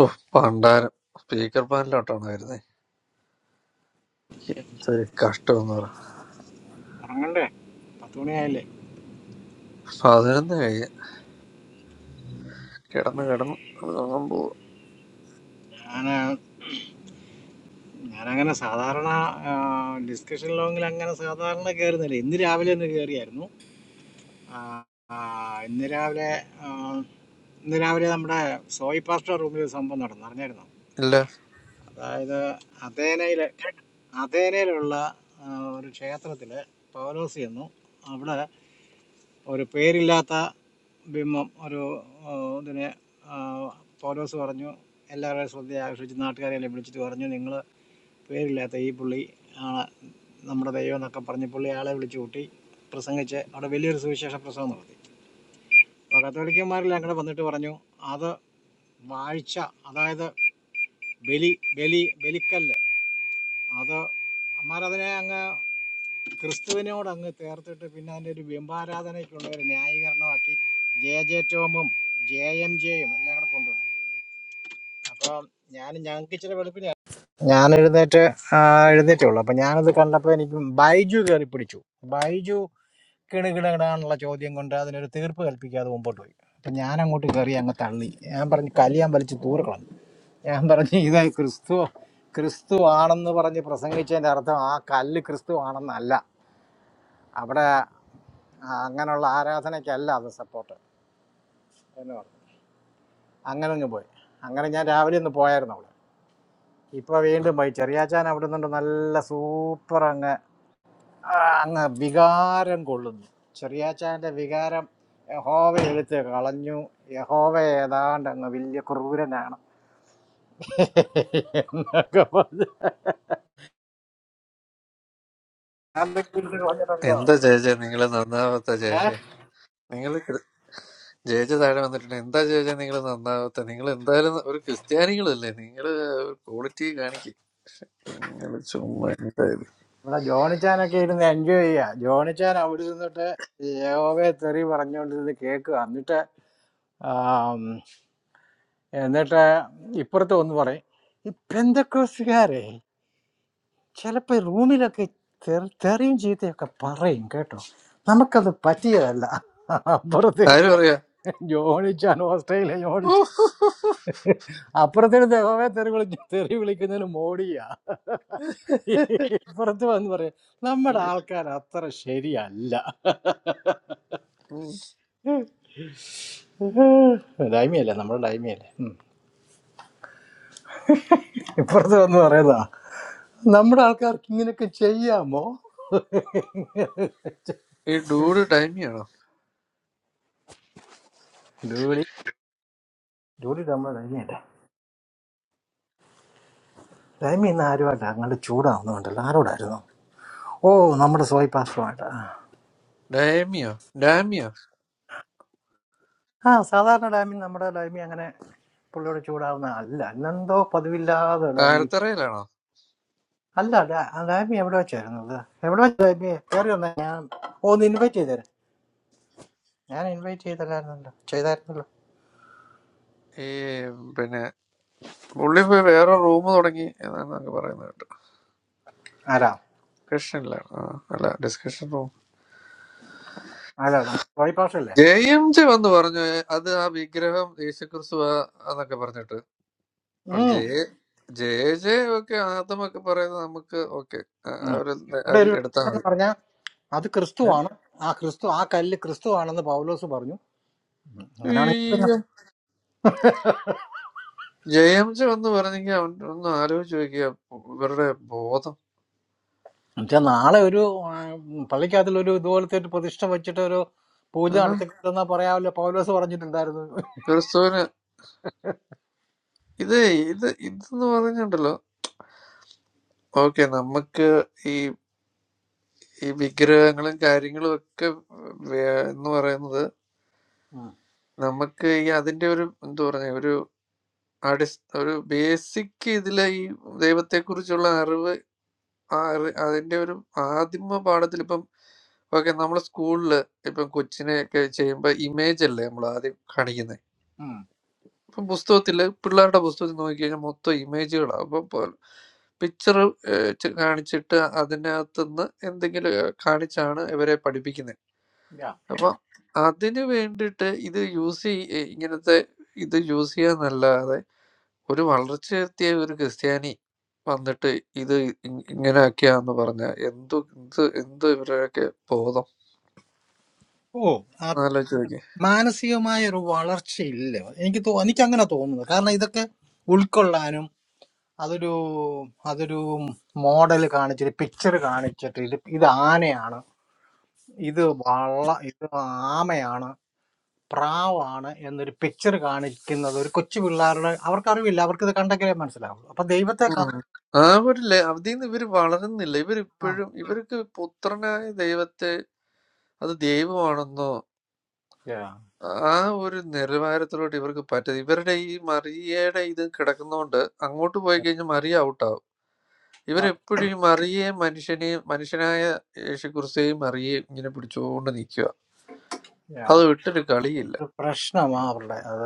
ഓ പണ്ടാരം സ്പീക്കർ പാനലോട്ടാണ് വരുന്നത് എന്തൊരു കഷ്ടമെന്ന് പറ ഉറങ്ങണ്ടേ പത്ത് മണിയായില്ലേ പതിനൊന്ന് കഴിഞ്ഞ് കിടന്ന് കിടന്ന് ഉറങ്ങാൻ പോവും ഞാൻ ഞാനങ്ങനെ സാധാരണ ഡിസ്കഷൻ ലോങ്ങിൽ അങ്ങനെ സാധാരണ കയറുന്നില്ല ഇന്ന് രാവിലെ ഒന്ന് കയറിയായിരുന്നു ആ, ആ, ഇന്ന് രാവിലെ ആ, ഇന്ന് രാവിലെ നമ്മുടെ സോയി പാസ്റ്റർ റൂമിൽ ഒരു സംഭവം നടന്നു അറിഞ്ഞായിരുന്നു ഇല്ല അതായത് അതേനയിലെ അതേനയിലുള്ള ആ, ഒരു ക്ഷേത്രത്തില് പൗലോസ് ചെന്നു അവിടെ ഒരു പേരില്ലാത്ത ബിംബം ഒരു ഇതിനെ ആ, പൗലോസ് പറഞ്ഞു എല്ലാവരുടെയും ശ്രദ്ധ ആകർഷിച്ച് നാട്ടുകാരെല്ലാം വിളിച്ചിട്ട് പറഞ്ഞു നിങ്ങൾ പേരില്ലാത്ത ഈ പുള്ളി ആണ് നമ്മുടെ ദൈവം എന്നൊക്കെ പറഞ്ഞ് പുള്ളി ആളെ വിളിച്ചു കൂട്ടി പ്രസംഗിച്ച് അവിടെ വലിയൊരു സുവിശേഷ പ്രസംഗം നടത്തി അപ്പോൾ കത്തോലിക്കന്മാരെല്ലാം കൂടെ വന്നിട്ട് പറഞ്ഞു അത് വാഴ്ച അതായത് ബലി ബലി ബലിക്കല്ല് അത് അമ്മാരതിനെ അങ്ങ് ക്രിസ്തുവിനോട് അങ്ങ് ചേർത്തിട്ട് പിന്നെ അതിൻ്റെ ഒരു ബിംബാരാധനയ്ക്കുള്ള ഒരു ന്യായീകരണമാക്കി ജെ ജെ ടോമും ജെ എം ജെയും എല്ലാം കൂടെ കൊണ്ടുവന്നു അപ്പം ഞാൻ ഞങ്ങൾക്ക് ഇച്ചിരി വെളുപ്പിന് ഞാൻ എഴുന്നേറ്റ് ആ, എഴുന്നേറ്റേ ഉള്ളൂ അപ്പം ഞാനത് കണ്ടപ്പോൾ എനിക്ക് ബൈജു കയറി പിടിച്ചു ബൈജു കിണുകിടാനുള്ള ചോദ്യം കൊണ്ട് അതിനൊരു തീർപ്പ് കൽപ്പിക്കാതെ മുമ്പോട്ട് പോയി അപ്പം ഞാൻ അങ്ങോട്ട് കയറി അങ്ങ് തള്ളി ഞാൻ പറഞ്ഞു കലിയാൻ വലിച്ച് തൂറുകളഞ്ഞു ഞാൻ പറഞ്ഞു ഇത് ക്രിസ്തു ക്രിസ്തു ആണെന്ന് പറഞ്ഞ് പ്രസംഗിച്ചതിൻ്റെ അർത്ഥം ആ കല്ല് ക്രിസ്തു ആണെന്നല്ല അവിടെ ആ അങ്ങനെയുള്ള ആരാധനയ്ക്കല്ല അത് സപ്പോർട്ട് എന്ന് പറഞ്ഞു അങ്ങനെ അങ്ങ് പോയി അങ്ങനെ ഞാൻ രാവിലെ ഒന്ന് പോയായിരുന്നു അവിടെ ഇപ്പോൾ വീണ്ടും പോയി ചെറിയാച്ചാൻ അവിടെ നിന്നുണ്ട് നല്ല സൂപ്പർ അങ്ങ് ആ, അങ്ങ് വികാരം കൊള്ളുന്നു ചെറിയാച്ചാൻ്റെ വികാരം യഹോവ എടുത്ത് കളഞ്ഞു യഹോവ ഏതാണ്ട് അങ്ങ് വലിയ ക്രൂരനാണ് എന്നൊക്കെ പറഞ്ഞു അതൊക്കെ എടുത്ത് കളഞ്ഞിട്ടല്ലോ എന്താ ചേച്ചേ നിങ്ങൾ നന്നാവാത്ത ഏഹ് ചേച്ചേ നിങ്ങൾ ജയിച്ച താഴെ വന്നിട്ടുണ്ട് എന്താ ചേച്ചേ നിങ്ങൾ നന്നാവാത്ത നിങ്ങൾ എന്തായാലും ഒരു ക്രിസ്ത്യാനികളല്ലേ നിങ്ങൾ ഒരു ക്വാളിറ്റി കാണിക്കും നിങ്ങൾ ചുമ്മാ എന്തായാലും ഇവിടെ ജോണിച്ചാനൊക്കെ ഇരുന്ന് എൻജോയ് ചെയ്യാ ജോണിച്ചാൻ അവിടെ ഇരുന്നിട്ട് യഹോവയെ തെറി പറഞ്ഞുകൊണ്ടിരുന്ന് കേൾക്കുക എന്നിട്ട് ആം, എന്നിട്ട് ഇപ്പുറത്ത് ഒന്ന് പറയും ഈ പെന്തക്കോസുകാരെ ചിലപ്പോ റൂമിലൊക്കെ തെറി- തെറിയും ചീത്തയൊക്കെ പറയും കേട്ടോ നമുക്കത് പറ്റിയതല്ല ആരും അപ്പുറത്തിരുന്ന് അറിയാ ജോണിച്ചാൻ ഓസ്ട്രേലിയ ജോണിച്ച അപ്പുറത്തിന് ദഹോവെ തെറി വിളിക്ക തെറി വിളിക്കുന്നതിന് മോഡിയാ ഇപ്പുറത്ത് വന്ന് പറയാം നമ്മുടെ ആൾക്കാർ അത്ര ശരിയല്ല ഉം. ഡൈമിയല്ലേ നമ്മുടെ ഡൈമിയല്ലേ ഉം. ഇപ്പുറത്ത് വന്ന് പറയുന്നതാ നമ്മുടെ ആൾക്കാർക്ക് ഇങ്ങനെയൊക്കെ ചെയ്യാമോ ഈ ഡൂഡ് ഡൈമിയാണോ ഡൂഡി ഡൂഡി നമ്മുടെ ഡൈമിയല്ലേ ഡൈമി ഇന്ന് ആരുമായിട്ടാ അങ്ങോട്ട് ചൂടാവുന്നുണ്ടല്ലോ ആരോടായിരുന്നു ഓ നമ്മുടെ സോയി പാസ്റ്ററുമായിട്ടാ ഡൈമിയോ ഡാമിയോ ആ സാധാരണ ഡൈമി നമ്മുടെ ഡൈമി അങ്ങനെ പുള്ളിയോട് ചൂടാവുന്ന അല്ല അന്നെന്തോ പതിവില്ലാതെ ഡൈമിക്ക് താഴത്തറയിലാണോ അല്ല ഡാ- ആ ഡൈമി എവിടെ വെച്ചായിരുന്നത് എവിടെ വെച്ച് ഡൈമി കയറി വന്നേ ഓ, ഒന്ന് ഇൻവൈറ്റ് ചെയ്തേരെ ഞാൻ ഇൻവൈറ്റ് ചെയ്തല്ലായിരുന്നല്ലോ ചെയ്തായിരുന്നല്ലോ ഈ പിന്നെ പുള്ളി പോയി വേറെ റൂം തുടങ്ങി എന്നാണ് പറയുന്നത് കേട്ടോ ആരാ ഡിസ്കഷനിലാണ് ആ അല്ല ഡിസ്കഷൻ റൂം ആരാ നമ്മൾ വഴിപാഷല്ലേ ജെ എം ജെ വന്ന് പറഞ്ഞു "ഏ, അത് ആ വിഗ്രഹം യേശുക്രിസ്തു എന്നൊക്കെ പറഞ്ഞിട്ട് അപ്പോൾ ഉം ജെ ജെ ജെ ഒക്കെ ആദ്യമൊക്കെ പറയുന്നത് നമുക്ക് ഓക്കെ ഉം. അവര് അവിടെ അതിൽ ഒരു എടുത്താൽ വേഷം എന്ന് മതി പറഞ്ഞാൽ അത് ഏ? ക്രിസ്തുവാണ് ആ ക്രിസ്തു ആ കല്ല് ക്രിസ്തുവാണെന്ന് പൗലോസ് പറഞ്ഞു ഉം. അങ്ങനെയാണെങ്കിൽ പിന്നെ അയ്യോ. ജെ എം ജെ വന്ന് പറഞ്ഞെങ്കിൽ അവൻ ഒന്ന് ആലോചിച്ച് നോക്കിയ ഇവരുടെ ബോധം എന്നുവെച്ചാൽ നാളെ ഒരു ആ, പള്ളിക്കകത്തിൽ ഒരു ഇതുപോലത്തെ ഒരു പ്രതിഷ്ഠ വെച്ചിട്ട് ഒരു പൂജ ആഹാ. നടത്തിക്കൊണ്ടെന്നാ പറയാമല്ലോ പൗലോസ് പറഞ്ഞിട്ടുണ്ടായിരുന്നു ക്രിസ്തുവിന് ഇത് ഇത് ഇതെന്ന് പറഞ്ഞിട്ടുണ്ടല്ലോ ഓക്കെ നമുക്ക് ഈ ഈ വിഗ്രഹങ്ങളും കാര്യങ്ങളും ഒക്കെ വേ- എന്ന് പറയുന്നത് ഉം. നമുക്ക് ഈ അതിന്റെ ഒരു എന്താ പറഞ്ഞ ഒരു അടിസ് ഒരു ബേസിക് ഇതിലെ ഈ ദൈവത്തെക്കുറിച്ചുള്ള അറിവ് ആ അറി- അതിന്റെ ഒരു ആദിമ പാഠത്തിൽ ഇപ്പം ഓക്കെ നമ്മൾ സ്കൂളിൽ ഇപ്പം കൊച്ചിനെ ഒക്കെ ചെയ്യുമ്പോൾ ഇമേജ് അല്ലേ നമ്മൾ ആദ്യം കാണിക്കുന്നത് ഉം. ഇപ്പം പുസ്തകത്തിൽ പിള്ളേരുടെ പുസ്തകത്തിൽ നോക്കിക്കഴിഞ്ഞാൽ മൊത്തം ഇമേജുകളാണ് അപ്പം പിക്ചർ കാണിച്ചിട്ട് അതിനകത്തുനിന്ന് എന്തെങ്കിലും ഏഹ്, കാണിച്ചാണ് ഇവരെ പഠിപ്പിക്കുന്നത് Yeah. അപ്പൊ അതിന് വേണ്ടിയിട്ട് ഇത് യൂസ് ചെയ്യ ഇങ്ങനത്തെ ഇത് യൂസ് ചെയ്യാന്നല്ലാതെ ഒരു വളർച്ചയെത്തിയ ഒരു ക്രിസ്ത്യാനി വന്നിട്ട് ഇത് ഇ- ഇങ്ങനെയൊക്കെയാന്ന് പറഞ്ഞ എന്തു എന്ത് എന്ത് ഇവരൊക്കെ ബോധം ഓ ആലോചിച്ച് നോക്കി മാനസികമായ ഒരു വളർച്ചയില്ല എനിക്ക് തോ എനിക്ക് അങ്ങനെ തോന്നുന്നത് കാരണം ഇതൊക്കെ ഉൾക്കൊള്ളാനും അതൊരു അതൊരു മോഡൽ കാണിച്ചിട്ട് പിക്ചർ കാണിച്ചിട്ട് ഇത് ഇത് ആനയാണ് ഇത് വള്ള ഇത് ആമയാണ് പ്രാവാണ് എന്നൊരു പിക്ചർ കാണിക്കുന്നത് ഒരു കൊച്ചു പിള്ളേരുടെ അവർക്ക് അറിവില്ല അവർക്ക് ഇത് കണ്ടെങ്കിലേ മനസ്സിലാവുള്ളൂ അപ്പൊ ദൈവത്തെ കാ- ആ ഒരു ലെ- അതിന്ന് ഇവര് വളരുന്നില്ല ആ, ഇവരിപ്പോഴും ഇവർക്ക് പുത്രനായ ദൈവത്തെ അത് ദൈവമാണെന്നോ yeah. ആ ഒരു നിലവാരത്തിലോട്ട് ഇവർക്ക് പറ്റത് ഇവരുടെ ഈ മറിയയുടെ ഇത് കിടക്കുന്നോണ്ട് അങ്ങോട്ട് പോയി കഴിഞ്ഞാൽ മറിയ ഔട്ടാവും ആ, ഇവരെപ്പോഴും ഈ മറിയേയും മനുഷ്യനെയും മനുഷ്യനായ യേശു ക്രിസ്തുയെയും മറിയേയും ഇങ്ങനെ പിടിച്ചുകൊണ്ട് നിൽക്കുക yeah. അത് വിട്ടൊരു കളിയില്ല ഒരു പ്രശ്നമാ അവരുടെ അത്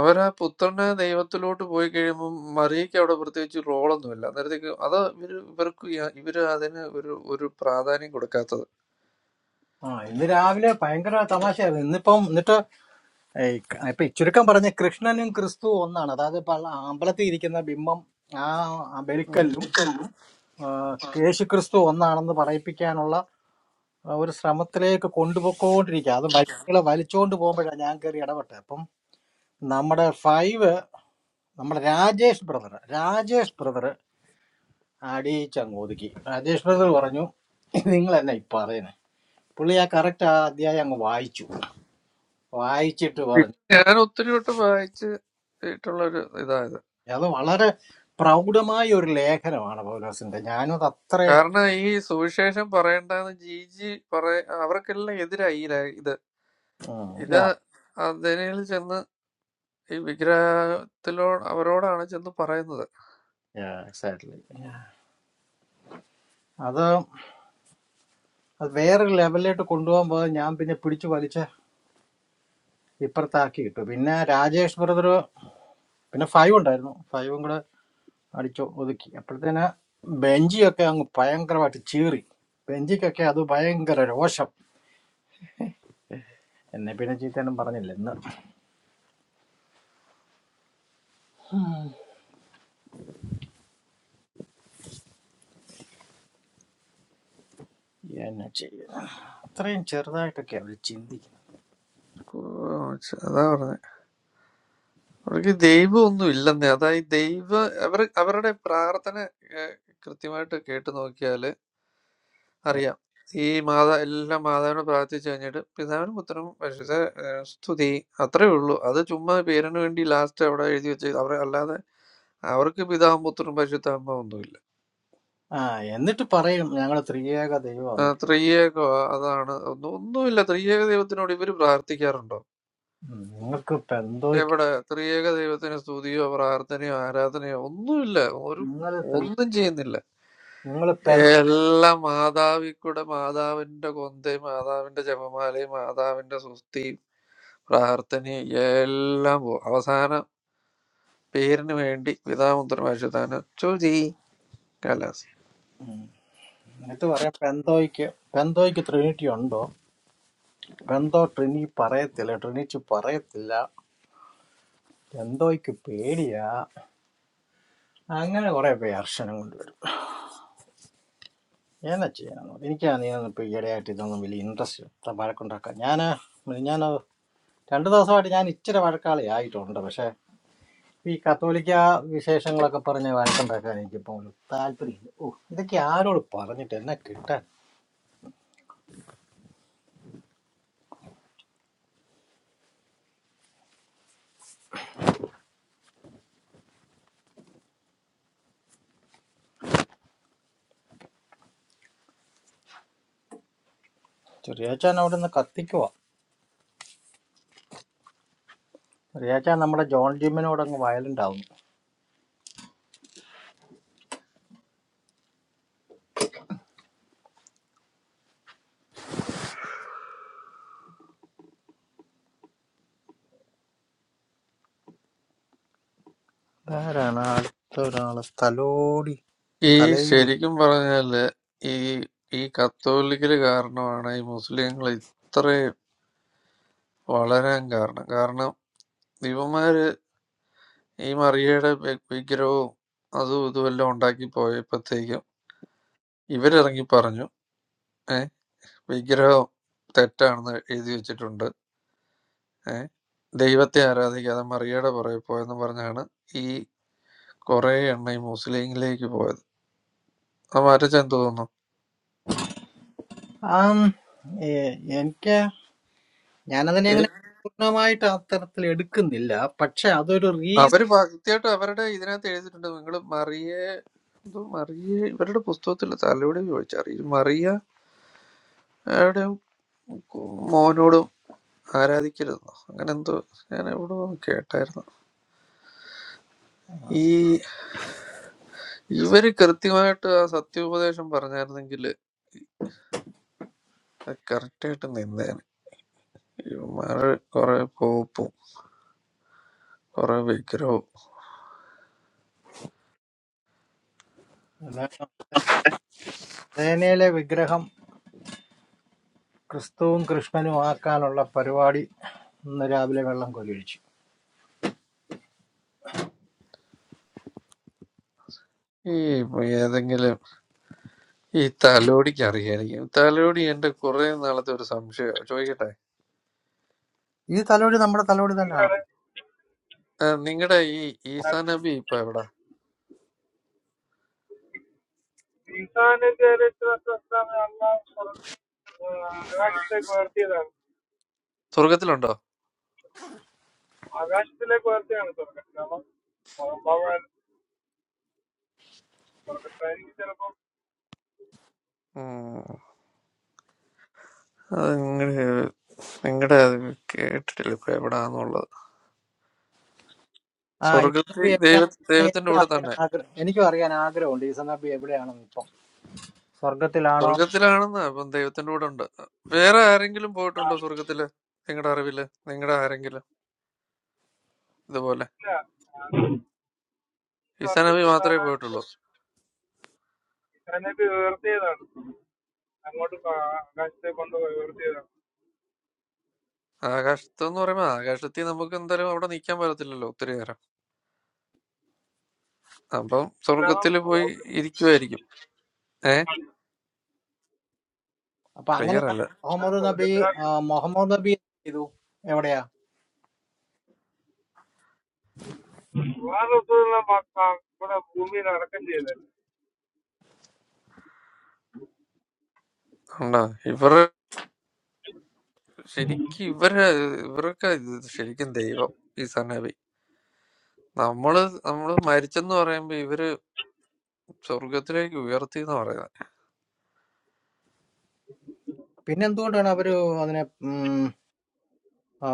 അവർ ആ പുത്രനെ ദൈവത്തിലോട്ട് പോയി കഴിയുമ്പോൾ മറിയയ്ക്ക് അവിടെ പ്രത്യേകിച്ച് റോളൊന്നുമില്ല അന്നേരത്തേക്ക് അത് ഇവർ ഇവർക്ക് യ- ഇവര് അതിന് ഒരു ഒരു പ്രാധാന്യം കൊടുക്കാത്തത് ആ ഇന്ന് രാവിലെ ഭയങ്കര തമാശയായിരുന്നു ഇന്നിപ്പം ഏയ് ക- ഇപ്പൊ ചുരുക്കം പറഞ്ഞ കൃഷ്ണനും ക്രിസ്തുവും ഒന്നാണ് അതായത് പള്ള- അമ്പലത്തിൽ ഇരിക്കുന്ന ബിംബം ആ ആ ഉം. ബലിക്കല്ലും ആ, യേശു ക്രിസ്തു ഒന്നാണെന്ന് പറയിപ്പിക്കാനുള്ള ആ, ഒരു ശ്രമത്തിലേക്ക് കൊണ്ടുപോയിക്കൊണ്ടിരിക്കുക അത് വഴികളെ വലിച്ചുകൊണ്ട് പോകുമ്പോഴാണ് ഞാൻ കയറി ഇടപെട്ടത് അപ്പം നമ്മുടെ ഫൈവ് നമ്മുടെ രാജേഷ് ബ്രദർ രാജേഷ് ബ്രദർ അടിയിച്ചങ്ങ് ഒതുക്കി രാജേഷ് ബ്രദർ പറഞ്ഞു നിങ്ങൾ എന്നാ ഈ പറയുന്നത് പുള്ളി ആ കറക്റ്റ് ആ അധ്യായം അങ്ങ് വായിച്ചു വായിച്ചിട്ട് പറഞ്ഞു ഞാൻ ഒത്തിരി വട്ടം വായിച്ച് ഇട്ടുള്ള ഒരു ഇതായത് അത് വളരെ പ്രൗഢമായ ഒരു ലേഖനമാണ് പൗലോസിന്റെ ഞാനും അത് അത്ര കാരണം ഈ സുവിശേഷം പറയണ്ടെന്ന് ജി ജി പറയ അവർക്കെല്ലാം എതിരായി ഈ ല- ഇത് ഇത് അതിനിൽ ചെന്ന് ഈ വിഗ്രഹത്തിലോ അവരോടാണ് ചെന്ന് പറയുന്നത് എക്സാക്ട്ലി അത് അത് വേറൊരു ലെവലിലോട്ട് കൊണ്ടുപോകാൻ പോകാൻ ഞാൻ പിന്നെ പിടിച്ചു വലിച്ച് ഇപ്പുറത്താക്കി ഇട്ടു പിന്നെ രാജേഷ് ബ്രദർ പിന്നെ ഫൈവ് ഉണ്ടായിരുന്നു ഫൈവും കൂടെ അടിച്ചു ഒതുക്കി അപ്പോഴത്തേന് ബെഞ്ചിയൊക്കെ അങ്ങ് ഭയങ്കരമായിട്ട് ചീറി ബെഞ്ചിക്കൊക്കെ അത് ഭയങ്കര രോഷം എന്നെ പിന്നെ ചീത്തനും പറഞ്ഞില്ല ഇന്ന് എന്നെ ചെയ്യ അത്രയും ചെറുതായിട്ടൊക്കെ അവർ ചിന്തിക്കുന്നത് കു- ച- അതാ പറഞ്ഞത് അവർക്ക് ദൈവം ഒന്നും ഇല്ലെന്നേ അതാ ഈ ദൈവ അവർ അവരുടെ പ്രാർത്ഥന കൃത്യമായിട്ട് കേട്ട് നോക്കിയാല് അറിയാം ഈ മാതാ എല്ലാ മാതാവിനെ പ്രാർത്ഥിച്ചു കഴിഞ്ഞിട്ട് പിതാവിനും പുത്രനും പരിശുദ്ധ ഏഹ്, സ്തുതി അത്രേ ഉള്ളൂ അത് ചുമ്മാ പേരിന് വേണ്ടി ലാസ്റ്റ് അവിടെ എഴുതി വെച്ച് അവർ അല്ലാതെ അവർക്ക് പിതാവും പുത്രനും പരിശുദ്ധ അമ്മ ഒന്നുമില്ല ആ എന്നിട്ട് പറയും ഞങ്ങൾ ത്രിയേക ആ, ദൈവം ത്രിയേക അതാണ് ഒന്നും ഒന്നുമില്ല ത്രിയേക ദൈവത്തിനോട് ഇവർ പ്രാർത്ഥിക്കാറുണ്ടോ നിങ്ങൾക്ക് പെന്തോയ്ക്ക് എവിടെ ത്രിയേക ദൈവത്തിന് സ്തുതിയോ പ്രാർത്ഥനയോ ആരാധനയോ ഒന്നുമില്ല ഒരു നിങ്ങൾ ത്രീ ഒന്നും ചെയ്യുന്നില്ല നിങ്ങൾ പെൻ എല്ലാം മാതാവിക്കൂടെ മാതാവിന്റെ കൊന്തയും മാതാവിന്റെ ജപമാലയും മാതാവിന്റെ സ്തുതിയും പ്രാർത്ഥനയും എല്ലാം പോകും അവസാനം പേരിന് വേണ്ടി പിതാമുദ്രമാശുതാന ചോജി കലാസ് എന്നിട്ട് പറയാം പെന്തോയ്ക്ക് പെന്തോയ്ക്ക് ട്രിനിറ്റി ഉണ്ടോ പെന്തോ ട്രിനി പറയത്തില്ല ട്രിനിറ്റി പറയത്തില്ല പെന്തോയ്ക്ക് പേടിയാ അങ്ങനെ കുറെ പേർഷനം കൊണ്ടുവരും എന്നാ ചെയ്യാന്ന് എനിക്കാണെങ്കിൽ ഇപ്പൊ ഈയിടെയായിട്ട് ഇതൊന്നും വലിയ ഇൻട്രസ്റ്റ് വഴക്കുണ്ടാക്കാൻ ഞാൻ ഞാൻ രണ്ടു ദിവസമായിട്ട് ഞാൻ ഇച്ചിരി വഴക്കാളി ആയിട്ടുണ്ട് പക്ഷെ ഈ കത്തോലിക്ക വിശേഷങ്ങളൊക്കെ പറഞ്ഞ് വഴക്കുണ്ടാക്കാൻ എനിക്കിപ്പോൾ ഒരു താല്പര്യമില്ല ഓ ഇതൊക്കെ ആരോട് പറഞ്ഞിട്ട് എന്നെ കിട്ടാൻ ചെറിയാച്ചാൻ അവിടെ നിന്ന് കത്തിക്കുവാ ചെറിയാച്ചാൻ നമ്മുടെ ജോൺ ജിമ്മിനോട് അങ്ങ് വയലന്റ് ആവുന്നു ആരാണ് അടുത്ത ഒരാള് തലോടി ഈ തലൈവി ശരിക്കും പറഞ്ഞാല് ഈ ഈ കത്തോലിക്കല് കാരണമാണ് ഈ മുസ്ലിങ്ങൾ ഇത്രയും വളരാൻ കാരണം കാരണം ഇവന്മാര് ഈ മറിയയുടെ വി- വിഗ്രഹവും അതും ഇതും എല്ലാം ഉണ്ടാക്കി പോയപ്പോഴത്തേക്കും ഇവരിറങ്ങി പറഞ്ഞു ഏ വിഗ്രഹം തെറ്റാണെന്ന് എഴുതി വെച്ചിട്ടുണ്ട് ഏ ദൈവത്തെ ആരാധിക്കാതെ മറിയയുടെ പുറകെ പോയെന്ന് പറഞ്ഞാണ് ഈ കുറെ എണ്ണ ഈ മുസ്ലിങ്ങളിലേക്ക് പോയത് അത് മാറ്റച്ചാൻ തോന്നുന്നു ആം, ഏ- എനിക്ക് ഞാനതിനെ ഏ, അങ്ങനെ പൂർണ്ണമായിട്ട് അത്തരത്തിൽ എടുക്കുന്നില്ല പക്ഷെ അതൊരു റീസൺ അവര് കൃത്യമായിട്ട് അവരുടെ ഇതിനകത്ത് എഴുതിയിട്ടുണ്ട് നിങ്ങൾ മറിയെ എന്തോ മറിയ ഇവരുടെ പുസ്തകത്തിൽ തലയോടെ ചോദിച്ചാൽ ഇത് മറിയ ആരുടെയും മോനോടും ആരാധിക്കരുതെന്നോ അങ്ങനെ എന്തോ ഞാൻ എവിടെ കേട്ടായിരുന്നു ഈ ഇവര് കൃത്യമായിട്ട് ആ സത്യോപദേശം പറഞ്ഞായിരുന്നെങ്കിൽ കറക്റ്റ് ആയിട്ട് നിന്നേനെ ഇവന്മാര് കുറെ പോപ്പും കുറെ വിഗ്രഹവും അതേനയിലെ വിഗ്രഹം ക്രിസ്തുവും കൃഷ്ണനും ആക്കാനുള്ള പരിപാടി ഇന്ന് രാവിലെ വെള്ളം കൊലിയിച്ചു ഈ ഏതെങ്കിലും ഈ തലോടിക്ക് അറിയായിരിക്കും തലോടി എന്റെ കുറെ നാളത്തെ ഒരു സംശയം ചോദിക്കട്ടെ ഈ തലോടി നമ്മുടെ തലോടി തന്നെയാണ് നിങ്ങളുടെ ഈ ഈസാ നബി ഇപ്പൊ എവിടെ ഈസാന്റെ ചരിത്ര പ്രസ്താവന അള്ളാഹു സ്വർഗ്ഗ- ആ, ആകാശത്തേക്ക് ഉയർത്തിയതാണ് സ്വർഗത്തിലുണ്ടോ ആകാശത്തിലേക്ക് ഉയർത്തിയാണ് സ്വർഗം കാരണം ഭഗവാൻ സ്വർഗത്തായിരിക്കും ചിലപ്പോൾ ഉം. അത് നിങ്ങളുടെ നിങ്ങളുടെ അത് കേട്ടിട്ടില്ല ഇപ്പൊ എവിടാന്നുള്ളത് ആ ഇസനബി സ്വർഗത്തിൽ ദൈവ എവിടെയാണെന്ന് ദൈവത്തിന്റെ എനിക്കും കൂടെ തന്നെ അറിയാൻ ആഗ്രഹം എനിക്കും അറിയാൻ ആഗ്രഹമുണ്ട് ഇസനബി എവിടെയാണെന്ന് ഇപ്പം സ്വർഗത്തിലാണോ സ്വർഗത്തിലാണെന്ന് അപ്പം ദൈവത്തിന്റെ കൂടെ ഉണ്ട് വേറെ ആരെങ്കിലും പോയിട്ടുണ്ടോ സ്വർഗത്തില് നിങ്ങളുടെ അറിവില് നിങ്ങളുടെ ആരെങ്കിലും ഇതുപോലെ ഇല്ല ഈസാനബി സ്വർഗത്തിൽ മാത്രമേ ധാരാളം പോയിട്ടുള്ളൂ ഈസാനൊക്കെ ഉയർത്തിയതാണ് അങ്ങോട്ട് പ- ആകാശത്തേക്ക് കൊണ്ട് ഉയർത്തിയതാണ് ആകാശത്തെന്ന് പറയുമ്പോൾ ആകാശത്തിൽ നമുക്ക് എന്തായാലും അവിടെ നിൽക്കാൻ പറ്റത്തില്ലല്ലോ ഒത്തിരി നേരം അപ്പം ഇസ്ലാം സ്വർഗത്തിൽ പോയി അള്ളാഹുക്ക് ഇരിക്കുമായിരിക്കും ഏ അപ്പൊ ക്ലിയർ അങ്ങനെയാണ് അല്ല മുഹമ്മദ് നബി ആ, സ്വർഗത്തിലാക്കി മുഹമ്മദ് നബി എന്ത് ചെയ്തു എവിടെയാ ഇവിടെ ഭൂമിയിൽ അടക്കം ചെയ്തത് ഉണ്ടോ ഇവർ ശരിക്കും ഇവര് ഇവരൊക്കെ ഇത് ശരിക്കും ദൈവം ഈസാനബി നമ്മള് നമ്മള് മരിച്ചെന്ന് പറയുമ്പോ ഇവര് സ്വർഗത്തിലേക്ക് ഉയർത്തി എന്ന് പറയുന്നത് പിന്നെ എന്തുകൊണ്ടാണ് അവര് അതിനെ ഉം, ആ,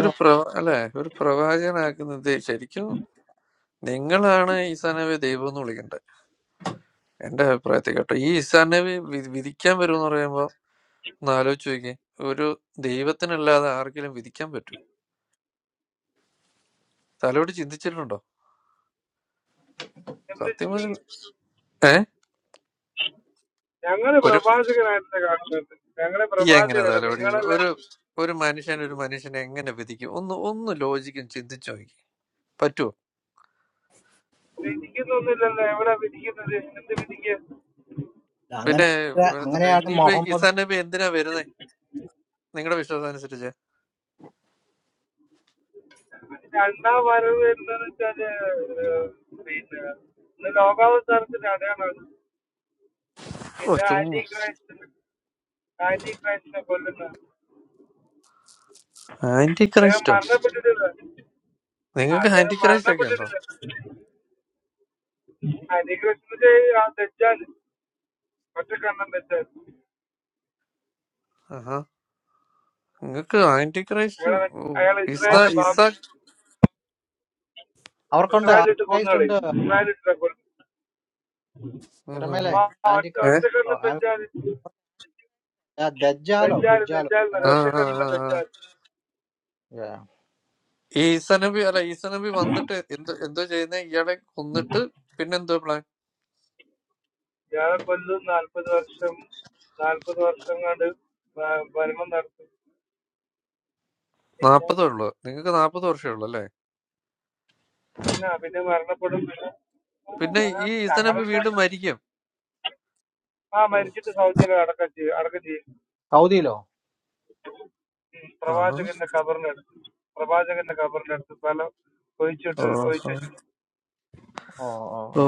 ഒരു പ്രവ അല്ലെ ഒരു പ്രവാചകനാക്കുന്നത് ശരിക്കും നിങ്ങളാണ് ഈസാനവി ദൈവം എന്ന് വിളിക്കേണ്ടത് എന്റെ അഭിപ്രായത്തിൽ കേട്ടോ ഈ ഈസാനവി വി- വിധിക്കാൻ വരും എന്ന് പറയുമ്പോ ഒന്ന് ആലോചിച്ച് നോക്കി ഒരു ദൈവത്തിനല്ലാതെ ആർക്കെങ്കിലും വിധിക്കാൻ പറ്റൂ തലോടി ചിന്തിച്ചിട്ടുണ്ടോ എന്ത് സത്യം ചിന്തിക്കും പറഞ്ഞ ഏ ഞങ്ങള് ഒരു പ്രവാചകനായിട്ട് കാണുന്നത് ഞങ്ങളെ ഈ എങ്ങനെ പ്രവാചകരാണ് തലോടി നിങ്ങളല്ല ഒരു ഒരു മനുഷ്യൻ ഒരു മനുഷ്യനെ എങ്ങനെ വിധിക്കും ഒന്ന് ഒന്ന് ലോജിക്കും ചിന്തിച്ചു നോക്കി പറ്റുമോ വിധിക്കുന്നൊന്നുമില്ലല്ലോ എവിടെ വിധിക്കുന്നത് എന്ത് വിധിക്കുക അങ്ങനെ പിന്നെ ഏ, അങ്ങനെയാണ് ഇനിയിപ്പോ മുഹമ്മദ് ഈസാനബി എന്തിനാ വരുന്നേ നിങ്ങളുടെ വിശ്വാസം അനുസരിച്ച് രണ്ടാം വരവ് എന്താന്ന് വെച്ചാല് ഏഹ്, പിന്നെ ഇന്ന് ലോകാവസാനത്തിന്റെ അടയാളാണ് ഓ പിന്നെ ആന്റി ചുമ്മാ ക്രൈസ്റ്റിന് ആന്റി ക്രൈസ്റ്റിനെ കൊല്ലുന്ന ആന്റി അദ്ദേഹം ക്രൈസ്റ്റോ മരണപ്പെട്ടിട്ടില്ല നിങ്ങൾക്ക് അദ്ദേഹം ആന്റി ക്രൈസ്റ്റ് ഒക്കെ ഉണ്ടോ മരണപ്പെട്ടിട്ടില്ല ആന്റി ക്രൈസ്റ്റിന്റെ തെറ്റാല് ഒറ്റ കണ്ണം തെറ്റാല് ആ നിങ്ങക്ക് ആന്റി ക്രൈസ്റ്റ് അയാളെ അയാൾ ഇസ അവ- ഇസ്രായേലിന്റെ ഇസ ബാബു അവർക്കുണ്ട് ആന്റി ഇസ്രായേലിട്ട് കൊന്നു ക്രൈസ്റ്റ് കളയും ഉണ്ട് ഇസ്രായേലിട്ട് കൊല്ലും ഉം ഉം തിരമേലെ ഉം. ആ ആന്റി ഒറ്റ ഏ ഒറ്റ ക്രൈസ്റ്റ് ഓ, കണ്ണം ആ, തെറ്റാല് ദജ്ജാലോ ദജ്ജാല് കുജ്ജാലോ ദജ്ജാൽ എന്നല്ല ആ എങ്ങാണ്ട്. ആ ഒറ്റക്കണ്ണുള്ള ആ ആ. ദജ്ജാൽ Yeah. ഈ ഈസനബി അല്ല ഈസനബി വന്നിട്ട് എന്തോ എന്തോ ചെയ്യുന്ന ഇയാളെ കൊന്നിട്ട് പിന്നെ എന്തോ പ്ലാൻ ഇയാളെ കൊല്ലും നാൽപ്പത് വർഷം നാൽപ്പത് വർഷം കണ്ട് ഭരണം നടത്തും പിന്നെ നാപ്പതേ ഉള്ളു നിങ്ങക്ക് നാപ്പത് വർഷമേ ഉള്ളു അല്ലേ പിന്നെ പിന്നെ മരണപ്പെടും പിന്നെ പിന്നെ അങ്ങനെ ഈ അങ്ങനെ ഈസനബി വീണ്ടും വിശ്വാസം മരിക്കും ആ ഓ മരിച്ചിട്ട് സൗദിയിൽ അടക്കം ചെയ്യും അടക്കം ചെയ്യും സൗദിയിലോ ഉം. ആഹാ. പ്രവാചകന്റെ കബറിനടുത്ത് പ്രവാചകന്റെ കബറിനടുത്ത് സ്ഥലം ഒഴിച്ചിട്ട് ഒഴിച്ചു ഓഹോ. വെച്ചിട്ട് ഓ ഓ ഓ ഓ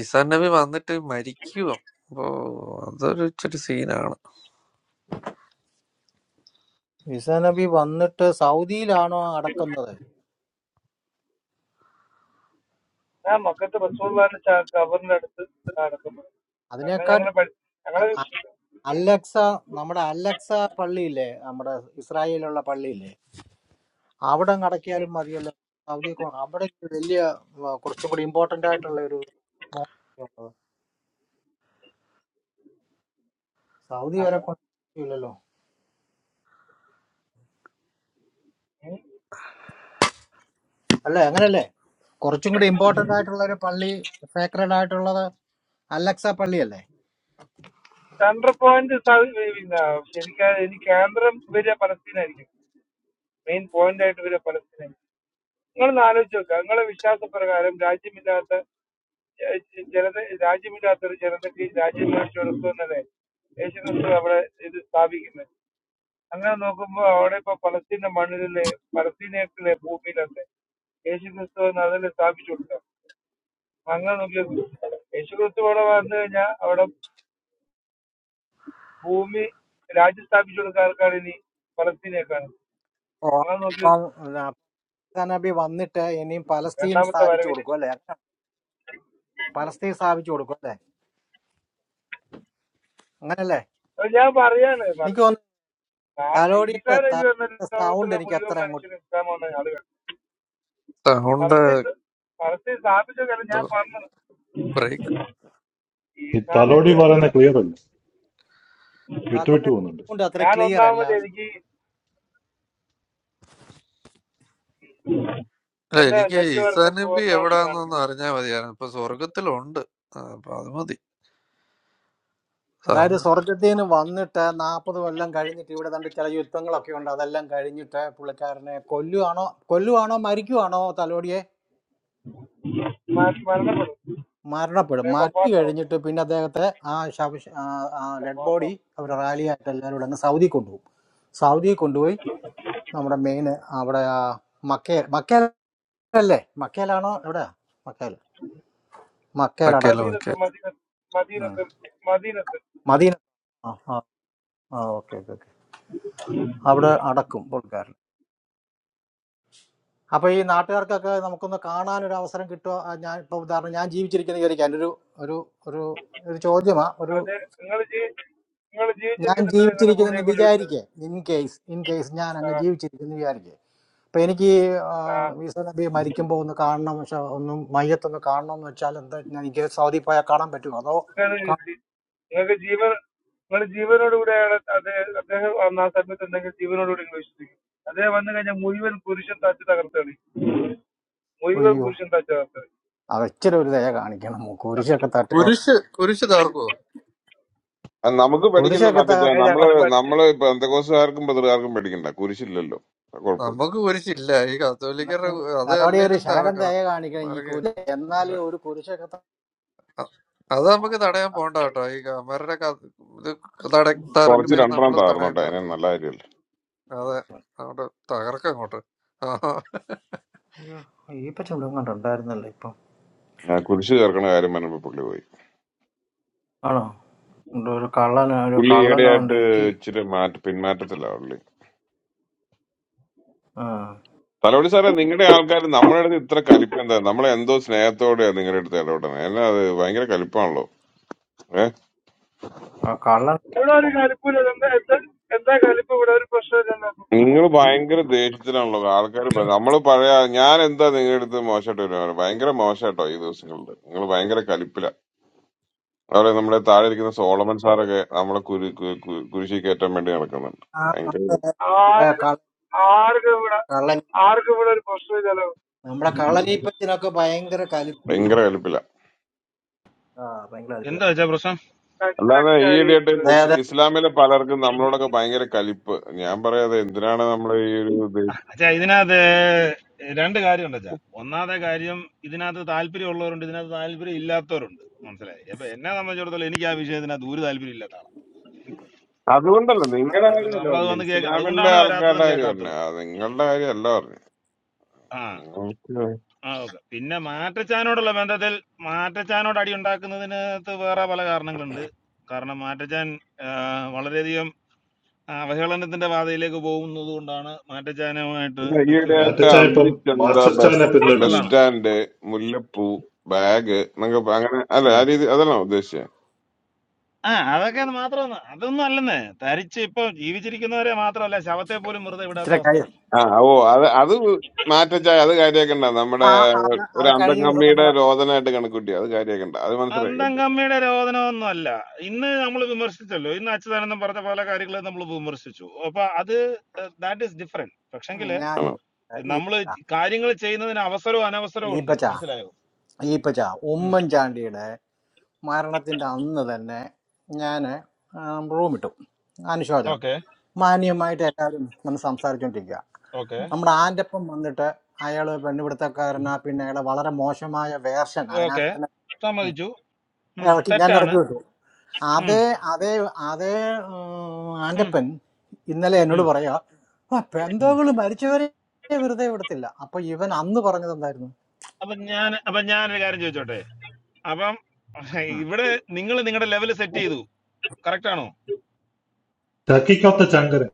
ഈസനബി വന്നിട്ട് മരിക്കുക ഓ അതൊരു ഇച്ചിരി സീനാണ് ഈസ നബി വന്നിട്ട് സൗദിയിലാണോ അടക്കുന്നത് ആ മക്കത്ത് റസൂള്ളാന്റെ ച- കബറിനടുത്ത് അടക്കം ചെയ്യും. കാരണം അതിനെക്കാട്ടും ഞങ്ങള് പഠി ഞങ്ങള് അ- അലക്സ നമ്മുടെ അലക്സ പള്ളിയില്ലേ നമ്മുടെ ഇസ്രായേലുള്ള പള്ളിയില്ലേ അവിടെ അങ്ങ് അടക്കിയാലും മതിയല്ലോ സൗദിയൊക്കെ വേണം. അവിടെ ഒരു വലിയ ആ, കുറച്ചും കൂടി ഇമ്പോർട്ടന്റ് ആയിട്ടുള്ള ഒരു മോസ്ക് ഉള്ളത് സൗദി വരെ കൊണ്ടില്ലല്ലോ അല്ലേ അങ്ങനല്ലേ കുറച്ചും കൂടി ഇമ്പോർട്ടന്റ് ആയിട്ടുള്ള ഒരു പള്ളി സേക്രഡ് ആയിട്ടുള്ളത് അലക്സ പള്ളിയല്ലേ സെൻട്രൽ പോയിന്റ് പിന്നെ ശരിക്കും ഇനി കേന്ദ്രം വരിക പലസ്തീനായിരിക്കും മെയിൻ പോയിന്റ് ആയിട്ട് വരിക പലസ്തീനായിരിക്കും നിങ്ങളൊന്ന് ആലോചിച്ച് നോക്കുക നിങ്ങളെ വിശ്വാസപ്രകാരം രാജ്യമില്ലാത്ത ഏഹ്, ജനത രാജ്യമില്ലാത്ത ഒരു ജനതയ്ക്ക് രാജ്യം എന്നല്ലേ യേശു ക്രിസ്തു അവിടെ ഇത് സ്ഥാപിക്കുന്നത് അങ്ങനെ നോക്കുമ്പോൾ അവിടെ ഇപ്പൊ പലസ്തീന്റെ മണ്ണിലെ പലസ്തീനത്തിലെ ഭൂമിയിലല്ലേ യേശു ക്രിസ്തു എന്ന് അതിൽ സ്ഥാപിച്ചു കൊടുക്കുക അങ്ങനെ നോക്കിയത് യേശു ക്രിസ്തു ഇവിടെ വന്നു കഴിഞ്ഞാൽ അവിടെ ഭൂമി രാജ്യം സ്ഥാപിച്ചു കൊടുക്കുന്ന ആൾക്കാണ് ഇനി പലസ്തീനക്കാണ് ഓ അങ്ങനെ നോക്കി അപ്പം ആ, ഈസാ നബി വന്നിട്ട് ഇനിയും പലസ്തീൻ രണ്ടാമത്തെ സ്ഥാപിച്ചു വരവില് കൊടുക്കും അല്ലേ അങ്ങനെ- പലസ്തീൻ സ്ഥാപിച്ചു കൊടുക്കും അല്ലേ അങ്ങനല്ലേ അപ്പൊ ഞാൻ പറയാണ് മർ- എനിക്ക് തോന്നുന്നു ആ ഈസാ തലോടിയുടെ നബി എന്ന തലോടിയുടെ സൗണ്ട് ലോകത്തുള്ള എനിക്ക് മുഴുവൻ അത്ര അങ്ങോട്ട് മനുഷ്യനും ഇസ്ലാം വന്ന ആളുകൾ സൗണ്ട് പലസ്തീൻ പലസ്തീൻ സ്ഥാപിച്ചു കാര്യം ഞാൻ പറഞ്ഞത് ബ്രേക്ക് ഈ ഈസാ നബി തലോടി പ- പറയുന്ന ക്ലിയർ അല്ല വിട്ടുവിട്ടു തലോടിയുടെ പോകുന്നുണ്ട് സൗണ്ട് അത്ര ഞാൻ ക്ലിയർ ഒന്നാമത് അല്ല എനിക്ക് അല്ല എന്റെ എനിക്ക് ഈസാ നെറ്റ്വർക്ക് പോർ നബി കണക്ഷൻ എവിടാന്നൊന്ന് കാണിക്കും അറിഞ്ഞാൽ മതിയായിരുന്നു ഇപ്പൊ സ്വർഗത്തിലുണ്ട് ആ, അപ്പൊ അത് മതി അതായത് സമയം സ്വർഗത്തിൽ നിന്ന് വന്നിട്ട് നാൽപ്പത് കൊല്ലം കഴിഞ്ഞിട്ട് ഇവിടെ കണ്ട് ചില യുദ്ധങ്ങളൊക്കെ ഉണ്ട് അതെല്ലാം കഴിഞ്ഞിട്ട് പുള്ളിക്കാരനെ കൊല്ലുവാണോ കൊല്ലുവാണോ മരിക്കുവാണോ തലോടിയെ മര- മരണപ്പെടും മരണപ്പെടും ഞാൻ മരിച്ചു വഫാത്താവും കഴിഞ്ഞിട്ട് പിന്നെ അദ്ദേഹത്തെ ആ ശവ ഡെഡ് ബോഡി വഫാത്താവും അവർ റാലിയായിട്ട് എല്ലാവരും കൂടെ അങ്ങ് സൗദി കൊണ്ടുപോകും സൗദി കൊണ്ടുപോയി നമ്മുടെ മെയിൻ അവിടെ ആ മക്കേ മക്കേലല്ലേ മക്കേലാണോ എവിടെയാ മക്കേൽ മക്കേൽ വക്കേലും അടക്കും മദീനത്ത് വക്കേലും മദീനത്ത് ഉം. മദീനത്ത് മദീനത്ത് മദീന ആ ആ ഓക്കെ ഓക്കെ ഓക്കെ അവിടെ അടക്കും പുള്ളിക്കാരൻ അപ്പൊ ഈ നാട്ടുകാർക്കൊക്കെ നമുക്കൊന്ന് കാണാൻ ഒരു അവസരം കിട്ടുക ഞാൻ ഇപ്പൊ ഉദാഹരണം ഞാൻ ജീവിച്ചിരിക്കുന്ന വിചാരിക്കാൻ ഒരു ഒരു ഒരു ഒരു ചോദ്യമാ ഒരു അതെ നിങ്ങൾ ജീവി നിങ്ങൾ ഞാൻ ജീവിച്ചിരിക്കുന്നുണ്ടെങ്കിൽ നിങ്ങളെ പുള്ളിയെ ജീവിച്ചിരിക്കുന്നെന്ന് കൊണ്ട് വിശ്വസിക്കും വിചാരിക്കേ ഇൻ കേസ് ഇൻ കേസ് ഞാൻ ആ അങ്ങ് ജീവിച്ചിരിക്കുന്നു വിചാരിക്കേ അപ്പൊ എനിക്ക് ആ, ആ ഈസ നബി മരിക്കുമ്പോൾ ഒന്ന് കാണണം പക്ഷെ ഒന്നും മയ്യത്തൊന്ന് കാണണം എന്ന് വെച്ചാൽ എന്താ ഞാൻ എനിക്ക് സൗദി പോയാൽ കാണാൻ പറ്റുമോ അതോ നിങ്ങടെ കാ- ജീ- നിങ്ങൾക്ക് ജീവൻ നിങ്ങൾ ജീവനോടുകൂടെയാണ് അത് അദ്ദേഹം വന്ന ആ സമയത്ത് ഉണ്ടെങ്കിൽ ജീവനോടുകൂടി നിങ്ങൾ വിശ്വസിക്കും അദ്ദേഹം വന്നു കഴിഞ്ഞാൽ മുഴുവൻ പുരുഷൻ തച്ച് തകർത്താണ് മുഴുവൻ അയ്യോ പുരുഷൻ തച്ച് തകർത്താണ് അത് ഇച്ചിരി ഒരു ദയ കാണിക്കണം കുരിശൊക്കെ തട്ടുക കുരിശ് കുരിശ് തകർക്കുവോ അത് നമുക്ക് പേടിക്കണ്ട കുരിശൊക്കെ മറ്റേ അങ്ങനെ തകർക്കാന്ന് നമ്മള് ഞങ്ങൾ പറഞ്ഞാൽ പഠിച്ചു നമ്മള് ഇപ്പൊ എന്തൊക്കെ ബദലുകാർക്കും പേടിക്കണ്ട കുരിശില്ലല്ലോ അത് കുഴപ്പമില്ല നമുക്ക് കുരിശില്ല ഈ കത്തോലിക്കരുടെ എന്നാലും കു- അത് അതോടെ ഒരു അല്ലേലും ശകലം തകർക്കണം ദയ കാണിക്കണം ഈ മാർക്ക് കുരിശ് എന്നാലും ഒരു കുരിശൊക്കെ അത് നമുക്ക് തടയാൻ അതുകൊണ്ടാ. പോണ്ട കേട്ടോ ഈ ക- അവരുടെ ക- ഇത് തട- കുറച്ച് തകർക്കുന്നതിന് നമ്മൾ രണ്ടെണ്ണം താർന്നോട്ടെ തടയണ്ട അതിനെ കേട്ടോ നല്ല കാര്യമല്ല അതെ അങ്ങോട്ട് തകർക്കം അങ്ങോട്ട് ആ, അയ്യോ ഈ പച്ച ഇവിടെ എങ്ങാണ്ട് ഉണ്ടായിരുന്നല്ലോ ഇപ്പം ഞാൻ കുരിശ് ചേർക്കണ കാര്യം പറഞ്ഞപ്പോ പുള്ളി പോയി ആണോ ഇവിടെ ഒരു കള്ളന ഒരു പുള്ളി കള്ളനുണ്ട് ഈടെയായിട്ട് ഈ ഇച്ചിരി മാറ്റ പിന്മാറ്റത്തില്ല പുള്ളി ആ തലവടി സാറേ നിങ്ങളുടെ ആൾക്കാർ നമ്മുടെ അടുത്ത് ഇത്ര കലിപ്പ് എന്താ നമ്മളെ എന്തോ സ്നേഹത്തോടെയാ നിങ്ങളുടെ അടുത്ത് ഇടപെടണേ എന്നാ അത് ഭയങ്കര കലിപ്പാണല്ലോ ഏഹ് ആ കള്ളൻ ഇവിടെ ഒരു കലിപ്പില്ല എന്താ എന്താ എന്താ കലിപ്പ് ഇവിടെ ഒരു പ്രശ്നമില്ലല്ലോ നിങ്ങൾ ഭയങ്കര ദേഷ്യത്തിലാണല്ലോ ആൾക്കാർ നമ്മൾ പഴയ ഞാൻ എന്താ നിങ്ങളുടെ അടുത്ത് മോശമായിട്ട് വരുന്നത് ഭയങ്കര മോശമായിട്ടോ ഈ ദിവസങ്ങളിൽ നിങ്ങൾ ഭയങ്കര കലിപ്പില അവിടെ നമ്മുടെ താഴെ ഇരിക്കുന്ന സോളമൻ സാറൊക്കെ നമ്മളെ കുരു കു- കു- കുരിശി കയറ്റാൻ വേണ്ടി നടക്കുന്നുണ്ട് ആ, ഭയങ്കര നമ്മുടെ ആ ആർക്ക് കള്ള- ആർക്കും ഇവിടെ കള്ളൻ ആർക്കും ഇവിടെ ഒരു പ്രശ്നമില്ലല്ലോ നമ്മുടെ കള്ളനീപ്പച്ചനൊക്കെ ഭയങ്കര കലിപ്പ് ഭയങ്കര കലിപ്പില്ല ആ ഭയങ്കര കലിപ്പില്ല എന്താ വെച്ചാ പ്രശ്നം അല്ലാതെ ഈ ഇടയായിട്ട് കലിപ്പ് മുസ് അതായത് ഇസ്ലാമിലെ പലർക്കും നമ്മളോടൊക്കെ ഭയങ്കര കലിപ്പ് ഞാൻ പറയാതെ എന്തിനാണ് നമ്മൾ ഈ ഒരു ഇത് അച്ഛാ ഇതിനകത്ത് രണ്ട് കാര്യമുണ്ട് അച്ഛാ ഒന്നാമത്തെ കാര്യം ഇതിനകത്ത് താല്പര്യമുള്ളവരുണ്ട് ഇതിനകത്ത് താല്പര്യം ഇല്ലാത്തവരുണ്ട് മനസ്സിലായി അപ്പൊ എന്നെ സംബന്ധിച്ചിടത്തോളം എനിക്ക് ആ വിഷയത്തിനകത്ത് ഒരു താല്പര്യം ഇല്ലാത്ത ആളാണ് അതുകൊണ്ടല്ല നിങ്ങളുടെ അപ്പൊ പിന്നെ കാര്യമല്ല നമ്മളത് പറഞ്ഞു വന്ന് കേൾക്ക ഇസ്ലാമിലെ അതുകൊണ്ടാണ് വരാത്തതും ആൾക്കാരുടെ കാര്യം പറഞ്ഞു കേൾക്കാത്തതും നിങ്ങളുടെ കാര്യമല്ല പറഞ്ഞു ആ ഓക്കേ. ആ ഓക്കെ പിന്നെ മാറ്റച്ചാനോടുള്ള ബന്ധത്തിൽ മാറ്റച്ചാനോട് അടി ഉണ്ടാക്കുന്നതിനകത്ത് വേറെ പല കാരണങ്ങളുണ്ട് കാരണം മാറ്റച്ചാൻ ആ, വളരെയധികം അവഹേളനത്തിന്റെ പാതയിലേക്ക് പോകുന്നത് കൊണ്ടാണ് മാറ്റച്ചാനുമായിട്ട് പിന്നെ ഈ ഇടയായിട്ട് വ്യക്തിപരമായിട്ടൊരു മാറ്റച്ചായ എതിർപ്പ് ഇപ്പം അന്തിച്ചന്ത അത് മാസ്റ്റർ ബസ് ചായനെ ബസ് പിന്തുടരുന്നു പേഴ്സണലാണ് സ്റ്റാൻഡ് മുല്ലപ്പൂ ബാഗ് എന്നൊക്കെ പ- അങ്ങനെ അല്ല ആ രീതി അതല്ല ഉദ്ദേശിച്ചത് ആ അതൊക്കെ മാത്രം അതൊന്നും അല്ലെന്ന് തരിച്ച് ഇപ്പൊ ജീവിച്ചിരിക്കുന്നവരെ മാത്രമല്ല ശവത്തെ പോലും വെറുതെ വിടാത്ത ഇത്ര കഴി അവസ്ഥയായി ആ ഓ അത് അത് മാറ്റച്ചായ അത് കാര്യാക്കണ്ട നമ്മുടെ ആ ആ, ഒരു അത് കഴിഞ്ഞ ദിവസം അന്തംകമ്മിയുടെ നമ്മളെ രോദനമായിട്ട് കണക്കൂട്ടി അത് കാര്യാക്കണ്ട അത് മനസ്സിലായി അന്തം കമ്മിയുടെ രോദനമൊന്നും അല്ല ഇന്ന് നമ്മൾ വിമർശിച്ചല്ലോ ഇന്ന് അച്യുതാനന്ദം പറഞ്ഞ പല കാര്യങ്ങളും നമ്മൾ വിമർശിച്ചു അപ്പൊ അത് ദാറ്റ് ഈസ് ഡിഫറെന്റ് ഉം, പക്ഷെങ്കിൽ ഞാൻ ആണോ? ചോദിച്ചതാ. നമ്മൾ കാര്യങ്ങൾ ചെയ്യുന്നതിന് അവസരവും അനവസരവും ഈ ഉണ്ട് ഈപ്പച്ച മനസ്സിലായോ ഈപ്പച്ച ഉം ഉമ്മൻചാണ്ടിയുടെ മരണത്തിന്റെ അന്ന് തന്നെ ഞാൻ റൂം ഇട്ടു അനുശോചനം ഓക്കെ മാന്യമായിട്ട് എല്ലാവരും നമ്മൾ സംസാരിച്ചുകൊണ്ടിരിക്കുക ഓക്കെ നമ്മുടെ ആൻ്റപ്പം വന്നിട്ട് അയാൾ പെണ്ണുപിടുത്തക്കാരനാ പിന്നെ അയാളെ വളരെ മോശമായ വേർഷൻ ഓക്കെ അതിനകത്ത് തന്നെ ഉം, സമ്മതിച്ചു ഉം, ഇറക്കി ഞാൻ തെറ്റാണ് ഇറക്കി വിട്ടു ഉം, അതേ അതേ അതേ ഉം, ഉം, ആൻ്റപ്പൻ ഇന്നലെ ഉം, എന്നോട് പറയാ "ആ, ഉം. പെന്തോകള് മരിച്ചവരെ വെറുതെ വിടത്തില്ല അപ്പൊ ഇവൻ അന്ന് പറഞ്ഞത് എന്തായിരുന്നു അപ്പൊ ഞാൻ അപ്പൊ ഞാനൊരു കാര്യം ചോദിച്ചോട്ടെ അപ്പം ഉം. ഇവിടെ നിങ്ങൾ നിങ്ങളുടെ ലെവൽ സെറ്റ് ചെയ്തു കറക്റ്റ് ആണോ ചക്കിക്കൊത്ത ചങ്കരൻ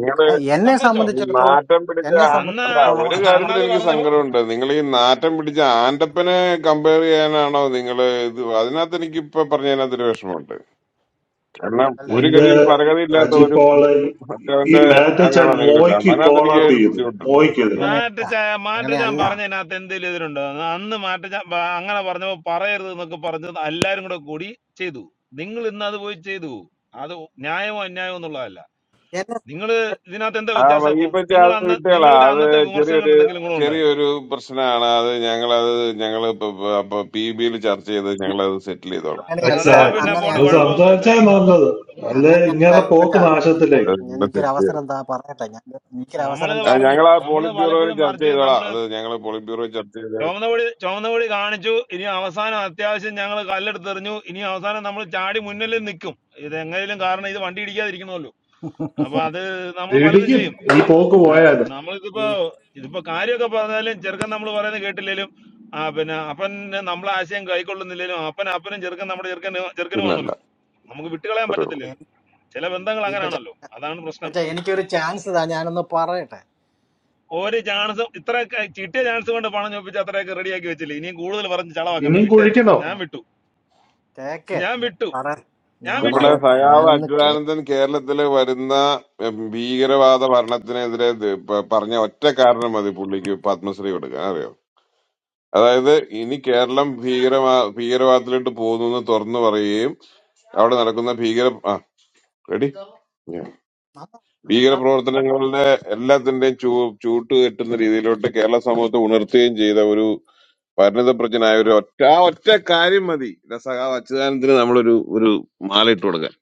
നിങ്ങള് ആ, എന്നെ സമ്മതിച്ചോ ഈ സംബന്ധിച്ചിടത്തോളം നാറ്റം പിടിച്ച എന്നെ ആ- അന്ന് അല്ല സംബന്ധിച്ചിടത്തോളം ഒരു അച്ഛൻ അന്ന് കാര്യത്തിൽ അത് എനിക്ക് പറഞ്ഞ സങ്കടമുണ്ട് നിങ്ങൾ ഈ നാറ്റം പിടിച്ച ആൻഡപ്പനെ കമ്പയർ ചെയ്യാനാണോ നിങ്ങൾ ഇത് അതിനകത്ത് എനിക്ക് ഇപ്പൊ പറഞ്ഞതിനകത്ത് ഒരു വിഷമമുണ്ട് കാരണം അല്ല ഒരു ഞാൻ എന്റെ ഗതിയും പരഗതി ഇല്ലാത്ത ഒരു അജിപ്പോളെ ഈ മറ്റവന്റെ മാറ്റച്ച അതിനാണോ നിങ്ങൾ മോയ്ക്ക് കാണുന്നത്? അതിനകത്ത് കോൾ എനിക്ക് ഔട്ട് ഒരു ചെയ്തു ബുദ്ധിമുട്ടുണ്ട് മോയ്ക്കെതിരെ അങ്ങനെയല്ല മാറ്റച്ച മാറ്റച്ചാൻ അങ്ങനെയല്ല പറഞ്ഞതിനകത്ത് എന്തെങ്കിലും എതിരുണ്ടോ അന്ന് മാറ്റച്ചാൻ പ- അങ്ങനെ പറഞ്ഞപ്പോ പറയരുത് എന്നൊക്കെ പറഞ്ഞത് എല്ലാരും കൂടെ കൂടി ചെയ്തു നിങ്ങൾ ഇന്ന് അത് പോയി ചെയ്തു അത് ന്യായമോ അന്യായമോ എന്നുള്ളതല്ല എന്നെ നിങ്ങൾ സംബന്ധിച്ചിടത്തോളം ഇതിനകത്ത് എന്താ ആ വ്യത്യാസം അപ്പം വൈകിപ്പറ്റി നിങ്ങൾ അത് അന്ന് കിട്ടിയാളാ നിങ്ങളുടെ അത് അന്നത്തെ വിമർശനം ചെറിയൊരു കണ്ട് എന്തെങ്കിലും കൂടെ ഉണ്ടായോ ചെറിയൊരു പ്രശ്നമാണ് അത് ഞങ്ങളത് ഞങ്ങള് പി ബിയിൽ ചർച്ച ചെയ്ത് ഞങ്ങളത് സെറ്റിൽ ആ, ചെയ്തോളാം അങ്ങനെയല്ല അതൊക്കെ എക്സാക്ട്ലി പിന്നെ പോട്ട് നിങ്ങൾ അങ്ങനെയല്ല കുഴപ്പമൊന്നുമില്ല സംസാരിച്ചാൽ നല്ലത് അല്ലെ അങ്ങനെയല്ല ഇങ്ങനെ പോക്ക് ഈപ്പച്ചാ അത് നാശത്തിലേക്ക് ഞാൻ ഞങ്ങള് എനിക്കൊരു സെറ്റിൽ അവസരം ചെയ്തു എന്താ പറയട്ടെ ഞാൻ എനിക്കൊരു അവസരം നമ്മളിത് എന്താ ആ പറഞ്ഞു ഞങ്ങളാ നമ്മള് പോളിറ്റ് ബ്യൂറോയിൽ പലപ്പോഴും ചർച്ച മറിച്ച് ചെയ്തോളാം നമ്മള് അത് ഞങ്ങള് പോളിറ്റ് ബ്യൂറോയിൽ ചർച്ച ചെയ്ത് ചുവന്ന കൊടി ചുവന്ന കൊടി കാണിച്ചു ഇനി അവസാനം അത്യാവശ്യം ഞങ്ങൾ കല്ലെടുത്തെറിഞ്ഞു ഇനി അവസാനം നമ്മൾ ചാടി മുന്നിൽ നിൽക്കും ഇത് എങ്ങനെയും കാരണം ഇത് വണ്ടി ഇടിക്കാതിരിക്കണമല്ലോ അപ്പൊ അത് നമ്മൾ പലതും ഇടിക്കും ചെയ്യും ഈ ഇപ്പൊ പോക്ക് ആ, പോയാൽ ഈ നമ്മളിതിപ്പോ ഇതിപ്പോ കാര്യമൊക്കെ പറഞ്ഞാലും ചെറുക്കൻ നമ്മൾ പറയുന്നത് കേട്ടില്ലേലും ആ പിന്നെ അപ്പൻ നമ്മളെ ആശയം കൈക്കൊള്ളുന്നില്ലേലും അപ്പൻ അപ്പനും ചെറുക്കൻ നമ്മുടെ ചെറുക്കന് പിന്നല്ല ചെറുക്കനുമാണല്ലോ നമുക്ക് വിട്ടുകളയാൻ അത്രേ ഉള്ളൂ പറ്റത്തില്ലല്ലോ എൻ- ചില ബന്ധങ്ങൾ ഈപ്പച്ച അങ്ങനെയാണല്ലോ അതാണ് പ്രശ്നം ഈപ്പച്ച എനിക്കൊരു ചാൻസ് താ ഞാനൊന്ന് പറയട്ടെ ഒരു ചാൻസും ഇത്ര കിട്ടിയ ചാൻസ് കൊണ്ട് പണം ചോദിപ്പിച്ച് അത്രയൊക്കെ റെഡിയാക്കി വെച്ചില്ലേ ഇനിയും കൂടുതൽ പറഞ്ഞ് ചളവാക്കണ്ട ഇനിയും വിട്ടേരെ കുഴിക്കണോ ഞാൻ ഉം. വിട്ടു കേക്ക് ഞാൻ ഞാൻ വിട്ടു പറ ഞാൻ ഞാൻ പറ വിട്ടു നമ്മുടെ സയാവ് ഞാനൊന്ന് കേ അച്യുതാനന്ദൻ കേരളത്തില് വരുന്ന ഉം, ഭീകരവാദ ഭരണത്തിനെതിരെ ഇത് പ- പറഞ്ഞ ഒറ്റ കാരണം മതി പുള്ളിക്ക് പത്മശ്രീ കൊടുക്കാൻ അറിയോ അതായത് ഇനി കേരളം ഭീകരവാ ഭീകരവാദത്തിലോട്ട് പോകുന്നു എന്ന് തുറന്നു പറയുകയും അവിടെ നടക്കുന്ന ഭീകര ആ റെഡി നമ്മ- ഭീകര പ്രവർത്തനങ്ങളുടെ എല്ലാത്തിന്റെയും ചൂ ചൂട്ട് കെട്ടുന്ന രീതിയിലോട്ട് കേരള സമൂഹത്തെ ഉണർത്തുകയും ചെയ്ത ഒരു പരിണിതപ്രജ്ഞനായ ആ, ഒരു ഒറ്റ ആ ഒറ്റ കാര്യം മതി ഇതാ സഖാവ് അച്യുതാനന്ദന് നമ്മളൊരു ഒരു മാല ഇട്ട് കൊടുക്കാൻ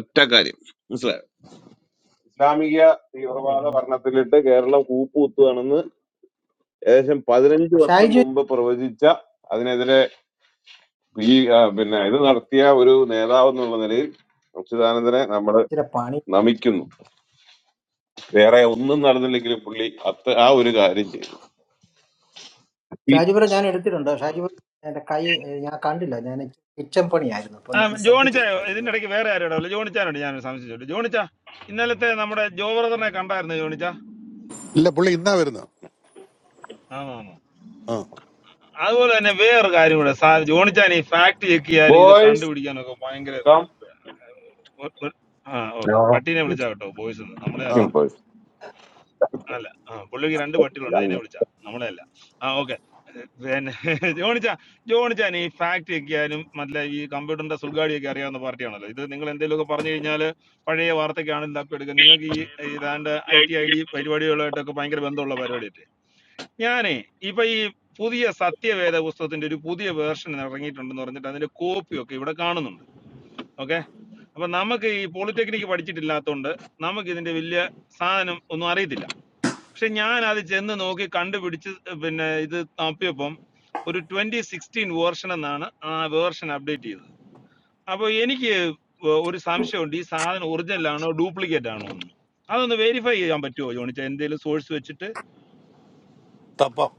ഒറ്റ കാര്യം മനസ്സിലായോ ഇസ്ലാമിക എന്ത് ചെയ്യും തീവ്രവാദ നമ്മള്? ഭരണത്തിലിട്ട് കേരളം കൂപ്പ് കുത്തുകയാണെന്ന് ഏകദേശം പതിനഞ്ച് ഓ, വർഷം ഷാജി മുമ്പ് പ്രവചിച്ച അതിനെതിരെ ഈ ആ, പിന്നെ ഇത് ഓ നടത്തിയ ഒരു നേതാവ് എന്നുള്ള നിലയിൽ അച്യുതാനന്ദനെ നമ്മൾ ഇച്ചിരി പണി നമിക്കുന്നു വേറെ ഒന്നും നടന്നില്ലെങ്കിലും പുള്ളി അത്ത ആ ഒരു കാര്യം ചെയ്തു ഷാജിപുരം ഞാൻ എടുത്തിട്ടുണ്ട് ഷാജിപുരം എന്റെ കൈ ഏ, ഞാൻ കണ്ടില്ല ഞാൻ കിച്ചൺ പണിയായിരുന്നു അപ്പൊ ആ ഞാൻ ശ്രദ്ധിച്ചില്ല ജോണിച്ചായോ ഇതിന്റെ ഷാജിപുരം ഇടയ്ക്ക് വേറെ ആരും ഇടവല്ലോ ജോണിച്ചാനോട് ഞാൻ സംശയിച്ചോളൂ ജോണിച്ചാ ഇന്നലത്തെ നമ്മുടെ ജോ ബ്രദറിനെ കണ്ടായിരുന്നു ജോണിച്ചാ ഇല്ല പുള്ളി ഇന്നാ വരുന്നത് ആണോ ആ അതുപോലെ തന്നെ വേറൊരു കാര്യം കൂടെ സാ- ജോണിച്ചാൻ ഈ ഫാക്ട് ചെക്ക് ചെയ്യാനും ഇത് ബോയ്സ് കണ്ടുപിടിക്കാനും ഒക്കെ ഭയങ്കര കം ഒ- ഒ- ആ ഓക്കെ പട്ടീനെ വിളിച്ചാ കേട്ടോ ബോയ്സ് നമ്മളെ ആ അല്ല ബോയ്സ് അല്ല ആ പുള്ളിക്ക് രണ്ട് പട്ടികളുണ്ട് അതിനെ വിളിച്ചാ നമ്മളെ അല്ല ആ പിന്നെ ജോണിച്ച ജോണിച്ചാൻ ഈ ഫാക്ട് ഒക്കെയാനും മറ്റേ ഈ കമ്പ്യൂട്ടറിന്റെ സുൽഗാടിയൊക്കെ അറിയാവുന്ന പാർട്ടിയാണല്ലോ ഇത് നിങ്ങൾ എന്തെങ്കിലുമൊക്കെ പറഞ്ഞു കഴിഞ്ഞാൽ പഴയ വാർത്തയ്ക്കാണെങ്കിലും തപ്പിയെടുക്കുക നിങ്ങൾക്ക് ഈ ഏതാണ്ട് ഐ ടി ഐ ഡി പരിപാടികളുമായിട്ടൊക്കെ ഭയങ്കര ബന്ധമുള്ള പരിപാടിയായിട്ട് ഞാനേ ഇപ്പൊ ഈ പുതിയ സത്യവേദ പുസ്തകത്തിന്റെ ഒരു പുതിയ വേർഷൻ ഇറങ്ങിയിട്ടുണ്ടെന്ന് പറഞ്ഞിട്ട് അതിന്റെ കോപ്പിയൊക്കെ ഇവിടെ കാണുന്നുണ്ട് ഓക്കെ അപ്പൊ നമുക്ക് ഈ പോളിടെക്നിക്ക് പഠിച്ചിട്ടില്ലാത്തതുകൊണ്ട് നമുക്ക് ഇതിന്റെ വലിയ സാധനം ഒന്നും അറിയത്തില്ല പക്ഷെ ഞാൻ അത് ചെന്ന് നോക്കി കണ്ടുപിടിച്ച് പിന്നെ ഇത് നോക്കിയപ്പം ഒരു ട്വന്റി സിക്സ്റ്റീൻ വേർഷൻ എന്നാണ് ആ വേർഷൻ അപ്ഡേറ്റ് ചെയ്തത് അപ്പോൾ എനിക്ക് ഒരു സംശയമുണ്ട് ഈ സാധനം ഒറിജിനൽ ആണോ ഡ്യൂപ്ലിക്കേറ്റ് ആണോ എന്ന് അതൊന്ന് വെരിഫൈ ചെയ്യാൻ പറ്റുമോ ജോണിച്ച എന്തെങ്കിലും സോഴ്സ് വെച്ചിട്ട് തപ്പം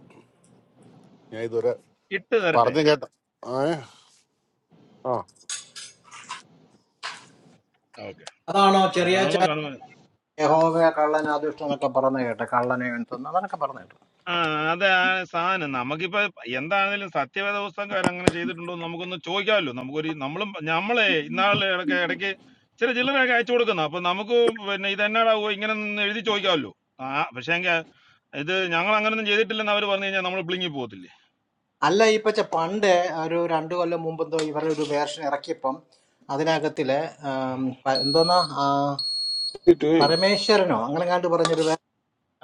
ഞാൻ ഇതുവരെ ഇട്ട് തരട്ടെ പറഞ്ഞു കേട്ട ഏ ആ ഓക്കെ അതാണോ അപ്പൊ ചെറിയ കാണുമ്പോൾ കാണുമ്പോ യഹോവ കള്ളൻ അത് ഇഷ്ടം എന്നൊക്കെ പറഞ്ഞ കേട്ടെ കള്ളനെ എന്തെന്ന് അതൊക്കെ പറഞ്ഞു ആ അതെ ആ സാധനം നമുക്കിപ്പോ എന്താണെങ്കിലും സത്യവേദ പുസ്തകക്കാർ അങ്ങനെ ചെയ്തിട്ടുണ്ടോ എന്ന് നമുക്കൊന്ന് ചോദിക്കാമല്ലോ നമുക്കൊരു നമ്മളും നമ്മളെ ഇന്നാളെ ഇടയ്ക്ക് ഇടയ്ക്ക് ചില ചില്ലറയൊക്കെ അയച്ചു കൊടുക്കുന്ന അപ്പൊ നമുക്ക് പിന്നെ ഇതെന്നാടാവോ ഇങ്ങനെ നിന്ന് എഴുതി ചോദിക്കാമല്ലോ ആ പക്ഷേ എങ്കിൽ ഇത് ഞങ്ങൾ അങ്ങനൊന്നും ചെയ്തിട്ടില്ലെന്ന് അവർ പറഞ്ഞു കഴിഞ്ഞാൽ നമ്മൾ പ്ലിങ്ങി പോകത്തില്ലേ അല്ല ഈ പച്ച പണ്ട് ഒരു രണ്ടു കൊല്ലം മുമ്പ് എന്തോ ഇവരുടെ ഒരു വേർഷൻ ഇറക്കിയപ്പം അതിനകത്തില് ആം, പ- എന്തോന്നാ ആ, പരമേശ്വരനോ അങ്ങനെ കണ്ടു പറഞ്ഞൊരു വേ-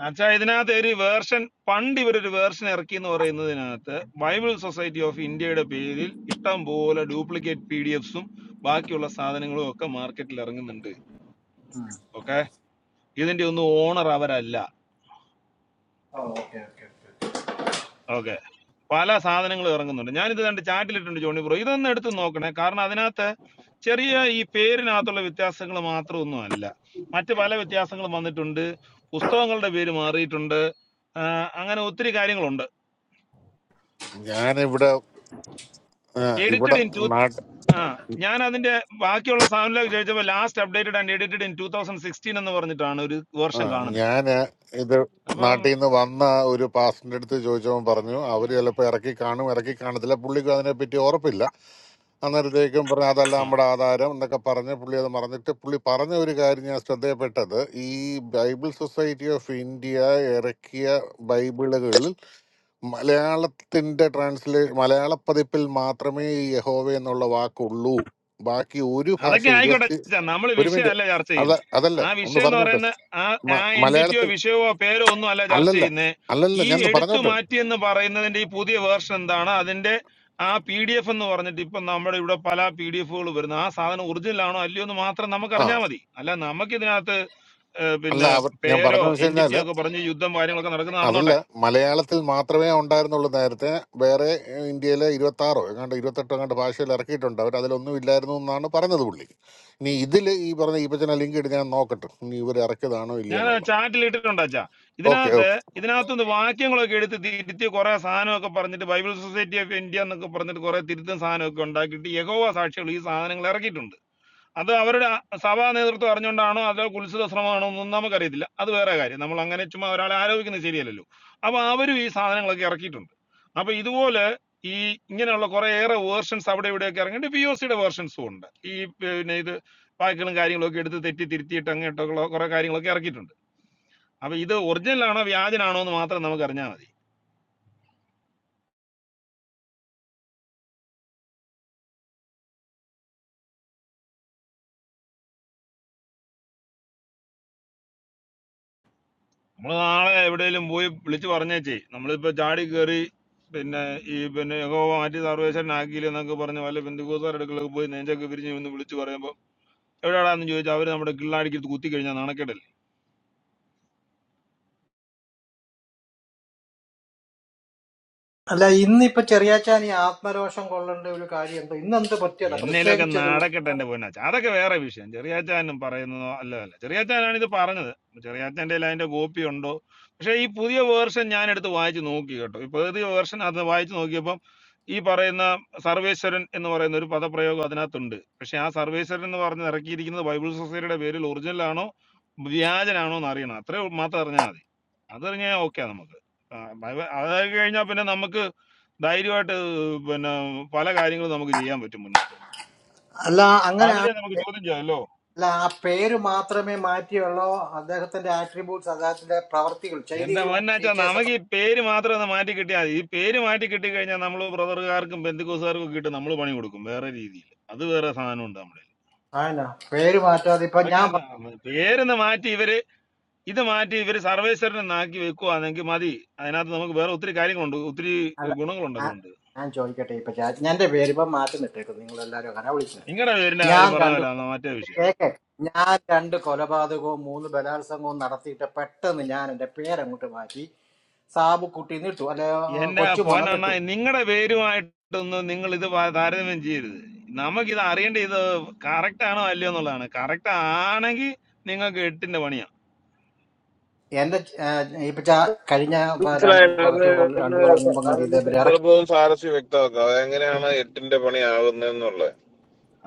അച്ഛാ ഇതിനകത്ത് ഒരു വേർഷൻ പണ്ട് ഇവരൊരു വേർഷൻ ഇറക്കി എന്ന് പറയുന്നതിനകത്ത് ബൈബിൾ സൊസൈറ്റി ഓഫ് ഇന്ത്യയുടെ പേരിൽ ഇഷ്ടം പോലെ ഡ്യൂപ്ലിക്കേറ്റ് പി ഡി എഫ്സും ബാക്കിയുള്ള സാധനങ്ങളും ഒക്കെ മാർക്കറ്റിൽ ഇറങ്ങുന്നുണ്ട് ഉം. ഓക്കെ ഇതിന്റെ ഒന്നും ഓണർ അവരല്ല oh, okay, okay, okay. Okay പല സാധനങ്ങൾ ഇറങ്ങുന്നുണ്ട് ഞാനിത് കണ്ട് ചാറ്റിലിട്ടുണ്ട് ജോണി ബ്രോ ഇതൊന്ന് എടുത്ത് നോക്കണേ കാരണം അതിനകത്ത് ചെറിയ ഈ പേരിനകത്തുള്ള വ്യത്യാസങ്ങൾ മാത്രമൊന്നും അല്ല മറ്റ് പല വ്യത്യാസങ്ങളും വന്നിട്ടുണ്ട് പുസ്തകങ്ങളുടെ പേര് മാറിയിട്ടുണ്ട് ആ, അങ്ങനെ ഒത്തിരി കാര്യങ്ങളുണ്ട് ഞാനിവിടെ ആ, ഇവിടെ എഡിറ്റഡ് ഇൻ ടു നാട്ട് ആ ഞാൻ അതിന്റെ ബാക്കിയുള്ള സാധനങ്ങളിലേക്ക് ചോദിച്ചപ്പോൾ last updated and edited in two thousand sixteen എന്ന് പറഞ്ഞിട്ടാണ് ഒരു ആ വേർഷൻ കാണുന്നത് ഞാന് ഇത് അപ്പം നാട്ടിൽ നിന്ന് വന്ന ഒരു പാസ്റ്ററിന്റെ അടുത്ത് ചോദിച്ചവൻ പറഞ്ഞു അവര് ചിലപ്പോൾ ഇറക്കി കാണും ഇറക്കി കാണത്തില്ല പുള്ളിക്ക് അതിനെപ്പറ്റി ഉറപ്പില്ല അന്നേരത്തേക്കും പറഞ്ഞു അതല്ല ആ നമ്മുടെ ആധാരം എന്നൊക്കെ പറഞ്ഞ് പുള്ളി അത് മറന്നിട്ട് പുള്ളി പറഞ്ഞ ഒരു കാര്യം ഞാൻ ശ്രദ്ധയപ്പെട്ടത് ഈ ബൈബിൾ സൊസൈറ്റി ഓഫ് ഇന്ത്യ ഇറക്കിയ ബൈബിളുകളിൽ മലയാളത്തിൻ്റെ ട്രാൻസ്ലേ മലയാള പതിപ്പിൽ മാത്രമേ ഈ യഹോവ എന്നുള്ള വാക്കുള്ളൂ ബാക്കി ഒരു ഭാഷ അതൊക്കെ ആയിക്കോട്ടെ ഇരുപത്തി അച്ഛാ നമ്മൾ ഒരു മിനിറ്റ് വിഷയമല്ല ചർച്ച അത ചെയ്യുന്നത് അതല്ല ആ ഒന്ന് വിഷയം എന്ന് പറഞ്ഞോട്ടെ പറയുന്ന ആ ആ മ- എന്റിറ്റിയോ മലയാളത്തിൽ വിഷയമോ പേരോ ഒന്നും അല്ല ചർച്ച അല്ലല്ല ചെയ്യുന്നത് അല്ലല്ല ഈ ഞാൻ ഒന്ന് എടുത്തു പറഞ്ഞോട്ടെ മാറ്റി എന്ന് പറയുന്നതിന്റെ ഈ പുതിയ വേർഷൻ എന്താണ് അതിന്റെ ആ പി ഡി എഫ് എന്ന് പറഞ്ഞിട്ട് ഇപ്പൊ നമ്മുടെ ഇവിടെ പല പി ഡി എഫുകൾ വരുന്നു ആ സാധനം ഒറിജിനൽ ആണോ അല്ലയോ എന്ന് മാത്രം നമുക്ക് ആ അറിഞ്ഞാൽ മതി അല്ല നമുക്ക് ഇതിനകത്ത് ഏഹ്, അല്ല പിന്നെ അവർ ഞാൻ പേരോ പറഞ്ഞതെന്ന് വെച്ച് എന്റിറ്റിയോ കഴിഞ്ഞാല് ഒക്കെ പറഞ്ഞ് യുദ്ധം കാര്യങ്ങളൊക്കെ നടക്കുന്നത് അതല്ല നടന്നോട്ടെ മലയാളത്തിൽ മാത്രമേ ഉണ്ടായിരുന്നുള്ളൂ നേരത്തെ വേറെ ഏ, ഇന്ത്യയിലെ ഇരുപത്തി ആറോ എങ്ങാണ്ട് ഇരുപത്തെട്ടോ എങ്ങാണ്ട് ഭാഷയിൽ ഇറക്കിയിട്ടുണ്ട് അവർ അതിലൊന്നും ഇല്ലായിരുന്നു എന്നാണ് പറഞ്ഞത് പുള്ളി ഇനി ഇതിൽ ഈ പറഞ്ഞ ഈ പച്ചന ലിങ്ക് ഇട്ട് ഞാൻ നോക്കട്ടെ ഇനി ഇവർ ഇറക്കിയതാണോ ഇല്ലയോ ഞാൻ എന്നുള്ളത് ചാറ്റിൽ ഇട്ടിട്ടുണ്ട് അച്ഛാ ഓക്കെ ഇതിനകത്ത് ഇതിനകത്തുനിന്ന് വാക്യങ്ങളൊക്കെ എടുത്ത് തിരുത്തി കുറെ സാധനമൊക്കെ പറഞ്ഞിട്ട് ബൈബിൾ സൊസൈറ്റി ഓഫ് ഇന്ത്യ എന്നൊക്കെ പറഞ്ഞിട്ട് കുറെ തിരുത്തും സാധനമൊക്കെ ഉണ്ടാക്കിയിട്ട് യഹോവ സാക്ഷികൾ ഈ സാധനങ്ങൾ ഇറക്കിയിട്ടുണ്ട് അത് അവരുടെ സഭാ നേതൃത്വം അറിഞ്ഞുകൊണ്ടാണോ അതോ കുൽസിത ശ്രമമാണോ എന്നൊന്നും നമുക്കറിയത്തില്ല അത് വേറെ കാര്യം നമ്മൾ അങ്ങനെ ചുമ്മാ ഒരാളെ ആരോപിക്കുന്നത് ശരിയല്ലല്ലോ അപ്പൊ അവരും ഈ സാധനങ്ങളൊക്കെ ഇറക്കിയിട്ടുണ്ട് അപ്പൊ ഇതുപോലെ ഈ ഇങ്ങനെയുള്ള കുറെ ഏറെ വേർഷൻസ് അവിടെ ഇവിടെയൊക്കെ ഇറങ്ങിയിട്ട് പി ഒ സിയുടെ വേർഷൻസും ഉണ്ട് ഈ പിന്നെ ഇത് വാക്കുകളും കാര്യങ്ങളൊക്കെ എടുത്ത് തെറ്റി തിരുത്തിയിട്ട് അങ്ങോട്ടൊക്കെ കുറെ കാര്യങ്ങളൊക്കെ ഇറക്കിയിട്ടുണ്ട് അപ്പൊ ഇത് ഒറിജിനൽ ആണോ വ്യാജനാണോ എന്ന് മാത്രം നമുക്ക് അറിഞ്ഞാൽ മതി നമ്മൾ നാളെ എവിടെയെങ്കിലും പോയി വിളിച്ചു പറഞ്ഞേച്ചേ നമ്മളിപ്പോ ചാടി കയറി പിന്നെ ഈ പിന്നെ യഹോവ മാറ്റി സർവേശ്വരനാക്കിയില്ല എന്നൊക്കെ പറഞ്ഞ് വല്ല ബന്ധുക്കൂസാരുടെ അടുക്കളൊക്കെ പോയി നെഞ്ചൊക്കെ പിരിഞ്ഞ് ഒന്ന് വിളിച്ചു പറയുമ്പോൾ എവിടെയാടാന്ന് ചോദിച്ചാൽ അവർ നമ്മുടെ കിള്ളാടിക്ക് കുത്തി കഴിഞ്ഞാൽ നാണക്കേട് അല്ല ഇന്നിപ്പൊ ചെറിയാച്ചാൻ ഈ ആത്മരോഷം കൊള്ളേണ്ട ഒരു കാര്യം എന്തോ ഇന്ന് എന്ത് പറ്റിയതാ എന്നേലൊക്കെ പ്രത്യേകിച്ചൊരു നടക്കട്ടെ എന്റെ പൊന്നാച്ച അതൊക്കെ വേറെ വിഷയം ചെറിയാച്ചാനും പറയുന്നതോ അല്ല അല്ല ചെറിയാച്ചാനാണ് ഇത് പറഞ്ഞത് ചെറിയാച്ചാന്റെ കയ്യിൽ അതിന്റെ കോപ്പി ഉണ്ടോ പക്ഷെ ഈ പുതിയ വേർഷൻ ഞാൻ എടുത്ത് വായിച്ചു നോക്കി കേട്ടോ ഈ പുതിയ വേർഷൻ അത് വായിച്ചു നോക്കിയപ്പം ഈ പറയുന്ന സർവേശ്വരൻ എന്ന് പറയുന്ന ഒരു പദപ്രയോഗം അതിനകത്തുണ്ട് പക്ഷെ ആ സർവേശ്വരൻ എന്ന് പറഞ്ഞ് ഇറക്കിയിരിക്കുന്നത് ബൈബിൾ സൊസൈറ്റിയുടെ പേരിൽ ഒറിജിനൽ ആണോ വ്യാജനാണോ എന്ന് അറിയണം അത്രേ മാത്രം അറിഞ്ഞാൽ മതി അതറിഞ്ഞാൽ ഓക്കെ നമുക്ക് ആ, ബൈബിൾ- അതൊക്കെ കഴിഞ്ഞാൽ പിന്നെ നമുക്ക് ധൈര്യമായിട്ട് പിന്നെ പല കാര്യങ്ങളും നമുക്ക് ചെയ്യാൻ പറ്റും മുന്നോട്ട് അല്ല അങ്ങനെ അല്ലെ ആ- നമുക്ക് ചോദ്യം ചെയ്യാമല്ലോ അല്ല ആ പേര് മാത്രമേ മാറ്റിയുള്ളോ അദ്ദേഹത്തിന്റെ ആട്രിബ്യൂട്ട്സ് അദ്ദേഹത്തിന്റെ പ്രവർത്തികൾ എന്റെ ചെയ്തികളും പൊന്നാച്ചാ ഫീച്ചേഴ്സ് നമുക്ക് ഒക്കെ ഈ പേര് മാത്രം ഒന്ന് മാറ്റി കിട്ടിയാൽ മതി. ഈ പേര് മാറ്റി കിട്ടി കഴിഞ്ഞാൽ നമ്മൾ ബ്രദറുകാർക്കും ബന്ധുക്കോസുകാർക്കും ഒക്കെ ഇട്ട് നമ്മൾ പണി കൊടുക്കും വേറെ രീതിയിൽ അത് വേറെ സാധനമുണ്ട് നമ്മുടെ കയ്യില്. ആണോ പേര് മാറ്റാതെ ഇപ്പൊ അതൊക്കെ ഞാൻ എന്നാ അന്ന് പേരൊന്ന് മാറ്റി ഇവര് ഇത് മാറ്റി ഇവര് സർവേശ്വരനെ ആക്കി വെക്കുവാണെങ്കിൽ മതി അതിനകത്ത് നമുക്ക് വേറെ ഒത്തിരി കാര്യങ്ങളുണ്ട് ഒത്തിരി അല്ല ഗുണങ്ങളുണ്ട് ഞാൻ അതുകൊണ്ട് ഞാൻ ചോദിക്കട്ടെ ഇപ്പൊ ചാ- ഞാൻ എന്റെ പേര് ഇപ്പൊ മാറ്റി നിട്ടേക്കും നിങ്ങൾ എല്ലാരും അങ്ങനെ വിളിക്കുന്നത് നിങ്ങളുടെ പേരിന്റെ ഞാൻ കാര്യം പറഞ്ഞ രണ്ട് പോലെ ആണ് മറ്റേ വിഷയം കൊല- കേക്ക് ഞാൻ രണ്ട് കൊലപാതകവും മൂന്ന് ബലാത്സംഗവും നടത്തിയിട്ട് പെട്ടെന്ന് ഞാൻ എന്റെ പേരങ്ങോട്ട് മാറ്റി സാബുക്കുട്ടി നിട്ടു അല്ലെ എന്റെ കൊച്ചുമോനെ പോനണ്ണ നിട്ടു നിങ്ങളുടെ പേരുമായിട്ടൊന്നും നിങ്ങൾ ഇത് പ- താരതമ്യം ചെയ്യരുത് നമുക്കിത് അറിയേണ്ട ഇത് കറക്റ്റ് ആണോ അല്ലയോ എന്നുള്ളതാണ് കറക്റ്റ് ആണെങ്കിൽ നിങ്ങൾക്ക് എട്ടിന്റെ പണിയാ എന്റെ ച- ഏ, ഇപ്പൊ ചാ- കഴിഞ്ഞ ഇപ്പൊ രണ്ട് മനസ്സിലായത് കുറച്ച് കൊല്ലം- രണ്ട് കൊല്ലം മുമ്പ് കണ്ട് അതിന്റെ ഇതേ ഇവര് ഇറക്കി സന്ദർഭവും സാരസ്യം വ്യക്തമാക്കുക അതെങ്ങനെയാണ് എട്ടിന്റെ പണി ആകുന്നതെന്നുള്ളത്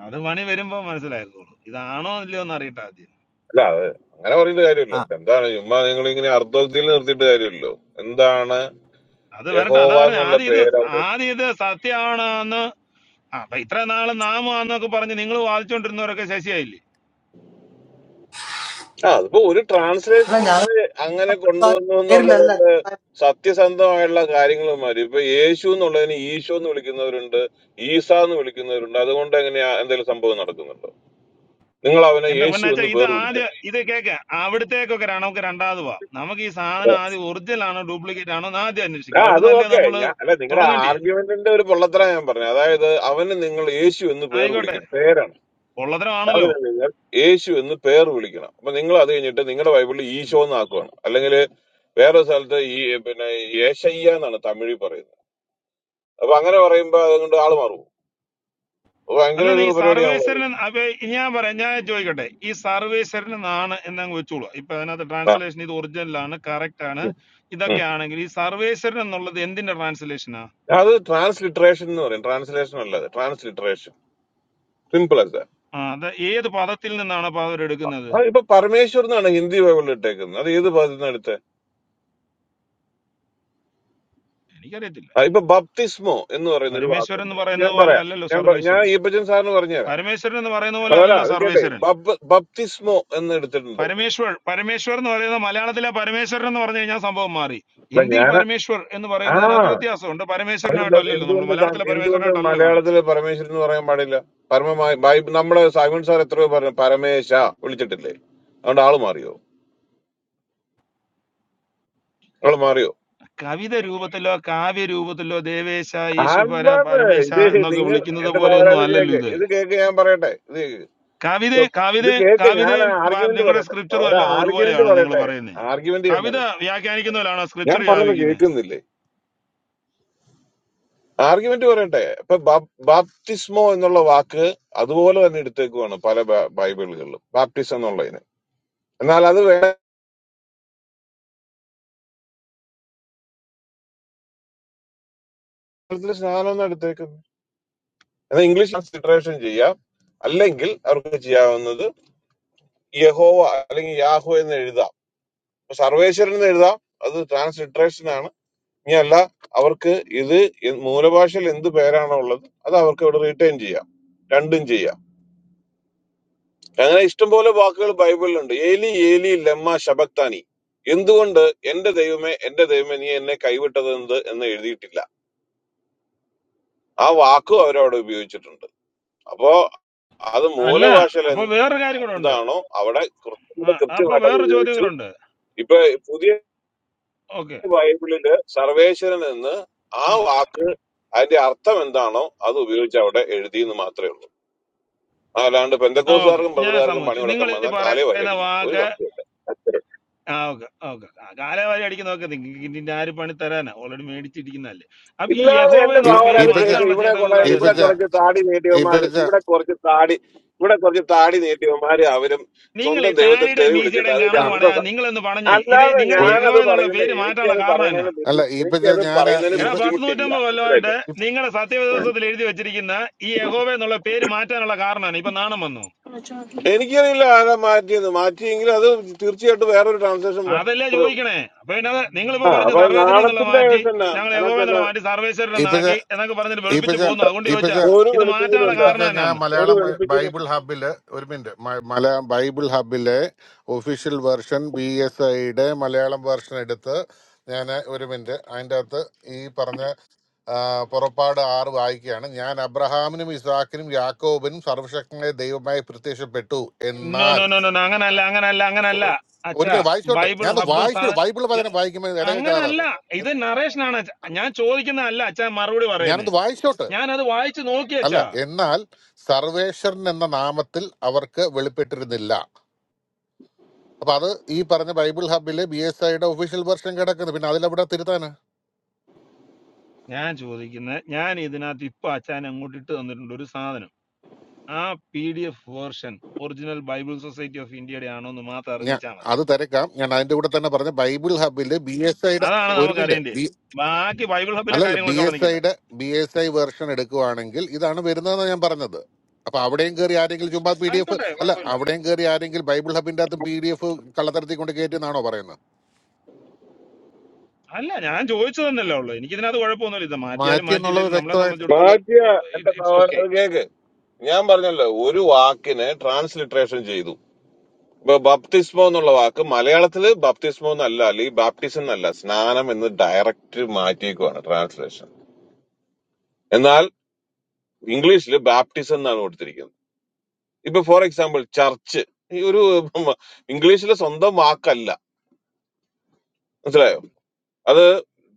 അത് പണി വരുമ്പോ മനസ്സിലായിക്കോളൂ ഇതാണോ അല്ലയോ എന്ന് അറിയട്ടെ ആദ്യം അല്ല അത് അങ്ങനെ പറയുന്ന കാര്യമല്ലോ ആ എന്താണ് ചുമ്മാ നിങ്ങൾ ഇങ്ങനെ അർദ്ധത്തിൽ നിർത്തിയിട്ട് കാര്യമല്ലോ എന്താണ് അത് വരട്ടെ അതാ യഹോവ പറഞ്ഞ എന്നുള്ള ആദ്യം ഇത് പേര് അവിടെ ആദ്യം ഇത് സത്യമാണോ എന്ന് ആ, അപ്പൊ ഇത്ര നാള് നാമാന്നൊക്കെ പറഞ്ഞ് നിങ്ങൾ വാദിച്ചോണ്ടിരുന്നവരൊക്കെ ശശിയായില്ലേ ആ അതിപ്പോ ഒരു അല്ല ട്രാൻസ്ലേഷൻ ഞങ്ങൾ അങ്ങനെ അങ്ങനെ കൊണ്ടുവന്നു പേരിലല്ല എന്നുള്ളത് സത്യസന്ധമായുള്ള കാര്യങ്ങളുമാര് ഇപ്പൊ യേശു എന്നുള്ളതിന് ഈശോ എന്ന് വിളിക്കുന്നവരുണ്ട് ഈസ എന്ന് വിളിക്കുന്നവരുണ്ട് അതുകൊണ്ട് എങ്ങനെയാ എന്തെങ്കിലും സംഭവം നടക്കുന്നുണ്ടോ നിങ്ങൾ അവനെ എന്റെ യേശു പൊന്നാച്ച എന്ന് ഇത് പേർ വിളിക്കാം ആദ്യം ഇത് കേക്ക അവിടത്തേക്കൊക്കെ ര- നമുക്ക് രണ്ടാമത് പോവാം നമുക്ക് ഈ സാധനം ആദ്യം ഒറിജിനൽ ആണോ ഡ്യൂപ്ലിക്കേറ്റ് ആണോ എന്ന് ആദ്യം ആ അന്വേഷിക്കാം അവിടെ അത് നല്ലേ ഓക്കെ നമ്മള് ഞാൻ അല്ല നിങ്ങളുടെ തുടങ്ങണ്ടേ ആർഗ്യുമെന്റിന്റെ ഒരു പൊള്ളത്തരം ഞാൻ പറഞ്ഞു അതായത് അവന് നിങ്ങൾ യേശു എന്ന് പേർ ആയിക്കോട്ടെ വിളിക്കണം പേരാണ് പൊള്ളത്തരമാണല്ലോ അവന് യേശു എന്ന് പേർ വിളിക്കണം അപ്പൊ നിങ്ങൾ അത് കഴിഞ്ഞിട്ട് നിങ്ങളുടെ ബൈബിളിൽ ഈശോ എന്നാക്കുവാണ് അല്ലെങ്കിൽ വേറെ സ്ഥലത്ത് ഈ പിന്നെ യേശയ്യ എന്നാണ് തമിഴിൽ പറയുന്നത് അപ്പൊ അങ്ങനെ പറയുമ്പോ അതുകൊണ്ട് ആള് മാറും ഭയങ്കര അല്ലെന്ന് ഒരു ഈ പരിപാടിയാണല്ലോ സർവേശ്വരന് അപ്പൊ ഞാൻ പറയാം ഞാൻ ചോദിക്കട്ടെ ഈ സർവേശ്വരന് നാണ് എന്നങ്ങ് വെച്ചോളൂ ഇപ്പൊ അതിനകത്ത് ട്രാൻസ്ലേഷൻ ഇത് ഒറിജിനലാണ് കറക്റ്റ് ആണ് ആ. ഇതൊക്കെ ആണെങ്കിൽ ഈ സർവേശ്വരൻ എന്നുള്ളത് എന്തിന്റെ ട്രാൻസ്ലേഷനാ അത് ട്രാൻസ്ലിട്രേഷൻ എന്ന് പറയും ട്രാൻസ്ലേഷൻ അല്ല അത് ട്രാൻസ്ലിട്രേഷൻ സിമ്പിൾ ആസ് ദാറ്റ് ആ അത് ഏത് പദത്തിൽ നിന്നാണ് അപ്പൊ അവരെടുക്കുന്നത് ആ ഇപ്പൊ പരമേശ്വർ എന്നാണ് ഹിന്ദി ബൈബിളിൽ ഇട്ടേക്കുന്നത് അത് ഏത് ഭാഗത്തു നിന്ന് എടുത്തത് എനിക്കറിയത്തില്ല ആ, ഇപ്പൊ ബപ്തിസ്മോ എന്ന് പറയുന്ന ഒരു പരമേശ്വരൻ വാക്കുണ്ട് എന്ന് പറയുന്നത് ഞാൻ പോലെ പറയാം അല്ലല്ലോ ഞാൻ പ- ഞാൻ സർവേശ്വരൻ ഈപ്പച്ചൻ സാറിന് പറഞ്ഞുതരാം പരമേശ്വരൻ എന്ന് പറയുന്ന പോലെ പോരാ അല്ലല്ലോ അത് കേട്ടെ സർവേശ്വരൻ ബബ് ബപ്തിസ്മോ എന്ന് എടുത്തിട്ടുണ്ട് പരമേശ്വർ പരമേശ്വർ എന്ന് പറയുന്നത് മലയാളത്തിലെ പരമേശ്വരൻ എന്ന് പറഞ്ഞു കഴിഞ്ഞാൽ സംഭവം മാറി അപ്പൊ ഹിന്ദിയിൽ ഞാൻ പരമേശ്വർ എന്ന് ആ പറയുന്നതിനകത്ത് വ്യത്യാസമുണ്ട് അതെന്താ പരമേശ്വരനുമായിട്ടല്ലല്ലോ നമ്മൾ എന്തുകൊണ്ട് താൻ- മലയാളത്തിലെ എന്തുകൊണ്ട് പരമേശ്വരനായിട്ടല്ലല്ലോ കാണുന്നത് മലയാളത്തില് പരമേശ്വരൻ എന്ന് പറയാൻ പാടില്ല പരമമായി ബൈബിൾ നമ്മുടെ സൈമൺ സാർ എത്രയോ പറഞ്ഞു പരമേശ വിളിച്ചിട്ടില്ലേ അതുകൊണ്ട് ആള് മാറിയോ ആള് മാറിയോ കവിത രൂപത്തിലോ കാവ്യ രൂപത്തിലോ ദേവേശ ഈശുപര അല്ലത് പരമേശ ഇത് എന്നൊക്കെ നിങ്ങൾ വിളിക്കുന്നത് എന്റെ പോലെ സഹോദര ഒന്നും ഇത് അല്ലല്ലോ കേക്ക് ഇത് ഇത് കേക്ക് ഞാൻ പറയട്ടെ ഇത് കേക്ക് കവിത കവിത ഇത് കേക്ക് ഞാൻ കവിതയും വ- ആർഗ്യുമെന്റ് നിങ്ങളുടെ പറയട്ടെ സ്ക്രിപ്റ്ററും സഹോദര എല്ലാം ആർഗ്യുമെന്റ് ഒരുപോലെയാണ് നിങ്ങൾ പറയട്ടെ പറയുന്നത് ആർഗ്യുമെന്റ് ഞാൻ കവിത പറയട്ടെ വ്യാഖ്യാനിക്കുന്നതിലാണ് ഞാൻ സ്ക്രിപ്റ്റർ പറഞ്ഞത് വ്യാപിക്കുന്നത് കേൾക്കുന്നില്ലേ ആർഗ്യുമെന്റ് പറയട്ടെ ഇപ്പൊ ബാപ്- ബാപ്റ്റിസ്മോ എന്നുള്ള വാക്ക് അതുപോലെ തന്നെ എടുത്തേക്കുവാണ് പല ബ- ബൈബിളുകളിലും ബാപ്റ്റിസം എന്നുള്ളതിന് എന്നാൽ അത് വേദത്തിൽ സ്നാനം എന്ന് എടുത്തേക്കുന്നു എന്നാൽ ഇംഗ്ലീഷ് ട്രാൻസ്ലിറ്ററേഷൻ ചെയ്യാം അല്ലെങ്കിൽ അവർക്ക് ചെയ്യാവുന്നത് യഹോവ അല്ലെങ്കിൽ യാഹോ എന്ന് എഴുതാം ഇപ്പൊ സർവേശ്വരൻ എന്ന് എഴുതാം അത് ട്രാൻസ്ലിറ്ററേഷൻ ഇനിയല്ല അവർക്ക് ഇത് എ- മൂലഭാഷയിൽ എന്ത് പേരാണോ ഉള്ളത് അത് അവർക്ക് ഇവിടെ റിട്ടേൺ ചെയ്യാം രണ്ടും ചെയ്യാം അങ്ങനെ ഇഷ്ടംപോലെ വാക്കുകൾ ബൈബിളിലുണ്ട് ഏലി ഏലി ലമ്മ ശബക്താനി എന്തുകൊണ്ട് എന്റെ ദൈവമേ എന്റെ ദൈവമേ നീ എന്നെ കൈവിട്ടത് എന്ത് എന്ന് എഴുതിയിട്ടില്ല ആ വാക്കും അവരവിടെ ഉപയോഗിച്ചിട്ടുണ്ട് അപ്പോ അത് അല്ല മൂലഭാഷയിൽ അപ്പൊ വേറൊരു കാര്യം കൂടെ ഉണ്ട് എന്താണോ അവിടെ കുറച്ചും ആ, കൂടെ അപ്പൊ കൃത്യമായിട്ട് അത് വേറൊരു ചോദ്യം ഉപയോഗിച്ചു കൂടെ ഉണ്ട് ഇപ്പൊ പുതിയ ഓക്കെ ബൈബിളില് സർവേശ്വരൻ എന്ന് ആ ആ വാക്ക് അതിന്റെ അർത്ഥം എന്താണോ അത് ഉപയോഗിച്ച് അവിടെ എഴുതി എന്ന് മാത്രമേ ഉള്ളൂ അല്ലാണ്ട് ആ ഓക്കെ പെന്തക്കോസുകാർക്കും ഞാൻ ബ്രദറുകാർക്കും പണി സമ്മതിച്ചു കൊടുക്കാൻ നിങ്ങൾ ഈ വന്നാൽ കാലേ പറയുന്ന വരടിക്കും ഒരു വാക്ക് സംശയമില്ല അത്രേ. ആ ഓക്കെ ഓക്കെ കാലവാരി അടിക്കുന്നതൊക്കെ നിങ്ങൾക്ക് ഇതിന്റെ ആര് പണി തരാനാ ഓൾറെഡി മേടിച്ചിരിക്കുന്നതല്ലേ അപ്പൊ ഈ ഇല്ലാതെ യഹോവ എന്റെ എന്നുള്ള ഈ- സഹോദരൻ പേര് അത് ഈപ്പച്ച കേക്ക് മാറ്റാനുള്ള ഇവിടെ ചെയ്ത കുറെ വികാരം ഇവിടെ ഈപ്പച്ച എന്താണ് കുറച്ച് താടി നീട്ടിയവന്മാര് ഈപ്പച്ച ഇവിടെ കുറച്ച് താടി ഇവിടെ കുറച്ച് താടി നീട്ടിയവന്മാര് അവരും നിങ്ങൾ ഈ സ്വന്തം ദൈവത്തെ താടിയുടെ തെറി വിളിച്ചിട്ട് മീശയുടെയും അതിന്റെ ആ കണക്ക് പണയാ അന്തസ് നിങ്ങളൊന്ന് പറഞ്ഞേ ഇത് അല്ലാതെ നിങ്ങളുടെ ഒരു യഹോവ ഞാനത് എന്നുള്ള പറയുന്നത് പേര് മാറ്റാനുള്ള എനിക്കത് കാരണം എന്നാ പറയുന്നതിന് ബുദ്ധി അല്ല ഈപ്പച്ച എനിക്കത് ഞാന് പറയുന്നതിന് എടാ ഈപ്പ പത്ത് ബുദ്ധിമുട്ടില്ല നൂറ്റമ്പത് കൊല്ലമായിട്ട് മനസ്സിലായില്ലേ നിങ്ങളുടെ ഉം. സത്യവിശ്വാസത്തിൽ എഴുതി വെച്ചിരിക്കുന്ന ഈ യഹോവ എന്നുള്ള പേര് മാറ്റാനുള്ള കാരണമാണ് ഇപ്പൊ നാണം വന്നു എനിക്കറിയില്ല ആരാ മാറ്റിയത് മാറ്റിയെങ്കിൽ അത് തീർച്ചയായിട്ടും വേറൊരു ട്രാൻസാക്ഷൻ വേണം അതല്ലേ അത്രേ ഉള്ളൂ. ചോദിക്കണേ അപ്പൊ പിന്നെ നിങ്ങളിപ്പോ ആ പറഞ്ഞു അപ്പൊ സർവേശ്വരൻ എന്നുള്ള നാണത്തിന്റെ മാറ്റി കേസ് തന്നെ ഞങ്ങൾ യഹോവ അതിനകത്ത് എന്നുള്ള തന്നെ മാറ്റി സർവേശ്വരൻ ഈപ്പച്ച എന്നാക്കി എന്നൊക്കെ പറഞ്ഞിട്ട് വെളുപ്പിച്ച് ഈപ്പച്ച പോകുന്നു അതുകൊണ്ട് ചോദിച്ചാ ഈപ്പച്ച ഒരു ഇത് വെളുപ്പിക്കലും മാറ്റാനുള്ള ഇല്ല. ഈപ്പച്ച കാരണം ഞാൻ എന്നാന്ന് ഒരു മലയാളം വെളുപ്പിക്കുന്നു ബൈബിൾ ഹബില് ഒരു മിനിറ്റ് മ- മലയാളം ബൈബിൾ ഹബിലെ ഒഫീഷ്യൽ വെർഷൻ ബി എസ് ഐയുടെ മലയാളം വെർഷൻ എടുത്ത് ഞാൻ ഒരു മിനിറ്റ് അതിൻ്റെ അകത്ത് ഈ പറഞ്ഞ ആ, പുറപ്പാട് ആറ് വായിക്കുകയാണ് ഞാൻ അബ്രഹാമിനും ഇസ്ഹാക്കിനും യാക്കോബിനും സർവശക്തനായ ദൈവമായി പ്രത്യക്ഷപ്പെട്ടു നോ എന്നാൽ നോ നോ നോ നോ, അങ്ങനല്ല അങ്ങനല്ല അങ്ങനല്ല ഒരു അച്ഛാ മിനിറ്റ് വായിച്ചോട്ട് ബൈബിൾ ഞാനൊന്ന് ഹബ്ബും വായിച്ചോ സാധ ബൈബിൾ യ- പതിനെ വായിക്കുമ്പോൾ ഇടയ്ക്ക് അങ്ങനല്ല കയറാറ് ഇത് നറേഷനാണ് അച്ഛാ ഞാൻ ചോദിക്കുന്നതല്ല അച്ഛാ മറുപടി പറയുന്നത് ഞാനൊന്ന് വായിച്ചോട്ട് ഞാൻ അത് വായിച്ചു നോക്കി അല്ല അച്ഛാ എന്നാൽ സർവേശ്വരൻ എന്ന നാമത്തിൽ അവർക്ക് വെളിപ്പെട്ടിരുന്നില്ല അപ്പൊ അത് ഈ പറഞ്ഞ ബൈബിൾ ഹബിലെ ബി എസ് ഐയുടെ ഒഫീഷ്യൽ വെർഷൻ കിടക്കുന്നത് പിന്നെ അതിലെവിടെ തിരുത്താന് ഞാൻ ചോദിക്കുന്നത് ഞാൻ ഇതിനകത്ത് ഇപ്പൊ അച്ഛാൻ അങ്ങോട്ട് ഇട്ട് തന്നിട്ടുണ്ട് ഒരു സാധനം ആ P D F version original Bible society of ഇന്ത്യയുടെ ആണോ എന്ന് മാത്രം ഞാൻ അറിഞ്ഞാൽ മതി അത് തിരക്കാം ഞാൻ അതിന്റെ കൂടെ തന്നെ പറഞ്ഞ ബൈബിൾ ഹബില് ബി എസ് ഐയുടെ അതാണ് ഒരു നമുക്ക് അറിയേണ്ടത് മിനിറ്റ് ബാക്കി ബൈബിൾ ഹബിലെ അല്ലല്ല ബി കാര്യങ്ങളൊക്കെ അവിടെ എസ് നിൽക്കട്ടെ ഐയുടെ ബി എസ് ഐ വേർഷൻ എടുക്കുവാണെങ്കിൽ ഇതാണ് വരുന്നതെന്ന് ഞാൻ പറഞ്ഞത് അപ്പൊ അവിടെയും കയറി ആരെങ്കിലും ചുമ്മാ പി ഡി എഫ് ആയിക്കോട്ടെ അല്ല കുഴപ്പമില്ല അവിടെയും കയറി ആരെങ്കിലും ബൈബിൾ ഹബിന്റെ അകത്തും പി ഡി എഫ് കള്ളത്തരത്തിൽ കൊണ്ട് കയറ്റി എന്നാണോ പറയുന്നത് അല്ല ഞാൻ ചോദിച്ചു തന്നെയല്ലേ ഉള്ളു എനിക്കിതിനകത്ത് കുഴപ്പമൊന്നുമില്ല ഇത് മാറ്റിയാലും മാറ്റി എന്നുള്ളത് മാറ്റിയില്ലെങ്കിലും നമ്മളെ വ്യക്തമായിട്ട് സംബന്ധിച്ചിടത്തോളം മാറ്റിയ എന്റെ ഇറ്റ്സ് സഹോദരൻ ഓക്കെ അത് കേക്ക് ഞാൻ പറഞ്ഞല്ലോ ഒരു വാക്കിനെ ട്രാൻസ്ലിട്രേഷൻ ചെയ്തു ഇപ്പൊ ബപ്തിസ്മോ എന്നുള്ള വാക്ക് മലയാളത്തില് ബപ്തിസ്മോ എന്നല്ല അല്ലെങ്കിൽ ബാപ്റ്റിസം എന്നല്ല സ്നാനം എന്ന് ഡയറക്റ്റ് മാറ്റിയേക്കുവാണ് ട്രാൻസ്ലേഷൻ എന്നാൽ ഇംഗ്ലീഷിൽ ബാപ്റ്റിസം എന്നാണ് കൊടുത്തിരിക്കുന്നത് ഇപ്പൊ ഫോർ എക്സാമ്പിൾ ചർച്ച് ഈ ഒരു ഇംഗ്ലീഷിലെ സ്വന്തം വാക്കല്ല മനസ്സിലായോ അത്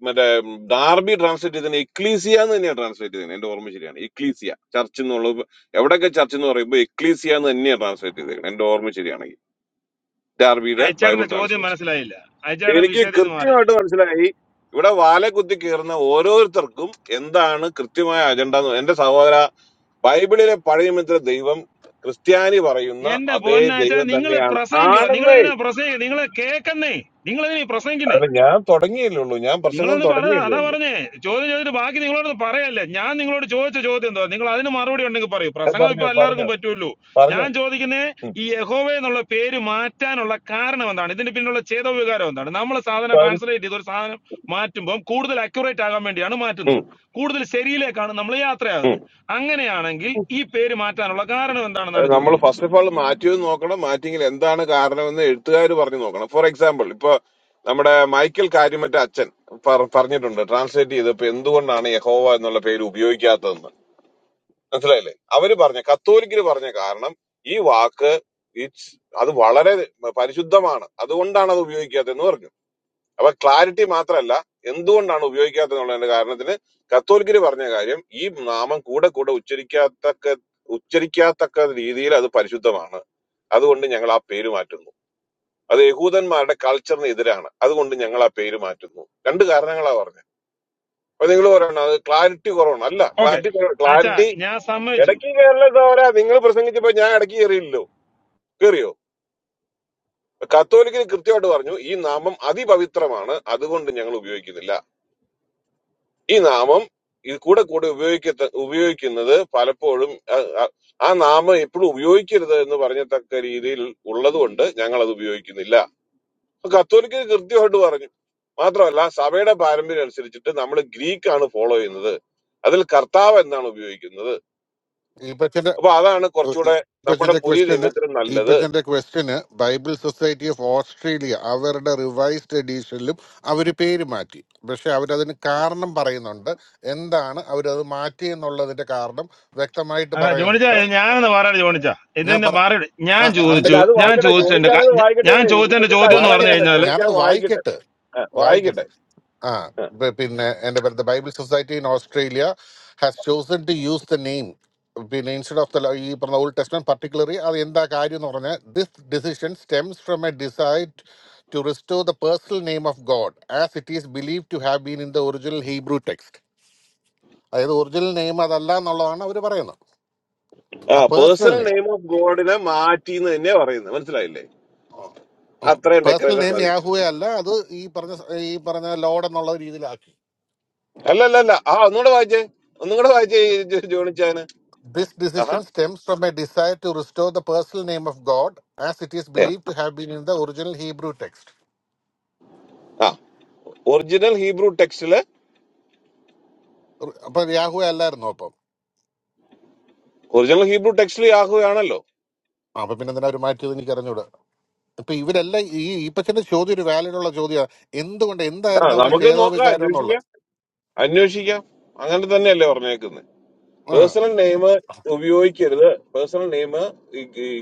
മറ്റേ ഡാർബി ട്രാൻസ്ലേറ്റ് ചെയ്തതിന് എക്ലീസിയ എന്ന് തന്നെയാണ് ട്രാൻസ്ലേറ്റ് ചെയ്തത് എന്റെ ഓർമ്മ ശരിയാണ് എക്ലീസിയ ചർച്ച് എന്നുള്ളത് എവിടെയൊക്കെ ചർച്ച് എന്ന് പറയുമ്പോൾ എക്ലീസിയ എന്ന് തന്നെയാണ് ട്രാൻസ്ലേറ്റ് ചെയ്തേക്കുന്നത് എന്റെ ഓർമ്മ ശരിയാണെങ്കിൽ ഡാർബിയുടെ ബൈബിൾ അയച്ചേട്ടന്റെ ചോദ്യം ട്രാൻസ്ലേഷൻ മനസ്സിലായില്ല അയച്ചേട്ടൻ എനിക്ക് വിഷയത്തിൽ നിന്ന് മാറി കൃത്യമായിട്ട് മനസ്സിലായി ഇവിടെ വാലെ കുത്തി കയറുന്ന ഓരോരുത്തർക്കും എന്താണ് കൃത്യമായ അജണ്ട എന്ന് എന്റെ സഹോദര ബൈബിളിലെ പഴയമിത്ര ദൈവം ക്രിസ്ത്യാനി പറയുന്ന എന്റെ അതേ പൊന്നാച്ചാ ദൈവം നിങ്ങൾ തന്നെയാണ് പ്രസംഗിക്കുക നിങ്ങൾ ആണെന്നേ എന്തിനാ പ്രസംഗിക്കുക നിങ്ങൾ കേൾക്കുന്നേ നിങ്ങൾ എന്തിനാ പ്രസംഗിക്കുന്നേ അതിന് ഞാൻ തുടങ്ങിയല്ലേ ഉള്ളൂ ഞാൻ പ്രസംഗം നിങ്ങളൊന്ന് പറ തുടങ്ങിയല്ലേ അതാ ഉള്ളൂ പറഞ്ഞേ ചോദ്യം ചോദിച്ചിട്ട് ബാക്കി നിങ്ങളോട് പറയല്ലേ ഞാൻ നിങ്ങളോട് ചോദിച്ച ചോദ്യം എന്തോ നിങ്ങൾ അതിന് മറുപടി ഉണ്ടെങ്കിൽ പറയൂ ഏ, പ്രസംഗം ഇപ്പൊ പറഞ്ഞോ എല്ലാവർക്കും പറഞ്ഞോ പറ്റുമല്ലോ ഞാൻ പറഞ്ഞോ ചോദിക്കുന്നേ ഈ യഹോവ എന്നുള്ള പേര് മാറ്റാനുള്ള കാരണം എന്താണ് ഇതിന്റെ പിന്നിലുള്ള ചേതോവികാരം എന്താണ് നമ്മൾ സാധനം കാര്യം ട്രാൻസ്ലേറ്റ് ചെയ്ത് ഒരു സാധനം മാറ്റുമ്പോൾ കൂടുതൽ അക്യുറേറ്റ് ആകാൻ വേണ്ടിയാണ് ഉം, മാറ്റുന്നത് കൂടുതൽ ശരിയിലേക്കാണ് നമ്മൾ ഉം. യാത്രയാകുന്നത് അങ്ങനെയാണെങ്കിൽ ഈ പേര് മാറ്റാനുള്ള കാരണം എന്താണെന്നാണ് നമ്മൾ ചോദിക്കുന്നത് ഫസ്റ്റ് ഓഫ് ആൾ മാറ്റിയത് നോക്കണം മാറ്റിയെങ്കിൽ എന്താണ് കാരണമെന്ന് എഴുത്തുകാർ പറഞ്ഞു നോക്കണം ഫോർ എക്സാമ്പിൾ ഇപ്പൊ നമ്മുടെ മൈക്കൽ കാര്യമറ്റ അച്ഛൻ പറ- പറഞ്ഞിട്ടുണ്ട് ട്രാൻസ്ലേറ്റ് ചെയ്തപ്പോ എന്തുകൊണ്ടാണ് യഹോവ എന്നുള്ള പേര് ഉപയോഗിക്കാത്തതെന്ന് മനസ്സിലായില്ലേ അവര് പറഞ്ഞ കത്തോലിക്കര് പറഞ്ഞ കാരണം ഈ വാക്ക് ഇറ്റ്സ് അത് വളരെ പരിശുദ്ധമാണ് അതുകൊണ്ടാണ് അത് ഉപയോഗിക്കാത്തതെന്ന് പറഞ്ഞു അപ്പൊ ക്ലാരിറ്റി മാത്രമല്ല എന്തുകൊണ്ടാണ് ഉപയോഗിക്കാത്തതെന്നുള്ളതിന്റെ കാരണത്തിന് കത്തോലിക്കര് പറഞ്ഞ കാര്യം ഈ നാമം കൂടെ കൂടെ ഉച്ചരിക്കാത്തക്ക ഉച്ചരിക്കാത്തക്ക രീതിയിൽ അത് പരിശുദ്ധമാണ് അതുകൊണ്ട് ഞങ്ങൾ ആ പേര് മാറ്റുന്നു അത് യഹൂദന്മാരുടെ കൾച്ചറിന് എതിരാണ് അതുകൊണ്ട് ഞങ്ങൾ ആ പേര് മാറ്റുന്നു രണ്ട് കാരണങ്ങളാ പറഞ്ഞത് അപ്പൊ നിങ്ങൾ പറയണം അത് ക്ലാരിറ്റി കുറവാണ് അല്ല ഓക്കെ ക്ലാരിറ്റി അച്ഛാ ക്ലാരിറ്റി ഞാൻ സമ്മതിച്ചു ഇടയ്ക്ക് കയറില്ല സഹോദരാ നിങ്ങൾ പ്രസംഗിച്ചപ്പോ ഞാൻ ഇടയ്ക്ക് കയറിയില്ലല്ലോ കയറിയോ കത്തോലിക്കര് കൃത്യമായിട്ട് പറഞ്ഞു ഈ നാമം അതിപവിത്രമാണ് അതുകൊണ്ട് ഞങ്ങൾ ഉപയോഗിക്കുന്നില്ല ഈ നാമം ഇത് കൂടെ കൂടെ ഉപയോഗിക്ക ഉപയോഗിക്കുന്നത് പലപ്പോഴും അ- അ- ആ നാമം എപ്പോഴും ഉപയോഗിക്കരുത് എന്ന് പറഞ്ഞത്തക്ക രീതിയിൽ ഉള്ളതുകൊണ്ട് ഞങ്ങൾ അത് ഉപയോഗിക്കുന്നില്ല അപ്പൊ കത്തോലിക്കർ കൃത്യമായിട്ട് പറഞ്ഞു മാത്രമല്ല സഭയുടെ പാരമ്പര്യം അനുസരിച്ചിട്ട് നമ്മൾ ഗ്രീക്ക് ആണ് ഫോളോ ചെയ്യുന്നത് അതിൽ കർത്താവ് എന്നാണ് ഉപയോഗിക്കുന്നത് ഈപ്പച്ചന്റെ അപ്പൊ അതാണ് കുറച്ചുകൂടെ നമ്മുടെ ഈപ്പച്ചന്റെ പുതിയ ക്വസ്റ്റ്യന് നിയമത്തിന് നല്ലത് ഈപ്പച്ചന്റെ ക്വസ്റ്റ്യന് ബൈബിൾ സൊസൈറ്റി ഓഫ് ഓസ്ട്രേലിയ അവരുടെ റിവൈസ്ഡ് എഡീഷനിലും അവർ പേര് മാറ്റി പക്ഷെ അവരതിന് കാരണം പറയുന്നുണ്ട് എന്താണ് അവരത് മാറ്റി എന്നുള്ളതിന്റെ കാരണം വ്യക്തമായിട്ട് ആ, ജോണിച്ചാ പറയുന്നുണ്ട് ഞാനൊന്ന് മാറാട് ജോണിച്ചാ ഞാൻ ഇതെന്നെ പറ മാറിയിട്ട് ഞാൻ ആ അല്ല അതിന്റെ ചോദിച്ചു അത് ഞാൻ വായിക്കട്ടെ ചോദിച്ചതിന്റെ ജോണിച്ചാൻ ക- അത് ഞ- വായിക്കട്ടെ ഞാൻ ചോദിച്ചതിന്റെ ഈപ്പച്ചന്റെ ചോദ്യം എന്ന് പറഞ്ഞു അഭിപ്രായം വായിക്കട്ടെ എന്താ കഴിഞ്ഞാല് ജോണിച്ചാൻ ഞാനൊന്ന് വായിക്കട്ടെ വായിക്കട്ടെ ആ, വായിക്കട്ടെ വായിക്കട്ടെ ആ ബ- പിന്നെ എന്റെ പേര് Bible society in Australia has chosen to use the name പിന്നെ ഇൻസ്റ്റഡ് ഓഫ് ദ ഈ പറഞ്ഞ ഓൾഡ് ടെസ്റ്റ്മെന്റ് പർട്ടിക്കുലറി അത് എന്താ കാര്യം എന്ന് പറഞ്ഞാൽ this decision stems from a decide to restore the personal name of God as it is believe to have been in the original Hebrew text അതായത് original name അതല്ല എന്നുള്ളതാണ് അവർ പറയുന്നത് ആ ആ personal personal name name of ഗോഡിനെ മാറ്റി എന്ന് തന്നെയാ പറയുന്നത് മനസ്സിലായില്ലേ അത്രയും പേഴ്സണൽ ഡെക്കറേഷൻ നെയിം മതി യാഹുവേ അല്ല അത് ഈ പറഞ്ഞ ഈ പറഞ്ഞ ലോഡ് എന്നുള്ള രീതിയിലാക്കി അല്ല അല്ല അല്ല ആ ഒന്നുകൂടെ വായിച്ചേ ഒന്നും കൂടെ വായിച്ചേ ഈ ജോ- ജോണിച്ചാന് This ആഹാ decision stems from a desire to restore the personal name of God as it is ഏ, believed to have been in the original Hebrew text. ആ ഒറിജിനൽ ഹീബ്രു ടെക്സ്റ്റില് അപ്പൊ യാഹു അല്ലായിരുന്നു അപ്പം ഒറിജിനൽ ഹീബ്രു ടെക്സ്റ്റിൽ യാഹുവാണല്ലോ അപ്പൊ പിന്നെ എന്തിനാ ഒരു മാറ്റിയത് എനിക്ക് അറിഞ്ഞൂടാ ഇപ്പൊ ഇവരെല്ലാം ഈ ഈപ്പച്ചന്റെ ചോദ്യം ഒരു വാലിഡ് ഉള്ള ചോദ്യമാണ് എന്തുകൊണ്ട് ആ എന്തായിരുന്നു അവരുടെ നമുക്ക് നോക്കാം ചേതോവികാരം അന്വേഷിക്കാം എന്നുള്ളത് അന്വേഷിക്കാം അങ്ങനെ തന്നെയല്ലേ പറഞ്ഞേക്കുന്നത് ആ, പേഴ്സണൽ നെയിം ഉപയോഗിക്കരുത് പേഴ്സണൽ നെയിം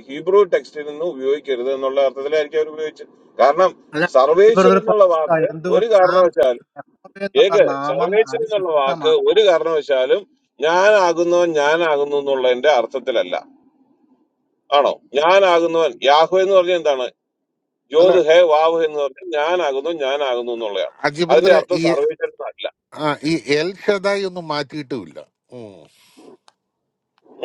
ഹീബ്രു ടെക്സ്റ്റിൽ നിന്ന് ഉപയോഗിക്കരുത് എന്നുള്ള അർത്ഥത്തിലായിരിക്കും അവർ ഉപയോഗിച്ചത് കാരണം അല്ല സർവേശ്വരൻ ഇവരുടെ എന്നുള്ള വാക്ക് എന്തുകൊണ്ട് ഒരു ആ കാരണവശാലും യഹോവ എന്നുള്ള കേക്ക് നാമം സർവേശ്വരൻ എന്നുള്ള അതിശക്തമാണ് വാക്ക് ഒരു കാരണവശാലും ഞാനാകുന്നവൻ ഞാനാകുന്നു എന്നുള്ളതിന്റെ അർത്ഥത്തിലല്ല ആണോ ഞാനാകുന്നവൻ യാഹു എന്ന് പറഞ്ഞാൽ എന്താണ് അല്ല ജ്യോത് ഹേ വാവ് എന്ന് പറഞ്ഞാൽ ഞാനാകുന്നു ഞാനാകുന്നു എന്നുള്ളതാണ് അതിന്റെ അജിബ്രദറെ അർത്ഥം ഈ സർവേശ്വരൻ അല്ല ആ, ഈ എൽ ഷദായി ഒന്നും മാറ്റിയിട്ടുമില്ല ഉം.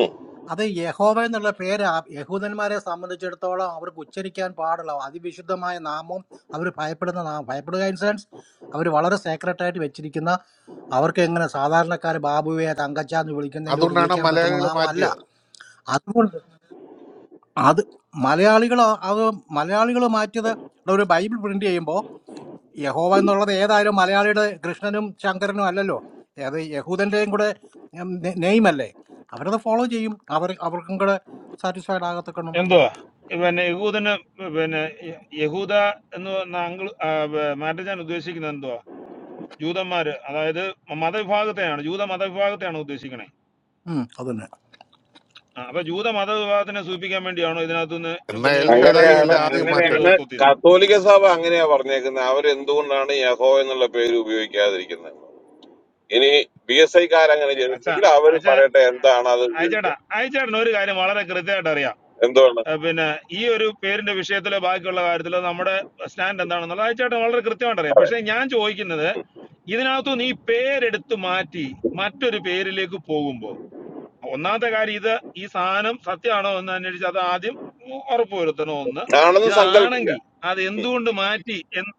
ഉം. അത് യഹോവ എന്നുള്ള പേര് ആ യഹൂദന്മാരെ സംബന്ധിച്ചിടത്തോളം അവർക്ക് ഉച്ചരിക്കാൻ പാടുള്ള അതിവിശുദ്ധമായ നാമം അവർ ഭയപ്പെടുന്ന നാമം ഭയപ്പെടുക ഇൻ സെൻസ് അവർ വളരെ സേക്രട്ട് ആയിട്ട് വെച്ചിരിക്കുന്ന അവർക്ക് എങ്ങനെ സാധാരണക്കാർ ബാബുവെ തങ്കച്ച എന്ന് വിളിക്കുന്നതിൻ്റെ കൂട്ട് അതുകൊണ്ടാണ് വിളിക്കാൻ പറ്റുന്ന മലയാളികൾ നാമമല്ല മാറ്റിയത് അതുകൊണ്ട് അത് മലയാളികൾ അത് മലയാളികൾ മാറ്റിയത് ഇവിടെ ഒരു ബൈബിൾ പ്രിന്റ് ചെയ്യുമ്പോൾ യഹോവ എന്നുള്ളത് ഏതായാലും മലയാളിയുടെ കൃഷ്ണനും ശങ്കരനും അല്ലല്ലോ അത് യഹൂദന്റെയും കൂടെ നെയിം അല്ലേ അവരത് ഫോളോ ചെയ്യും അവർ അവർക്കും കൂടെ സാറ്റിസ്ഫൈഡ് ആകത്തക്കണം എന്തുവാ പിന്നെ യഹൂദന് പിന്നെ യ- യഹൂദ എന്ന് പറഞ്ഞ അങ്കിൾ മാറ്റജാൻ ഉദ്ദേശിക്കുന്നത് എന്തുവാ ജൂതന്മാര് അതായത് മതവിഭാഗത്തെയാണ് ജൂത മതവിഭാഗത്തെയാണ് ഉദ്ദേശിക്കണേ ഉം, അത് തന്നെ ആ, അപ്പൊ ജൂത മതവിഭാഗത്തിനെ സൂചിപ്പിക്കാൻ വേണ്ടിയാണോ ഇതിനകത്തുനിന്ന് എന്നാ പിന്നെ എൽ യഹോവയുടെ ഷദായി അങ്ങനെയാണ് പേരെടുത്ത് അല്ലേ മാറ്റിയത് ആദ്യം അങ്ങനെയാണ് മാറ്റേണ്ടത് സത്യവേദോസ്തോത്തിൽ നിന്ന് കത്തോലിക്ക സഭ അങ്ങനെയാ പറഞ്ഞേക്കുന്നത് അവരെന്തുകൊണ്ടാണ് യഹോ എന്നുള്ള പേര് ഉപയോഗിക്കാതിരിക്കുന്നത് ഇനി ബി എസ് ഐക്കാരങ്ങനെ അച്ഛാ ചെയ്തിട്ടുണ്ടെങ്കിൽ അവർ അച്ഛാ പറയട്ടെ എന്താണ് അത് അയച്ചേട്ടാ ഉപയോഗിക്കുക അയച്ചേട്ടന് ഒരു കാര്യം വളരെ കൃത്യമായിട്ട് അറിയാം എന്തുകൊണ്ട് ഏഹ് പിന്നെ ഈ ഒരു പേരിന്റെ വിഷയത്തിലോ ബാക്കിയുള്ള കാര്യത്തിലോ നമ്മുടെ സ്റ്റാൻഡ് എന്താണെന്നുള്ളത് അയച്ചേട്ടൻ വളരെ കൃത്യമായിട്ട് അറിയാം പക്ഷെ ഞാൻ ചോദിക്കുന്നത് ഇതിനകത്തു നീ പേരെടുത്ത് മാറ്റി മറ്റൊരു പേരിലേക്ക് പോകുമ്പോൾ ഒന്നാമത്തെ കാര്യം ഇത് ഈ സാധനം സത്യമാണോ എന്ന് അന്വേഷിച്ച് അത് ആദ്യം ഉറപ്പുവരുത്തണോ ഒന്ന് ആണെന്ന് സങ്കല്പിക്കുക ഇതാണെങ്കിൽ അത് ഉം. എന്തുകൊണ്ട് മാറ്റി എന്ന്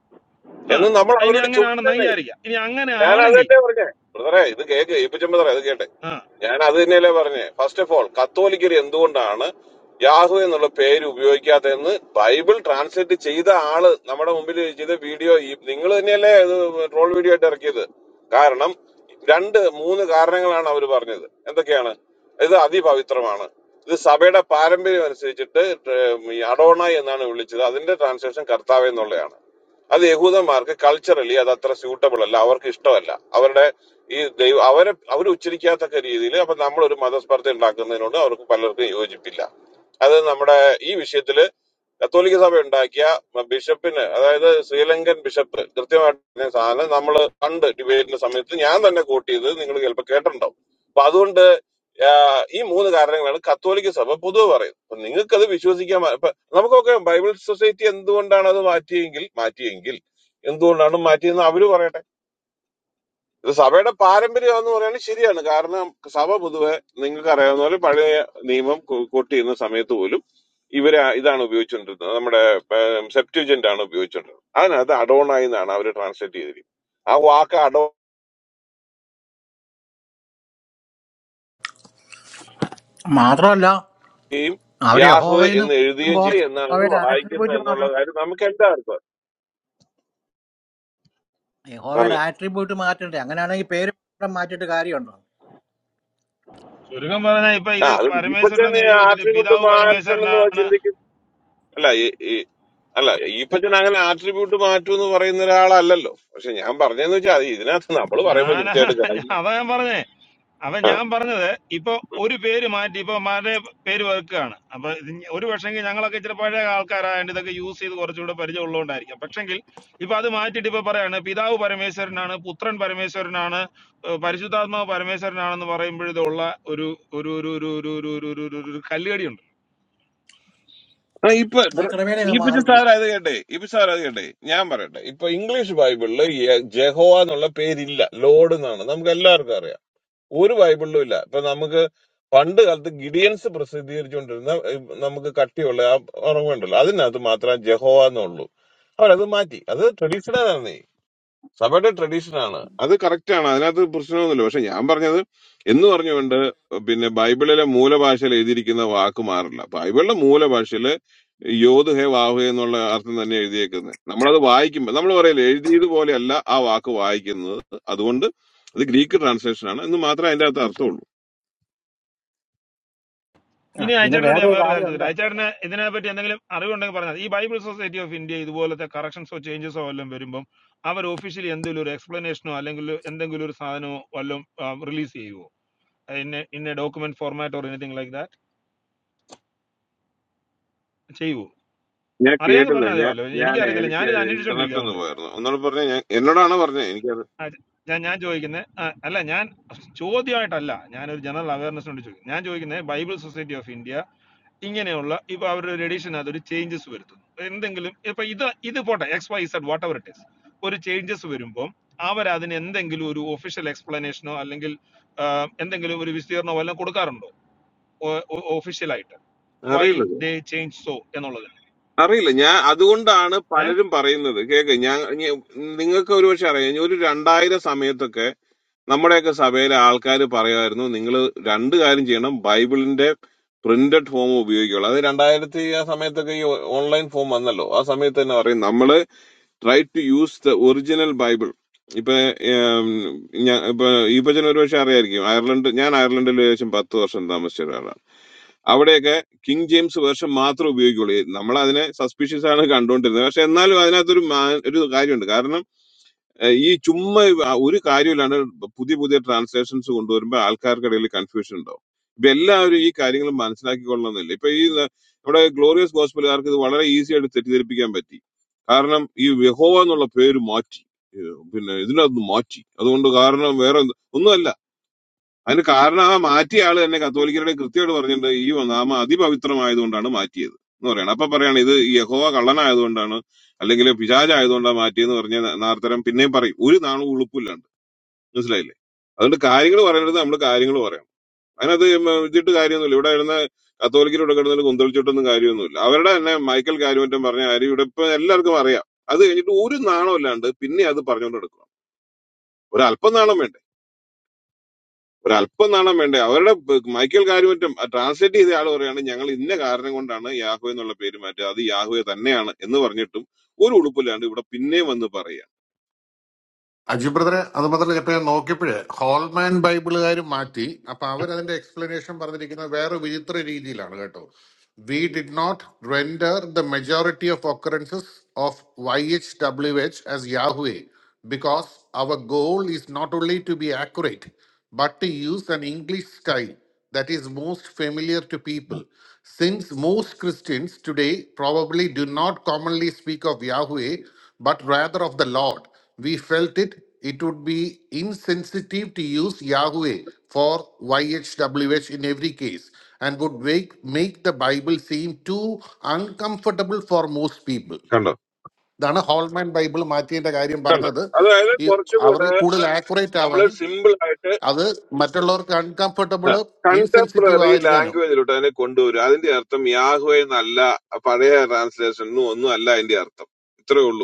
ആ എന്ന് നമ്മൾ ഇനി അവരോട് ചോദിക്കും അങ്ങനെയാണെന്ന് വിചാരിക്കാം ഇനി ഞാൻ അത് അങ്ങനെയാണെങ്കിൽ തന്നെ പറഞ്ഞേ ബ്രദറെ ഇത് കേക്ക് ഏപ്പിച്ചൻ ബ്രദറെ അത് കേട്ടെ ആ ഞാൻ അത് തന്നെയല്ലേ പറഞ്ഞേ ഫസ്റ്റ് ഓഫ് ഓൾ കത്തോലിക്കർ എന്തുകൊണ്ടാണ് യാഹു എന്നുള്ള പേര് ഉപയോഗിക്കാത്തതെന്ന് ബൈബിൾ ട്രാൻസ്ലേറ്റ് ചെയ്ത ആള് നമ്മുടെ മുമ്പിൽ ചെയ്ത വീഡിയോ നിങ്ങൾ തന്നെയല്ലേ ഇത് ട്രോൾ വീഡിയോ ആയിട്ട് ഇറക്കിയത് കാരണം രണ്ട് മൂന്ന് കാരണങ്ങളാണ് അവർ പറഞ്ഞത് എന്തൊക്കെയാണ് ഇത് അതിപവിത്രമാണ് ഇത് സഭയുടെ പാരമ്പര്യം അനുസരിച്ചിട്ട് ഏർ, ഈ അഡോണായി എന്നാണ് വിളിച്ചത് അതിന്റെ ട്രാൻസ്ലേഷൻ കർത്താവ് എന്നുള്ളതാണ് അത് യഹൂദന്മാർക്ക് കൾച്ചറലി അത് അത്ര സ്യൂട്ടബിൾ അല്ല അവർക്ക് ഇഷ്ടമല്ല അവരുടെ ഈ ദൈവം അവരെ അവർ ഉച്ചരിക്കാത്തക്ക രീതിയിൽ അപ്പൊ നമ്മൾ ഒരു മതസ്പർദ്ധ ഉണ്ടാക്കുന്നതിനോട് അവർക്ക് പലർക്കും യോജിപ്പില്ല അത് നമ്മുടെ ഈ വിഷയത്തിൽ കത്തോലിക്ക സഭ ഉണ്ടാക്കിയ ബിഷപ്പിന് അതായത് ശ്രീലങ്കൻ ബിഷപ്പ് കൃത്യമായിട്ട് പറഞ്ഞ സാധനം നമ്മൾ പണ്ട് ഡിബേറ്റിന്റെ സമയത്ത് ഞാൻ തന്നെ കോട്ട് ചെയ്ത് നിങ്ങൾ ചിലപ്പോൾ കേട്ടിട്ടുണ്ടാവും അപ്പൊ അതുകൊണ്ട് ആഹ്, ഈ മൂന്ന് കാരണങ്ങളാണ് കത്തോലിക്ക സഭ പൊതുവെ പറയുന്നത് അപ്പൊ നിങ്ങൾക്ക് അത് വിശ്വസിക്കാൻ മ- ഇപ്പൊ നമുക്കൊക്കെ ബൈബിൾ സൊസൈറ്റി എന്തുകൊണ്ടാണ് അത് മാറ്റിയെങ്കിൽ മാറ്റിയെങ്കിൽ എന്തുകൊണ്ടാണ് മാറ്റിയെന്ന് അവര് പറയട്ടെ ഇത് സഭയുടെ പാരമ്പര്യം എന്ന് പറയുന്നത് ശരിയാണ് കാരണം സഭ പൊതുവെ നിങ്ങൾക്ക് അറിയാവുന്ന പോലെ പഴയ നിയമം കു- കൂട്ടിയിരുന്ന സമയത്ത് പോലും ഇവര് ഇതാണ് ഉപയോഗിച്ചുകൊണ്ടിരുന്നത് നമ്മുടെ സെപ്റ്റൂജന്റ് ആണ് ഉപയോഗിച്ചുകൊണ്ടിരുന്നത് അതിനകത്ത് അഡോണായി എന്നാണ് അവർ ട്രാൻസ്ലേറ്റ് ചെയ്തിരിക്കുന്നത് ആ വാക്ക് മാത്രമല്ല അഡോയും അവർ യാഹുവെ യഹോവയെന്ന് എന്ന് എഴുതുകയും പറയുമ്പോൾ ചെയ്യും എന്നാണ് അത് യഹോവയുടെ വായിക്കുന്നത് ആട്രിബ്യൂട്ട് എന്നുള്ള മാറ്റണം കാര്യം നമുക്ക് എന്താ അർത്ഥം യഹോവയുടെ പറഞ്ഞു ആട്രിബ്യൂട്ട് മാറ്റണ്ടേ അങ്ങനെയാണെങ്കിൽ പേര് മാത്രം മാറ്റിയിട്ട് കാര്യമുണ്ടോ ചുരുക്കം പറഞ്ഞാൽ ഇപ്പൊ ആ ഇത് അത് ഇപ്പൊ പരമേശ്വരൻ എന്ന് തന്നെ എഴുതി വെച്ചിട്ട് ആട്ടിൻകുട്ടി പിതാവ് മാറ്റണം എന്ന് പരമേശ്വരനാണ് ചിന്തിക്കുന്ന അല്ല ഈ- ഈ- അല്ല ഈപ്പച്ചൻ അങ്ങനെ ആട്രിബ്യൂട്ട് മാറ്റും എന്ന് പറയുന്ന ഒരാളല്ലല്ലോ പക്ഷെ ഞാൻ പറഞ്ഞതെന്ന് വെച്ചാൽ അത് ഇതിനകത്ത് നമ്മൾ പറയുമ്പോൾ ഞാൻ കൃത്യമായിട്ട് കാര്യം അതാ ഞാൻ പറഞ്ഞത് അപ്പൊ ആ ഞാൻ പറഞ്ഞത് ഇപ്പൊ ഒരു പേര് മാറ്റി ഇപ്പൊ മറ്റേ പേര് വെക്കുകയാണ് അപ്പൊ ഇത് ഇനി ഒരു പക്ഷെങ്കിൽ ഞങ്ങളൊക്കെ ഇച്ചിരി പഴയ ആൾക്കാരായതുകൊണ്ട് ഇതൊക്കെ യൂസ് ചെയ്ത് കുറച്ചുകൂടെ പരിചയമുള്ളതുകൊണ്ടായിരിക്കാം പക്ഷെങ്കിൽ ഇപ്പൊ അത് മാറ്റിയിട്ട് ഇപ്പൊ പറയാണ് പിതാവ് പരമേശ്വരനാണ് പുത്രൻ പരമേശ്വരനാണ് ഏഹ് പരിശുദ്ധാത്മാവ് പരമേശ്വരനാണെന്ന് പറയുമ്പോഴത്തുള്ള ഒരു ഒരു ഒരു ഒരു ഒരു ഒരു ഒരു ഒരു ഒരു കല്ലുകടി ആ, ഇപ്പൊ ആ ബ്ര- ക്രമേണ അങ്ങ് ഈപ്പച്ചൻ മാറും ചെയ്യും സാർ അത് കേട്ടെ ഇപ്പൊ സാർ അത് കേട്ടെ ഞാൻ പറയട്ടെ ഇപ്പൊ ഇംഗ്ലീഷ് ബൈബിളില് യ- ജഹോവ എന്നുള്ള പേരില്ല ലോഡ് എന്നാണ് നമുക്ക് എല്ലാവർക്കും അറിയാം ഒരു ബൈബിളിലും ഇല്ല ഇപ്പൊ നമുക്ക് പണ്ട് കാലത്ത് ഗിഡിയൻസ് പ്രസിദ്ധീകരിച്ചുകൊണ്ടിരുന്ന ഏ, നമുക്ക് കട്ടിയുള്ള ആ ഉറവുണ്ടല്ലോ അതിനകത്ത് മാത്രം ജഹോവ എന്നുള്ളൂ അവരത് മാറ്റി അത് ട്രഡീഷണൽ ആണ് സഭയുടെ ട്രഡീഷൻ ആണ് അത് കറക്റ്റ് ആണ് അതിനകത്ത് പ്രശ്നമൊന്നുമില്ല പക്ഷെ ഞാൻ പറഞ്ഞത് എന്ന് പറഞ്ഞുകൊണ്ട് പിന്നെ ബൈബിളിലെ മൂലഭാഷയിൽ എഴുതിയിരിക്കുന്ന വാക്ക് മാറില്ല ബൈബിളിലെ മൂലഭാഷയിൽ യോധ് ഹേ വാഹു ഹേ എന്നുള്ള അർത്ഥം തന്നെ എഴുതിയേക്കുന്നത് നമ്മളത് വായിക്കുമ്പോൾ നമ്മൾ പറയില്ല എഴുതിയത് പോലെയല്ല ആ വാക്ക് വായിക്കുന്നത് അതുകൊണ്ട് അത് ഗ്രീക്ക് ട്രാൻസ്ലേഷൻ ആണ് എന്ന് മാത്രമേ അതിന്റെ അകത്ത് അർത്ഥമുള്ളൂ ആ, ഇനി പിന്നെ അയച്ചേട്ടനോട് വേറെ ഞാൻ ഒരു വേറൊരു കാര്യം ചോദിച്ചു കാര്യമുണ്ട് അയച്ചേട്ടന് ഇതിനെപ്പറ്റി എന്തെങ്കിലും അറിവുണ്ടെങ്കിൽ പറഞ്ഞാൽ ഈ ബൈബിൾ സൊസൈറ്റി ഓഫ് ഇന്ത്യ ഇതുപോലത്തെ കറക്ഷൻസോ ചേഞ്ചസോ വല്ലതും വരുമ്പം അവർ ഒഫീഷ്യലി എന്തെങ്കിലും ഒരു എക്സ്പ്ലനേഷനോ അല്ലെങ്കിൽ എന്തെങ്കിലും ഒരു സാധനമോ വല്ലതും റിലീസ് ചെയ്യുവോ ഇന്ന ഇന്ന document format or anything like that ചെയ്യുവോ ഞാൻ അറിയാമെങ്കിൽ കേട്ടില്ല പറഞ്ഞാൽ ഞാൻ അതെയല്ലോ ഞാൻ എനിക്കറിയത്തില്ല എനിക്ക് ഞാനിത് അന്വേഷിച്ചോണ്ടിരിക്കും ഇന്റർനെറ്റ് ഒന്ന് അതുകൊണ്ട് പോയിരുന്നു ഒന്നുകൂടെ പറഞ്ഞ ഞാൻ എന്നോടാണ് പറഞ്ഞത് എനിക്കത് ആ, ഞാൻ ഞാൻ ചോദിക്കുന്നത് അല്ല ഞാൻ ചോദ്യമായിട്ടല്ല ഞാനൊരു ജനറൽ അവയർനെസ് കൊണ്ട് ചോദിക്കും ഞാൻ ചോദിക്കുന്നത് ബൈബിൾ സൊസൈറ്റി ഓഫ് ഇന്ത്യ ഇങ്ങനെയുള്ള ഇപ്പൊ അവരുടെ റേഡിയേഷനകത്ത് ഒരു എഡിഷൻ അതൊരു ചേഞ്ചസ് വരുത്തുന്നു എന്തെങ്കിലും ഇപ്പൊ ഇത് ഇത് പോട്ടെ X Y Z whatever it is ഒരു ചേഞ്ചസ് വരുമ്പോൾ അവരതിന് എന്തെങ്കിലും ഒരു ഒഫീഷ്യൽ എക്സ്പ്ലനേഷനോ അല്ലെങ്കിൽ ആ, എന്തെങ്കിലും ഒരു വിശദീകരണമോ എല്ലാം കൊടുക്കാറുണ്ടോ ഒഫീഷ്യലായിട്ട് വൈ അറിയില്ല ദേ ചേഞ്ച് സോ എന്നുള്ളതിന് അറിയില്ല ഞാൻ അതുകൊണ്ടാണ് ഏർ പലരും പറയുന്നത് കേക്ക് ഞാൻ ഞ- നിങ്ങൾക്ക് ഒരു പക്ഷെ അറിയാം ഞാൻ ഒരു രണ്ടായിരം സമയത്തൊക്കെ നമ്മുടെയൊക്കെ സഭയിലെ ആൾക്കാർ പറയുമായിരുന്നു നിങ്ങൾ രണ്ട് കാര്യം ചെയ്യണം ബൈബിളിന്റെ പ്രിന്റഡ് ഫോം ഉപയോഗിക്കുള്ളൂ അത് രണ്ടായിരത്തി ആ സമയത്തൊക്കെ ഈ ഓൺലൈൻ ഫോം വന്നല്ലോ ആ സമയത്ത് തന്നെ പറയും നമ്മൾ try to use the original Bible ഇപ്പൊ ഏം, ഞാ- ഇപ്പൊ ഈ പച്ചൻ ഒരു പക്ഷെ അറിയായിരിക്കും അയർലൻഡ് ഞാൻ അയർലൻഡിൽ ഏകദേശം പത്ത് വർഷം താമസിച്ച ഒരാളാണ് അവിടെയൊക്കെ കിങ് ജെയിംസ് വേർഷൻ മാത്രം ഉപയോഗിക്കുള്ളൂ നമ്മൾ അതിനെ സസ്പീഷ്യസ് ആണ് കണ്ടുകൊണ്ടിരുന്നത് പക്ഷെ എന്നാലും അതിനകത്തൊരു മാ- ഒരു കാര്യമുണ്ട് കാരണം ഏഹ്, ഈ ചുമ്മാ ഇവ- ആ ഒരു കാര്യമില്ലാണ്ട് പുതിയ പുതിയ ട്രാൻസ്ലേഷൻസ് കൊണ്ടുവരുമ്പോൾ ആൾക്കാർക്കിടയിൽ കൺഫ്യൂഷൻ ഉണ്ടാവും ഇപ്പൊ എല്ലാവരും ഈ കാര്യങ്ങൾ മനസ്സിലാക്കിക്കൊള്ളണമെന്നില്ല ഇപ്പൊ ഈ ന- നമ്മുടെ ഗ്ലോറിയസ് ഗോസ്പലുകാർക്ക് ഇത് വളരെ ഈസി ആയിട്ട് തെറ്റിദ്ധരിപ്പിക്കാൻ പറ്റി കാരണം ഈ യഹോവ എന്നുള്ള പേര് മാറ്റി ഏഹ് പിന്നെ ഇതിനകത്ത് മാറ്റി അതുകൊണ്ട് കാരണം വേറെ എന്ത്- ഒന്നുമല്ല അതിന് കാരണം ആ മാറ്റിയ ആള് തന്നെ കത്തോലിക്കരുടെ കൃത്യമായിട്ട് പറഞ്ഞിട്ടുണ്ട് ഈ നാമ അതിപവിത്രമായതുകൊണ്ടാണ് മാറ്റിയത് എന്ന് പറയണം അപ്പൊ പറയാണ് ഇത് യഹോവ കള്ളനായതുകൊണ്ടാണ് അല്ലെങ്കിൽ പിശാചായതുകൊണ്ടാണ് മാറ്റിയെന്ന് പറഞ്ഞ നാർത്തരം പിന്നെയും പറയും ഒരു നാളും ഉളുപ്പില്ലാണ്ട് മനസ്സിലായില്ലേ അതുകൊണ്ട് കാര്യങ്ങൾ പറയുന്നത് നമ്മൾ കാര്യങ്ങൾ പറയണം അതിനകത്ത് ഇതിട്ട് കാര്യമൊന്നുമില്ല ഇവിടെ ഇരുന്ന കത്തോലിക്കരോട് കിടന്നൊരു കുന്തളിച്ചിട്ടൊന്നും കാര്യമൊന്നുമില്ല അവരുടെ തന്നെ മൈക്കൽ കാര്യമറ്റം പറഞ്ഞ കാര്യം ഇവിടെ ഇപ്പൊ എല്ലാവർക്കും അറിയാം അത് കഴിഞ്ഞിട്ട് ഒരു നാണം അല്ലാണ്ട് പിന്നെ അത് പറഞ്ഞുകൊണ്ട് എടുക്കണം ഒരു അല്പം നാണം വേണ്ടേ ഒരല്പം നാണം വേണ്ടേ അവരുടെ ബ് മൈക്കൽ കാര്യമറ്റും ട്രാൻസ്ലേറ്റ് ചെയ്ത ആൾ പറയാണ് ഞങ്ങൾ ഇന്ന കാരണം കൊണ്ടാണ് യാഹു എന്നുള്ള പേര് മാറ്റുക അത് യാഹുവെ തന്നെയാണ് എന്ന് പറഞ്ഞിട്ടും ഒരു ഉളുപ്പില്ലാണ്ട് ഇവിടെ പിന്നെയും വന്ന് പറയുക അജി ബ്രദറെ അത് മാത്രമല്ല ഇപ്പൊ ഞാൻ നോക്കിയപ്പോഴേ ഹോൾമാൻ ബൈബിളുകാർ മാറ്റി അപ്പൊ അവരതിന്റെ എക്സ്പ്ലനേഷൻ പറഞ്ഞിരിക്കുന്നത് വേറെ വിചിത്ര രീതിയിലാണ് കേട്ടോ we did not render the majority of occurrences of Y H W H as Yahweh because അവർ goal is not only to be accurate but to use an English style that is most familiar to people. Since most Christians today probably do not commonly speak of Yahweh, but rather of the Lord, we felt it it would be insensitive to use Yahweh for YHWH in every case and would make, make the Bible seem too uncomfortable for most people. കണ്ടോ ഇതാണ് Holman Bible മാറ്റിയതിൻ്റെ കാര്യം കണ്ടോ പറഞ്ഞത് അതായത് ഈ അവർ കുറച്ചുകൂടെ കൂടുതൽ accurate നമ്മൾ ആവാനും സിമ്പിൾ ആയിട്ട് അത് മറ്റുള്ളവർക്ക് അൺകംഫർട്ടബിൾ ഇൻസെൻസിറ്റീവ് കണ്ടംപററി ആയിരിക്കാനും ലാംഗ്വേജിലോട്ട് അതിനെ കൊണ്ടുവരും അതിന്റെ അർത്ഥം യാഹുവെന്നല്ല പഴയ ട്രാൻസ്ലേഷനും ഒന്നും അല്ല അതിന്റെ അർത്ഥം ഇത്രേ ഉള്ളൂ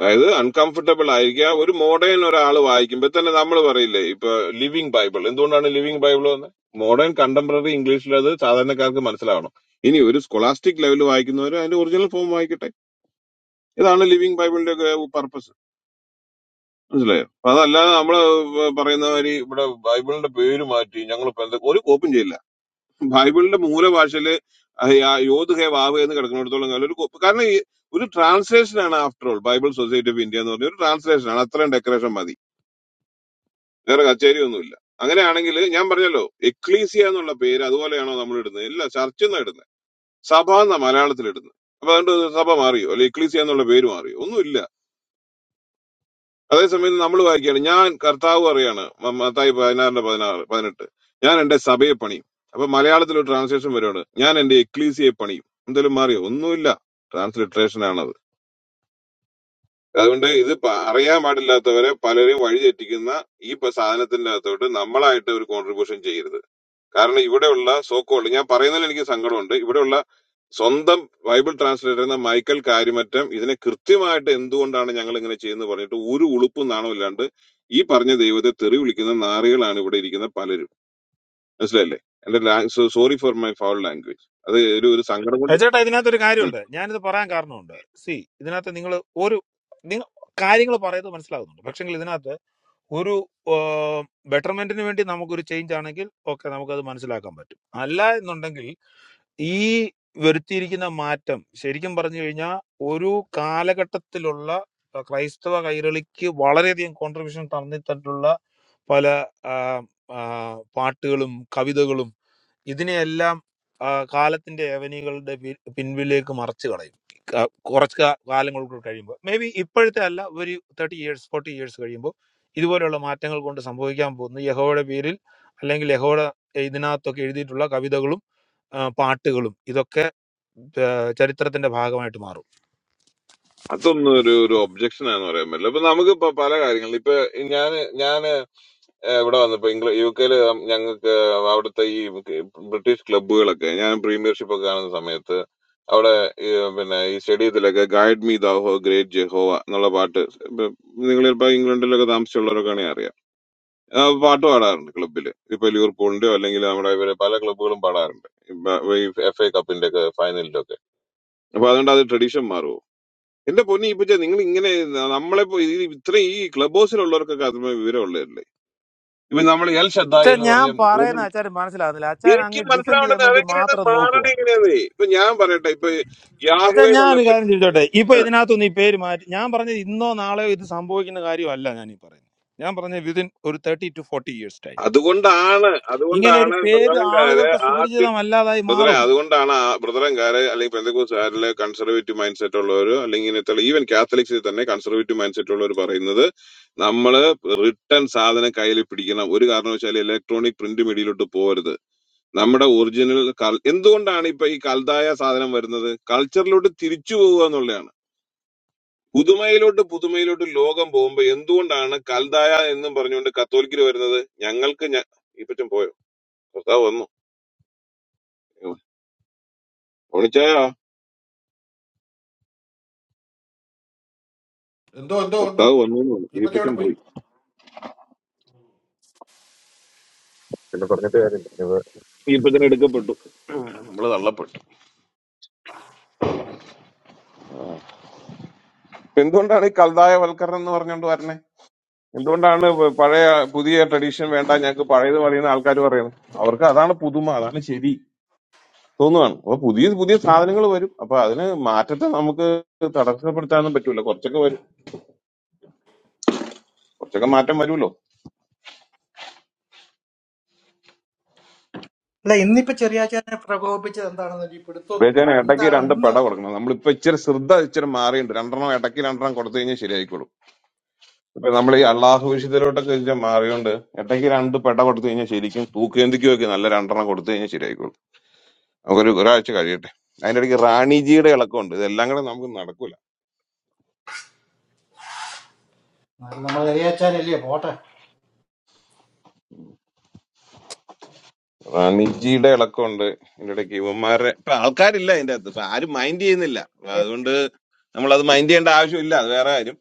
അതായത് അൺകംഫർട്ടബിൾ ആയിരിക്കുക ഒരു മോഡേൺ ഒരാൾ വായിക്കുമ്പോൾ തന്നെ നമ്മൾ പറയില്ലേ ഇപ്പൊ ലിവിങ് ബൈബിൾ എന്തുകൊണ്ടാണ് ലിവിങ് ബൈബിൾ എന്ന് മോഡേൺ കണ്ടംപററി ഇംഗ്ലീഷിൽ അത് സാധാരണക്കാർക്ക് മനസ്സിലാവണം ഇനി ഒരു സ്കോളാസ്റ്റിക് ലെവൽ വായിക്കുന്നവർ അതിന്റെ ഒറിജിനൽ ഫോം വായിക്കട്ടെ ഇതാണ് ലിവിങ് ബൈബിളിന്റെ ഒക്കെ പർപ്പസ് മനസ്സിലായോ അപ്പൊ അതല്ലാതെ നമ്മൾ പറയുന്ന മാതിരി ഇവിടെ ബൈബിളിന്റെ പേര് മാറ്റി ഞങ്ങൾ ഒരു കോപ്പും ചെയ്യില്ല ബൈബിളിന്റെ മൂലഭാഷയില് യോധ് ഹേ വാവ് എന്ന് കിടക്കുന്നിടത്തോളം കാലം ഒരു കൊ- കാരണം ഈ ഒരു ട്രാൻസ്ലേഷൻ ആണ് after all Bible society of India എന്ന് പറഞ്ഞ ഒരു ട്രാൻസ്ലേഷൻ ആണ് അത്രയും ഡെക്കറേഷൻ മതി വേറെ കച്ചേരി ഒന്നുമില്ല അങ്ങനെയാണെങ്കിൽ ഞാൻ പറഞ്ഞല്ലോ എക്ലീസിയ എന്നുള്ള പേര് അതുപോലെയാണോ നമ്മൾ ഇടുന്നത് ഇല്ല ചർച്ച് എന്നാ ഇടുന്നത് സഭ എന്ന മലയാളത്തിൽ ഇടുന്നത് അപ്പൊ അതുകൊണ്ട് സഭ മാറിയോ അല്ലെ എക്ലീസിയ എന്നുള്ള പേര് മാറിയോ ഒന്നുമില്ല അതേസമയത്ത് നമ്മൾ വായിക്കുകയാണ് ഞാൻ കർത്താവ് പറയാണ് മ- മത്തായി പതിനാറിന്റെ പതിനാറ് പതിനെട്ട് ഞാൻ എന്റെ സഭയെ പണിയും അപ്പൊ മലയാളത്തിൽ ഒരു ട്രാൻസ്ലേഷൻ വരുവാണ് ഞാൻ എന്റെ എക്ലീസിയെ പണിയും എന്തെങ്കിലും മാറിയോ ഒന്നുമില്ല ട്രാൻസ്ലിട്രേഷൻ ആണത് അതുകൊണ്ട് ഇത് പ- അറിയാൻ പാടില്ലാത്തവരെ പലരെയും വഴിതെറ്റിക്കുന്ന ഈ പ- സാധനത്തിന്റെ അകത്തോട്ട് നമ്മളായിട്ട് ഒരു കോൺട്രിബ്യൂഷൻ ചെയ്യരുത് കാരണം ഇവിടെയുള്ള സോക്കോൾ ഞാൻ പറയുന്നതിൽ എനിക്ക് സങ്കടമുണ്ട് ഇവിടെയുള്ള സ്വന്തം ബൈബിൾ ട്രാൻസ്ലേറ്റ് ചെയ്യുന്ന മൈക്കൽ കാര്യമറ്റം ഇതിനെ കൃത്യമായിട്ട് എന്തുകൊണ്ടാണ് ഞങ്ങൾ ഇങ്ങനെ ചെയ്യുന്നത് പറഞ്ഞിട്ട് ഒരു ഉളുപ്പും നാണവും ഇല്ലാണ്ട് ഈ പറഞ്ഞ ദൈവത്തെ തെറി വിളിക്കുന്ന നാറികളാണ് ഇവിടെ ഇരിക്കുന്ന പലരും മനസ്സിലല്ലേ എന്റെ sorry for my foul language അത് ഒരു ഒരു സങ്കടം അത് കൊണ്ട് ചേട്ടാ ഇതിനകത്തൊരു ഉം. കാര്യമുണ്ട് ഞാനിത് പറയാൻ കാരണമുണ്ട് സി ഇതിനകത്ത് നിങ്ങൾ ഒരു നിങ്ങൾ കാര്യങ്ങൾ പറയുന്നത് മനസ്സിലാകുന്നുണ്ട് പക്ഷെങ്കിൽ ഇതിനകത്ത് ഒരു ബെറ്റർമെന്റിന് വേണ്ടി നമുക്കൊരു ചേഞ്ച് ആണെങ്കിൽ ഓക്കെ നമുക്കത് മനസ്സിലാക്കാൻ പറ്റും അല്ല എന്നുണ്ടെങ്കിൽ ഈ വരുത്തിയിരിക്കുന്ന മാറ്റം ശരിക്കും പറഞ്ഞു കഴിഞ്ഞാൽ ഒരു കാലഘട്ടത്തിലുള്ള ആ, ക്രൈസ്തവ കൈരളിക്ക് വളരെയധികം കോൺട്രിബ്യൂഷൻ തന്നിട്ടുള്ള പല ആ, ആ, പാട്ടുകളും കവിതകളും ഇതിനെയെല്ലാം ആ, കാലത്തിന്റെ ഏവനികളുടെ പി- പിൻവിലേക്ക് മറച്ചു കളയും ക- കുറച്ച് കാ- കാലങ്ങൾക്ക് കഴിയുമ്പോൾ മേ ബി ഇപ്പോഴത്തെ അല്ല ഒരു തേർട്ടി ഇയേഴ്സ് ഫോർട്ടി ഇയേഴ്സ് കഴിയുമ്പോൾ ഇതുപോലെയുള്ള മാറ്റങ്ങൾ കൊണ്ട് സംഭവിക്കാൻ പോകുന്നു യഹോയുടെ പേരിൽ അല്ലെങ്കിൽ യഹോയുടെ ഇതിനകത്തൊക്കെ എഴുതിയിട്ടുള്ള കവിതകളും ആ, പാട്ടുകളും ഇതൊക്കെ ഏഹ്, ചരിത്രത്തിന്റെ ഭാഗമായിട്ട് മാറും അതൊന്നും ഒരു ഒരു ഒബ്ജക്ഷൻ ആണെന്ന് പറയാൻ പറ്റില്ല ഇപ്പൊ നമുക്ക് ഇപ്പൊ പല കാര്യങ്ങളും ഇപ്പൊ ഞാൻ ഞാൻ ഏഹ് ഇവിടെ വന്നപ്പോ ഇംഗ്ല യു കെയില് ഞങ്ങൾക്ക് അവിടുത്തെ ഈ ബ്രിട്ടീഷ് ക്ലബ്ബുകളൊക്കെ ഞാൻ പ്രീമിയർഷിപ്പ് ഒക്കെ കാണുന്ന സമയത്ത് അവിടെ ഈ പിന്നെ ഈ സ്റ്റേഡിയത്തിലൊക്കെ guide me thou great Jehovah എന്നുള്ള പാട്ട് നിങ്ങൾ ഇപ്പൊ ഇംഗ്ലണ്ടിലൊക്കെ താമസിച്ചുള്ളവരൊക്കെ അറിയാം ആ പാട്ട് പാടാറുണ്ട് ക്ലബ്ബിൽ ഇപ്പൊ ലിവർപൂളിന്റെയോ അല്ലെങ്കിൽ നമ്മുടെ ഇവര് പല ക്ലബ്ബുകളും പാടാറുണ്ട് ഇപ്പൊ ഈ എഫ് എ കപ്പിന്റെ ഒക്കെ ഫൈനലിലൊക്കെ അപ്പൊ അതുകൊണ്ട് അത് ട്രഡീഷൻ മാറുമോ എന്റെ പൊന്നി ഇപ്പൊ നിങ്ങൾ ഇങ്ങനെ നമ്മളെ ഇത്ര ഈ ക്ലബ് ഹൗസിലുള്ളവർക്കൊക്കെ അതിന് വിവരം ഉള്ളതല്ലേ ഇപ്പൊ നമ്മൾ എൽ ഷദ്ദ അച്ഛൻ എന്ന് ഞാൻ പറഞ്ഞ കൂടുതൽ പറയുന്ന അച്ഛൻ മനസ്സിലാകുന്നില്ല അച്ഛൻ എനിക്ക് അങ്ങ് ഡിഫെൻഡ് ചെയ്യാൻ മനസ്സിലാവേണ്ടത് വേണ്ടി അതെങ്ങനെയാണ് മാത്രം മാറണ നോക്കുക എങ്ങനെയാന്നേ ഇപ്പൊ ഞാൻ പറയട്ടെ ഇപ്പൊ അച്ഛൻ യാഹുവേ ഞാൻ എന്നുള്ള ഒരു പേ- കാര്യം ചോദിച്ചോട്ടെ ഇപ്പൊ ആ, ഇതിനകത്തൊന്നും ഈ പേര് മാറ്റി ഞാൻ പറഞ്ഞത് ഇന്നോ നാളെയോ ഇത് സംഭവിക്കുന്ന കാര്യമല്ല ഞാൻ ഈ പറയുന്നത് ഞാൻ പറഞ്ഞ വിതിൻ ഒരു thirty to forty years time അതുകൊണ്ടാണ് ഇങ്ങനെ ഒരു അതുകൊണ്ടാണ് പേര് ബ്രദറൻകാര് ആളുകൾക്ക് ആദ്യം സുപരിചിതമല്ലാതായി ബ്രദറെ മാറും അതുകൊണ്ടാണ് ആ- ബ്രദറൻകാര് അല്ലെങ്കിൽ പെന്തക്കോസുകാരില് കൺസർവേറ്റീവ് മൈൻഡ് സെറ്റ് ഉള്ളവര് അല്ലെങ്കിൽ ഇങ്ങനത്തെ ഈവൻ കാത്തലിക്സിൽ തന്നെ കൺസർവേറ്റീവ് മൈൻഡ് സെറ്റ് ഉള്ളവർ പറയുന്നത് നമ്മള് റിട്ടേൺ സാധനം കയ്യിൽ പിടിക്കണം ഒരു കാരണവശാലും ഇലക്ട്രോണിക് പ്രിന്റ് മീഡിയയിലോട്ട് പോകരുത് നമ്മുടെ ഒറിജിനൽ കൾ എന്തുകൊണ്ടാണ് ഇപ്പൊ ഈ കൽതായ സാധനം വരുന്നത് കൾച്ചറിലോട്ട് തിരിച്ചു പോവുക എന്നുള്ളതാണ് പുതുമയിലോട്ട് പുതുമയിലോട്ട് ലോകം പോകുമ്പോ എന്തുകൊണ്ടാണ് കൽതായ എന്നും പറഞ്ഞുകൊണ്ട് കത്തോലിക്കർ വരുന്നത് ഞങ്ങൾക്ക് ഞ- ഈപ്പറ്റും പോയോ കർത്താവ് വന്നു ഓണിച്ചായ എന്തോ എന്തോ ഉണ്ട് കർത്താവ് വന്നു എന്ന് പറഞ്ഞു. ഇപ്പൊ എവിടെ ഈപ്പറ്റും പോയി പോയി പിന്നെ പറഞ്ഞിട്ട് കാര്യമില്ല ഇത് ഈപ്പത്തിന് എടുക്കപ്പെട്ടു നമ്മൾ തള്ളപ്പെട്ടു എന്തുകൊണ്ടാണ് ഈ കൽതായ വൽക്കരണം എന്ന് പറഞ്ഞുകൊണ്ട് വരുന്നത് എന്തുകൊണ്ടാണ് പ- പഴയ പുതിയ ട്രഡീഷൻ വേണ്ട ഞങ്ങൾക്ക് പഴയത് പറയുന്ന ആൾക്കാർ പറയുന്നത് അവർക്ക് അതാണ് പുതുമ അതാണ് ശരി തോന്നുവാണ് അപ്പൊ പുതിയ പുതിയ സാധനങ്ങൾ വരും അപ്പൊ അതിന് മാറ്റത്തെ നമുക്ക് തടസ്സപ്പെടുത്താനൊന്നും പറ്റൂല കുറച്ചൊക്കെ വരും കുറച്ചൊക്കെ മാറ്റം വരുമല്ലോ അല്ല ഇന്നിപ്പോ ചെറിയാച്ചാനെ പ്രകോപിപ്പിച്ചത് എന്താണെന്ന് ഒരു പിടുത്തവും വെച്ചാൽ കിട്ടുന്നില്ല ഇടയ്ക്ക് എന്താണ് രണ്ട് ഇന്ന് പെട കൊടുക്കണം നമ്മളിപ്പോ ഇച്ചിരി ശ്രദ്ധ ഇച്ചിരി മാറിയുണ്ട് രണ്ടെണ്ണം ഇടയ്ക്ക് രണ്ടെണ്ണം കൊടുത്തു കഴിഞ്ഞാൽ ശരിയായിക്കോളും ഇപ്പൊ നമ്മൾ ഈ അള്ളാഹു വിശുദ്ധയിലോട്ടൊക്കെ ഇച്ചിരി മാറിയോണ്ട് ഇടയ്ക്ക് രണ്ട് പെട കൊടുത്തു കഴിഞ്ഞാൽ ശരിക്കും തൂക്കേന്തിക്കുമൊക്കെ നല്ല രണ്ടെണ്ണം കൊടുത്തു കഴിഞ്ഞാൽ ശരിയായിക്കോളും നമുക്കൊരു ഒരാഴ്ച കഴിയട്ടെ അതിന്റെ ഇടയ്ക്ക് റാണിജിയുടെ ഇളക്കമുണ്ട് ഇതെല്ലാം കൂടെ നമുക്ക് നടക്കൂല നമ്മൾ ചെറിയാച്ചാനല്ലേ പോട്ടെ റാണിജിയുടെ ഇളക്കമുണ്ട് ഇതിന്റെ ഇടയ്ക്ക് ഇവന്മാരുടെ ഇപ്പൊ ആൾക്കാരില്ല ഇതിന്റെ അകത്ത് ഇപ്പൊ ആരും മൈൻഡ് ചെയ്യുന്നില്ല അപ്പൊ അതുകൊണ്ട് നമ്മൾ അത് മൈൻഡ് ചെയ്യേണ്ട ആവശ്യമില്ല അത് വേറെ കാര്യം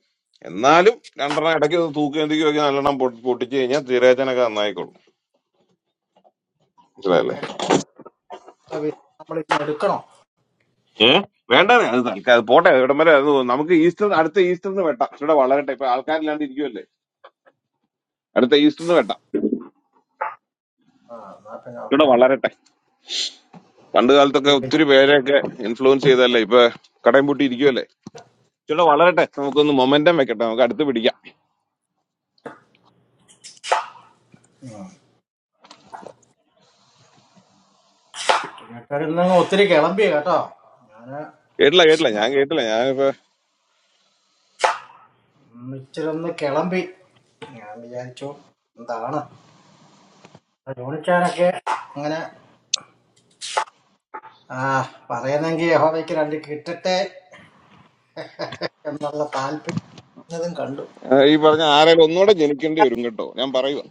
എന്നാലും രണ്ടെണ്ണം ഇടയ്ക്ക് ഒന്ന് തൂക്കി എന്തൊക്കെയൊക്കെ നല്ലെണ്ണം പൊട്ടി- പൊട്ടിച്ച് കഴിഞ്ഞാൽ തിരേച്ചനൊക്കെ നന്നായിക്കോളും മനസ്സിലായില്ലേ നമ്മൾ എടുക്കണോ ഏ വേണ്ടേ അത് തൽക്കാലം അത് പോട്ടെ ഇവിടം വരെ അത് നമുക്ക് ഈസ്റ്റർ അടുത്ത ഈസ്റ്ററിന് വെട്ടാം ഇവിടെ വളരട്ടെ ഇപ്പൊ ആൾക്കാരില്ലാണ്ട് ഇരിക്കുമല്ലേ അടുത്ത ഈസ്റ്ററിന് വെട്ടാം ആ എന്നാ പിന്നെ ഓക്കെ ഇവിടെ വളരട്ടെ പണ്ട് കാലത്തൊക്കെ ഒത്തിരി പേരെയൊക്കെ ഇൻഫ്ലുവൻസ് ചെയ്തല്ലേ ഇപ്പൊ കടയും പൂട്ടി ഇരിക്കുമല്ലേ ഇവിടെ വളരട്ടെ നമുക്കൊന്ന് മൊമെന്റം വെക്കട്ടെ നമുക്ക് അടുത്ത് പിടിക്കാം കേട്ടതിൽ നിന്ന് ഒത്തിരി കിളമ്പി കേട്ടോ ഞാന് കേട്ടില്ല കേട്ടില്ല ഞാൻ കേട്ടില്ല ഞാനിപ്പോ ഇന്ന് ഇച്ചിരി ഒന്ന് കിളമ്പി ഞാൻ വിചാരിച്ചു എന്താണ് ജോണിച്ചാരൊക്കെ അങ്ങനെ ആ പറയുന്നെങ്കിൽ യഹോവയ്ക്ക് രണ്ട് കിട്ടട്ടെ എന്നുള്ള താല്പര്യം കണ്ടു ആ, ഈ പറഞ്ഞ ആരെങ്കിലും ഒന്നുകൂടെ ജനിക്കേണ്ടി വരും കേട്ടോ ഞാൻ പറയുക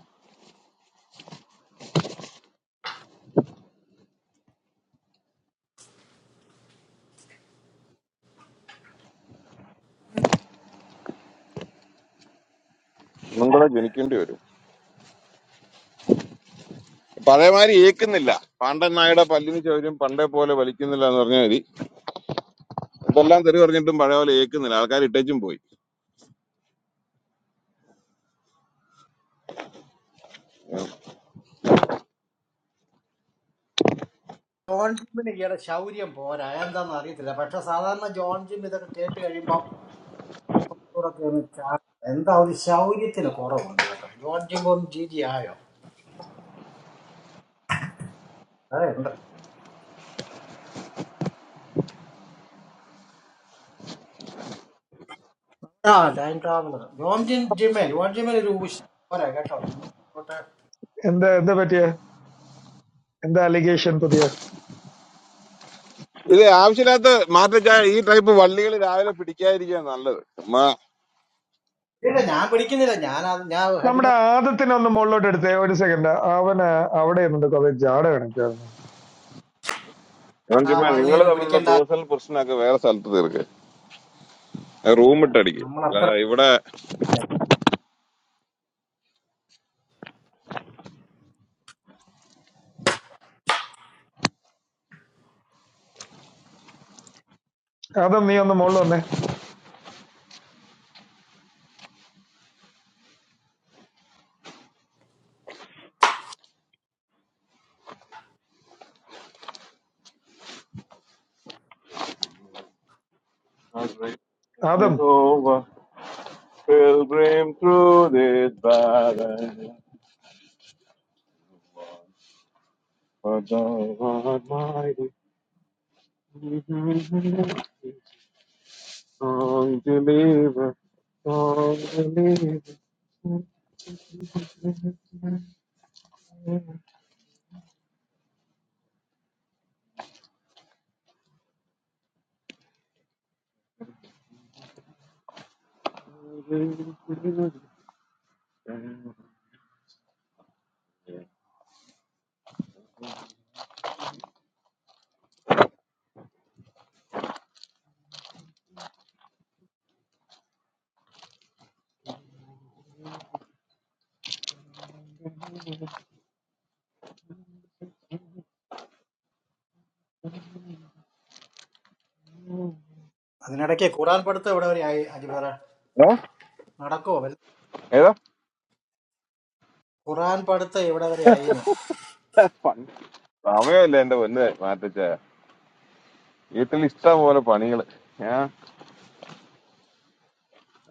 ഒന്നും കൂടെ ജനിക്കേണ്ടി വരും പഴയമാതിരി ഏക്കുന്നില്ല പാണ്ഡൻ നായുടെ പല്ലിന് ചൗര്യം പണ്ടേ പോലെ വലിക്കുന്നില്ല എന്ന് പറഞ്ഞാൽ മതി ഇതെല്ലാം തെറി പറഞ്ഞിട്ടും പഴയ പോലെ ഏക്കുന്നില്ല ആൾക്കാർ ഇട്ടേച്ചും പോയി ജോൺ ജിമ്മിന് ഈയിടെ ശൗര്യം പോരാ എന്താണെന്ന് അറിയത്തില്ല പക്ഷെ സാധാരണ ജോൺ ജിം ഇതൊക്കെ കേട്ട് കഴിയുമ്പം ഇവരൊക്കെ ഒന്ന് ചാ- എന്താ ഒരു ശൗര്യത്തിന് കുറവുണ്ട് കേട്ടോ ജോൺ ജിം ഒന്ന് ജി ജി ആയോ അതെ ഉണ്ട്. ആ ടൈം ട്രാവലർ ജോൺ ജിൻ ജിമേൽ ജോൺ ജിമേൽ ഒരു ഉശി പോരാ കേട്ടോ എനിക്ക് ഇങ്ങോട്ട് എന്താ എന്താ പറ്റിയ എന്താ അലിഗേഷൻ പുതിയ ഇത് ആവശ്യമില്ലാത്ത മാറ്റച്ചാ ഈ ടൈപ്പ് വള്ളികൾ രാവിലെ പിടിക്കാതിരിക്കുക നല്ലത് ചുമ്മാ ഇല്ല ഞാൻ പിടിക്കുന്നില്ല ഞാൻ അത് ഞാൻ നമ്മുടെ ഹെഡിങ് ആദത്തിനെ ഒന്ന് മുകളിലോട്ട് എടുത്തേ ഒരു സെക്കൻഡ് അവന് അവിടെ ഇരുന്നിട്ട് കുറെ ജാട കാണിക്കാറുണ്ട് ഞാൻ ആ ചുമ്മാ വള്ളി നിങ്ങൾ ഒന്നും തമ്മിലുള്ള പിടിക്കണ്ട പേഴ്സണൽ പ്രശ്നമൊക്കെ വേറെ സ്ഥലത്ത് തീർക്ക് ഏ, റൂം ഇട്ടടിക്കും നമ്മൾ അത്ര അല്ലാതെ ഇവിടെ ആദം നീ ഒന്ന് മുകളിൽ വന്നേ Adam Jehovah will bring through this battle. For thou art mighty, song deliver, song deliver. അതിനിടയ്ക്ക് ഖുറാൻ പഠിത്തം ഇവിടെ വരെ ആയി അജിബറ ഏ? നടക്കോ വല്ല ഏതാ ഖുറാൻ പഠിത്തം ഇവിടെ വരെ ആയിന്ന് സമയമല്ല എന്റെ പൊന്ന് മാറ്റച്ച വീട്ടിൽ ഇഷ്ടം പോലെ പണികള് ഏ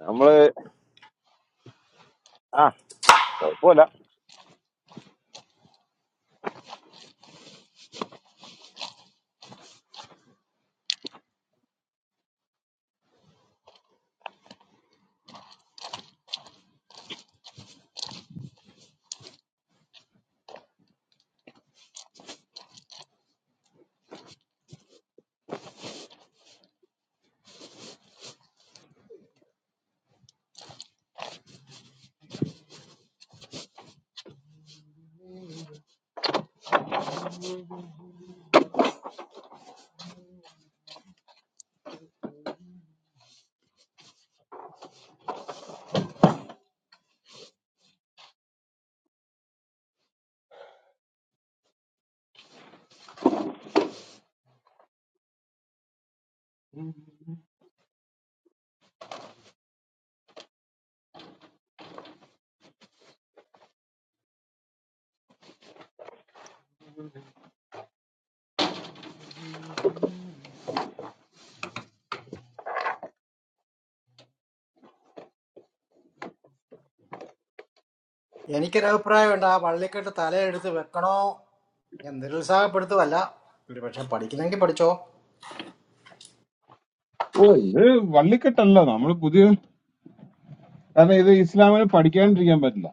നമ്മള് ആ കുഴപ്പമില്ല എനിക്കൊരു അഭിപ്രായമുണ്ട് ആ വള്ളിക്കെട്ട് തലയെടുത്ത് വെക്കണോ ഞാൻ നിരുത്സാഹപ്പെടുത്തുമല്ല ഒരു പക്ഷെ പഠിക്കുന്നെങ്കിൽ പഠിച്ചോ ഓ ഇത് വള്ളിക്കെട്ടല്ല നമ്മൾ പുതിയ കാരണം ഇത് ഇസ്ലാമിന് പഠിക്കാണ്ടിരിക്കാൻ പറ്റില്ല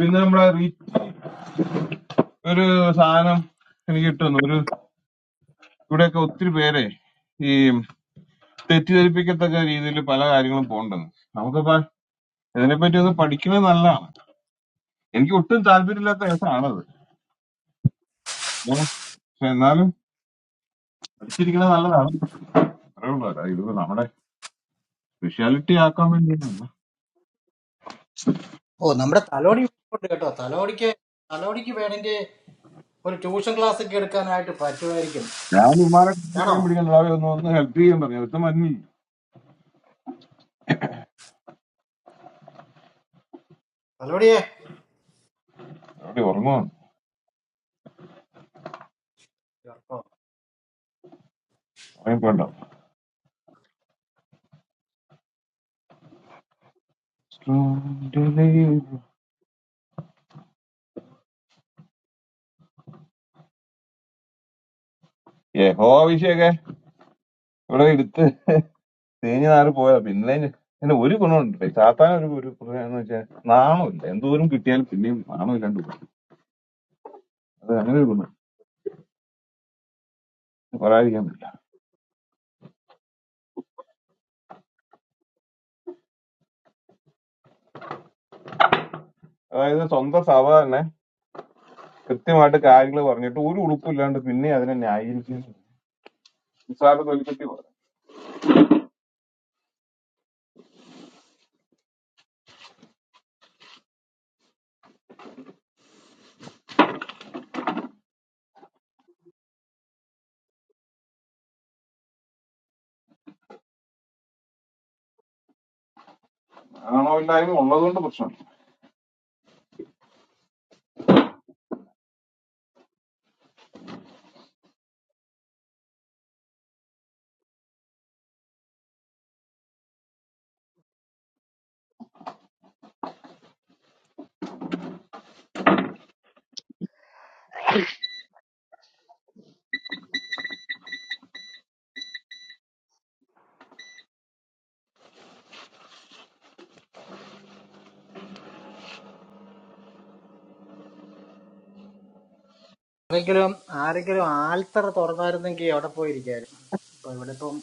പിന്നെ നമ്മുടെ റീ- ഒരു സാധനം എനിക്ക് കിട്ടുന്നു ഇവിടെയൊക്കെ ഒത്തിരി പേരെ ഈ തെറ്റിദ്ധരിപ്പിക്കത്തക്ക രീതിയിൽ പല കാര്യങ്ങളും പോകണ്ടെന്ന് നമുക്കിപ്പോ ഇതിനെപ്പറ്റി ഒന്ന് പഠിക്കുന്നത് നല്ലതാണ് എനിക്ക് ഒട്ടും താല്പര്യമില്ലാത്ത കേസാണത് ഏ, പക്ഷെ എന്നാലും പഠിച്ചിരിക്കുന്നത് നല്ലതാണ് അത്രേ ഉള്ളൂ അല്ലാതെ ഇത് നമ്മുടെ സ്പെഷ്യാലിറ്റി ആക്കാൻ വേണ്ടിയൊന്നുമല്ല ഓ നമ്മുടെ തലോടി ഉണ്ട് കേട്ടോ തലോടിക്ക് തലോടിക്ക് വേണമെങ്കിൽ ഒരു ട്യൂഷൻ ക്ലാസ് ഒക്കെ എടുക്കാനായിട്ട് പറ്റുമായിരിക്കും ഞാൻ ഇമാരെ ആണോ കുട്ടികളെയും പിടിക്കാൻ രാവിലെ ഒന്ന് ഒന്ന് ഹെൽപ്പ് ചെയ്യാൻ പറഞ്ഞു അടുത്ത മഞ്ഞി അതോടിയേ അവിടെ ഉറങ്ങുവാണ് ഉറങ്ങിപ്പോണ്ട യഹോ അഭിഷേകെ ഇവിടെ എടുത്ത് തേഞ്ഞു നാറി പോയതാ പിന്നെ ഇനി- പിന്നെ ഒരു ഗുണമുണ്ട് ചാത്താൻ ഒരു ഒരു പ്രധാനം എന്ന് വെച്ചാൽ നാണമില്ല എന്തോരം കിട്ടിയാലും പിന്നെയും നാണമില്ലാണ്ട് പോകും അത് അങ്ങനെ ഒരു ഗുണം പറയാതിരിക്കാൻ പറ്റില്ല അതായത് സ്വന്തം സഭ തന്നെ കൃത്യമായിട്ട് കാര്യങ്ങൾ പറഞ്ഞിട്ട് ഒരു ഉളുപ്പില്ലാണ്ട് പിന്നെ അതിനെ ന്യായീകരിക്കുന്നു നിസ്സാര തൊലിക്കെട്ടി പോലെ നാണമില്ലായ്മ ഉള്ളതുകൊണ്ട് പ്രശ്നം ആരെങ്കിലും ആരെങ്കിലും ആൽത്തറ തുറന്നായിരുന്നെങ്കിൽ അവിടെ പോയിരിക്കായിരുന്നു ഇപ്പൊ ഇവിടെ ഇപ്പം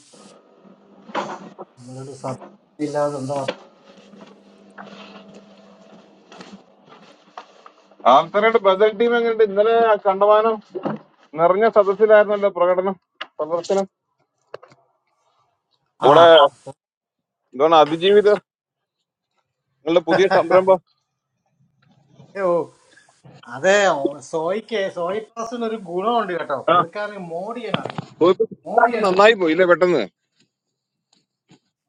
നമ്മളൊരു സത്യമില്ലാതെ എന്താ ആൾക്കാരുടെ ബദൽ ടീം എങ്ങനെയുണ്ട് ഇന്നലെ ആ കണ്ടമാനം നിറഞ്ഞ സദസ്സിലായിരുന്നല്ലോ പ്രകടനം പ്രദർശനം ആ നമ്മുടെ എന്താണ് അതിജീവിത നിങ്ങളുടെ പുതിയ സംരംഭം ഓ അതെ ഓ, സോയിക്ക് സോയി പാസിന് ഒരു ഗുണമുണ്ട് കേട്ടോ ആ, പുള്ളിക്കാരന് മോഡ് ചെയ്യാൻ അറിയാം മോഡ് പോയപ്പോ ചെയ്യാൻ അറിയാം നന്നായി പോയില്ലേ പെട്ടെന്ന്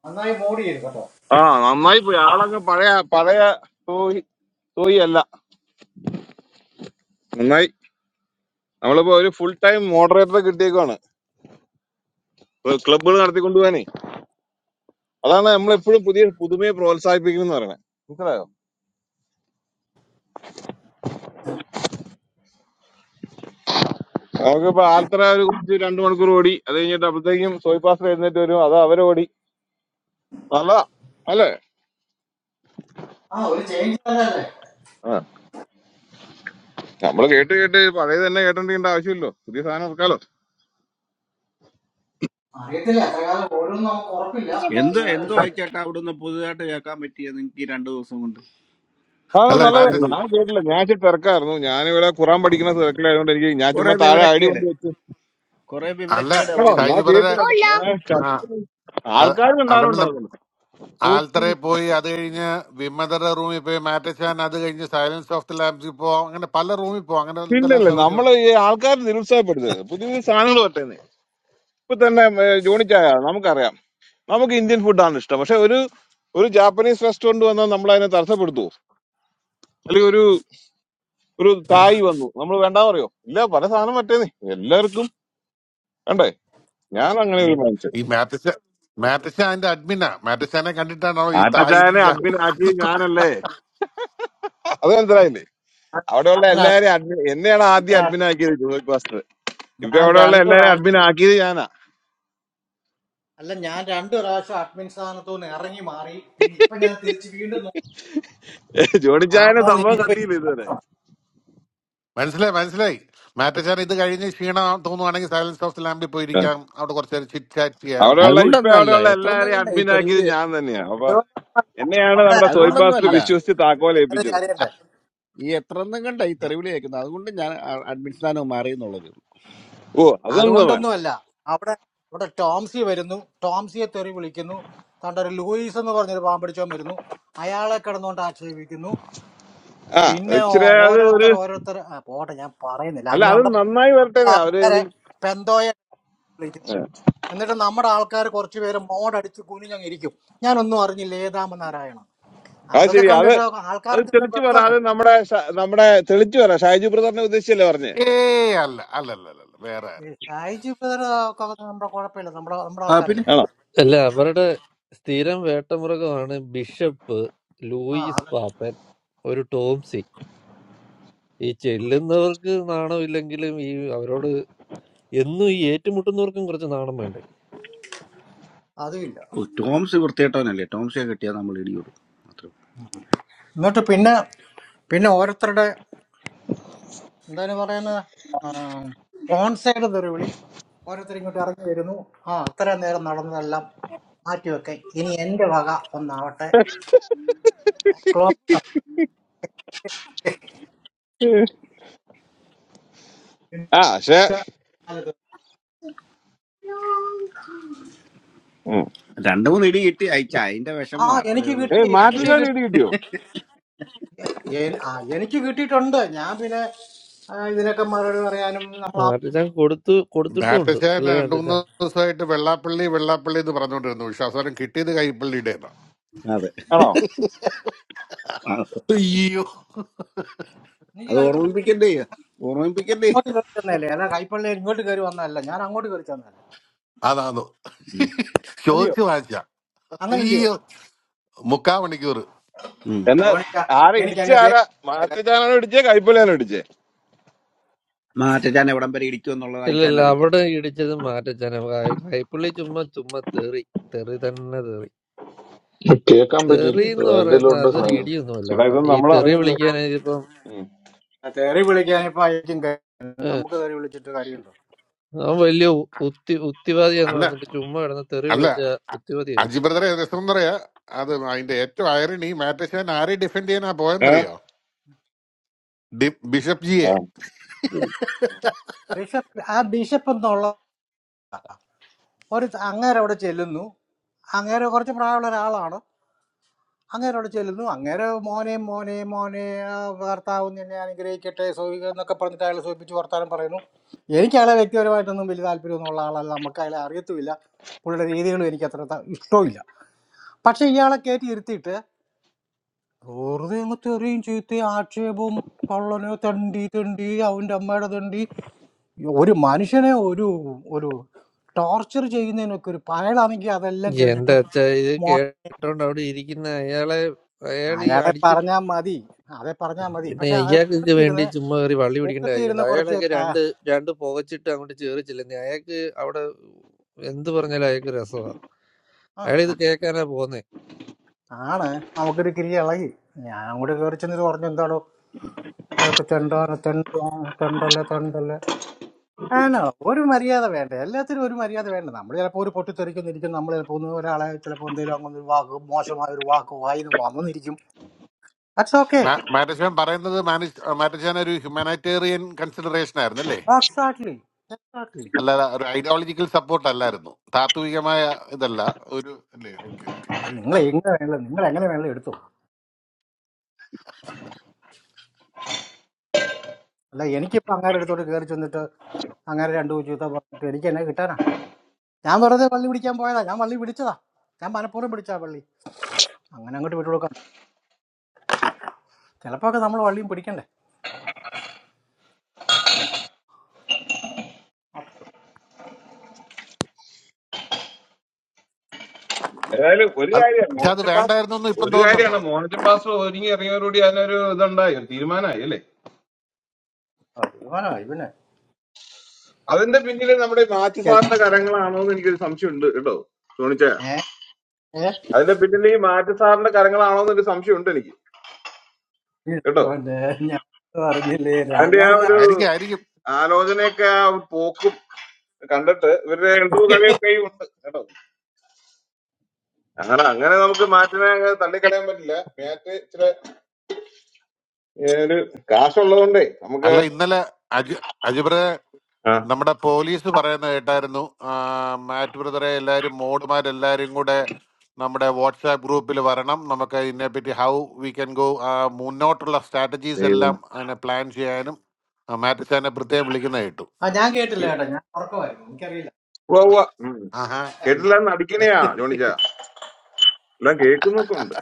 നന്നായി മോഡ് ചെയ്തു കേട്ടോ ആ നന്നായി പോയി ആളൊക്കെ പഴയ പഴയ സോയി സോയി അല്ല നന്നായി നമ്മളിപ്പോ ഒരു ഫുൾ ടൈം മോഡറേറ്റർ കിട്ടിയേക്കാണ് ക്ലബ്ബുകൾ നടത്തിക്കൊണ്ടുപോകാനേ അതാണ് നമ്മളെപ്പോഴും പുതിയ പുതുമയെ പ്രോത്സാഹിപ്പിക്കണം എന്ന് പറയുന്നത് മനസ്സിലായോ നമുക്കിപ്പോ ആൽത്തറ ഒരു കുറച്ച് രണ്ടു മണിക്കൂർ ഓടി അത് കഴിഞ്ഞിട്ട് അപ്പോഴത്തേക്കും സോയി പാസ്റ്റർ എഴുന്നേറ്റ് വരും അത് അവരോടി നല്ലതാ അല്ലേ ആ ഒരു ചേഞ്ച് തന്നെ അല്ലേ ആ നമ്മള് കേട്ട് കേട്ട് പഴയത് തന്നെ കേട്ടോണ്ടിരിക്കേണ്ട ആവശ്യമില്ലല്ലോ പുതിയ സാധനം ഇറക്കാലോ അറിയത്തില്ല എത്ര കാലം ഓരോന്നും നമുക്ക് ഉറപ്പില്ല അത് എന്ത് വേറെ എന്തോ വിഷയം ആയിക്കോട്ടെ അവിടുന്ന് പുതുതായിട്ട് കേൾക്കാൻ പറ്റിയ നിങ്ങൾക്ക് ഈ രണ്ടു ദിവസം കൊണ്ട് ആ അല്ല കുറെ മാറ്റ നല്ലത് തെരുവ് ഞാൻ കേട്ടില്ല ഞാൻ ഇച്ചിരി തിരക്കായിരുന്നു ഞാനിവിടെ ഖുറാൻ പഠിക്കുന്ന തിരക്കിലായതുകൊണ്ട് എനിക്ക് ഞാൻ കുറെ ചുമ്മാ താഴെ ഐ വിവരക്കേട് ഡി കുറെ അല്ല വിവരക്കേട് ആ അവിടെ നിന്ന് ഞാൻ ഷൈജു ബ്രദറെ കേട്ടില്ല ഞാൻ ആ കണ്ടു. അ- ആൾക്കാർ അതല്ല ഉണ്ടാകുന്നുണ്ടാകുന്നു നൂറ്റി ആൽത്തറയിൽ പോയി അത് കഴിഞ്ഞ് വിമതരുടെ റൂമിൽ പോയി മാറ്റച്ചാൻ അത് കഴിഞ്ഞ് സൈലൻസ് ഓഫ് ദി ലാബ്സിൽ പോവാം അങ്ങനെ പല റൂമിൽ പോവാം അങ്ങനെ എന്തെല്ലാം പിന്നല്ലേ സൗകര്യമുണ്ട് നമ്മള് ഈ ആൾക്കാർ നിരുത്സാഹപ്പെടുത്തരുത് പുതിയ പുതിയ സാധനങ്ങൾ പറ്റുന്നത് ഇപ്പൊ തന്നെ ഏഹ്, ജോണിച്ചായ നമുക്കറിയാം നമുക്ക് ഇന്ത്യൻ ഫുഡാണ് ഇഷ്ടം പക്ഷെ ഒരു ഒരു ജാപ്പനീസ് റെസ്റ്റോറന്റ് വന്നാൽ നമ്മൾ അതിനെ തടസ്സപ്പെടുത്തുവോ അല്ലെങ്കിൽ ഒരു ഒരു തായ് വന്നു നമ്മൾ വേണ്ട പറയോ ഇല്ല പല സാധനം പറ്റേന്നേ എല്ലാവർക്കും വേണ്ടേ ഞാൻ അങ്ങനെ ഈ ഒരു മനുഷ്യൻ ഈ മാറ്റച്ച മാറ്റച്ച അതിന്റെ അഡ്മിനാ മാറ്റച്ചാനെ കണ്ടിട്ടാണോ ഈ തായിതും ആട്ടക്കാരനെ അഡ്മിൻ ജാപ്പനീസും ആക്കി ഒക്കെ? ഞാനല്ലേ അത് മനസ്സിലായില്ലേ അവിടെയുള്ള ഞാൻ ആ- എല്ലാരെയും അഡ്മിൻ എന്നെയാണ് ആദ്യം ഞാൻ ആ- അഡ്മിൻ ആക്കിയത് ജോയ് പാസ്റ്റർ ഇപ്പൊ ഞാൻ അവിടെയുള്ള രണ്ടു എല്ലാരും പ്രാവശ്യം അഡ്മിൻ ആക്കിയത് ഞാനാ അല്ല ഞാൻ രണ്ടു പ്രാവശ്യം അഡ്മിൻ സ്ഥാനത്തു നിന്ന് ഇറങ്ങി മാറി പിന്നെ ഇപ്പൊ ഞാൻ തിരിച്ച് വീണ്ടും നോ- ജോണിച്ചായനെ ആണോന്ന് സംഭവം കത്തിയില്ല ഇനിയിപ്പൊ ഇതുവരെ മനസ്സിലായി മനസ്സിലായി മാറ്റച്ചാൻ ഇത് കഴിഞ്ഞ് ക്ഷീണം തോന്നുവാണെങ്കിൽ സൈലൻസ് ഓഫ് ദി ലാമ്പിൽ ആ. പോയിരിക്കാം അവിടെ കുറച്ച് നേരം ചിറ്റ് ചാറ്റ് ചെയ്യാം അവിടെയുള്ള ഇപ്പൊ അതുകൊണ്ടൊന്നല്ല അവിടെയുള്ള എത്ര എല്ലാരെയും കണ്ട ഈ അഡ്മിൻ ആക്കിയത് തെരുവിളി ഞാൻ തന്നെയാ അപ്പൊ അതുകൊണ്ട് എന്നെയാണ് അവിടെ നമ്മുടെ സോയി അത് അതുകൊണ്ടൊന്നും പാസ്റ്റർ അല്ല അത് വിശ്വസിച്ച് താക്കോൽ വേറെ ഏൽപ്പിച്ചത് കാര്യമുണ്ട് ഈ എത്ര കണ്ട ഈ തെരുവിളി കേൾക്കുന്നത് അതുകൊണ്ട് ഞാൻ അ- അഡ്മിൻ സ്ഥാനം മാറി എന്നുള്ളതേ ഉള്ളൂ ഓ അതൊന്നും വേ- അതുകൊണ്ടൊന്നുമല്ല അവിടെ ഇവിടെ ടോംസി വരുന്നു ടോംസിയെ തെറി വിളിക്കുന്നു തൻ്റെ ഒരു ലൂയിസ് എന്ന് പറഞ്ഞൊരു പാമ്പടിച്ചോൻ വരുന്നു അയാളെ കിടന്നുകൊണ്ട് ആക്ഷേപിക്കുന്നു ആ പിന്നെ ഇച്ചിരി ഓ- അത് ഒരു ഓരോരുത്തർ ഓരോരുത്തർ ആ, പോട്ടെ ഞാൻ പറയുന്നില്ല അല്ല അതിന് അത് അവിടെ പോയി നന്നായി വരട്ടെ അവര് ആൾക്കാരെ എനിക്ക് പെന്തോയെ വിളിക്കുന്നു ആ എന്നിട്ട് നമ്മുടെ ആൾക്കാർ കുറച്ച് പേര് മോടടിച്ച് കുനിഞ്ഞങ്ങ് ഇരിക്കും ഞാനൊന്നും അറിഞ്ഞില്ല ഏതാമ നാരായണം അത് അതൊക്കെ ശരി അത് കണ്ടിട്ട് അത് ആൾക്കാർക്ക് തെളിച്ചു പറ വെറുതെ അത് നമ്മുടെ ഷ- നമ്മുടെ തെളിച്ചു പറ ഷാജു ബ്രദറിനെ ഉദ്ദേശിച്ചല്ലേ പറഞ്ഞേ ഏ അല്ല അല്ല അല്ല അല്ല അല്ല, വേറെ ആരും ഷായിജി നമ്മുടെ കുഴപ്പമില്ല നമ്മുടെ നമ്മുടെ ആ പിന്നെ ആൾക്കാരല്ലേ ആണോ അല്ല അവരുടെ സ്ഥിരം വേട്ടമൃഗമാണ് ബിഷപ്പ് ആ ലൂയിസ് പാപ്പൻ ഒരു ടോംസി ഈ ചെല്ലുന്നവർക്ക് നാണമില്ലെങ്കിലും ഈ അവരോട് എന്നും ഈ ഏറ്റുമുട്ടുന്നവർക്കും കുറച്ച് നാണം വേണ്ടേ അതുമില്ല ഓ, ടോംസ് വൃത്തിയിട്ടവനല്ലേ ടോംസിയെ കിട്ടിയാൽ നമ്മൾ ഇടി കൊടുക്കും അത്രേ ഉള്ളൂ. എന്നിട്ട് പിന്നെ പിന്നെ ഓരോരുത്തരുടെ എന്താണ് പറയുന്നത് ഓൺ സൈഡ് തെറിവിളി ഓരോരുത്തർ ഇങ്ങോട്ട് ഇറങ്ങി വരുന്നു ആ അത്ര നേരം നടന്നതെല്ലാം മാറ്റിവെക്കെ ഇനി എന്റെ വക ഒന്നാവട്ടെ ക്ലോബ് ആ പക്ഷേ രണ്ടു മൂന്ന് ഇടി കിട്ടി അയച്ച അതിന്റെ ആ വിഷമം അത്രേ എനിക്ക് ഉള്ളൂ കിട്ടി ഏയ് വേറെ എനിക്ക് കാര്യം മാറ്റുചാണ് കിട്ടി ഇടി കിട്ടിയോ എൻ- ആ എനിക്ക് കിട്ടിയിട്ടുണ്ട് ഞാൻ പിന്നെ ആ, ഇതിനൊക്കെ മറുപടി പറയാനും നമ്മൾ ആ- മാറ്റച്ചാൻ കൊടുത്തു കൊടുത്തിട്ടുമുണ്ട് മാറ്റച്ചാൻ അല്ലേ രണ്ടു മൂന്ന് മാറ്റച്ചാൻ ദിവസമായിട്ട് വെള്ളാപ്പള്ളി വെള്ളാപ്പള്ളി എന്ന് പറഞ്ഞുകൊണ്ടിരുന്നു പക്ഷെ അവസാനം കിട്ടിയത് കൈപ്പള്ളിയുടെ അതെ ആണോ ആ, അയ്യോ എനിക്ക് അത് കൈപ്പള്ളി ഓർമ്മിപ്പിക്കണ്ടേ ഞാൻ ഓർമ്മിപ്പിക്കണ്ടേ അങ്ങോട്ട് കയറി തന്നല്ലേ അല്ല കൈപ്പള്ളി ഇങ്ങോട്ട് കയറി വന്നതല്ല ഞാൻ അങ്ങോട്ട് കയറി തന്നതല്ലേ അതാന്നു അല്ലയോ ചോദിച്ചു വാങ്ങിച്ച അങ്ങനല്ലയോ അയ്യോ മുക്കാ മണിക്കൂർ ഉം. എന്നാ യോണിക്ക ആരാ എനിക്ക് ഇടിച്ച ആരാ എന്നെ മാറ്റുചാനാണോ ഇടിച്ചേ കൈപ്പുലിയാണോ മാറ്റച്ചാൻ എവിടം വരെ ഇടിക്കും എന്നുള്ളത് ഇല്ല അയച്ചാൻ ഇല്ല അറിയത്തില്ല അവിടെ ഇടിച്ചത് മാറ്റച്ചാനെ കൈപ്പുള്ളി ചുമ്മാ ചുമ്മാ തെറി തെറി തന്നെ തെറി Okay, I can't be തെറി jealous. എന്ന് I'll പറയുന്നത് download this അതൊരു song. ഇടിയൊന്നുമല്ല ചേട്ടാ കേട്ടോ ഇത് ഈ നമ്മൾ തെറി അറിഞ്ഞില്ല വിളിക്കാനായിട്ടിപ്പം ഉം. ആ, തെറി വിളിക്കാൻ ഇപ്പൊ അയക്കും കാര്യം ഏഹ്, നമുക്ക് തെറി വിളിച്ചിട്ട് കാര്യമുണ്ടോ അവൻ വലിയ ഉ- ഉത്തി ഉത്തിവാദിയാന്ന് അല്ല പറഞ്ഞിട്ട് ചുമ്മാ കിടന്ന് തെറി അല്ല വിളിച്ച അ- ഉത്തിവാദിയാവും അജി ബ്രദറെ രസം എന്നറിയാ അത് അതിന്റെ ഏറ്റവും ഐറണി മാറ്റശവൻ ആരെ ഡിഫെൻഡ് ചെയ്യാനാ ഏ? പോയെന്നറിയോ ഡി- ബിഷപ്പ് ജിയെ ആ. ബിഷപ്പ് ആ ബിഷപ്പ് എന്നുള്ള ഒരു അങ്ങേരെ അവിടെ ചെല്ലുന്നു അങ്ങേരെ കുറച്ച് പ്രായമുള്ള ഒരാളാണ് അങ്ങേരെ അവിടെ ചെല്ലുന്നു അങ്ങേരെ മോനെ മോനെ മോനെ ആ, കർത്താവ് നിന്നെ അനുഗ്രഹിക്കട്ടെ സോയിക എന്നൊക്കെ പറഞ്ഞിട്ട് അയാളെ സൂചിപ്പിച്ച് വർത്താനം പറയുന്നു എനിക്ക് അയാളെ വ്യക്തിപരമായിട്ടൊന്നും വലിയ താല്പര്യമൊന്നുമുള്ള ആളല്ല നമുക്ക് അയാളെ അറിയത്തുമില്ല പുള്ളിയുടെ രീതികളും എനിക്ക് അത്ര ത- ഇഷ്ടവുമില്ല പക്ഷേ ഇയാളെ കയറ്റി ഇരുത്തിയിട്ട് വെറുതെ അങ്ങ് തെറിയും ചീത്ത ആക്ഷേപവും പള്ളനെ തണ്ടി തണ്ടി അവന്റെ അമ്മയുടെ തണ്ടി ഒരു മനുഷ്യനെ ഒരു ഒരു ടോർച്ചർ ചെയ്യുന്നതിനൊക്കെ ഒരു പയലാണെങ്കിൽ അതെല്ലാം എന്റെ കേട്ടിട്ട് അച്ഛ ഇത് മോ കേട്ടോണ്ട് അവിടെ ഇരിക്കുന്ന അയാളെ അയാൾ അയാളെ ഈ പറഞ്ഞാൽ മതി അതെ പറഞ്ഞാൽ മതി പിന്നെ പക്ഷെ ആ ഇയാൾക്ക് വേണ്ടി കൂട്ടത്തിരുന്ന് ചുമ്മാ കയറി വള്ളി പിടിക്കേണ്ട കാര്യമുണ്ട് കൂട്ടത്തിരുന്ന് കുറച്ച് അയാളൊക്കെ ത- രണ്ട് രണ്ട് പുകച്ചിട്ട് അങ്ങോട്ട് ചേറിച്ചില്ലെന്നേ അയാൾക്ക് അവിടെ എന്ത് പറഞ്ഞാലും അയാൾക്ക് രസമാണ് ആ, അയാൾ ഇത് കേൾക്കാനാ പോകുന്നത്. ആണ് നമുക്കൊരു കിരി ഇളകി ഞാൻ അങ്ങോട്ട് കയറി ചെന്ന് ഇത് പറഞ്ഞു എന്താണോ അതൊക്കെ തെണ്ടാണ് തെണ്ട തെണ്ടല്ല തെണ്ടല്ല ആണോ ഒരു മര്യാദ വേണ്ടേ എല്ലാത്തിനും ഒരു മര്യാദ വേണ്ട നമ്മൾ ചിലപ്പോൾ ഒരു പൊട്ടിത്തെറിക്കുന്നിരിക്കും നമ്മൾ ചിലപ്പോൾ ഒന്ന് ഒരാളെ ചിലപ്പോൾ എന്തെങ്കിലും അങ്ങനെ ഒരു വാക്ക് മോശമായ ഒരു വാക്ക് വായിന്ന് വന്നെന്നിരിക്കും ദാറ്റ്സ് ഓക്കെ മാ- മാറ്റശവൻ പറയുന്നത് മാനിഷ്- മാറ്റശവൻ ഒരു ഹ്യൂമാനിറ്റേറിയൻ കൺസിഡറേഷൻ ആയിരുന്നു അല്ലേ എക്സാക്ട്ലി എക്സാക്ട്ലി അല്ലാതെ ഒരു ഐഡിയോളജിക്കൽ സപ്പോർട്ട് അല്ലായിരുന്നു താത്വികമായ ഇതല്ല ഒരു അല്ലേ ഓക്കെ ഓക്കെ നിങ്ങൾ എങ്ങനെ വേണല്ലോ നിങ്ങൾ എങ്ങനെ വേണല്ലോ എടുത്തു അല്ല എനിക്കിപ്പോൾ അങ്ങേരെ എടുത്തോട്ട് കയറി ചെന്നിട്ട് അങ്ങേരെ രണ്ടു ചീത്ത പറഞ്ഞിട്ട് എനിക്ക് എന്നെ കിട്ടാനാ ഞാൻ വെറുതെ വള്ളി പിടിക്കാൻ പോയതാ ഞാൻ വള്ളി പിടിച്ചതാ ഞാൻ മനഃപൂർവ്വം പിടിച്ചാ വള്ളി അങ്ങനെ അങ്ങോട്ട് വിട്ടു കൊടുക്കാം ചിലപ്പോ ഒക്കെ നമ്മൾ വള്ളിയും പിടിക്കണ്ടേ അപ്പൊ ഏതായാലും ഒരു അത് കാര്യമാണ് പക്ഷെ അത് മോഹൻജൻ ബാസ് വേണ്ടായിരുന്നു ഇപ്പം ഒരു തോന്നുന്നുണ്ടോ കാര്യമാണ് മോഹൻജൻ ബാസ് ഒരുങ്ങി ഇറങ്ങിയതോടുകൂടി അതിനൊരു ഇതുണ്ടായി ഒരു തീരുമാനമായി അല്ലേ ഇവനാ ഇവനെ അതിന്റെ പിന്നിൽ നമ്മുടെ ഈ മാത്യു ഏ, സാറിന്റെ കരങ്ങളാണോ എന്ന് എനിക്കൊരു സംശയമുണ്ട് കേട്ടോ തോണിച്ച ഏ, അതിന്റെ പിന്നിൽ ഈ മാത്യു സാറിന്റെ കരങ്ങളാണോ എന്നൊരു സംശയമുണ്ട് എനിക്ക് കേട്ടോ ഇവനെ ഞാൻ പറഞ്ഞില്ലേ അതിന്റെ രാജാ ആ ഒരു ആയിരിക്കും ആയിരിക്കും ആലോചനയൊക്കെ ആ ഒരു പോക്കും കണ്ടിട്ട് ഇവരുടെ എന്തോ കളിയൊക്കെ ഉണ്ട് കേട്ടോ അങ്ങനെ അങ്ങനെ നമുക്ക് മാറ്റിനെ അങ്ങ് തള്ളിക്കളയാൻ പറ്റില്ല മാറ്റ് ഇച്ചിരി ഏ, ഒരു കാശുള്ളതുകൊണ്ടേ അല്ല നമുക്ക് ഇന്നലെ അജി അജിബ്ര നമ്മുടെ പോലീസ് പറയുന്ന കേട്ടായിരുന്നു ആ, മാറ്റ് ബ്രദറെ എല്ലാവരും മോഡുമാരെല്ലാവരും കൂടെ നമ്മുടെ വാട്സാപ്പ് ഗ്രൂപ്പിൽ വരണം നമുക്ക് ഇതിനെപ്പറ്റി ഹൗ വി ക്യാൻ ഗോ മുന്നോട്ടുള്ള സ്ട്രാറ്റജീസ് ദൈവം എല്ലാം അങ്ങനെ പ്ലാൻ ചെയ്യാനും ആ, മാറ്റച്ചാനെ പ്രത്യേകം വിളിക്കുന്ന കേട്ടു ആ ഞാൻ കേട്ടില്ല ശ്ശോ. കേട്ടോ ഞാൻ ഉറക്കമായിരുന്നു എനിക്കറിയില്ല ഉവ്വ് ഉവ്വ്. ഉം. ആഹാ കേട്ടില്ലാന്ന് അടിക്കണയാ ജോണിച്ച എല്ലാം കേൾക്കുന്നൊക്കെ ഉണ്ട്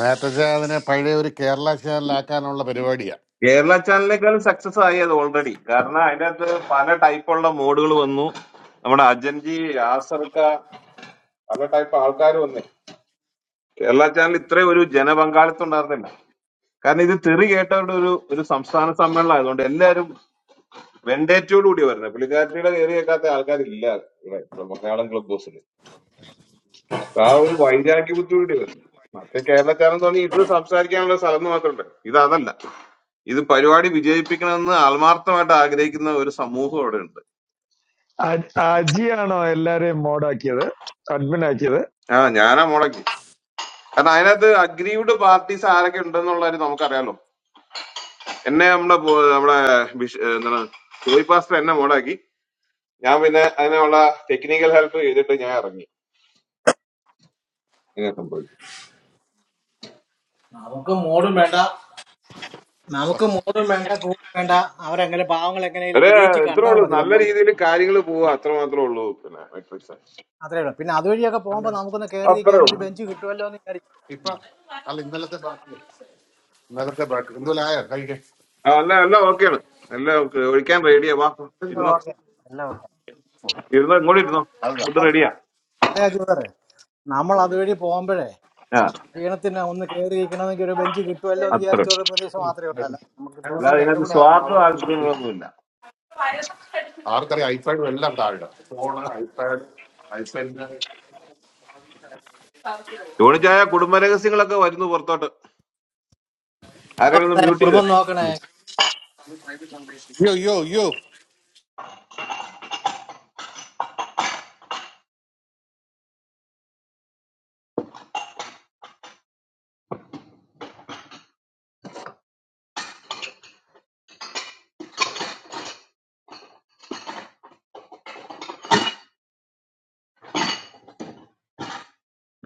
മാറ്റച്ചാൻ അതിനെ പഴയ ഒരു കേരള ചാനലാക്കാനുള്ള പരിപാടിയാ കേരള ചാനലിനേക്കാൾ സക്സസ് ആയി അത് ഓൾറെഡി കാരണം അതിനകത്ത് പല ടൈപ്പുള്ള മോഡുകൾ വന്നു നമ്മുടെ അജൻജി ആസർക്ക പല ടൈപ്പ് ആൾക്കാർ വന്നേ കേരള ചാനൽ ഇത്രയും ഒരു ജനപങ്കാളിത്തം ഉണ്ടായിരുന്നില്ല കാരണം ഇത് തെറി കേട്ടവരുടെ ഒരു ഒരു സംസ്ഥാന സമ്മേളനം ആയതുകൊണ്ട് എല്ലാവരും വെണ്ടേറ്റോട് കൂടി വരുന്നത് പുള്ളിക്കാരത്തിയുടെ കയറി കേൾക്കാത്ത ആൾക്കാരില്ല ഇവിടെ മലയാളം ക്ലബ് ഹൗസിൽ. ആ ഒരു വൈരാഗ്യ ബുദ്ധിമുട്ടി വരും മറ്റേ കേരളക്കാരൻ തോന്നി ഇത് സംസാരിക്കാനുള്ള സ്ഥലം എന്ന് മാത്രമുണ്ട് ഇത് അതല്ല ഇത് പരിപാടി വിജയിപ്പിക്കണമെന്ന് ആത്മാർത്ഥമായിട്ട് ആഗ്രഹിക്കുന്ന ഒരു സമൂഹം അവിടെ ഉണ്ട് അ- അജിയാണോ എല്ലാരെയും മോഡാക്കിയത് അഡ്മിൻ ആക്കിയത് ആ ഞാനാ മുടക്കി കാരണം അതിനകത്ത് അഗ്രീവ്ഡ് പാർട്ടീസ് ആരൊക്കെ ഉണ്ടെന്നുള്ള കാര്യം നമുക്കറിയാലോ എന്നെ നമ്മുടെ പോ- നമ്മുടെ ബിഷ്- ഏഹ് എന്താണ് ജോയി പാസ്റ്റർ എന്നെ മുടക്കി ഞാൻ പിന്നെ അതിനുള്ള ടെക്നിക്കൽ ഹെൽപ്പ് ചെയ്തിട്ട് ഞാൻ ഇറങ്ങി ഇങ്ങനെ സംഭവിച്ചു നമുക്ക് മോഡും വേണ്ട നമുക്ക് മോഡും വേണ്ട കൂടും വേണ്ട അവരെങ്ങനെ പാവങ്ങൾ എങ്ങനെയും അതെ വിജയിച്ച് ഇത്രേ കണ്ടാൽ ഉള്ളൂ മതി നല്ല എന്നല്ല രീതിയിൽ കാര്യങ്ങൾ പോവുക അത്ര മാത്രമേ ഉള്ളൂ പിന്നെ മെട്രിക്സ് അത്രേ ഉള്ളൂ പിന്നെ അതുവഴിയൊക്കെ പോകുമ്പോൾ നമുക്കൊന്ന് കയറി അത്രേ നിൽക്കാൻ ഒരു ഉള്ളൂ ബെഞ്ച് കിട്ടുമല്ലോ എന്ന് വിചാരിച്ചു ഇപ്പൊ ഉം. അല്ല ഇന്നലത്തെ ബാക്കി ഇന്നലത്തെ ബാക്കി എന്തോലായോ കഴിക്കേ ആ എല്ലാം എല്ലാം ഓക്കെയാണ് എല്ലാം ഒക്കെ- ഒഴിക്കാൻ റെഡിയാ വാ ഇരുന്നോ ഓക്കെ അല്ല ഓക്കെ ഇരുന്നോ ഇങ്ങോട്ട് ഇരുന്നോ അല്ല ഫുഡ് അല്ല അജു റെഡിയാ അല്ല അജു സാറേ നമ്മൾ അതുവഴി പോകുമ്പോഴേ ആ ക്ഷീണത്തിന് ഒന്ന് കയറി ഇരിക്കണമെങ്കിൽ ഒരു ബെഞ്ച് കിട്ടുമല്ലോ എന്ന് അത്ര വിചാരിച്ച ഒരു പ്രതീക്ഷ മാത്രമേ ഉള്ളൂ അല്ല നമുക്കിപ്പം അതിനകത്ത് അല്ലാതെ രണ്ടും ഇതിനകത്ത് കൂടെ ആവുമ്പോ സ്വാർത്ഥ അവരുടെ റൂമിൽ പോയി. താല്പര്യങ്ങളൊന്നുമില്ല ആർക്കറിയാം ഐപാഡും എല്ലാം താഴെ ഫോണ് ഐപാഡ് ഐപാഡിന്റെ അയ്യോ ജോണിച്ചായ കുടുംബ രഹസ്യങ്ങളൊക്കെ വരുന്നു പുറത്തോട്ട് ആരെങ്കിലും ഏ, ഒന്ന് മ്യൂട്ട് ചെയ്ത് കുടുംബം നോക്കണേ അയ്യോ അയ്യോ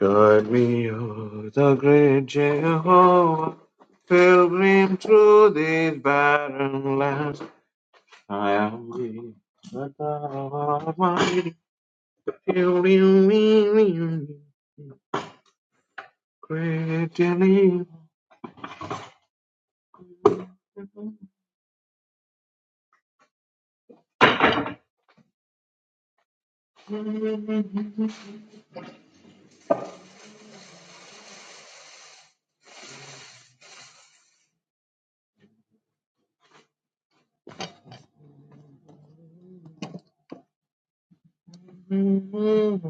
God me, oh, the great Jehovah, pilgrim through these barren lands. I am weak, but thou art mighty. Building me, great and evil. Mm-hmm.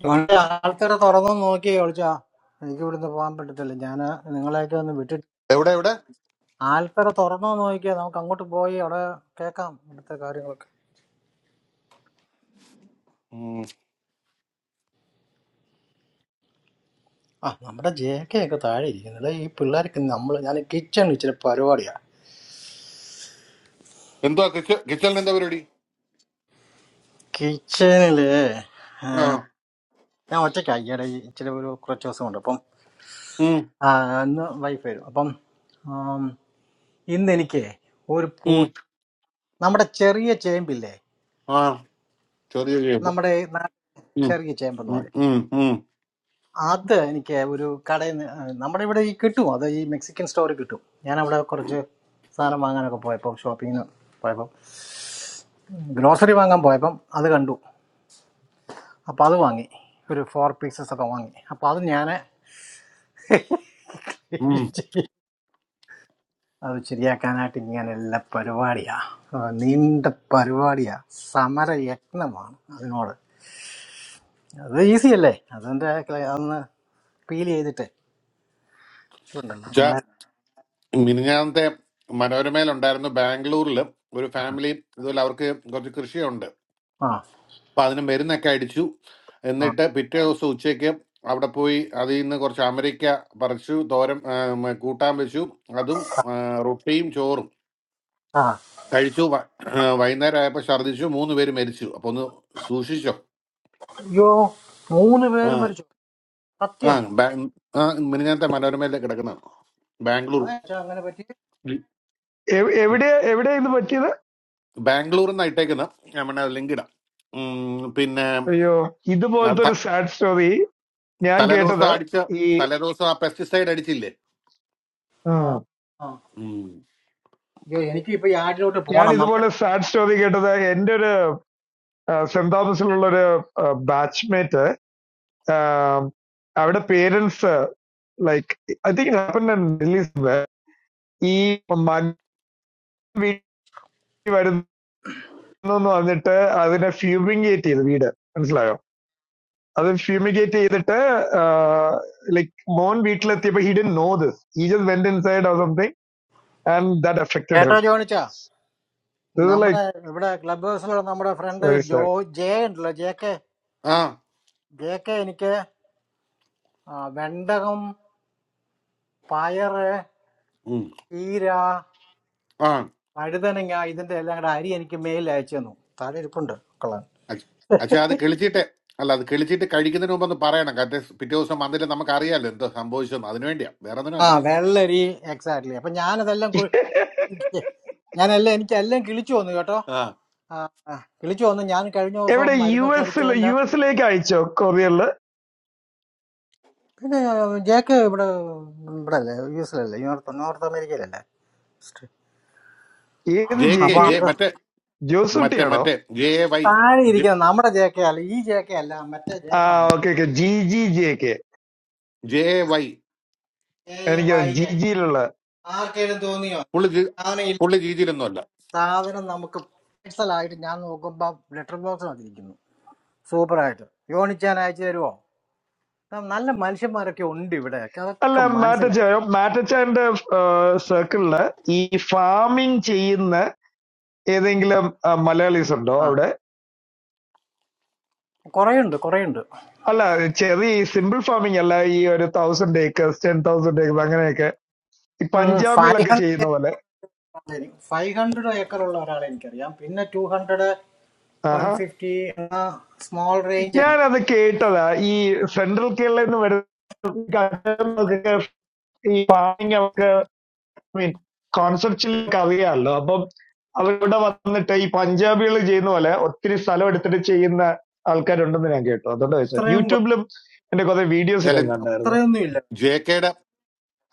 അതുകൊണ്ട് ആൾക്കാരെ തുറന്നു നോക്കിയേ ഒളിച്ചാ എനിക്ക് ഇവിടുന്ന് പോകാൻ പറ്റത്തില്ല ഞാൻ നിങ്ങളെയൊക്കെ ഒന്ന് വിട്ടിട്ട് എവിടെ എവിടെ ആൽക്കട തുറന്നോ നോക്കിയാൽ നമുക്ക് അങ്ങോട്ട് പോയി അവിടെ കേൾക്കാം ഇവിടുത്തെ കാര്യങ്ങളൊക്കെ ആ നമ്മുടെ ജെ കെ ഒക്കെ താഴെ ഇരിക്കുന്നില്ല ഈ പിള്ളേർക്ക് നമ്മൾ ഞാൻ കിച്ചണിൽ ഇച്ചിരി പരിപാടിയാ എന്തുവാ കിച്ച- കിച്ചണിൽ എന്താ പരിപാടി കിച്ചണില് ആ ഞാൻ ഒറ്റയ്ക്ക് അയ്യടെ ഇച്ചിരി ഒരു കുറച്ച് ദിവസം ഉണ്ട് അപ്പം ഉം, ആ, ഇന്ന് വൈഫ് വരും അപ്പം ആം, ഇന്ന് എനിക്ക് ഒരു പൂ ഉം, നമ്മുടെ ചെറിയ ചേമ്പില്ലേ ആ ചെറിയ ചെയ്യുമ്പോ നമ്മുടെ നാ- ചെറിയ ചേമ്പ് എന്ന് പറയും അത് എനിക്ക് ഒരു കടയിൽ നിന്ന് ആ, നമ്മുടെ ഇവിടെ ഈ കിട്ടും അത് ഈ മെക്സിക്കൻ സ്റ്റോറിൽ കിട്ടും ഞാൻ അവിടെ കുറച്ച് സാധനം വാങ്ങാനൊക്കെ പോയപ്പോൾ ഷോപ്പിങ്ങിന് പോയപ്പോൾ ഗ്രോസറി വാങ്ങാൻ പോയപ്പം അത് കണ്ടു അപ്പോൾ അത് വാങ്ങി ഒരു ഫോർ പീസസ് ഒക്കെ വാങ്ങി അപ്പോൾ അത് ഞാൻ അത് ശരിയാക്കാനായിട്ട് ഇങ്ങനെ എല്ലാ പരിപാടിയാ ആ, നീണ്ട പരിപാടിയാ സമരയത്നമാണ് അതിനോട് അത് ഈസി അല്ലേ അതിൻ്റെ അതൊന്ന് പീൽ ചെയ്തിട്ട് ഉണ്ടല്ലോ വെച്ചാ നമ്മുടെ മിനിഞ്ഞാന്നത്തെ മനോരമയിലുണ്ടായിരുന്നു ബാംഗ്ലൂരിൽ ഒരു ഫാമിലി ഇതുപോലെ അവർക്ക് കുറച്ച് കൃഷിയുണ്ട് ആ അപ്പം അതിന് മരുന്നൊക്കെ അടിച്ചു ആ എന്നിട്ട് പിറ്റേ ദിവസം ഉച്ചയ്ക്ക് അവിടെ പോയി അതിൽ നിന്ന് കുറച്ച് അമരിക്ക പറിച്ചു തോരൻ ആ, മ, കൂട്ടാൻ വെച്ചു അതും ആ, റൊട്ടിയും ചോറും ആ കഴിച്ചു വ- ആ, വൈകുന്നേരം ആയപ്പോൾ ഛർദ്ദിച്ചു മൂന്ന് പേര് മരിച്ചു അപ്പോൾ ഒന്ന് സൂക്ഷിച്ചോ അയ്യോ മൂന്ന് ആ പേരും മരിച്ചു ആ സത്യം ബാ- ആ, മിനിഞ്ഞാത്തെ മനോരമയിൽ കിടക്കുന്ന ബാംഗ്ലൂർ അതെ ചാ, അങ്ങനെ പറ്റി എവ്- എവിടെയാ എവിടെയാ ഇത് പറ്റിയത് ബാംഗ്ലൂരിൽ നിന്ന് ഇട്ടേക്കുന്ന നമ്മുടെ ലിങ്ക് ഇടാം ഉം, പിന്നെ അയ്യോ ആ ഇതുപോലത്തെ ഒരു ത- സാഡ് സ്റ്റോറി ഞാൻ തലേദിവസം കേട്ടത് അടിച്ച ഈ തലേദിവസം ആ പെസ്റ്റിസൈഡ് അടിച്ചില്ലേ ആ ഉം, ആ ഉം. അയ്യോ എനിക്കിപ്പോൾ ഈ ആടിലോട്ട് ഞാൻ പോകണം നമ്മുടെ ഇതുപോലെ സാഡ് സ്റ്റോറി കേട്ടത് എന്റെ ഒരു സെന്റ് തോമസിലുള്ള ഒരു ബാച്ച്മേറ്റ് ആം, അവിടെ parents like I think happen ഈ മകൻ വീട്ടിൽ വരുന്നു എന്ന് പറഞ്ഞിട്ട് അതിനെ ഫ്യൂമിഗേറ്റ് ചെയ്ത് വീട് മനസ്സിലായോ അത് ഫ്യൂമിഗേറ്റ് ചെയ്തിട്ട് ലൈക്ക് മോൻ വീട്ടിലെത്തിയപ്പോ ഹി ഡിൻ നോ ദിസ് ഈ just went inside or something and that affected കേട്ടോ ഹിം ജോണിച്ച ഇത് ലൈക്ക് നമ്മുടെ ഇവിടെ ക്ലബ് ഹൗസിലുള്ള നമ്മുടെ ഫ്രണ്ട് വെരി ജോ സാഡ് ജെ ഉണ്ടല്ലോ ജെ കെ ആ ജെ കെ എനിക്ക് ആ, വെണ്ടകം പയറ് ഉം. ചീര ആ വഴുതനങ്ങ ഇതിന്റെ എല്ലാം കൂടെ അരി എനിക്ക് മെയിൽ അയച്ചു തന്നു താഴെ ഇരിപ്പുണ്ട് കൊള്ളാൻ പക്ഷെ അത് കിളിച്ചിട്ട് അല്ല അത് കിളിച്ചിട്ട് കഴിക്കുന്നതിന് മുമ്പ് ഒന്ന് പറയണം കാരണം പിറ്റേ ദിവസം വന്നിട്ട് നമുക്ക് അറിയാലോ എന്തോ സംഭവിച്ചെന്ന് അതിനു വേണ്ടിയാ വേറെ ആ ഒന്നിനല്ല വെള്ളരി എക്സാക്ട്ലി അപ്പൊ ഞാനതെല്ലാം കു- ഞാനെല്ലാം എനിക്ക് എല്ലാം കിളിച്ചു വന്നു കേട്ടോ ആ ആ, ആ, കിളിച്ചു വന്നു ഞാൻ കഴിഞ്ഞ ദിവസം എവിടെ യു മരുന്നൊക്കെ അടിച്ച എസ് എല്ലാം യു എസിലേക്ക് അയച്ചോ കൊറിയറിൽ പിന്നെ ജെ കെ ഇവിടെ ഇവിടെ അല്ലേ യു എസിലല്ലേ നോർത്ത് നോർത്ത് അമേരിക്കയിലല്ലേ ഏത് ജെ ജെ കെ അപ്പൊ കെ ജെ അത് മറ്റേ മറ്റേ ജോസൂട്ടിയാണോ മറ്റേ ജെ വൈ താഴെ ജെ ഇരിക്കുന്ന നമ്മുടെ ജേക്ക അല്ല ഈ ജേക്ക അല്ല മറ്റേ ആ ജേക്ക okay okay G G J K J Y എനിക്ക് ജി ജിയിലുള്ള ആർക്കേലും തോന്നിയോ പുള്ളി ജി- സാധനം ഇല്ല പുള്ളി രീതിയിലൊന്നുമല്ല സാധനം നമുക്ക് പേഴ്സലായിട്ട് ഞാൻ നോക്കുമ്പോ ലെറ്റർ ബോക്സ് വന്നിരിക്കുന്നു സൂപ്പറായിട്ട് യോണിച്ചാൻ അയച്ചു തരുമോ ന- നല്ല മനുഷ്യന്മാരൊക്കെ ഉണ്ട് ഇവിടെ അല്ല അതൊക്കെ മാറ്റച്ച മനസ്സിലാക്കണം മാറ്റച്ചാന്റെ സർക്കിളില് ഈ ഫാമിംഗ് ചെയ്യുന്ന ഏതെങ്കിലും ആ, മലയാളീസ് ഉണ്ടോ ആ അവിടെ കുറേ ഉണ്ട് കുറേ ഉണ്ട് അല്ല ചെറിയ സിമ്പിൾ ഫാമിംഗ് അല്ല ഈ ഒരു thousand acres ten thousand acres അങ്ങനെയൊക്കെ ഈ ഫൈവ് പഞ്ചാബികളൊക്കെ ചെയ്യുന്ന ഹൺഡ്രഡ് പോലെ ഫൈവ് ഹൺഡ്രഡ് ഏക്കർ ഉള്ള ഒരാളെ എനിക്കറിയാം പിന്നെ ടു ഹൺഡ്രഡ് വൺ ആഹാ ഫിഫ്റ്റി സ്മോൾ റേഞ്ച് ഞാനത് കേട്ടതാ ഈ സെൻട്രൽ കേരളയിൽ നിന്ന് വരുന്ന ഈ ഫാമിംഗ് അവർക്ക് മീൻ കോൺസെപ്റ്റിലേക്ക് അറിയാമല്ലോ അപ്പം അവരിവിടെ വന്നിട്ട് ഈ പഞ്ചാബികൾ ചെയ്യുന്ന പോലെ ഒത്തിരി സ്ഥലം എടുത്തിട്ട് ചെയ്യുന്ന ആൾക്കാരുണ്ടെന്ന് ഞാൻ കേട്ടു അതുകൊണ്ട് ചോദിച്ചത് അത്രയും വ- യൂട്യൂബിലും എന്റെ കുറെ വീഡിയോസ് അല്ല ഞാൻ അല്ല, കണ്ടായിരുന്നു അത്രയൊന്നും ഇല്ല ജെ കെയുടെ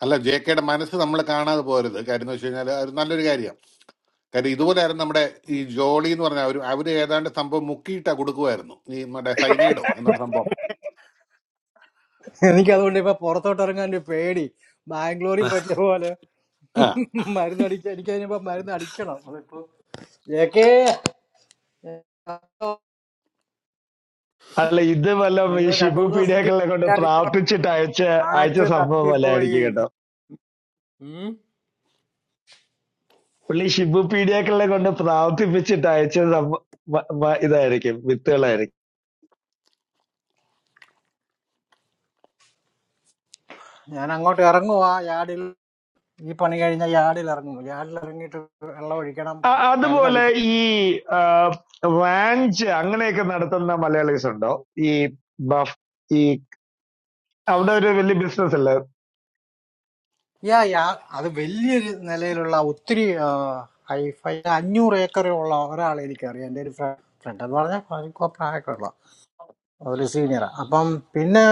അല്ല ജെ കെയുടെ മനസ്സ് നമ്മൾ കാണാതെ പോരുത് കാര്യം എന്ന് വെച്ച് കഴിഞ്ഞാൽ അത് നല്ലൊരു കാര്യമാണ് കാര്യം ഇതുപോലെയായിരുന്നു നമ്മുടെ ഈ ജോളി എന്ന് പറഞ്ഞ അവർ അവർ ഏതാണ്ട് സംഭവം മുക്കിയിട്ടാ കൊടുക്കുമായിരുന്നു ഈ മറ്റേ സൈനൈഡോ എന്നൊരു സംഭവം എനിക്ക് അതുകൊണ്ട് ഇപ്പൊ പുറത്തോട്ട് ഇറങ്ങാൻ ഒരു പേടി ബാംഗ്ലൂരിൽ പറ്റിയ പോലെ ആ മരുന്ന് അടിക്കാൻ എനിക്ക് അതിനിപ്പോ മരുന്ന് അടിക്കണം അതിപ്പോ ഏക്കേ അല്ല ഇത് വല്ല ഈ നിങ്ങൾ രണ്ടു ഷിബു മൂന്ന് ദിവസം പീഡിയാക്കളിനെ കൊണ്ട് വിചാരിച്ചോ പ്രാർത്ഥിച്ചിട്ട് അയച്ച അയച്ച ആറ്റ് സംഭവം തട്ടിപ്പോയി വല്ലതായിരിക്കും കേട്ടോ ഉം. പുള്ളി ഷിബു പീഡിയാക്കളിനെ കൊണ്ട് പ്രാർത്ഥിപ്പിച്ചിട്ട് അയച്ച സംഭ- മ- മ- ഇതായിരിക്കും വിത്തുകളായിരിക്കും ഞാൻ അങ്ങോട്ട് ഇറങ്ങുവാ യാർഡിൽ ഈ പണി കഴിഞ്ഞ യാർഡിൽ ഇറങ്ങും യാർഡിൽ ഇറങ്ങിയിട്ട് വെള്ളം ഒഴിക്കണം അ- അതുപോലെ മരുന്നടിക്കണം ഈ റാഞ്ച് അങ്ങനെയൊക്കെ നടത്തുന്ന മലയാളീസ് ഉണ്ടോ ഈ ബഫ് ഈ അവിടെ ഒരു വലിയ ബിസിനസ് അല്ലേ യാ യാ അത് വലിയൊരു നിലയിലുള്ള ഒത്തിരി ഹൈഫൈ അഞ്ഞൂറ് ഏക്കറുള്ള ഒരാളെ എനിക്കറിയാം എൻ്റെ ഒരു ഫ്രണ്ട് എന്ന് പറഞ്ഞാൽ പ്രായമൊക്കെ ഉള്ള അതിൽ സീനിയറാണ് അപ്പം പിന്നെ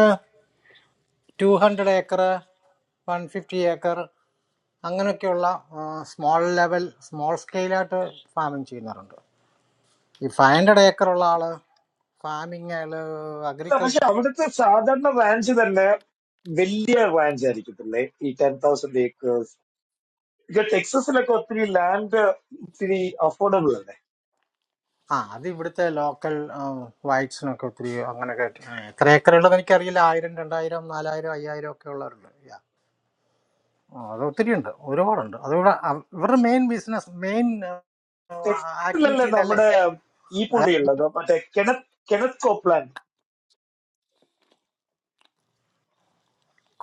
two hundred acre one fifty acre അങ്ങനെയൊക്കെയുള്ള സ്മോൾ ലെവൽ സ്മോൾ സ്കെയിലായിട്ട് ഫാമിങ് ചെയ്യുന്നവരുണ്ട് ഈ ഫൈവ് ഹൺഡ്രഡ് ഏക്കറുള്ള ആള് ഫാമിങ് അയാൾ അല്ല പക്ഷെ അഗ്രികൾച്ചർ അവിടുത്തെ സാധാരണ റാഞ്ച് തന്നെ വലിയ റാഞ്ച് ആയിരിക്കത്തില്ലേ ഈ ടെൻ തൗസൻഡ് ഏക്കേഴ്സ് ഇത് ടെക്സസിലൊക്കെ ഒത്തിരി ലാൻഡ് ഇത്തിരി അഫോർഡബിൾ അല്ലേ ആ അത് ഇവിടുത്തെ ലോക്കൽ വൈറ്റ്സിനൊക്കെ ഒത്തിരി അങ്ങനെയൊക്കെ ആയിട്ട്, ആ, എത്ര ഏക്കർ ഉള്ളതെന്ന് എനിക്കറിയില്ല ആയിരം രണ്ടായിരം നാലായിരം അയ്യായിരം ഒക്കെ ഉള്ളവരുണ്ട് Yeah. ആ, അത് ഒത്തിരി ഉണ്ട് ഒരുപാടുണ്ട് അതുകൂടെ അവ- ഇവരുടെ മെയിൻ ബിസിനസ് മെയിൻ ആക്ടിവിറ്റി ടെക്സസിലല്ലേ ഇതല്ലേ നമ്മുടെ ഈ അതാ പുള്ളി ഉള്ളത് മറ്റേ കെനത് കെനത് കോപ്ലാൻഡ്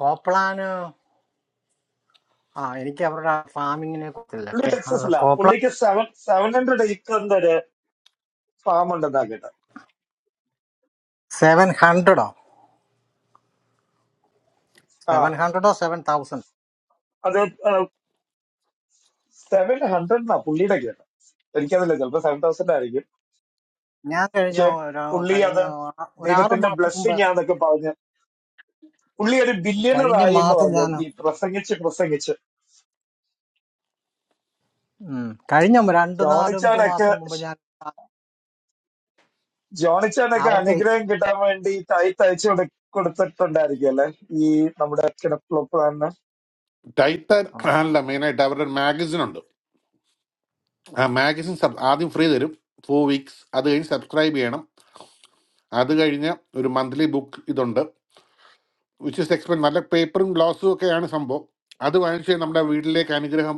കോപ്ലാന് ആ എനിക്ക് അവരുടെ ഫാമിങ്ങിനെ കുറിച്ചില്ല പുള്ളി കെ- അത് ടെക്സസില കോപ്ല പുള്ളിക്ക് സെവൻ സെവൻ ഹൺഡ്രഡ് ഏക്കറിന്റെ ഒരു ഫാം ഉണ്ടെന്നാ കേട്ടത് സെവൻ ഹൺഡ്രഡോ ആ സെവൻ ഹൺഡ്രഡോ സെവൻ തൗസൻഡ് അത് സെവൻ ഹൺഡ്രഡിനാ പുള്ളിയുടെ കേട്ടത് എനിക്കതില്ല ചിലപ്പോ സെവൻ തൗസൻഡ് ആയിരിക്കും ഞാൻ കഴിഞ്ഞ പക്ഷെ ഒരു പുള്ളി കഴിഞ്ഞ അത് ആ- ഒരു ആറ് ദൈവത്തിന്റെ മാസം മുമ്പ് ബ്ലെസ്സിങ് ആന്നൊക്കെ പറഞ്ഞു പുള്ളി ഒരു കഴിഞ്ഞ ബില്യണറായി എന്ന് മാസം പറഞ്ഞു ഞാൻ ഈ പ്രസംഗിച്ച് പ്രസംഗിച്ച് ഉം, കഴിഞ്ഞ രണ്ട് നാലഞ്ച് ജോണിച്ചാനൊക്കെ മാസം മുമ്പ് ഞാൻ ജോണിച്ചാനൊക്കെ അവർക്ക് അനുഗ്രഹം കിട്ടാൻ വേണ്ടി തൈ തയ്ച്ചു കൊടു കൊടുത്തിട്ടുണ്ടായിരിക്കും അല്ലെ ഈ നമ്മുടെ കിടപ്പിളപ്പിളാണ് ടൈറ്റാൻ ആ, അല്ല മെയിനായിട്ട് അവരുടെ ഒരു മാഗസിൻ ഉണ്ട് ആ മാഗസിൻ സബ് ആദ്യം ഫ്രീ തരും ഫോർ വീക്സ് അത് കഴിഞ്ഞ് സബ്സ്ക്രൈബ് ചെയ്യണം അത് കഴിഞ്ഞ് ഒരു മന്ത്ലി ബുക്ക് ഇതുണ്ട് വിച്ച് ഇസ് എക്സ്പെൻസ് നല്ല പേപ്പറും ഗ്ലാസും ഒക്കെയാണ് സംഭവം അത് വാങ്ങിച്ച് നമ്മുടെ വീട്ടിലേക്ക് അനുഗ്രഹം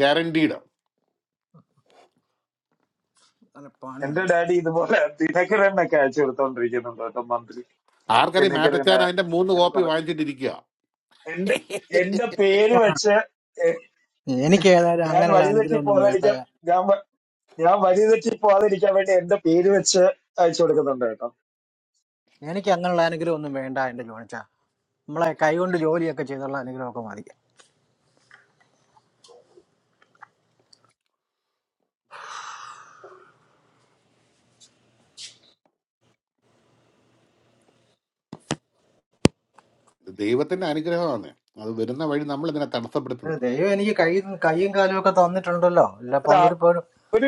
ഗ്യാരണ്ടീഡ് നല്ല എന്റെ പണിയുണ്ട് ഡാഡി ഇതുപോലെ ദിനകരനൊക്കെ അയച്ചു കൊടുത്തോണ്ടിരിക്കുന്നുണ്ട് കേട്ടോ മന്ത്രി ആർക്കറിയാം മാറ്റച്ചാൻ ദിനകരന് അതിന്റെ മൂന്ന് അങ്ങനെ കോപ്പി കുറെ. വാങ്ങിച്ചിട്ടിരിക്കുക എന്റെ എന്റെ പേര് ആ, വെച്ച് എ- എനിക്ക് ഏതായാലും ഞാൻ അങ്ങനെയുള്ള വഴിതെറ്റി അനുഗ്രഹം ഒന്നും വേണ്ട പോകാതിരിക്കാൻ ഞാൻ വ- ഞാൻ വഴിതെറ്റി പോകാതിരിക്കാൻ വേണ്ടി എന്റെ പേര് വെച്ച് അയച്ചു കൊടുക്കുന്നുണ്ട് കേട്ടോ എനിക്ക് അങ്ങനെയുള്ള അനുഗ്രഹം ഒന്നും വേണ്ട എന്റെ ജോണിച്ചാ നമ്മളെ കൈകൊണ്ട് ജോലിയൊക്കെ ചെയ്തുള്ള അനുഗ്രഹമൊക്കെ മതി ദൈവത്തിന്റെ അനുഗ്രഹമാണ് അത് വരുന്ന വഴി നമ്മൾ ഇതിനെ ഏ, തടസ്സപ്പെടുത്തുന്നു ദൈവം എനിക്ക് കൈ കൈയും കാലും ഒക്കെ തന്നിട്ടുണ്ടല്ലോ അല്ല അത് പണ്ടൊരു അവര് ഒരു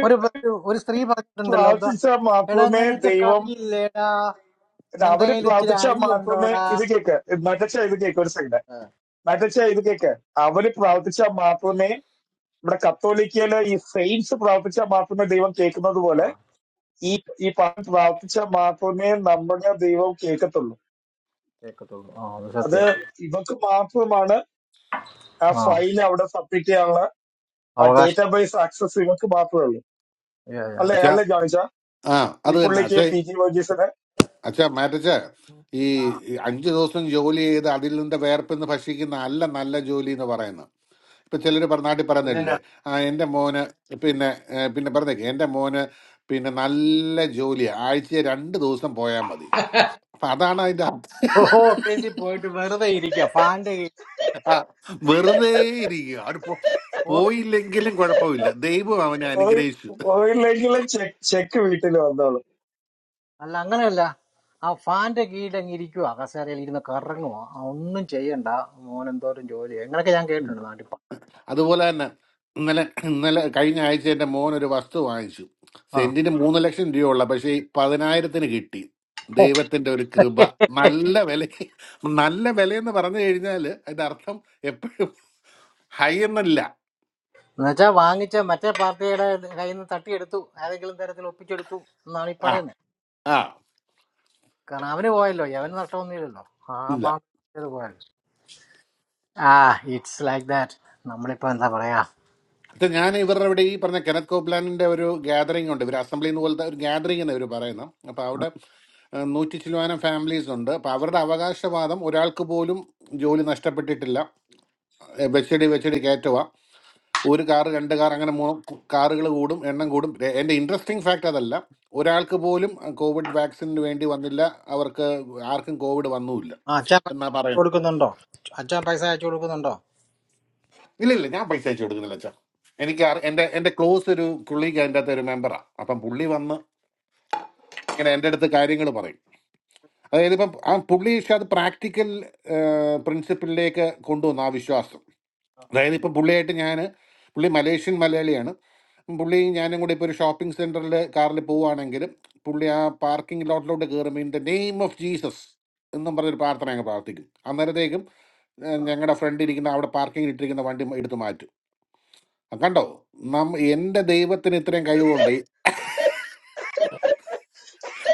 ഒരു ഒരു ഒരു സ്ത്രീ പറഞ്ഞിട്ടുണ്ടല്ലോ എന്താ പ്രാർത്ഥിച്ചാൽ എടാ മാത്രമേ നിനക്ക് ദൈവം കൈയില്ലേടാ നിന്റെ അവര് കയ്യിൽ ഇച്ചിരി പ്രാർത്ഥിച്ചാൽ അരി മാത്രമേ ഉണ്ടോടാ ഇത് കേക്ക് മറ്റച്ച ഇത് കേക്ക് ഒരു സെക്കൻഡ് മറ്റച്ച ഇത് കേക്ക് അവര് പ്രാർത്ഥിച്ചാൽ മാത്രമേ ഇവിടെ കത്തോലിക്കയില് ഈ സെയിൻസ് പ്രാർത്ഥിച്ചാൽ മാത്രമേ ദൈവം കേൾക്കുന്നത് ആ പോലെ ഈ ഈ പാട്ട് പ്രാർത്ഥിച്ചാൽ മാത്രമേ നമ്മുടെ ദൈവം കേൾക്കത്തുള്ളൂ കേക്കത്തുള്ളൂ ആ അത് അത് സത്യം ഇവക്ക് മാത്രമാണ് ആ ആ ഫയൽ അവിടെ സബ്മിറ്റ് ചെയ്യാനുള്ള ആ അവകാശം ഡേറ്റാബേസ് ആക്സസ് ഇവക്ക് മാത്രമേ ഉള്ളൂ യാ, യാ. അല്ലേ അച്ഛാ അല്ലേ ജോണിച്ച ആ ഈ അത് തന്നെ പുള്ളിക്ക് അച്ഛാ പി ജി വർഗീസിന് അച്ഛാ മാറ്റച്ച ഈ ആ, ഈ അഞ്ച് ദിവസം ജോലി ചെയ്ത് അതിൽ നിന്റെ വേർപ്പെന്ന് ഭക്ഷിക്കുന്ന അല്ല നല്ല ജോലി എന്ന് പറയുന്നത് ഇപ്പൊ ചിലർ നാട്ടിൽ പറയുന്നില്ലേ പിന്നെന്നാ? ആ എൻ്റെ മോന് പിന്നെ ഏ, പിന്നെ പറഞ്ഞേക്ക് എൻ്റെ മോന് പിന്നെ നല്ല ജോലിയാ ആഴ്ച രണ്ട് ദിവസം പോയാൽ മതി അപ്പൊ അതാണ് അതിന്റെ അർത്ഥം. ഓഹോ, ഓഫീസിൽ പോയിട്ട് വെറുതെ ഇരിക്കുക ഫാന്റെ കീഴിൽ ആ, വെറുതെ ഇരിക്കുക അവിടെ പോ- ഓഫീസ് പോയില്ലെങ്കിലും കുഴപ്പമില്ല ദൈവം അവനെ അനുഗ്രഹിച്ചു ഓയിലെങ്കിലും ചെക്ക് വീട്ടിൽ വന്നോളൂ അല്ല അങ്ങനെയല്ല ആ ഫാന്റെ കീഴിൽ അങ്ങ് ഇരിക്കുക കസേരയിൽ ഇരുന്ന് കറങ്ങുക ഒന്നും ചെയ്യണ്ട മോനെന്തോരം ജോലി അങ്ങനെയൊക്കെ ഞാൻ കേട്ടിട്ടുണ്ട് നാട്ടിൽ അതുപോലെ തന്നെ ഇന്നലെ ഇന്നലെ കഴിഞ്ഞ ആഴ്ച എൻ്റെ മോൻ ഒരു വസ്തു വാങ്ങിച്ചു ആ സെന്റിന് മൂന്ന് ലക്ഷം രൂപയുള്ള പക്ഷേ ഈ പതിനായിരത്തിന് കിട്ടി ഓ ദൈവത്തിന്റെ ഒരു കൃപ നല്ല വില നല്ല വിലയെന്ന് പറഞ്ഞു കഴിഞ്ഞാൽ അതിന്റെ അർത്ഥം എപ്പോഴും ഹയർ അല്ല എന്നുവെച്ചാ വാങ്ങിച്ച മറ്റേ പാർട്ടിയുടെ കയ്യിൽ നിന്ന് തട്ടിയെടുത്തു ഏതെങ്കിലും തരത്തിൽ ഒപ്പിച്ചെടുത്തു എന്നാണ് ഈ ആ പറയുന്നത് ആ കാരണം അവന് പോയല്ലോ അവന് നഷ്ടമൊന്നുമില്ലല്ലോ ആ ഇല്ല ബാങ്ക് പോയല്ലോ ആ ഇറ്റ്സ് ലൈക്ക് ദാറ്റ് നമ്മളിപ്പോ എന്താ പറയാ ഇത് ഞാൻ ഇവരുടെ ഇവിടെ ഈ പറഞ്ഞ കെനത് കോപ്ലാനിന്റെ ഒരു ഗാദറിംഗ് ഉണ്ട് ഇവർ അസംബ്ലി എന്ന് പോലത്തെ ഒരു ഗാദറിംഗ് എന്ന് ഇവർ പറയുന്നത് അപ്പോൾ അവിടെ ഏഹ്, നൂറ്റി ചിലവാനം ഫാമിലീസ് ഉണ്ട് അപ്പോൾ അവരുടെ അവകാശവാദം ഒരാൾക്ക് പോലും ജോലി നഷ്ടപ്പെട്ടിട്ടില്ല ഏഹ്, വെച്ചടി വെച്ചടി കയറ്റുക ഒരു കാർ രണ്ട് കാർ അങ്ങനെ മൂന്ന് കാറുകൾ കൂടും എണ്ണം കൂടും എ- എൻ്റെ ഇൻട്രസ്റ്റിംഗ് ഫാക്ട് അതല്ല ഒരാൾക്ക് പോലും കോവിഡ് വാക്സിന് വേണ്ടി വന്നില്ല അവർക്ക് ആർക്കും കോവിഡ് വന്നുമില്ല ആ, അച്ഛൻ പൈസ എന്നാ അയച്ചു പറയുന്നത് കൊടുക്കുന്നുണ്ടോ അച്ഛൻ പൈസ അയച്ചു കൊടുക്കുന്നുണ്ടോ ഇല്ല ഇല്ല ഞാൻ പൈസ അയച്ചു കൊടുക്കുന്നില്ല അച്ഛാ എനിക്ക് അറി- എന്റെ എന്റെ ക്ലോസ് ഒരു പുള്ളിക്ക് അതിൻ്റെ അകത്ത് ഒരു മെമ്പറാണ് അപ്പം പുള്ളി വന്ന് ഇങ്ങനെ എൻ്റെ അടുത്ത് കാര്യങ്ങൾ പറയും അതായത് ഇപ്പം ആ പുള്ളി പക്ഷെ അത് പ്രാക്ടിക്കൽ പ്രിൻസിപ്പിളിലേക്ക് കൊണ്ടുവന്നു ആ വിശ്വാസം അതായത് ഇപ്പം പുള്ളിയായിട്ട് ഞാൻ പുള്ളി മലേഷ്യൻ മലയാളിയാണ് പുള്ളി ഞാനും കൂടി ഇപ്പോൾ ഒരു ഷോപ്പിംഗ് സെൻറ്ററിൽ കാറിൽ പോവുകയാണെങ്കിലും പുള്ളി ആ പാർക്കിംഗ് ലോട്ടിലോട്ട് കയറുമ്പോൾ in the name of Jesus എന്നും പറഞ്ഞൊരു പ്രാർത്ഥന ഞങ്ങൾ പ്രാർത്ഥിക്കും അന്നേരത്തേക്കും ഞങ്ങളുടെ ഫ്രണ്ട് ഇരിക്കുന്ന അവിടെ പാർക്കിംഗ് ഇട്ടിരിക്കുന്ന വണ്ടി എടുത്ത് മാറ്റും ആ, കണ്ടോ നമ്മ എന്റെ ദൈവത്തിന് ഇത്രയും കഴിവുണ്ട്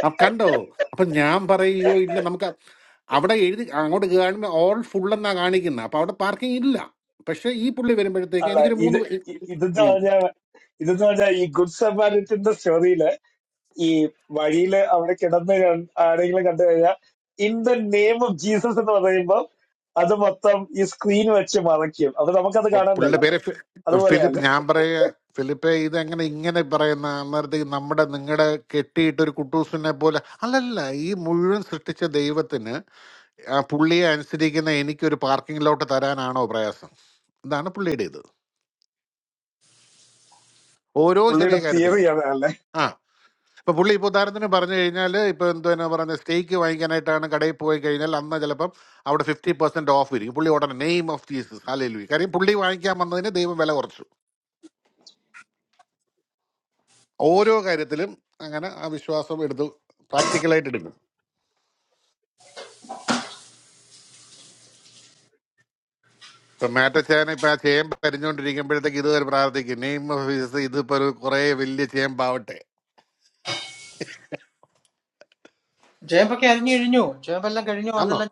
അപ്പൊ കണ്ടോ അപ്പൊ ഞാൻ പറയുകയോ ഇല്ല നമുക്ക് അവിടെ എഴുതി അങ്ങോട്ട് കാണുമ്പോൾ ഓൾ ഫുൾ എന്നാ കാണിക്കുന്നത് അപ്പൊ അവിടെ പാർക്കിംഗ് ഇല്ല പക്ഷെ ഈ പുള്ളി വരുമ്പോഴത്തേക്ക് അല്ല എനിക്കൊരു ഇത് മൂന്ന് പേ- ഇ- ഇതെന്ന് ഉം. പറഞ്ഞാ ഇതെന്ന് പറഞ്ഞാ ഈ ഗുഡ് സമാരിറ്റിന്റെ സ്റ്റോറിയില് ഈ വഴിയില് അവിടെ കിടന്ന് കൺ- ആരെങ്കിലും കണ്ടു കഴിഞ്ഞാൽ in the name of Jesus എന്ന് പറയുമ്പോൾ അത് മൊത്തം ഈ സ്ക്രീൻ വെച്ച് മറയ്ക്കും അപ്പൊ നമുക്കത് അപ്പൊ പുള്ളിയുടെ കാണണ്ടല്ലോ പേര് ഫി- ഫിലിപ്പ് അതുപോലെയല്ലേ ഞാൻ പറയുക ഫിലിപ്പെ ഇതെങ്ങനെ ഇങ്ങനെ പറയുന്ന അന്നേരത്തേക്ക് നമ്മുടെ നിങ്ങളുടെ കെട്ടിയിട്ട് ഒരു കുട്ടൂസിനെ പോലെ അല്ലല്ല ഈ മുഴുവൻ സൃഷ്ടിച്ച ദൈവത്തിന് ആ പുള്ളിയെ അനുസരിക്കുന്ന എനിക്കൊരു പാർക്കിംഗ് ലോട്ട് തരാനാണോ പ്രയാസം ഇതാണ് പുള്ളിയുടെ ഇത് ഓരോ ചെറിയ പുള്ളിയുടെ കാര്യത്തിലും തിയറി അതല്ലേ ആ ഇപ്പൊ പുള്ളി ഇപ്പൊ ഉദാഹരണത്തിന് പറഞ്ഞു കഴിഞ്ഞാൽ ഇപ്പൊ എന്തോ പറഞ്ഞ സ്റ്റേക്ക് വാങ്ങിക്കാനായിട്ടാണ് കടയിൽ പോയി കഴിഞ്ഞാൽ അന്ന് ചിലപ്പം അവിടെ ഫിഫ്റ്റി പെർസെന്റ് ഓഫ് ഇരിക്കും പുള്ളി ഉടനെ നെയിം ഓഫ് ജീസസ് ഹാലയിലു കാര്യം പുള്ളി വാങ്ങിക്കാൻ വന്നതിന് ദൈവം വില കുറച്ചു ഓരോ കാര്യത്തിലും അങ്ങനെ ആ വിശ്വാസം എടുത്ത് പ്രാക്ടിക്കലായിട്ട് എടുക്കും ഇപ്പൊ മാറ്റച്ചേന ഇപ്പൊ ആ ചേമ്പ് പരിഞ്ഞുകൊണ്ടിരിക്കുമ്പോഴത്തേക്ക് ഇതുവരെ പ്രാർത്ഥിക്കും നെയിം ഓഫ് ജീസസ് ഇതിപ്പോ ഒരു കുറെ വലിയ ചേമ്പാവട്ടെ ചേമ്പൊക്കെ അരിഞ്ഞു കഴിഞ്ഞു ചേമ്പെല്ലാം കഴിഞ്ഞു ആന്നോ അതെല്ലാം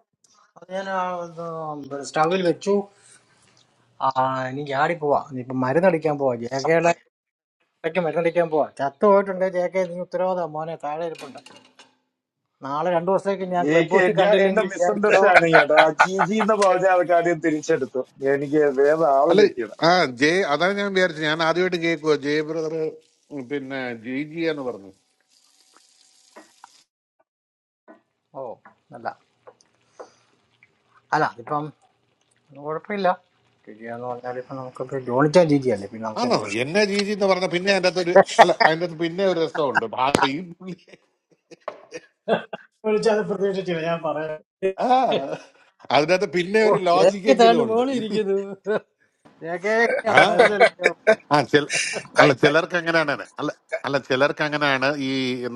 അത് ഞാൻ ആ, ഇത് സ്റ്റൗവിൽ വെച്ചു ആ ഇനി ചാടി പോവാ ഇനിയിപ്പൊ മരുന്നടിക്കാൻ പോവാ ജേക്കയുടെ ഇടയ്ക്ക് മരുന്നടിക്കാൻ പോവാ ചത്തു പോയിട്ടുണ്ടെങ്കിൽ ജേക്കെ നീ ഉത്തരവാദം മോനെ താഴെ ഇരിപ്പുണ്ട് നാളെ രണ്ടു ദിവസത്തേക്ക് ഞാൻ ക്ലബ് ജെക്ക് ഹൗസിൽ എന്റെ എന്റെ കണ്ടില്ലെങ്കിൽ വിചാരിച്ചോ മിസ്അണ്ടർസ്റ്റാൻഡിങ് കേട്ടോ ആ ജി ജി എന്ന് പറഞ്ഞ ആൾക്കാരെയും തിരിച്ചെടുത്തു എനിക്ക് വേറെ ആള് അല്ല തെറ്റിയത് ആ ജെ അതാണ് ഞാൻ വിചാരിച്ചത് ഞാൻ ആദ്യമായിട്ട് കേൾക്കുക ജെ ബ്രദർ പിന്നെ ജി ജി എന്ന് പറഞ്ഞു ഓ അല്ല അല്ല അതിപ്പം കുഴപ്പമില്ല ജിജിയാന്ന് പറഞ്ഞാൽ ഇപ്പം നമുക്കിപ്പോൾ ജോണിച്ചാൻ ജിജിയല്ലേ പിന്നെ നമുക്ക് ആണോ തന്നെ പ്രശ്നം എന്നെ രീതി എന്ന് പറഞ്ഞ പിന്നെ അതിൻ്റെ അകത്ത് ഒരു അല്ല അതിൻ്റെ അകത്ത് പിന്നെ ഒരു രസമുണ്ട് ഭാ- ഈ പുള്ളി വിളിച്ചാൽ പ്രതീക്ഷിച്ചില്ല ഞാൻ പറയാം ആ അതിൻ്റെ അകത്ത് പിന്നെ ഓ ഒരു ജേക്ക് ലോജിക്കെങ്കിലും തേണ്ട ഉണ്ട് മോളി ഇരിക്കുന്നു ജേക്കെ ആ മരുന്ന് കളിക്കാൻ പോ. ആ ചില കൈ അല്ല കൈ ചിലർക്ക് അങ്ങനെയാണ് അല്ല കൈ- അല്ല ചിലർക്ക് അങ്ങനെയാണ് ഈ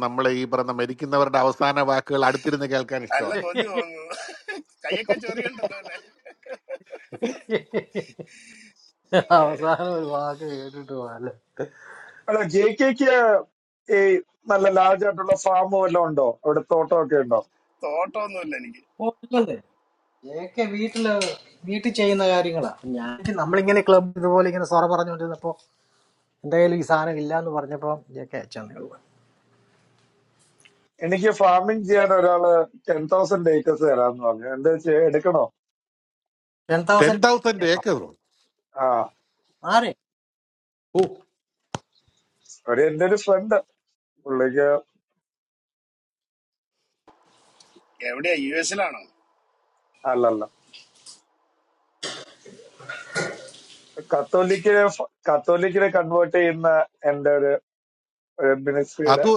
നമ്മൾ ഈ പറഞ്ഞ മരിക്കുന്നവരുടെ അവസാന വാക്കുകൾ അടുത്തിരുന്ന് കേൾക്കാൻ അല്ല ഇഷ്ടമാണ് കൊതി തോന്നുന്നു കൈയൊക്കെ ചെറിയുണ്ടല്ലോ അല്ലെ അവസാനം ഒരു വാക്ക് കേട്ടിട്ട് പോകാല്ലേ അല്ല ജെ കെക്ക് ഈ നല്ല ലാർജ് ആയിട്ടുള്ള ഫാം വല്ലതും ഉണ്ടോ അവിടെ തോട്ടമൊക്കെ ഉണ്ടോ തോട്ടമൊന്നുമില്ല എനിക്ക് ഓ ഇല്ലല്ലേ ജേക്കെ വീട്ടില് വീട്ടിൽ ചെയ്യുന്ന കാര്യങ്ങളാ ഞാൻ നമ്മളിങ്ങനെ ക്ലബ് ഇതുപോലെ ഇങ്ങനെ സൊറ പറഞ്ഞുകൊണ്ടിരുന്നപ്പോ എന്റെ കയ്യിൽ ഈ സാധനം ഇല്ല എന്ന് പറഞ്ഞപ്പോ ഇതൊക്കെ അയച്ചെന്നേ ഉള്ളൂ എനിക്ക് ഫാമിംഗ് ചെയ്യാൻ ഒരാള് ടെൻ തൗസൻഡ് ഏക്കേഴ്സ് തരാന്ന് പറഞ്ഞു എന്താ വെച്ചാ എടുക്കണോ ten ten thousand thousand acre ആ ആരെ ഓ ഒരു എന്റെ ഒരു ഫ്രണ്ട് പുള്ളിക്ക് എവിടെയാ യു എസിലാണോ അല്ലല്ല കത്തോലിക്കിനെ ഫ- കത്തോലിക്കിനെ കൺവേർട്ട് ചെയ്യുന്ന എന്റെ ഒരു മിനിസ്ട്രിയുടെ അത്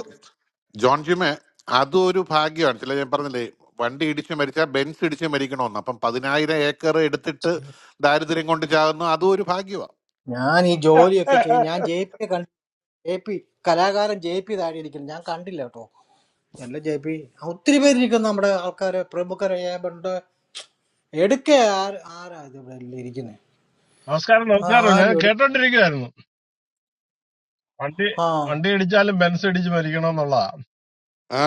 ജോൺ ജിമെ അതും ഒരു ഭാഗ്യമാണ് ചില ഞാൻ പറഞ്ഞില്ലേ വണ്ടി ഇടിച്ച് മരിച്ചാൽ ബെൻസ് ഇടിച്ച് മരിക്കണമെന്ന് അപ്പം പതിനായിരം ഏക്കർ എടുത്തിട്ട് ദാരിദ്ര്യം കൊണ്ട് ചാകുന്നു അതും ഒരു ഭാഗ്യമാണ് ഞാൻ ഈ ജോലിയൊക്കെ ചെയ്യും ഞാൻ ജെ പിയെ കണ്ടു ജെ പി കലാകാരൻ ജെ പി താഴെ ഇരിക്കുന്നു ഞാൻ കണ്ടില്ല കേട്ടോ നല്ല ജെ പി ഒത്തിരി പേരിരിക്കുന്നു നമ്മുടെ ആൾക്കാര് പ്രമുഖർ ഏബണ്ട് എടുക്ക ആര് ആരാ ഇത് ഇവിടെ ഇരിക്കുന്നത് നമസ്കാരം നമസ്കാരം ഞാൻ ആരും എടുക്ക കേട്ടോണ്ടിരിക്കുവായിരുന്നു വണ്ടി ആ വണ്ടി ഇടിച്ചാലും ബെൻസ് ഇടിച്ച് മരിക്കണം എന്നുള്ളതാ ആ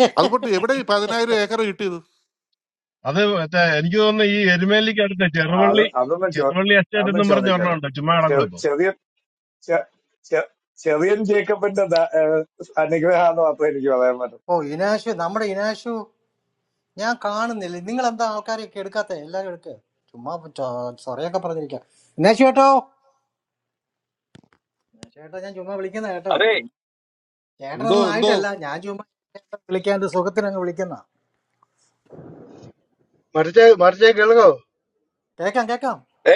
ഹെ, അത് പൊട്ടി എവിടെ ഈ പതിനായിരം ഏക്കർ കിട്ടിയത് അത് മറ്റേ എനിക്ക് തോന്നുന്നു ഈ എരുമേലിക്ക് അടുത്ത അത് ചെറുവള്ളി അതൊന്നും ചോ ചെറുവള്ളി എസ്റ്റേറ്റ് അതൊന്നും എന്നും പറഞ്ഞ ഒരെണ്ണം ചോദിക്കണം ഉണ്ട് ചുമ്മാ കിടക്കും ഇപ്പം ചെറിയ ചെ- ചെ- ചെറിയൻ ജേക്കബിന്റെ ദ- ഏഹ് അനുഗ്രഹാന്ന് മാത്രമേ എനിക്ക് പറയാൻ പറ്റും ഓ ഇനാശു നമ്മുടെ ഇനാശു ഞാൻ കാണുന്നില്ല നിങ്ങൾ എന്താ ആൾക്കാരെയൊക്കെ എടുക്കാത്ത എല്ലാരും എടുക്ക ചുമ്മാ ചൊ- സൊറയൊക്കെ പറഞ്ഞിരിക്കാം ഇനാശു കേട്ടോ ഇനാശു കേട്ടോ ഞാൻ ചുമ്മാ വിളിക്കുന്ന അതെ കേട്ടോ എന്തോ ചേട്ടനൊന്നും എന്തോ ആയിട്ടല്ല ഞാൻ ചുമ്മാ വിളിക്കാൻ എന്റെ സുഖത്തിന് അങ്ങ് വിളിക്കുന്ന മറിച്ച് മറിച്ച് കേൾക്കോ കേക്കാം കേക്കാം ഏ,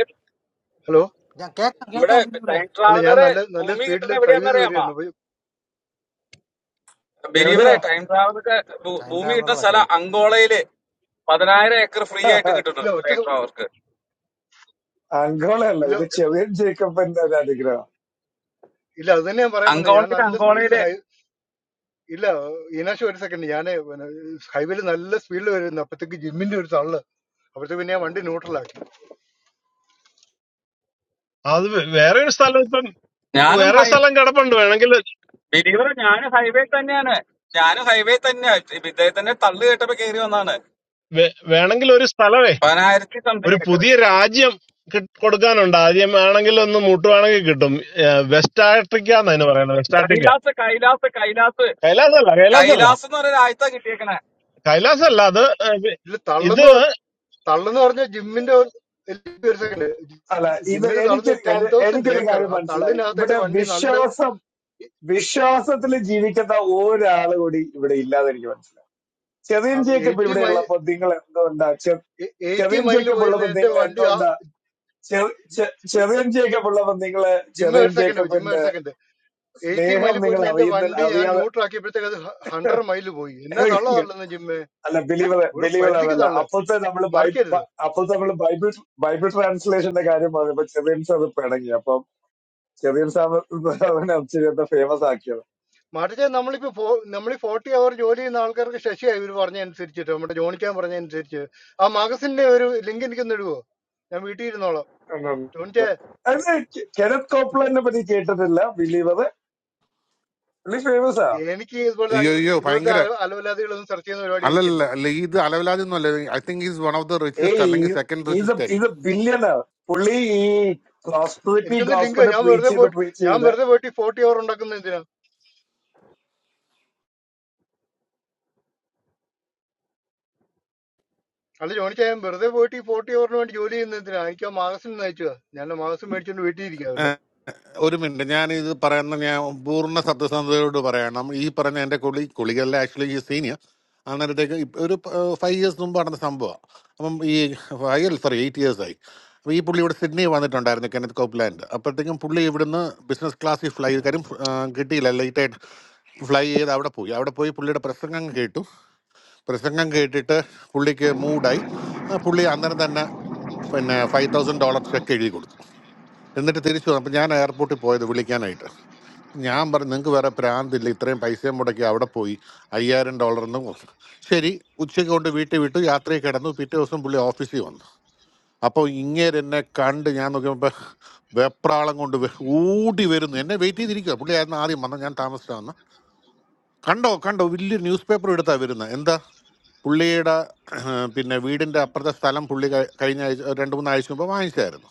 ഹലോ ഞാൻ കേക്കാം ഇവിടെ കേൾക്കാം പിന്നെ ഇവിടെ ടൈം അല്ല ഞാൻ ട്രാവലറ് നല്ല നല്ല ഭൂമി സ്പീഡിൽ കിട്ടുന്ന ഡ്രൈവ് ചെയ്ത് എവിടെയാണെന്നറിയാമോ വരികയായിരുന്നു അപ്പൊ ബലീവറെ എവിടെയാ ടൈം ട്രാവലർക്ക് ഭൂ- ടൈം ഭൂമി കിട്ടുന്ന ട്രാവലറോടാ സ്ഥലം ചോദിക്കും അങ്കോളയില് പതിനായിരം ഏക്കർ ഫ്രീ ആയിട്ട് ഇല്ല കിട്ടുന്നുണ്ട് ഒറ്റ ടൈം സെ- ട്രാവലർക്ക് അങ്കോളയല്ല ഇല്ല ഇത് ചെറിയൻ ജേക്കബിന്റെ ഒരു അനുഗ്രഹം ഇല്ല അത് തന്നെ ഞാൻ പറയാൻ വന്നത് ഞാൻ അങ്കോളയില് നല്ല സ്പീഡിൽ അങ്കോളയില് ഹൈ ഇല്ല ഈനാശ് ഒരു സെക്കൻഡ് ഞാൻ ഹൈവേയിൽ നല്ല സ്പീഡിൽ വരുന്നു അപ്പത്തേക്ക് ജിമ്മിന്റെ ഒരു തള്ളു അപ്പഴത്തേക്ക് പിന്നെ ഞാൻ വണ്ടി ന്യൂട്രലാക്കി അത് വേ- വേറെ ഒരു സ്ഥലം ഇപ്പം ഞാനും വേറെ ഒരു ഹൈ സ്ഥലം കിടപ്പുണ്ട് വേണമെങ്കിൽ ബലീവറെ ഞാനും ഹൈവേ തന്നെയാണ് ഞാനും ഹൈവേ തന്നെയാ ഇപ്പൊ ഇദ്ദേഹത്തിന്റെ തള്ളു കേട്ടപ്പോ കയറി വന്നാണ് വേ- വേണമെങ്കിൽ ഒരു സ്ഥലമേ പതിനായിരത്തി ഒരു സംതിങ് ഏക്കർ പുതിയ രാജ്യം കിട്ട് കൊടുക്കാനുണ്ട് ആദ്യം വേണമെങ്കിൽ ഒന്ന് മുട്ടുവാണെങ്കിൽ കിട്ടും ഏഹ് വെസ്റ്റ് ആഫ്രിക്ക എന്നതിന് പറയുന്നത് വെസ്റ്റ് ആഫ്രിക്ക കൈലാസ് കൈലാസ് കൈലാസ് കൈലാസല്ല കൈലാസല്ല കൈലാസ് എന്ന് പറയുന്ന ആഴ്ച കിട്ടിയേക്കണേ കൈലാസല്ല അത് ഏഹ് ഇല്ല ഇത് തള്ളെന്ന് തള്ളെന്ന് പറഞ്ഞ ജിമ്മിന്റെ ഒരു എനിക്ക് ഒരു സെക്കൻഡ് അല്ല ഇത് ജിമ്മിന്റെ തള്ളുന്ന എനിക്കൊരു ടെൻ കാര്യം തൗസൻഡ് എനിക്കൊരു ഏക്കർ കാര്യം ആ മനസ്സിലായി തള്ളിനകത്ത് ഇവിടെ എന്റെ വണ്ടി നല്ല വിശ്വാസം വിശ്വാസത്തിൽ ജീവിക്കുന്ന ഒരാൾ കൂടി ഇവിടെ ഇല്ലാതെ എനിക്ക് മനസ്സിലായി ചെറിയൻ ജേക്കബ് എയ്റ്റി ഇവിടെ മൈൽ ഉള്ളപ്പോ നിങ്ങൾ എന്തുകൊണ്ടാ ചെ- എയ്റ്റി ചെറിയൻ മൈലിൽ ജേക്കബ് പോയിരുന്ന ഉള്ളപ്പോ എന്റെ നിങ്ങൾ വണ്ടി ആ എന്തുകൊണ്ടാ ചെ- ചെ- ചെറിയൻ ജേക്കബ് ഉള്ളപ്പോ നിങ്ങള് ജിമ്മ ചെറിയൻ ഒരു സെക്കൻഡ് ജിമ്മ ജേക്കബിന്റെ ഒരു സെക്കൻഡ് എയ്റ്റി സ്നേഹം മൈൽ നിങ്ങൾ പോയിരുന്ന എന്റെ അറിയുന്ന വണ്ടി ഞാൻ അറിയാതെ ന്യൂട്രാക്കിയപ്പോഴത്തേക്ക് അത് ഹൺഡ്രഡ് മൈൽ പോയി എന്നാ തള്ള തള്ളുന്ന ജിമ്മേ അല്ല ബിലീവർ ഒരു ബിലീവർ പരിധിക്ക് അതല്ല തള്ളു അപ്പോഴത്തെ നമ്മൾ മറിക്കരുത് അപ്പോഴത്തെ നമ്മൾ ബൈബിൾ ബൈബിൾ ട്രാൻസ്ലേഷന്റെ കാര്യം പറഞ്ഞപ്പോ ചെറിയൻ സാർ പിണങ്ങി ചെറിയൊരു സംഭവം ചിരത്തെ ഫേമസ് ആക്കിയത് മറിച്ച് നമ്മളിപ്പോ ഫോ- നമ്മൾ ഫോർട്ടി അവർ ജോലി ചെയ്യുന്ന ആൾക്കാർക്ക് ശശിയായി ഇവർ പറഞ്ഞ അനുസരിച്ചിട്ട് നമ്മുടെ ജോണിക്കാൻ പറഞ്ഞ അനുസരിച്ച് ആ മാഗസിന്റെ ഒരു ലിങ്ക് എനിക്കൊന്ന് ഇടുവോ ഞാൻ വീട്ടിൽ ഇരുന്നോളാം ജോണിച്ചേ ഉണ്ടുണ്ട്. അത് കെ- കെനത്ത് കോപ്ലാനെ പറ്റി കേട്ടിട്ടില്ല ബിലീവർ പുള്ളി ഫേമസ് ആ എനിക്ക് ഇതുപോലെ അയ്യോ അയ്യോ ഇതുപോലത്തെ ഭയങ്കര അല- അലവലാതികളൊന്നും സെർച്ച് ചെയ്യുന്ന പരിപാടി എനിക്കില്ല അല്ലല്ല അല്ല ഇത് അലവലാതി ഒന്നും അല്ല I think is one of the richest അല്ലെങ്കിൽ ഏയ് സെക്കൻഡ് ഇത് റിച്ചസ്റ്റ് ഇത് ബില്യണർ പുള്ളി ഈ പ്രോസ്പെറിറ്റി എനിക്കൊന്ന് ലിങ്ക് ഗോസ്പെല് ഞാൻ പ്രീച്ച് വെറുതെ ചെയ്ത് പോയിട്ട് പ്രീച്ച് ഞാൻ ചെയ്ത് വെറുതെ പോയിട്ട് ഈ ഫോർട്ടി അവർ ഉണ്ടാക്കുന്ന എന്തിനാ അല്ല ജോണിച്ചാ ഞാൻ വെറുതെ പോയിട്ട് ഈ ഫോർട്ടി അവറിന് വേണ്ടി ജോലി ചെയ്യുന്ന എന്തിനാ എനിക്ക് ആ മാഗസിൻ അയച്ചു ഞാൻ ആ മാഗസിൻ മേടിച്ചോണ്ട് വീട്ടിൽ ഇരിക്കാമല്ലോ ആയിരിക്കും ഒരു മിനിറ്റ് ഞാൻ ഇത് പറയുന്ന ഞാൻ പൂർണ്ണ സത്യസന്ധതയോട് പറയണം ഈ പറഞ്ഞ എൻ്റെ കുളി കുളികളിലെ ആക്ച്വലി ഈ സീനിയർ അന്നേരത്തേക്ക് ഇപ്പ- ഒരു ഫൈവ് ഇയേഴ്സ് മുമ്പ് നടന്ന സംഭവമാണ് അപ്പം ഈ ഫൈവ് അല്ല സോറി എയ്റ്റ് ഇയേഴ്സായി അപ്പോൾ ഈ പുള്ളി ഇവിടെ സിഡ്നി വന്നിട്ടുണ്ടായിരുന്നു കെനത്ത് കോപ്ലാൻഡ് അപ്പോഴത്തേക്കും പുള്ളി ഇവിടുന്ന് ബിസിനസ് ക്ലാസ്സിൽ ഫ്ലൈ കാര്യം ആ, കിട്ടിയില്ല ലേറ്റായിട്ട് ഫ്ലൈ ചെയ്ത് അവിടെ പോയി അവിടെ പോയി പുള്ളിയുടെ പ്രസംഗം കേട്ടു പ്രസംഗം കേട്ടിട്ട് പുള്ളിക്ക് മൂഡായി പുള്ളി അന്നേരം തന്നെ പിന്നെ ഫൈവ് തൗസൻഡ് ഡോളർ ചെക്ക് എഴുതി കൊടുത്തു എന്നിട്ട് തിരിച്ചു വന്നു അപ്പം ഞാൻ എയർപോർട്ടിൽ പോയത് വിളിക്കാനായിട്ട് ഞാൻ പറഞ്ഞു നിങ്ങൾക്ക് വേറെ പ്രാന്തില്ല ഇത്രയും പൈസയും മുടക്കി അവിടെ പോയി അയ്യായിരം ഡോളർ എന്ന് കൊടുത്തു." ശരി ഉച്ചയ്ക്ക് കൊണ്ട് വീട്ടിൽ വിട്ടു യാത്രയിൽ കിടന്നു പിറ്റേ ദിവസം പുള്ളി ഓഫീസിൽ വന്നു അപ്പോൾ ഇങ്ങേര് എന്നെ കണ്ട് ഞാൻ നോക്കിയപ്പോൾ വെപ്രാളം കൊണ്ട് വെ- ഓടി വരുന്നു എന്നെ വെയിറ്റ് ചെയ്തിരിക്കുക പുള്ളി ആയിരുന്നു ആദ്യം വന്നത് ഞാൻ താമസിച്ചാണ് കണ്ടോ കണ്ടോ വലിയ ന്യൂസ് പേപ്പർ എടുത്താ വരുന്നത് എന്താ പുള്ളിയുടെ പിന്നെ വീടിൻ്റെ അപ്പുറത്തെ സ്ഥലം പുള്ളി ക- കഴിഞ്ഞ ആഴ്ച ഒരു രണ്ട് മൂന്ന് ആഴ്ച മുമ്പ് വാങ്ങിച്ചായിരുന്നു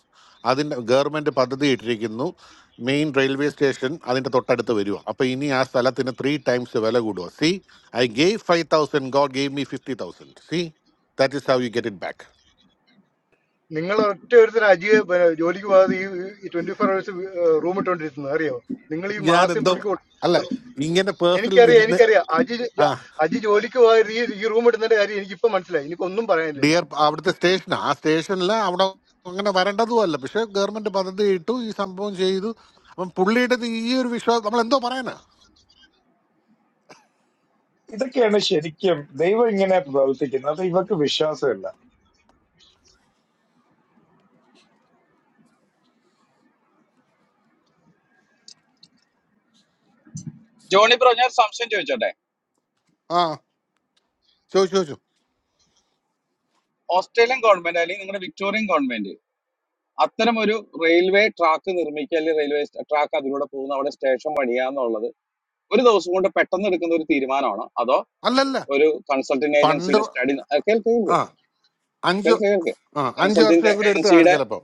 അതിൻ്റെ ഗവൺമെൻറ് പദ്ധതി ഇട്ടിരിക്കുന്നു മെയിൻ റെയിൽവേ സ്റ്റേഷൻ അതിൻ്റെ തൊട്ടടുത്ത് വരിക അപ്പോൾ ഇനി ആ സ്ഥലത്തിന് ത്രീ ടൈംസ് വില കൂടുക see I gave five thousand God gave me fifty thousand see that is how you get it back നിങ്ങൾ ഒറ്റ ഒരുത്തൻ അജിയെ ബ- ജോലിക്ക് പോകാതെ ഈ ട്വന്റി ഫോർ അവേഴ്സ് റൂം ഇട്ടോണ്ടിരുന്നത് അറിയോ നിങ്ങൾ ഈ ഞാൻ മാസം എന്തോ പുള്ളിക്ക് കൊടു- അല്ല ഇങ്ങനെ പേഴ്സണൽ എനിക്കറിയാം ഇതിന് എനിക്കറിയാം അജി ആ ജോ- അജി ജോലിക്ക് പോകാതെ ഈ ഈ റൂം ഇടുന്നതിന്റെ കാര്യം എനിക്കിപ്പോ മനസ്സിലായി ഇനിയിപ്പോ ഒന്നും പറയാനില്ല ഡിയർ എനിക്ക് അവിടുത്തെ സ്റ്റേഷനാ ആ സ്റ്റേഷനിൽ അവിടെ അങ്ങനെ വരേണ്ടതും അല്ല പക്ഷെ ഗവൺമെൻറ് പദ്ധതി ഇട്ടു ഈ സംഭവം ചെയ്തു അപ്പം പുള്ളിയുടെ ഈ ഒരു വിശ്വാസം നമ്മൾ എന്തോ പറയാനാ ഇതൊക്കെയാണ് ശരിക്കും ദൈവം ഇങ്ങനെ പ്രവർത്തിക്കുന്നത് അത് ഇവർക്ക് വിശ്വാസമില്ല ജോണി ബ്രോ ഞാൻ ഒരു സംശയം ചോദിച്ചോട്ടെ ആ ചോദിച്ചു ചോദിച്ചു ഓസ്ട്രേലിയൻ ഗവൺമെന്റ് അല്ലെങ്കിൽ നിങ്ങളുടെ വിക്ടോറിയൻ ഗവൺമെന്റ് അത്തരം ഒരു റെയിൽവേ ട്രാക്ക് നിർമ്മിക്കുക അല്ലെങ്കിൽ റെയിൽവേ ട്രാക്ക് അതിലൂടെ പോകുന്ന അവിടെ സ്റ്റേഷൻ പണിയുക എന്നുള്ളത് ഒരു ദിവസം കൊണ്ട് പെട്ടെന്ന് എടുക്കുന്ന ഒരു തീരുമാനമാണോ അതോ അല്ലല്ല ഒരു കൺസൾട്ടിങ് പണ്ട് ഏജൻസിയുടെ സ്റ്റഡി കേൾക്ക് ആ അഞ്ച് കേൾക്ക് കേൾക്ക് കേൾക്ക് ആ അഞ്ച് കൺസൾട്ടിങ് വർഷം കൂടി എടുത്ത് കാണും ഏജൻസിയുടെ ചിലപ്പോ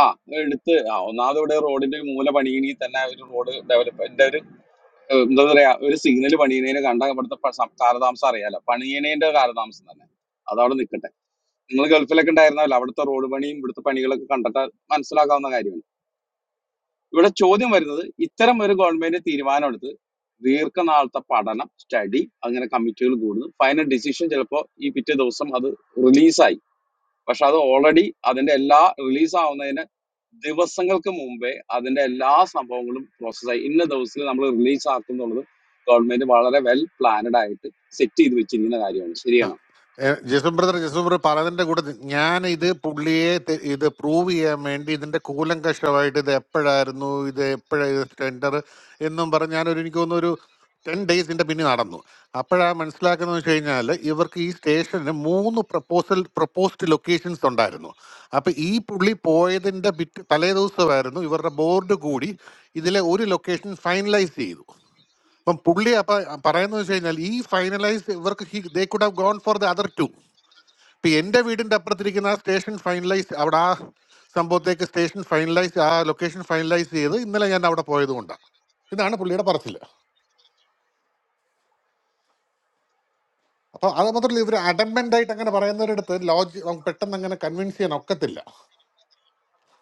ആ എടുത്ത് ആ ഒന്നാമത് ഇവിടെ റോഡിന്റെ മൂല പണിയണമെങ്കിൽ തന്നെ ഒരു റോഡ് ഡെവലപ്മെന്റ് ഒരു ഏഹ്, എന്താ പറയാ ഒരു സിഗ്നൽ പണിയണേന് കണ്ട ഇവിടുത്തെ പ- സം- കാലതാമസം അറിയാലോ പണിയണേന്റെ കാലതാമസം തന്നെ അതവിടെ നിൽക്കട്ടെ നിങ്ങൾ ഗൾഫിലൊക്കെ ഉണ്ടായിരുന്നല്ലോ അവിടുത്തെ റോഡ് പണിയും ഇവിടുത്തെ പണികളൊക്കെ കണ്ടിട്ട് മനസ്സിലാക്കാവുന്ന കാര്യമല്ലേ ഇവിടെ ചോദ്യം വരുന്നത് ഇത്തരം ഒരു ഗവൺമെന്റ് തീരുമാനമെടുത്ത് ദീർഘനാളത്തെ പഠനം സ്റ്റഡി അങ്ങനെ കമ്മിറ്റികൾ കൂടുന്നു ഫൈനൽ ഡിസിഷൻ ചിലപ്പോൾ ഈ പിറ്റേ ദിവസം അത് റിലീസായി പക്ഷെ അത് ഓൾറെഡി അതിന്റെ എല്ലാ റിലീസ് ആവുന്നതിന് ദിവസങ്ങൾക്ക് മുമ്പേ അതിന്റെ എല്ലാ സംഭവങ്ങളും പ്രോസസ്സായി ഇന്ന ദിവസത്തിൽ നമ്മൾ റിലീസ് ആക്കുന്നുള്ളത് ഗവൺമെന്റ് വളരെ വെൽ പ്ലാനഡ് ആയിട്ട് സെറ്റ് ചെയ്ത് വെച്ചിരിക്കുന്ന കാര്യമാണ് ആ, ശരിയാണ് ഏ, ജെസും ബ്രദർ ജെസും ബ്രദർ പറഞ്ഞതിന്റെ കൂടെ നി- ഞാൻ ഇത് പുള്ളിയെ തെ- ഇത് പ്രൂവ് ചെയ്യാൻ വേണ്ടി ഇതിന്റെ കൂലങ്കഷമായിട്ട് ഇത് എപ്പോഴായിരുന്നു ഇത് എപ്പോഴാ ഇത് ടെൻഡർ എന്നും പറഞ്ഞ് ഞാനൊരു എനിക്ക് തോന്നുന്നു ഒരു ടെൻ ഡേയ്സിന്റെ പിന്നെ നടന്നു അപ്പോഴാ മനസ്സിലാക്കുന്നത് വെച്ച് കഴിഞ്ഞാൽ ഇവർക്ക് ഈ സ്റ്റേഷന് മൂന്ന് പ്രപ്പോസൽ പ്രപ്പോസ്ഡ് ലൊക്കേഷൻസ് ഉണ്ടായിരുന്നു അപ്പൊ ഈ പുള്ളി പോയതിന്റെ പിറ്റ് തലേ ദിവസമായിരുന്നു ഇവരുടെ ബോർഡ് കൂടി ഇതിലെ ഒരു ലൊക്കേഷൻ ഫൈനലൈസ് ചെയ്തു അപ്പം പുള്ളി അപ്പൊ പറയുന്നത് വെച്ച് കഴിഞ്ഞാൽ ഈ ഫൈനലൈസ് ഇവർക്ക് they could have gone for the other two ഇപ്പൊ എന്റെ വീടിന്റെ അപ്പുറത്തിരിക്കുന്ന ആ സ്റ്റേഷൻ ഫൈനലൈസ് അവിടെ ആ സംഭവത്തേക്ക് സ്റ്റേഷൻ ഫൈനലൈസ് ആ ലൊക്കേഷൻ ഫൈനലൈസ് ചെയ്ത് ഇന്നലെ ഞാൻ അവിടെ പോയത് കൊണ്ടാണ് ഇതാണ് പുള്ളിയുടെ പറച്ചില് അപ്പൊ അത് മാത്രമല്ല ഇവർ അഡംബൻ്റ് ആയിട്ട് അങ്ങനെ പറയുന്നവരുടെ അടുത്ത് ലോജി നമുക്ക് പെട്ടെന്ന് അങ്ങനെ കൺവിൻസ് ചെയ്യാൻ ഒക്കത്തില്ല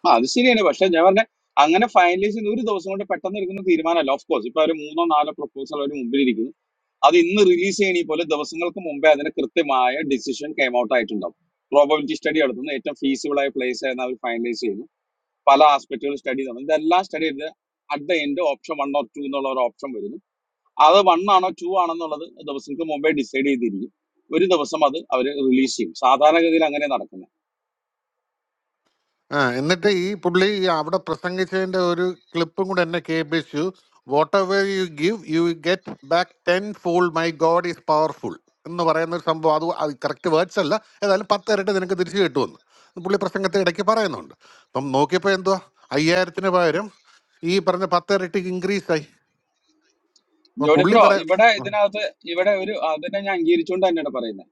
ആ അത് ശരിയാണ് പക്ഷെ ഞാൻ പറഞ്ഞ അങ്ങനെ ഫൈനലൈസ് ചെയ്യുന്ന ഒരു ദിവസം കൊണ്ട് പെട്ടെന്ന് എടുക്കുന്ന തീരുമാനമല്ല ഓഫ് കോഴ്സ് ഇപ്പൊ ഒരു മൂന്നോ നാലോ പ്രപ്പോസൽ അവർ മുമ്പിൽ അത് ഇന്ന് റിലീസ് ചെയ്യണ പോലെ ദിവസങ്ങൾക്ക് മുമ്പേ അതിന് കൃത്യമായ ഡിസിഷൻ കെയിം ഔട്ട് ആയിട്ടുണ്ടാവും പ്രോബബിലിറ്റി സ്റ്റഡി നടത്തുന്നു ഏറ്റവും ഫീസിബിൾ ആയ പ്ലേസ് ആയിരുന്നു അവർ ഫൈനലൈസ് ചെയ്യുന്നു പല ആസ്പെക്ടുകൾ സ്റ്റഡി നടന്നു ഇതെല്ലാം സ്റ്റഡി ചെയ്ത് at the end option one or two എന്നുള്ള ഒരു ഓപ്ഷൻ വരുന്നു അത് വൺ ആണോ ടു ആണെന്നുള്ളത് ദിവസങ്ങൾക്ക് മുമ്പേ ഡിസൈഡ് ചെയ്തിരിക്കും ഒരു ദിവസം അത് അവർ റിലീസ് ചെയ്യും സാധാരണഗതിയിൽ അങ്ങനെ നടക്കുന്നത് ആ എന്നിട്ട് ഈ പുള്ളി ഈ അവിടെ പ്രസംഗിച്ചതിന്റെ ഒരു ക്ലിപ്പും കൂടെ എന്നെ കേൾപ്പിച്ചു whatever you give you get back tenfold my God is powerful എന്ന് പറയുന്ന ഒരു സംഭവം അത് അത് കറക്റ്റ് വേർഡ്സ് അല്ല ഏതായാലും പത്ത് ഇരട്ടി നിനക്ക് തിരിച്ചു കിട്ടുമെന്ന് എന്ന് പുള്ളി പ്രസംഗത്തെ ഇടയ്ക്ക് പറയുന്നുണ്ട് അപ്പം നോക്കിയപ്പോൾ എന്തുവാ അയ്യായിരത്തിന് പകരം ഈ പറഞ്ഞ പത്ത് ഇരട്ടി ഇൻക്രീസ് ആയി അപ്പം ജോഡി പുള്ളി ബ്രോ പറയാ ഇവിടെ ഇതിനകത്ത് ഇവിടെ ഒരു അതിനെ ഞാൻ അംഗീകരിച്ചുകൊണ്ട് തന്നെയാണ് പറയുന്നത്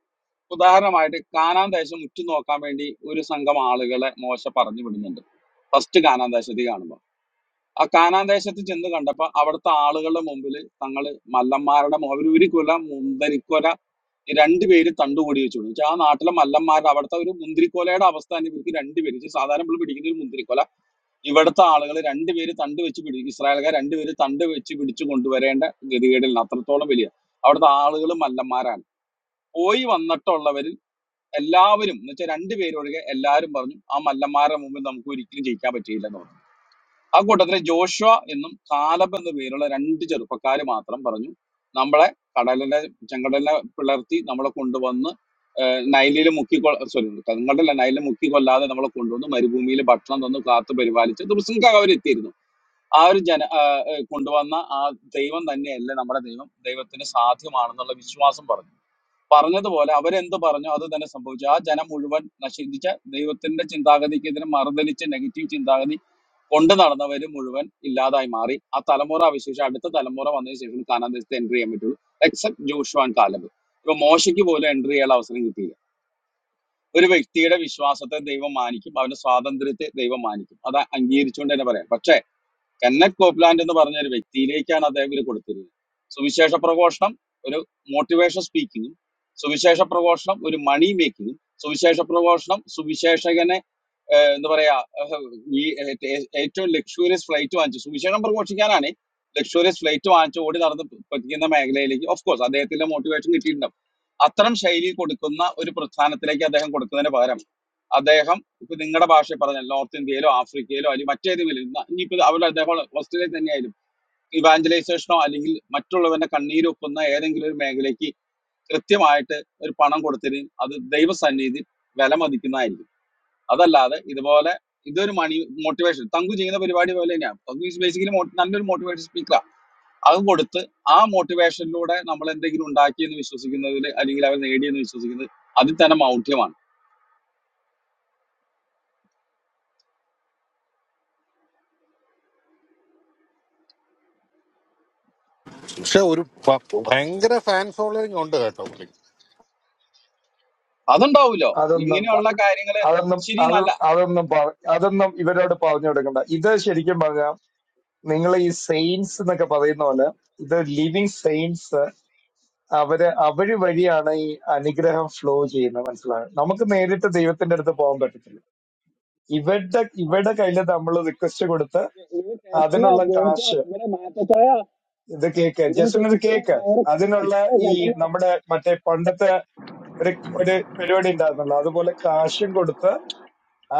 ഉദാഹരണമായിട്ട് കാനാൻ ദേശം ഉറ്റുനോക്കാൻ വേണ്ടി ഒരു സംഘം ആളുകളെ മോശ പറഞ്ഞു വിടുന്നുണ്ട് ഫസ്റ്റ് കാനാന്തേശത്തിൽ കാണുമ്പോൾ ആ കാനാന്തേശത്തിൽ ചെന്ന് കണ്ടപ്പോൾ അവിടുത്തെ ആളുകളുടെ മുമ്പിൽ തങ്ങൾ മല്ലന്മാരുടെ മു- അവര് ഒരു കുല മുന്തിരിക്കൊല ഈ രണ്ടുപേര് തണ്ടുകൂടി വെച്ചു വെച്ചാൽ ആ നാട്ടിലെ മല്ലന്മാരുടെ അവിടുത്തെ ഒരു മുന്തിരിക്കൊലയുടെ അവസ്ഥ തന്നെ ഇവർക്ക് രണ്ടുപേര് ഇത് സാധാരണ നമ്മൾ പിടിക്കുന്ന ഒരു മുന്തിരിക്കൊല ഇവിടുത്തെ ആളുകൾ രണ്ടുപേര് തണ്ട് വെച്ച് പിടി ഇസ്രായേൽക്കാർ രണ്ടുപേര് തണ്ട് വെച്ച് പിടിച്ചു കൊണ്ടുവരേണ്ട ഗതികേടിൽ നിന്ന് അത്രത്തോളം വലിയ അവിടുത്തെ ആളുകൾ മല്ലന്മാരാണ് പോയി വന്നിട്ടുള്ളവരിൽ എല്ലാവരും എന്ന് വെച്ചാൽ രണ്ടുപേരൊഴികെ എല്ലാവരും പറഞ്ഞു ആ മല്ലന്മാരുടെ മുമ്പിൽ നമുക്ക് ഒരിക്കലും ജയിക്കാൻ പറ്റിയില്ല ആ കൂട്ടത്തിലെ ജോഷുവ എന്നും കാലബ് എന്ന പേരുള്ള രണ്ട് ചെറുപ്പക്കാര് മാത്രം പറഞ്ഞു നമ്മളെ കടലിലെ ചെങ്കടലിനെ പിളർത്തി നമ്മളെ കൊണ്ടുവന്ന് നൈലിൽ മുക്കി സോറി കടലല്ല നൈലിൽ മുക്കി കൊല്ലാതെ നമ്മളെ കൊണ്ടുവന്ന് മരുഭൂമിയിൽ ഭക്ഷണം തന്നു കാത്തു പരിപാലിച്ച് ദിവസങ്ങൾക്ക് അവരെത്തിയിരുന്നു ആ ഒരു ജന ആ, ഏ, കൊണ്ടുവന്ന ആ ദൈവം തന്നെയല്ല നമ്മുടെ ദൈവം ദൈവത്തിന് സാധ്യമാണെന്നുള്ള വിശ്വാസം പറഞ്ഞു പറഞ്ഞതുപോലെ അവരെന്ത് പറഞ്ഞു അത് തന്നെ സംഭവിച്ചു ആ ജനം മുഴുവൻ നശിച്ച ദൈവത്തിന്റെ ചിന്താഗതിക്ക് എതിരെ മറുതലിച്ച് നെഗറ്റീവ് ചിന്താഗതി കൊണ്ട് നടന്നവര് മുഴുവൻ ഇല്ലാതായി മാറി ആ തലമുറ അവശേഷം അടുത്ത തലമുറ വന്നതിന് ശേഷം കാനാൻ ദേശത്ത് എൻട്രി ചെയ്യാൻ പറ്റുള്ളൂ എക്സെപ്റ്റ് ജോഷുവാൻ കാലബ് ഇപ്പൊ മോശയ്ക്ക് പോലും എൻട്രി ചെയ്യാൻ അവസരം കിട്ടിയില്ല ഒരു വ്യക്തിയുടെ വിശ്വാസത്തെ ദൈവം മാനിക്കും അവന്റെ സ്വാതന്ത്ര്യത്തെ ദൈവം മാനിക്കും അത് അംഗീകരിച്ചുകൊണ്ട് തന്നെ പറയാം പക്ഷേ കെന്നറ്റ് കോപ്ലാൻഡ് എന്ന് പറഞ്ഞ ഒരു വ്യക്തിയിലേക്കാണ് അദ്ദേഹം ഇത് കൊടുത്തിരുന്നത് സുവിശേഷ പ്രഘോഷണം ഒരു മോട്ടിവേഷൻ സ്പീക്കിങ്ങും സുവിശേഷ പ്രഘോഷണം ഒരു മണി മേക്കിങ്ങും സുവിശേഷ പ്രഘോഷണം സുവിശേഷകനെ ഏഹ്, എന്താ പറയാ ഏഹ്, ഈ ഏ- ഏറ്റവും ലക്ഷൂറിയസ് ഫ്ലൈറ്റ് വാങ്ങിച്ചു സുവിശേഷം പ്രഘോഷിക്കാനാണ് ലക്ഷൂറിയസ് ഫ്ലൈറ്റ് വാങ്ങിച്ചു ഓടി നടന്ന് പറ്റിക്കുന്ന മേഖലയിലേക്ക് ഓഫ് കോഴ്സ് അദ്ദേഹത്തിന്റെ മോട്ടിവേഷൻ കിട്ടിയിട്ടുണ്ടാവും അത്തരം ശൈലി കൊടുക്കുന്ന ഒരു പ്രസ്ഥാനത്തിലേക്ക് അദ്ദേഹം കൊടുക്കുന്നതിന് പകരം അദ്ദേഹം ഇപ്പൊ നിങ്ങളുടെ ഭാഷ പറഞ്ഞാൽ നോർത്ത് ഇന്ത്യയിലോ ആഫ്രിക്കയിലോ അല്ലെങ്കിൽ മറ്റേതെങ്കിലും ന- ഇനിയിപ്പോ അവരുടെ അദ്ദേഹം ഓസ്ട്രേലിയയിൽ തന്നെയായാലും ഇവാഞ്ചലൈസേഷനോ അല്ലെങ്കിൽ മറ്റുള്ളവരുടെ കണ്ണീരൊപ്പുന്ന ഏതെങ്കിലും ഒരു മേഖലയ്ക്ക് കൃത്യമായിട്ട് ഒരു പണം കൊടുത്തതിന് അത് ദൈവസന്നിധി വില മതിക്കുന്നതായിരിക്കും അതല്ലാതെ ഇതുപോലെ ഇതൊരു മണി മോട്ടിവേഷൻ തങ്കു ചെയ്യുന്ന പരിപാടി പോലെ തന്നെയാണ് തങ്കു ഈസ് ബേസിക്കലി നല്ലൊരു മോട്ടിവേഷൻ സ്പീക്കറാണ് അത് കൊടുത്ത് ആ മോട്ടിവേഷനിലൂടെ നമ്മൾ എന്തെങ്കിലും ഉണ്ടാക്കിയെന്ന് വിശ്വസിക്കുന്നതിൽ അല്ലെങ്കിൽ അവർ നേടിയെന്ന് വിശ്വസിക്കുന്നത് അതിൽ തന്നെ മൗഢ്യമാണ് പക്ഷെ ഒരു പ- ഭയങ്കര ഫാൻ ഫോളോയിങ് ഉണ്ട് കേട്ടോ പുള്ളി അതുണ്ടാവില്ലോ അതൊന്നും പ- ഇങ്ങനെയുള്ള കാര്യങ്ങൾ അതൊന്നും ശരി അത് നല്ല അതൊന്നും പറ- അതൊന്നും ഇവരോട് പറഞ്ഞു കൊടുക്കണ്ട ഇത് ശരിക്കും പറഞ്ഞാൽ നിങ്ങൾ ഈ സെയിൻസ് എന്നൊക്കെ പറയുന്ന പോലെ ഇത് ലിവിങ് സെയിൻസ് അവര് അവര് വഴിയാണ് ഈ അനുഗ്രഹം ഫ്ലോ ചെയ്യുന്നത് മനസ്സിലായോ നമുക്ക് നേരിട്ട് ദൈവത്തിന്റെ അടുത്ത് പോകാൻ പറ്റത്തില്ല ഇവരുടെ ഇവരുടെ കയ്യിൽ നമ്മൾ റിക്വസ്റ്റ് കൊടുത്ത് അതിനുള്ള കാശ് ഇത് കേക്ക് ജസ്റ്റിന് ഇത് കേക്ക് അതിനുള്ള ഈ നമ്മുടെ മറ്റേ പണ്ടത്തെ ഒരു ഒരു പരിപാടി ഉണ്ടായിരുന്നല്ലോ അതുപോലെ കാശും കൊടുത്ത്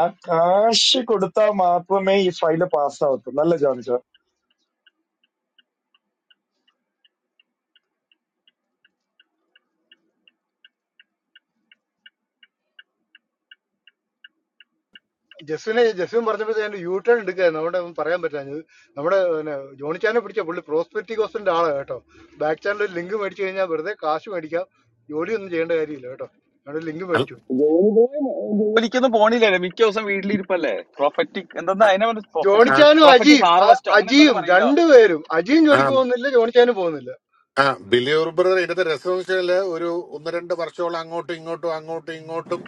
ആ കാശ് കൊടുത്താൽ മാത്രമേ ഈ ഫയല് പാസ്സാവത്തുള്ളൂ അല്ല ജോണിച്ചോ ജസ്വിനെ ജസ്വിൻ പറഞ്ഞപ്പോഴത്തെ ഞാൻ യൂ ടേൺ എടുക്കുകയായിരുന്നു നമ്മുടെ പറയാൻ പറ്റാഞ്ഞത് നമ്മുടെ പിന്നെ ജോണിച്ചാനെ പിടിച്ച പുള്ളി പ്രോസ്പെക്ടി കോസ്റ്റിന്റെ ആളാണ് കേട്ടോ ബാക്ക് ചാനൽ ഒരു ലിങ്ക് മേടിച്ചു കഴിഞ്ഞാൽ വെറുതെ കാശ് മേടിക്കാം ജോലിയൊന്നും ചെയ്യേണ്ട കാര്യമില്ല കേട്ടോ ഞങ്ങൾ ലിങ്ക് അൽ- മേടിച്ചു ജോലി പോയി ജോലിക്കൊന്നും പോണില്ലല്ലേ മിക്ക ദിവസം വീട്ടിലിരിപ്പല്ലേ പ്രൊഫറ്റിക് എന്തെന്നാ അതിനെ പറഞ്ഞു, ആ, പ്രൊഫറ്റിക് ജോണിച്ചാനും പ്രൊഫറ്റിക് അജിയും അ- ഹാർവസ്റ്റോ അങ്ങനെ എന്തൊക്കെ അജിയും പറയില്ല രണ്ടുപേരും അജിയും ജോലിക്ക് ആ, പോകുന്നില്ല ജോണിച്ചാനും പോകുന്നില്ല ആ ബിലി ഉർബർ ഇതിന്റെ രസം എന്ന് വെച്ചാല് ഒരു ഒന്ന് രണ്ട് വർഷമോളം അങ്ങോട്ടും ഇങ്ങോട്ടും അങ്ങോട്ടും ഇങ്ങോട്ടും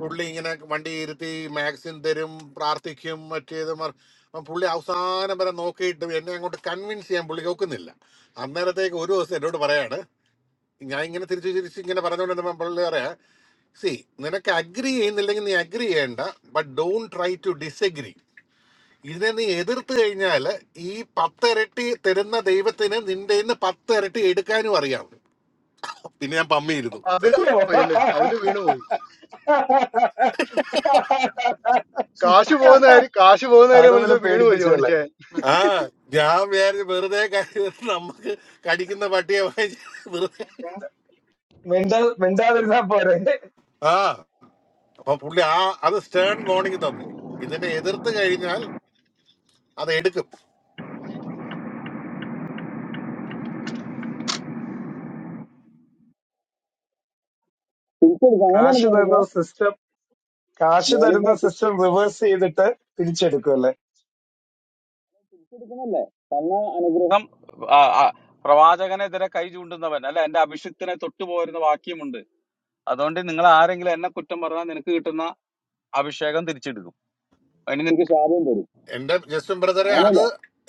പുള്ളി ഇങ്ങനെ വണ്ടി ഇരുത്തി മാക്സിൻ തരും പ്രാർത്ഥിക്കും മറ്റേത് മർ- അപ്പം പുള്ളി അവസാനം വരെ നോക്കിയിട്ടും എന്നെ അങ്ങോട്ട് കൺവിൻസ് ചെയ്യാൻ പുള്ളി നോക്കുന്നില്ല അന്നേരത്തേക്ക് ഒരു ദിവസം എന്നോട് പറയാണ് ഞാൻ ഇങ്ങനെ തിരിച്ചു തിരിച്ച് ഇങ്ങനെ പറഞ്ഞുകൊണ്ടിരുന്നപ്പോൾ പുള്ളി പറയാ സി നിനക്ക് അഗ്രി ചെയ്യുന്നില്ലെങ്കിൽ നീ അഗ്രി ചെയ്യണ്ട but don't try to disagree ഇതിനെ നീ എതിർത്ത് കഴിഞ്ഞാൽ ഈ പത്തിരട്ടി തരുന്ന ദൈവത്തിന് നിന്റെ നിന്ന് പത്തിരട്ടി എടുക്കാനും അറിയാം പിന്നെ ഞാൻ പമ്മിയിരുന്നു അതില് പോയി അല്ലേ അതില് വീണുപോയി കാശ് പോകുന്ന കാര്യം കാശ് പോകുന്ന കാര്യം അതുപോലെ മനസ്സിൽ വീണുപോയി പേടിപ്പിച്ചല്ലേ മനുഷ്യൻ ആ ഞാൻ വിചാരിച്ചു വെറുതെ കടി- നമുക്ക് കടിക്കുന്ന പട്ടിയെ വാങ്ങി വെറുതെ മിണ്ടാ മിണ്ടാതിരുന്നാ പോരെ ആ അപ്പൊ പുള്ളി ആ അത് സ്റ്റേൺ മോർണിംഗ് തന്നു ഇതിനെ എതിർത്ത് കഴിഞ്ഞാൽ അത് എടുക്കും തിരിച്ചെടുക്കും അങ്ങനെയാണ് കാശ് തരുന്ന ജോലിബ്രോ സിസ്റ്റം കാശ് തരുന്ന ജോലിബ്രോ സിസ്റ്റം റിവേഴ്സ് ചെയ്തിട്ട് തിരിച്ചെടുക്കുമല്ലേ തിരിച്ചതല്ലേ തന്ന അനുഗ്രഹം നാം ആ, ആ, പ്രവാചകനെതിരെ കൈ ചൂണ്ടുന്നവൻ അല്ല എന്റെ അഭിഷിക്തനെ തൊട്ടു പോരുന്ന വാക്യമുണ്ട് അതുകൊണ്ട് നിങ്ങൾ ആരെങ്കിലും എന്നെ കുറ്റം പറഞ്ഞാൽ നിനക്ക് കിട്ടുന്ന അഭിഷേകം തിരിച്ചെടുക്കും അതിന് നിനക്ക് എനിക്ക് ശാപം എന്റെ ജസ്റ്റിൻ ബ്രദറെ അത് അങ്ങനെയല്ലേ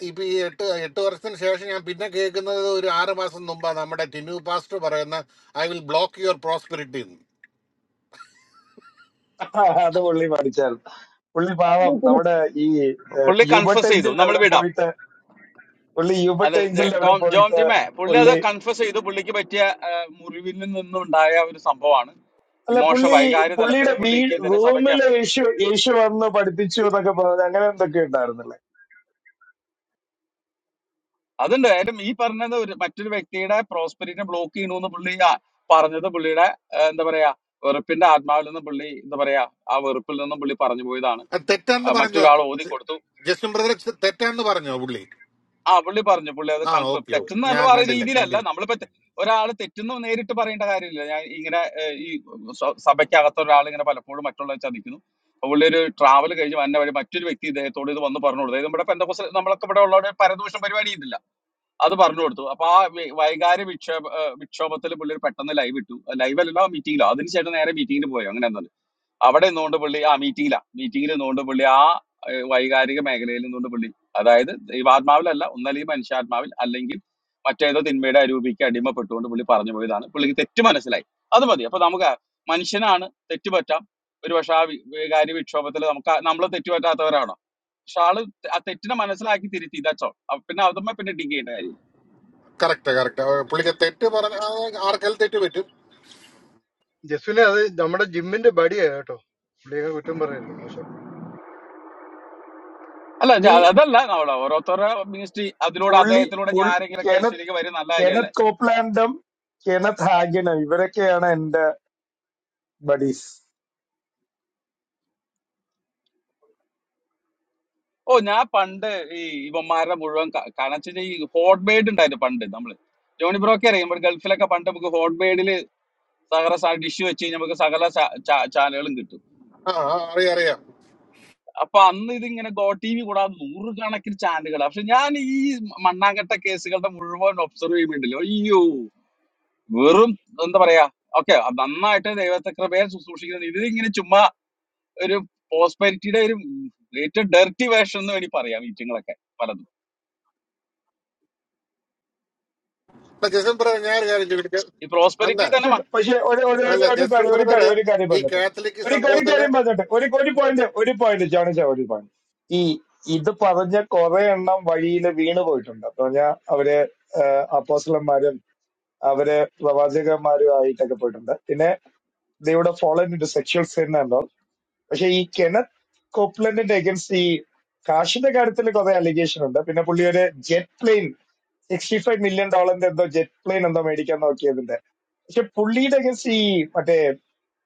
ഇപ്പൊ ഈ എട്ട് എട്ട് വർഷത്തിന് ശേഷം ഞാൻ പിന്നെ കേൾക്കുന്നത് ഒരു ആറ് മാസം മുമ്പാണ് നമ്മുടെ ടിനു പാസ്റ്റർ പറയുന്ന I will block your prosperity അത് പുള്ളി പഠിച്ചാൽ പുള്ളി പാവം നമ്മുടെ ഈ ഏഹ്, പുള്ളി യുബട്ട് കൺഫസ് ചെയ്തു ഏഞ്ചലിന്റെ നമ്മൾ അവിടെ വിടാം പോയിട്ട് പുള്ളി യുബട്ട് അല്ല ജെ- ഏഞ്ചലിന്റെ അവിടെ ടോം ജോൺ പോയിട്ട് ജിമേ പുള്ളി അത് പുള്ളി കൺഫ്യൂസ് ചെയ്തു പുള്ളിക്ക് പറ്റിയ ആ, മുറിവിൽ നിന്നുണ്ടായ ഒരു സംഭവമാണ് അല്ല വിമോശ പുള്ളി വൈകാര്യ തലത്തിൽ പുള്ളിയുടെ പുള്ളിക്ക് വീട് ഇതിനെ സഭയ്ക്ക് റൂമില് യേശു യേശു വന്ന് പഠിപ്പിച്ചു എന്നൊക്കെ പറഞ്ഞു അങ്ങനെ എന്തൊക്കെ ഉണ്ടായിരുന്നില്ലേ അതുണ്ട് കാര്യം ഈ പറഞ്ഞത് ഒരു മറ്റൊരു വ്യക്തിയുടെ പ്രോസ്പെരിറ്റിനെ ബ്ലോക്ക് ചെയ്യണമെന്ന് പുള്ളി ആ പറഞ്ഞത് പുള്ളിയുടെ ആ, എന്താ പറയാ വെറുപ്പിന്റെ ആത്മാവിൽ നിന്ന് പുള്ളി എന്താ പറയാ ആ വെറുപ്പിൽ നിന്നും പുള്ളി പറഞ്ഞു പോയതാണ് അത് ആ, തെറ്റാണെന്ന് പറഞ്ഞോ മറ്റൊരാൾ ഓതി ജ- കൊടുത്തു ജസ്റ്റിൻ ബ്രദർ തെറ്റാണെന്ന് പറഞ്ഞോ പുള്ളി ആ പുള്ളി പറഞ്ഞു പുള്ളി അത് ആ കൺഫേം ഓക്കെ ഓക്കെ തെറ്റെന്നല്ല ഞാൻ പറയുന്ന കണ്ടില്ല രീതിയിലല്ല കണ്ടില്ല നമ്മളിപ്പോ തെ- ഒരാള് തെറ്റെന്ന് നേരിട്ട് പറയേണ്ട കാര്യമില്ല ഞാൻ ഇങ്ങനെ ഏഹ്, ഈ സ- സഭയ്ക്കകത്ത് ഒരാൾ ഇങ്ങനെ പലപ്പോഴും മറ്റുള്ളവരെ ചതിക്കുന്നു അപ്പൊ പുള്ളി ഒരു ട്രാവൽ കഴിഞ്ഞ് വന്ന വഴി മറ്റൊരു വ്യക്തി ഇദ്ദേഹത്തോട് ഇത് വന്ന് പറഞ്ഞു കൊടുത്തു ഇത് നമ്മുടെ പെന്തക്കോസ് നമ്മളൊക്കെ ഇവിടെ ഉള്ളവരുടെ പരദൂഷണം പരിപാടി ഇതില്ല അത് പറഞ്ഞു കൊടുത്തു അപ്പൊ ആ വി- വൈകാരി വിക്ഷേപ ഏഹ്, വിക്ഷോഭത്തിൽ പുള്ളി പെട്ടെന്ന് ലൈവ് ഇട്ടു ലൈവ് അല്ല മീറ്റിംഗിലോ അതിനുശേഷം നേരെ മീറ്റിംഗിന് പോയോ അങ്ങനെ അവിടെ നിന്നുകൊണ്ട് പുള്ളി ആ മീറ്റിംഗിലാ മീറ്റിംഗിൽ നിന്നുകൊണ്ട് പുള്ളി ആ ഏഹ്, വൈകാരിക മേഖലയിൽ നിന്നുകൊണ്ട് പുള്ളി അതായത് ദൈവാത്മാവിലല്ല ഒന്നല്ലെങ്കിൽ മനുഷ്യാത്മാവിൽ അല്ലെങ്കിൽ മറ്റേതോ തിന്മയുടെ അരൂപിക്ക് അടിമപ്പെട്ടുകൊണ്ട് പുള്ളി പറഞ്ഞു പോയതാണ് പുള്ളിക്ക് തെറ്റ് മനസ്സിലായി അത് മതി അപ്പൊ നമുക്ക് മനുഷ്യനാണ് തെറ്റ് പറ്റാം ഒരു പക്ഷെ ആ വി- വികാരി വിക്ഷോഭത്തിൽ നമുക്ക് നമ്മൾ തെറ്റ് പറ്റാത്തവരാണോ പക്ഷെ ആള് ആ തെറ്റിനെ മനസ്സിലാക്കി തിരുത്തി ഇതച്ചോ പിന്നെ അതുമ്മ പിന്നെ ഡിഗ് ചെയ്യേണ്ട കാര്യം കറക്റ്റ് കറക്റ്റ് പുള്ളിക്ക് തെറ്റ് പറഞ്ഞ ആ, ആർക്കെല്ലാം തെറ്റ് പറ്റും ജസ്വിനെ അത് നമ്മുടെ ജിമ്മിന്റെ ബഡിയാ കേട്ടോ പുള്ളിയൊക്കെ കുറ്റം പറയല്ലോ മോശം. അല്ല ഞാ- പുള്ളി അതല്ല നമ്മള് ഓരോരുത്തരുടെ മിനിസ്ട്രി അതിലൂടെ പുള്ളി അദ്ദേഹത്തിലൂടെ ഞാൻ പുൾ- ആരെങ്കിലൊക്കെ കെനത്ത് യേശുലേക്ക് വരും നല്ല കാര്യമല്ലേ കെനത്ത് കോപ്ലാൻഡും കെനത്ത് ഹാഗിനും ഇവരൊക്കെയാണ് എന്റെ ബഡീസ് ഓ ഞാൻ പണ്ട് ഈ ഇവന്മാരുടെ മുഴുവൻ കണച്ചിട്ട് ഈ ഹോട്ട് ബെയ്ഡ് ഉണ്ടായിരുന്നു പണ്ട് നമ്മള് ജോണി ബ്രോക്കെ അറിയാം ഇവിടെ ഗൾഫിലൊക്കെ പണ്ട് നമുക്ക് ഹോട്ട് ബെയ്ഡിൽ സകല ഡിഷ് വെച്ച് കഴിഞ്ഞാൽ നമുക്ക് സകല ചാ- ചാ- ചാനലുകളും കിട്ടും ആ ആ, അറിയാം അറിയാം അപ്പൊ അന്ന് ഇതിങ്ങനെ ഗോ ടി വി കൂടാതെ നൂറുകണക്കിന് ചാനലുകൾ പക്ഷെ ഞാൻ ഈ മണ്ണാങ്കട്ട കേസുകളുടെ മുഴുവൻ ഒബ്സർവ് ചെയ്യുന്നുണ്ടല്ലോ അയ്യോ വെറും എന്താ പറയാ ഓക്കെ നന്നായിട്ട് ദൈവത്തെ കൃപയെ ശുശ്രൂഷിക്കുന്നത് ഇതിങ്ങനെ ചുമ്മാ ഒരു പ്രോസ്പെരിറ്റിയുടെ ഒരു ഏറ്റവും ഡെർട്ടി വേഷം എന്ന് വേണ്ടി പറയാം മീറ്റിങ്ങളൊക്കെ പലതും അല്ല ജസ്റ്റിൻ ബ്രദർ ഞാൻ ഒരു കാര്യം ചോദിക്കാം ഈ അല്ല പ്രോസ്പെരിറ്റി പക്ഷെ തന്നെ പക്ഷെ ഒരു ഒരു ഒരു അല്ല ഒരു ജസ്റ്റിൻ കാര്യം ഒരു ബ്രദർ കാര്യം ഒരു കാര്യം ഈ പറഞ്ഞിട്ട് കാത്തലിക് ഒരു ഒരു സംഭവത്തില് കാര്യം പറഞ്ഞിട്ട് ഒരു ഒരു പോയിന്റ് ഒരു പോയിന്റ് ജോണിച്ച ഒരു പോയിന്റ് ഈ ഇത് പറഞ്ഞ കുറെ എണ്ണം വഴിയിൽ വീണ് പോയിട്ടുണ്ട് അപ്പൊ പറഞ്ഞാൽ അവര് അപ്പോസ്റ്റലന്മാരും അവര് പ്രവാചകന്മാരും ആയിട്ടൊക്കെ പോയിട്ടുണ്ട് പിന്നെ ദൈവയുടെ fall into sexual sin പക്ഷെ ഈ കെനത് കോപ്ലൻഡിന്റെ അഗൻസ്റ്റ് ഈ കാശിന്റെ കാര്യത്തിൽ കുറെ അലിഗേഷൻ ഉണ്ട് പിന്നെ പുള്ളി ഒരു jet plane sixty five million ഡോളറിന്റെ എന്തോ ജെറ്റ് പ്ലെയിൻ എന്തോ മേടിക്കാൻ നോക്കിയതിന്റെ പക്ഷെ പുള്ളിയുടെ അഗൻസ്റ്റ് ഈ മറ്റേ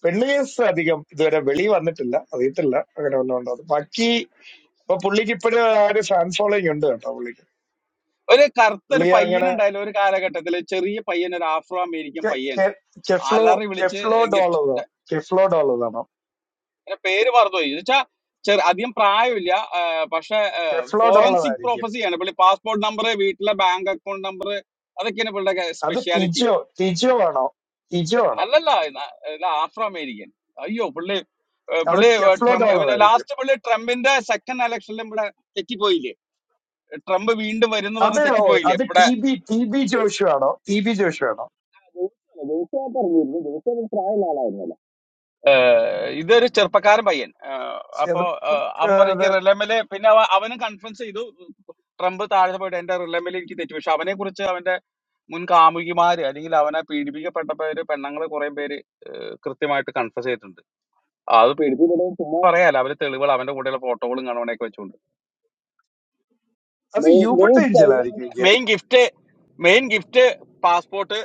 പെണ്ണ് കേസ് അധികം ഇതുവരെ വെളി വന്നിട്ടില്ല അറിയത്തില്ല അങ്ങനെ ഒന്നും ഉണ്ടോ എന്ന്. ബാക്കി ഇപ്പൊ പുള്ളിക്ക് ഇപ്പോഴും ആ ഒരു ഫാൻ ഫോളോയിങ് ഉണ്ട് കേട്ടോ പുള്ളിക്ക് ഒരു കറുത്ത ഒരു പുള്ളി പയ്യൻ അങ്ങനെ ഉണ്ടായാലും ഒരു കാലഘട്ടത്തിൽ ചെറിയ പയ്യൻ ഒരു ആഫ്രോ അമേരിക്കൻ കെ- പയ്യൻ കെ- കെഫ്ലോ അലറി വിളിച്ച് കെഫ്ലോ ഗിഫ്റ്റ് ഡോളറോ കെഫ്ലോ ഡോളറാണോ എന്റെ പേര് മറന്നുപോയി എന്ന് വെച്ചാ ചെറു അധികം പ്രായമില്ല ആ, പക്ഷെ കെഫ്ലോ ഡോളർ ഫോറൻസിക് ആയിരിക്കും പ്രൊഫസി ആണ് പുള്ളി പാസ്പോർട്ട് നമ്പർ വീട്ടിലെ ബാങ്ക് അക്കൗണ്ട് നമ്പർ അതൊക്കെയാണ് പുള്ളിയുടെ അത് സ്പെഷ്യാലിറ്റി ടിജോ ടിജോ ആണോ ടിജോ ആണോ അല്ലല്ല ന- ഇത് ആഫ്രോ അമേരിക്കൻ അയ്യോ പുള്ളി ഏ, അത് പുള്ളി ഏ, കെഫ്ലോ ട്രംപ് ഡോളർ ആയിരിക്കും ലാസ്റ്റ് പുള്ളി ട്രംപിന്റെ സെക്കൻഡ് ഇലക്ഷനിലും ഇവിടെ തെറ്റിപ്പോയില്ലേ ട്രംപ് വീണ്ടും വരുമെന്ന് അത് പറഞ്ഞ് ഓ- തെറ്റിപ്പോയില്ലേ അത് ഇവിടെ T B T B Joshua ആണോ ടി ബി ജോഷു ആണോ ഏഹ് ഇതൊരു ചെറുപ്പക്കാരൻ പയ്യൻ ഏഹ് അപ്പോ ഏഹ് അവൻ പറയും എനിക്ക് ചെറുപ്പക്കാരൻ റിലമില് പിന്നെ അവ- അവനും കൺഫ്രൻസ് ചെയ്തു ട്രംപ് താഴെ പോയിട്ട് എന്റെ റിലമിൽ എനിക്ക് തെറ്റു പക്ഷെ അവനെ കുറിച്ച് അവന്റെ മുൻ കാമുകിമാര് അല്ലെങ്കിൽ അവനെ പീഡിപ്പിക്കപ്പെട്ട പേര് പെണ്ണുങ്ങള് കുറെ പേര് ഏഹ് കൃത്യമായിട്ട് കൺഫ്രസ് ചെയ്തിട്ടുണ്ട് ആ, അത് പീഡിപ്പിക്കപ്പെട്ടത് ചുമ്മാ പറയാല്ല അവര് തെളിവുകൾ അവന്റെ കൂടെയുള്ള ഫോട്ടോകളും കാണുവാനൊക്കെ വെച്ചുകൊണ്ട് അത് മെയിൻ മെയിൻ യൂബട്ട് സ്റ്റൈൽ ഏഞ്ചലായിരിക്കും അവന്റെ എനിക്ക് main gift main gift passport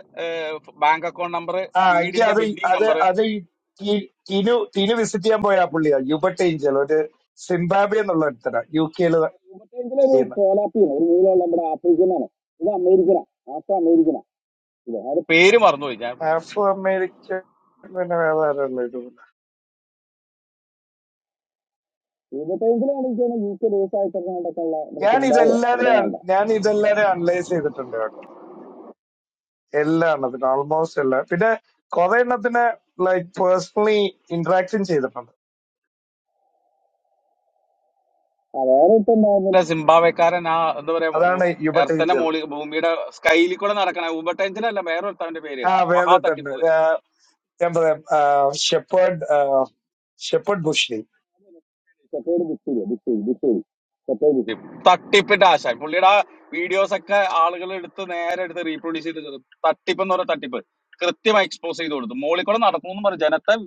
bank account number ആ എനിക്ക് വീടിന്റെ അത് ഈ- ബിൽഡിംഗ് അത് നമ്പർ അത് ഈ ടി- ടീനു ടീനു വിസിറ്റ് ചെയ്യാൻ പോയ ആ പുള്ളിയാ യൂബട്ട് ഏഞ്ചൽ ഒരു സിംബാബ്വെ എന്നുള്ള ഒരുത്തരാ യു കെയിൽ ഇതിലൊരു ചെയ്യുന്ന കോലാപ്പിയാണ് ഒരു നീളമുള്ള നമ്മുടെ ആഫ്രിക്കനാണ് ഇത് അമേരിക്കനാണ് ആഫ്രിക്ക അമേരിക്കനാണ് അത് പേര് മറന്നുപോയി ഞാൻ ഇപ്പം. ആഫ്രോ അമേരിക്കൻ പിന്നെ വേറെ ആരുള്ള ഇതുമില്ല ഇരുപത്തഞ്ചിലാണ് എനിക്ക് തോന്നുന്നു യു കെ ബേസ് ആയിട്ടൊക്കെ ഉള്ള ഞാൻ എന്താ ഇതെല്ലാരും ഞാൻ ഇതെല്ലാരും അനലൈസ് ചെയ്തിട്ടുണ്ട് കേട്ടോ എല്ലാ എണ്ണത്തിനും ഓൾമോസ്റ്റ് എല്ലാ പിന്നെ കുറെ എണ്ണത്തിനെ ലൈക് പേഴ്സണലി ഇന്ററാക്ഷൻ ചെയ്തിട്ടുണ്ട് വേറെ ഇപ്പൊ ഉണ്ടാകുന്നത് അല്ല സിംബാബ്വേക്കാരൻ ആ എന്താ പറയാ അതാണ് യുബട്ട് എർത്തന്റെ ഏഞ്ചൽ മോളി ഭൂമിയുടെ സ്കൈലിൽ കൂടെ നടക്കണ ഊബട്ടെഞ്ചിനല്ല വേറെ ഒരുത്തവന്റെ പേര് ആ മഹാ വേറെ തട്ടിപ്പ് തന്നെ പേര് ആ, ഞാൻ പറയാം ഷെപ്പേർഡ് ഷെപ്പേർഡ് ബുഷ്ലി സെപ്പേഡ് ബിസ്സേരി ബിസ്സേരി ബിസ്സേരി സെപ്പേഡ് ബിസ്സേരി തട്ടിപ്പിന്റെ ആശാൻ പുള്ളിയുടെ ആ വീഡിയോസ് ഒക്കെ ആളുകൾ എടുത്ത് നേരെ എടുത്ത് റീപ്രൊഡ്യൂസ് ചെയ്ത് തട്ടിപ്പ് എന്ന് പറയുന്ന തട്ടിപ്പ് കൃത്യമായി എക്സ്പോസ് ചെയ്ത് കൊടുത്തു മോളിൽ കൂടെ നടക്കുന്നു പറഞ്ഞു ജനത്തെ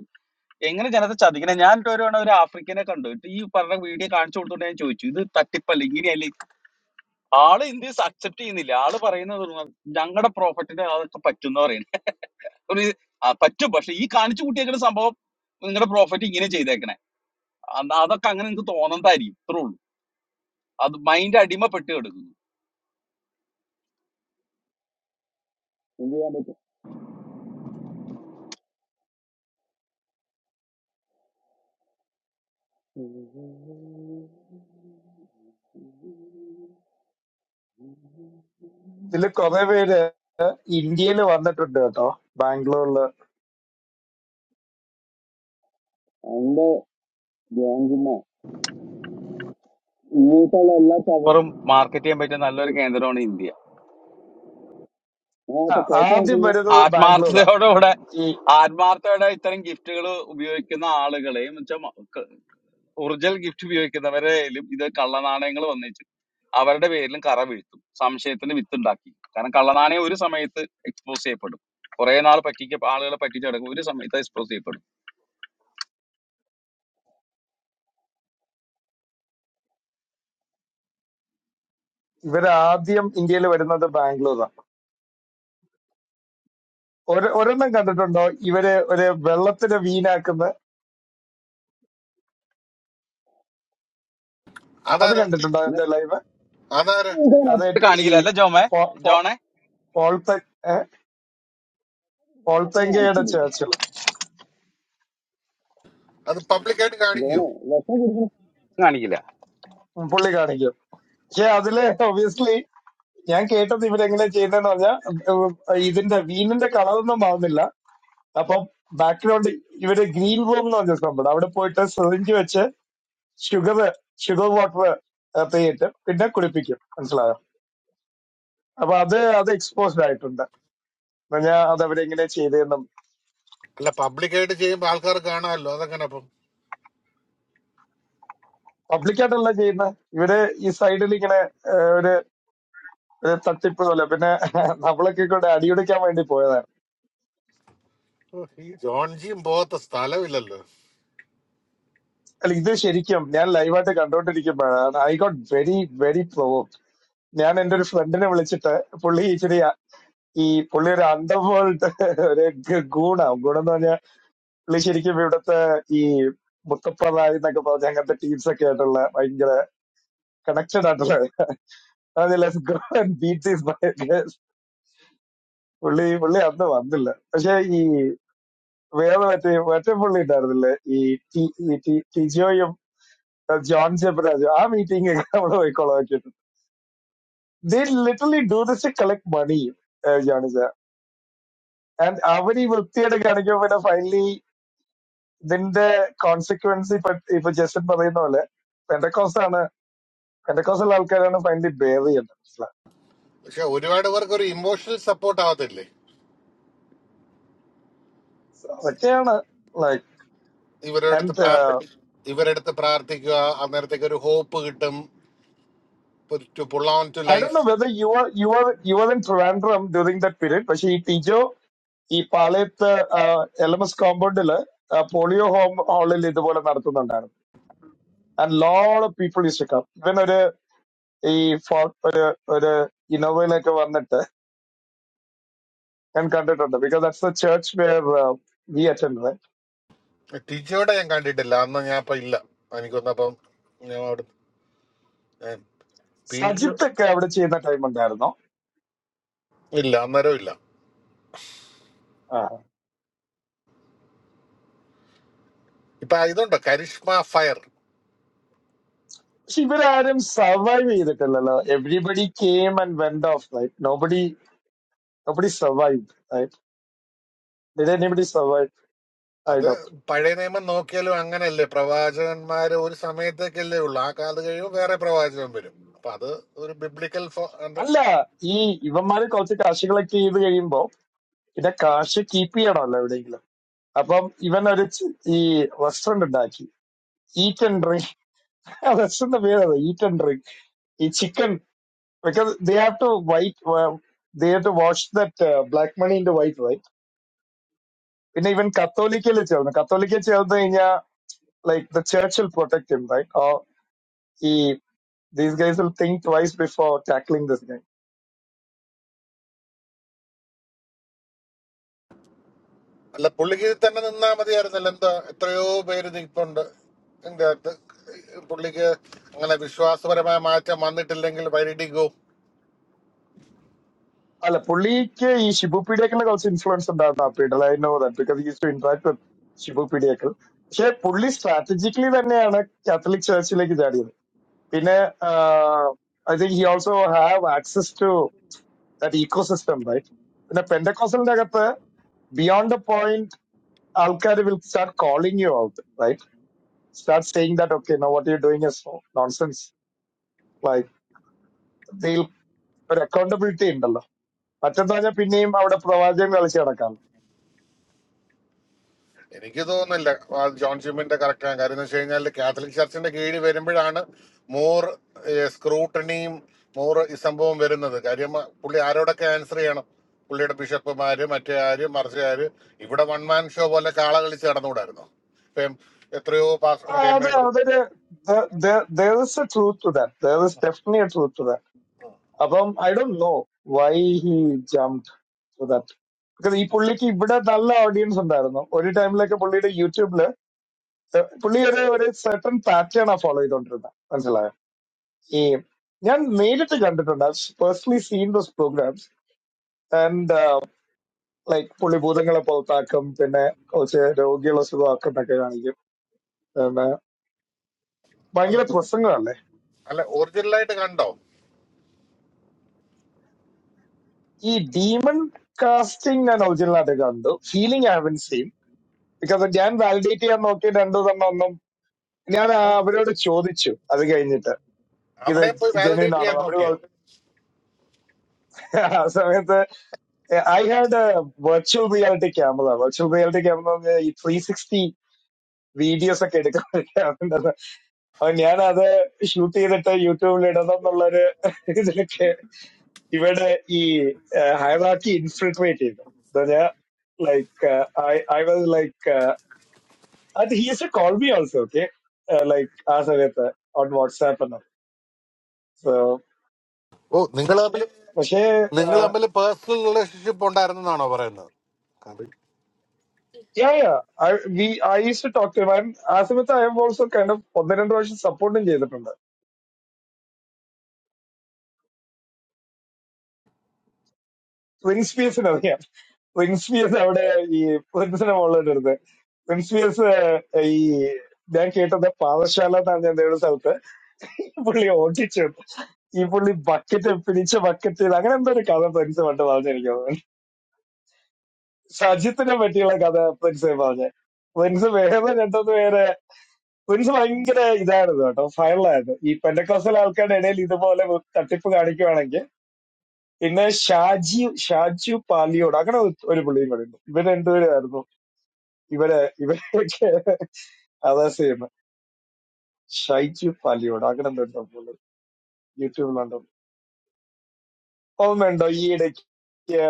എങ്ങനെ ജനത്തെ ചതിക്കണേ ഞാൻ എന്നിട്ട് ഒരു തവണ ഒരു ആഫ്രിക്കനെ കണ്ടു എന്നിട്ട് ഈ പറഞ്ഞ വീഡിയോ കാണിച്ചു കൊടുത്തോണ്ട് ഞാൻ ചോദിച്ചു ഇത് തട്ടിപ്പല്ല ഇങ്ങനെയല്ല ഈ- ആള് ഇന്ത്യ അക്സെപ്റ്റ് ചെയ്യുന്നില്ല ആള് പറയുന്നത് ഞങ്ങളുടെ പ്രോഫിറ്റിന് അതൊക്കെ പറ്റും എന്ന് പറയുന്നത് ഒരു ആ, പറ്റും പക്ഷെ ഈ കാണിച്ചു കൂട്ടിയേക്കുന്ന സംഭവം നിങ്ങളുടെ പ്രോഫിറ്റ് ഇങ്ങനെ ചെയ്തേക്കണേ അന്ന- അതൊക്കെ അങ്ങനെ നിങ്ങൾക്ക് തോന്നണ്ടായിരിക്കും ഇത്രേ ഉള്ളൂ അത് മൈൻഡ് അടിമപ്പെട്ട് കിടക്കുന്നു എന്ത് ചെയ്യാൻ പറ്റും ഇതിൽ കുറെ പേര് ഇന്ത്യയിൽ വന്നിട്ടുണ്ട് കേട്ടോ ബാംഗ്ലൂരില് അതിന്റെ ഗ്യാങ്കിന്ന ഇങ്ങോട്ടുള്ള എല്ലാ ചവറും മാർക്കറ്റ് ചെയ്യാൻ പറ്റിയ നല്ലൊരു കേന്ദ്രമാണ് ഇന്ത്യ ആ അതിനകത്ത് കുഴപ്പം എന്ന് വെച്ച് ആദ്യം കഴിഞ്ഞാൽ വരുന്നത് ബാംഗ്ലൂരാണ് ആത്മാർത്ഥതയോടുകൂടെ ഈ ആത്മാർത്ഥതയോടെ ഇത്തരം ഗിഫ്റ്റുകൾ ഉപയോഗിക്കുന്ന ആളുകളെയും വെച്ചാൽ ഒറിജിനൽ ഗിഫ്റ്റ് ഉപയോഗിക്കുന്നവരെയും ഇത് കള്ളനാണയങ്ങൾ വന്നേച്ചു അവരുടെ പേരിലും കറ വീഴ്ത്തും സംശയത്തിന് വിത്തുണ്ടാക്കി കാരണം കള്ളനാണയം ഒരു സമയത്ത് എക്സ്പോസ് ചെയ്യപ്പെടും കുറെ നാൾ പറ്റിക്ക ആളുകളെ പറ്റിച്ചു കിടക്കും ഒരു സമയത്ത് എക്സ്പോസ് ചെയ്യപ്പെടും ഇവരാദ്യം ഇന്ത്യയിൽ വരുന്നത് ബാംഗ്ലൂരാണ് ഒരു ഒരെണ്ണം കണ്ടിട്ടുണ്ടോ ഇവര് ഒരു വെള്ളത്തിന് വീനാക്കുന്ന അത് അതാരാ കണ്ടിട്ടുണ്ടോ വിഷം എന്റെ ലൈവ് അതാരാ കുടിക്കാൻ അത് മാത്രം ഇത് ഈ കാണിക്കില്ല അല്ലെ ജോമേ ജോണെ പോൾത്തെ ഏഹ്, പോൾത്തെങ്കയുടെ മാത്രം കാണിക്കില്ലേ ചേർച്ചിൽ അത് പബ്ലിക്കായിട്ട് കാണിക്കൂ ജോണ് വിഷം കുടിക്കുന്ന കാണിക്കില്ല പുള്ളി കാണിക്കും പക്ഷെ അതില് ഒബിയസ്ലി ഞാൻ കേട്ടത് ഇവരെങ്ങനെ ചെയ്യുന്നതെന്ന് പറഞ്ഞാൽ ഇതിന്റെ വീനിന്റെ കളറൊന്നും മാറുന്നില്ല അപ്പം ബാക്ക്ഗ്രൗണ്ട് ഇവര് ഗ്രീൻ റൂം എന്ന് പറഞ്ഞ സംഭവം അവിടെ പോയിട്ട് സിറിഞ്ച് വെച്ച് ഷുഗർ ഷുഗർ വാട്ടർ പെയ്യിട്ടും പിന്നെ കുടിപ്പിക്കും മനസ്സിലായോ അപ്പൊ അത് അത് എക്സ്പോസ്ഡ് ആയിട്ടുണ്ട് ഞാൻ അത് അവരെങ്ങനെ ചെയ്തതെന്നും അല്ല പബ്ലിക്കായിട്ട് ചെയ്യുമ്പോ ആൾക്കാർ കാണാമല്ലോ അതെങ്ങനെ അപ്പം പബ്ലിക്കായിട്ടല്ല ചെയ്യുന്നത് ഇവര് ഈ സൈഡിൽ ഇങ്ങനെ ഏഹ്, ഒരു ഒരു തട്ടിപ്പ് പോലെ പിന്നെ നമ്മളൊക്കെ കൂടെ അടിയൊടിക്കാൻ വേണ്ടി പോയതാണ് ഓ, ഈ ജോൺ ജിയും പോകാത്ത സ്ഥലമില്ലല്ലോ അല്ല ഇത് ശരിക്കും ഞാൻ ലൈവായിട്ട് കണ്ടോണ്ടിരിക്കുമ്പോഴാണ് I got very very provoked ഞാൻ എന്റെ ഒരു ഫ്രണ്ടിനെ വിളിച്ചിട്ട് പുള്ളി ഇച്ചിരി അ- ഈ പുള്ളി ഒരു അണ്ടർവേൾഡ് ഒരു ഗ- ഗൂണാ ഗുണം എന്ന് പറഞ്ഞാൽ പുള്ളി ശരിക്കും ഇവിടുത്തെ ഈ മുത്തപ്പ റായി എന്നൊക്കെ പറഞ്ഞ അങ്ങനത്തെ ടീംസ് ഒക്കെ ആയിട്ടുള്ള ഭയങ്കര കണക്റ്റഡ് ആയിട്ടുള്ള അതായത് let's go and beat these bikers. പുള്ളി പുള്ളി അന്ന് വന്നില്ല പക്ഷെ ഈ വേറെ മറ്റേ മറ്റേ പുള്ളി ഉണ്ടായിരുന്നില്ലേ ഈ ടി- ഈ ടി- ടിജോയും ജോൺ ജബ്രാജും ആ മീറ്റിംഗ് ഒക്കെ നമ്മൾ പോയിക്കൊള്ളാം they literally do this to collect money, uh, Januza. And അവന് ഈ വൃത്തിയുടെ കാണിക്കുമ്പോ പിന്നെ ഫൈനലി ഇതിന്റെ കോൺസിക്വൻസ് ഇപ്പൊ ഇപ്പൊ ജസ്റ്റിൻ പറയുന്ന പോലെ പെന്തക്കോസ് ആണ് പെന്തക്കോസുള്ള ആൾക്കാരാണ് ഫൈനലി ബെയർ ചെയ്യുന്നത് മനസ്സിലായോ? പക്ഷെ ഒരുപാട് പേർക്ക് ഒരു ഇമോഷണൽ സപ്പോർട്ട് ആവത്തില്ലേ So അതൊക്കെയാണ് ലൈക്ക് ഇവരുടെ അടുത്ത് ആൻഡ് പ്രാർത്ഥി ഇവരുടെ അടുത്ത് പ്രാർത്ഥിക്കുക അന്നേരത്തേക്ക് ഒരു ഹോപ്പ് കിട്ടും to pull on to I do life know whether you are you are you are in Trivandrum during that period പക്ഷെ ഈ ടിജോ ഈ പാളയത്ത് എൽ എം എസ് കോമ്പൗണ്ടില് പോളിയോ ഹോം ഹാളിൽ ഇതുപോലെ നടത്തുന്നുണ്ടായിരുന്നു and load of people use to come ഇവൻ ഒരു ഈ ഫോർ ഒരു ഒരു ഇന്നോവയിലൊക്കെ വന്നിട്ട് ഞാൻ കണ്ടിട്ടുണ്ട് because that's the church where we attend ടീച്ചറുടെ ഞാൻ കണ്ടിട്ടില്ല അന്ന് ഞാൻ ഇപ്പൊ ഇല്ല എനിക്കൊന്നപ്പം ഞാൻ അവിടെ ഏഹ്, ടീച്ചർ സജിത്ത് ഒക്കെ അവിടെ ചെയ്യുന്ന ടൈം ഉണ്ടായിരുന്നു ഇല്ല അന്നേരം ഇല്ല ആ. ഇപ്പൊ ഇതുണ്ടോ കരിഷ്മ ഫയർ പക്ഷെ ഇവരാരും സർവൈവ് ചെയ്തിട്ടില്ലല്ലോ everybody came and went off light nobody nobody survive did anybody survive I അത് ഡോട്ട് പഴയ നിയമം നോക്കിയാലും അങ്ങനെയല്ലേ പ്രവാചകന്മാര് ഒരു സമയത്തേക്കല്ലേ ഉള്ളു ആ കാലത്ത് കഴിയുമ്പോൾ വേറെ പ്രവാചകൻ വരും അപ്പൊ അത് ഒരു ബിബ്ലിക്കൽ അല്ല ഈ ഇവന്മാര് കുറച്ച് കാശുകളൊക്കെ ചെയ്ത് കഴിയുമ്പോ പിന്നെ കാശ് കീപ്പ് ചെയ്യണമല്ലോ എവിടെയെങ്കിലും അപ്പം ഇവൻ ഒരു ചി- ഈ റെസ്റ്റോറന്റ് ഉണ്ടാക്കി ഈറ്റ് ആൻഡ് ഡ്രിങ്ക് റെസ്റ്റോറന്റ് പേര് ഈറ്റ് ആൻഡ് ഈ chicken because they have to white uh, they have to wash that uh, black money into white right പിന്നെ ഇവൻ കത്തോലിക്കയിൽ ചേർന്നു കത്തോലിക്കയിൽ ചേർന്ന് കഴിഞ്ഞാൽ like the church will protect him right or ഈ these guys will think twice before tackling this guy അല്ല പുള്ളിക്ക് തന്നെ നിന്നാ മതിയായിരുന്നല്ലോ എന്താ എത്രയോ പേര് നിൽപ്പുണ്ട് എന്റെ അകത്ത് പുള്ളിക്ക് അങ്ങനെ വിശ്വാസപരമായ മാറ്റം വന്നിട്ടില്ലെങ്കിൽ വൈരിടിക്കോ അല്ല പുള്ളിക്ക് ഈ ഷിബു പീഡിയക്കലിന് കുറച്ച് ഇൻഫ്ലുവൻസ് ഉണ്ടായിരുന്നു ആ പീഡിയൽ I know that because use to interact with Shibu Peediyakkal പക്ഷെ പുള്ളി സ്ട്രാറ്റജിക്കലി തന്നെയാണ് കാത്തലിക് ചർച്ചിലേക്ക് ചാടിയത് പിന്നെ I think he also have access that ecosystem, right? പിന്നെ പെൻഡക്കോസലിന്റെ അകത്ത് ബിയോണ്ട് ദ പോയിന്റ് ആൾക്കാർ will start calling you out right start saying that okay no what you doing is nonsense like ഇതിൽ ഒരു അക്കൗണ്ടബിലിറ്റി ഉണ്ടല്ലോ മറ്റെന്ന് പറഞ്ഞാൽ പിന്നെയും അവിടെ പ്രവാചകം കളിച്ച് കിടക്കാം എനിക്ക് തോന്നുന്നില്ല ആ ജോൺ ജിമ്മിന്റെ കറക്റ്റാണ് കാര്യം എന്ന് വെച്ച് കഴിഞ്ഞാൽ കാത്തലിക് ചർച്ചിന്റെ കീഴിൽ വരുമ്പോഴാണ് മോർ സ്ക്രൂട്ടണിയും മോർ ഈ സംഭവം വരുന്നത് കാര്യം ആ, പുള്ളി ആരോടൊക്കെ ആൻസർ ചെയ്യണം പുള്ളിയുടെ ബിഷപ്പുമാര് മറ്റേ ആര് മറിച്ച് ആര് ഇവിടെ വൺ മാൻ ഷോ പോലെ കാള കളിച്ച് നടന്നുകൂടായിരുന്നു ഇപ്പം എത്രയോ പാസ് ആ, മറ്റേ എം അത് എ അതൊരു truth to that there is definite truth to that അപ്പം I don't know why he jump to that because ഈ പുള്ളിക്ക് ഇവിടെ നല്ല ഓഡിയൻസ് ഉണ്ടായിരുന്നു ഒരു ടൈമിലൊക്കെ പുള്ളിയുടെ യൂട്യൂബില് ഏഹ് പുള്ളി ഒരു ഒരു സെർട്ടൺ പാറ്റേൺ ആ ഫോളോ ചെയ്തോണ്ടിരുന്നത് മനസ്സിലായോ ഈ ഞാൻ നേരിട്ട് കണ്ടിട്ടുണ്ട് personally seen those programmes and like പുള്ളി ഭൂതങ്ങളെ പുറത്താക്കും പിന്നെ കുറച്ച് രോഗികളെ സുഖമാക്കും എന്നൊക്കെ കാണിക്കും പിന്നെ അല്ല ഭയങ്കര പ്രസംഗമല്ലേ അല്ല ഒറിജിനലായിട്ട് കണ്ടോ ഈ ഡീമൺ കാസ്റ്റിംഗ് ഞാൻ ഒറിജിനൽ ആയിട്ട് കണ്ടു feeling I haven't seen because ഞാൻ വാലിഡേറ്റ് ചെയ്യാൻ നോക്കി രണ്ടു തന്നെ ഒന്നും ഞാൻ ആ അവരോട് ചോദിച്ചു അത് കഴിഞ്ഞിട്ട് ഇത് അവിടെ പോയി ജെന്യൂൻ വാലിഡേറ്റ് ആണോ ചെയ്യാൻ അവര് നോക്കിയോ പറഞ്ഞു. ആ സമയത്ത് Uh, I had a virtual reality camera. Virtual reality camera പറഞ്ഞാ ഈ ത്രീ സിക്സ്റ്റി വീഡിയോസ് ഒക്കെ എടുക്കാൻ ഒരു camera ഉണ്ടായിരുന്നു. അപ്പൊ ഞാനത് ഷൂട്ട് ചെയ്തിട്ട് യൂട്യൂബിൽ ഇടണം എന്നുള്ളൊരു ഇതിലൊക്കെ ഇവരുടെ ഈ ഹൈറാക്കി ഇൻഫിൽട്രേറ്റ് ചെയ്തു എന്ന് പറഞ്ഞാ like I I was like അത് he's a call me also okay like ആ സമയത്ത് ഓൺ വാട്സാപ്പ് എന്നൊക്കെ സോ ഓ നിങ്ങൾ തമ്മിൽ പക്ഷേ നിങ്ങൾ തമ്മിൽ പേഴ്സണൽ റിലേഷൻഷിപ്പ് ഉണ്ടായിരുന്നെന്നാണോ പറയുന്നത് അത് Yeah, yeah. I we I used to talk to him. I'm Asimita, I have also kind of ഒന്ന് രണ്ട് പ്രാവശ്യം സപ്പോർട്ടും ചെയ്തിട്ടുണ്ട് വിൻസ്പിയസിന് അറിയാം വിൻസ്പിയസ് അവിടെ ഈ പ്രിൻസിനെ മുകളിലിരുന്നത് വിൻസ്പിയസ് ഈ ഞാൻ കേട്ടത് പാവശാല എന്നാണ് ഞാൻ ഒരു സ്ഥലത്ത് പുള്ളി ഓടിച്ചു ഈ പുള്ളി ബക്കറ്റ് പിരിച്ച ബക്കറ്റിൽ അങ്ങനെ എന്തോ ഒരു കഥ പ്രിൻസ് പണ്ട് പറഞ്ഞിരിക്കുന്നത് സജിത്തിനെ പറ്റിയുള്ള കഥ പ്രിൻസ് പറഞ്ഞു പ്രിൻസ് വേറെ രണ്ടൊന്ന് പേര് പ്രിൻസ് ഭയങ്കര ഇതായിരുന്നു കേട്ടോ ഫയറിലായിരുന്നു ഈ പെന്തക്കോസൽ ആൾക്കാരുടെ ഇടയിൽ ഇതുപോലെ ഒരു തട്ടിപ്പ് കാണിക്കുവാണെങ്കിൽ പിന്നെ ഷാജി ഷാജു പാലിയോട് അങ്ങനെ ഒരു ഒരു പുള്ളിയും കൂടെ ഉണ്ട് ഇവര് രണ്ടുപേരുമായിരുന്നു ഇവരെ ഇവരൊക്കെ അതാസ് ചെയ്യുന്നത് ഷൈജു പാലിയോട് അങ്ങനെ എന്തോ ഒരു സംഭവം യൂട്യൂബിലുണ്ടോ ഓർമ്മയുണ്ടോ ഈ ഇടയ്ക്ക്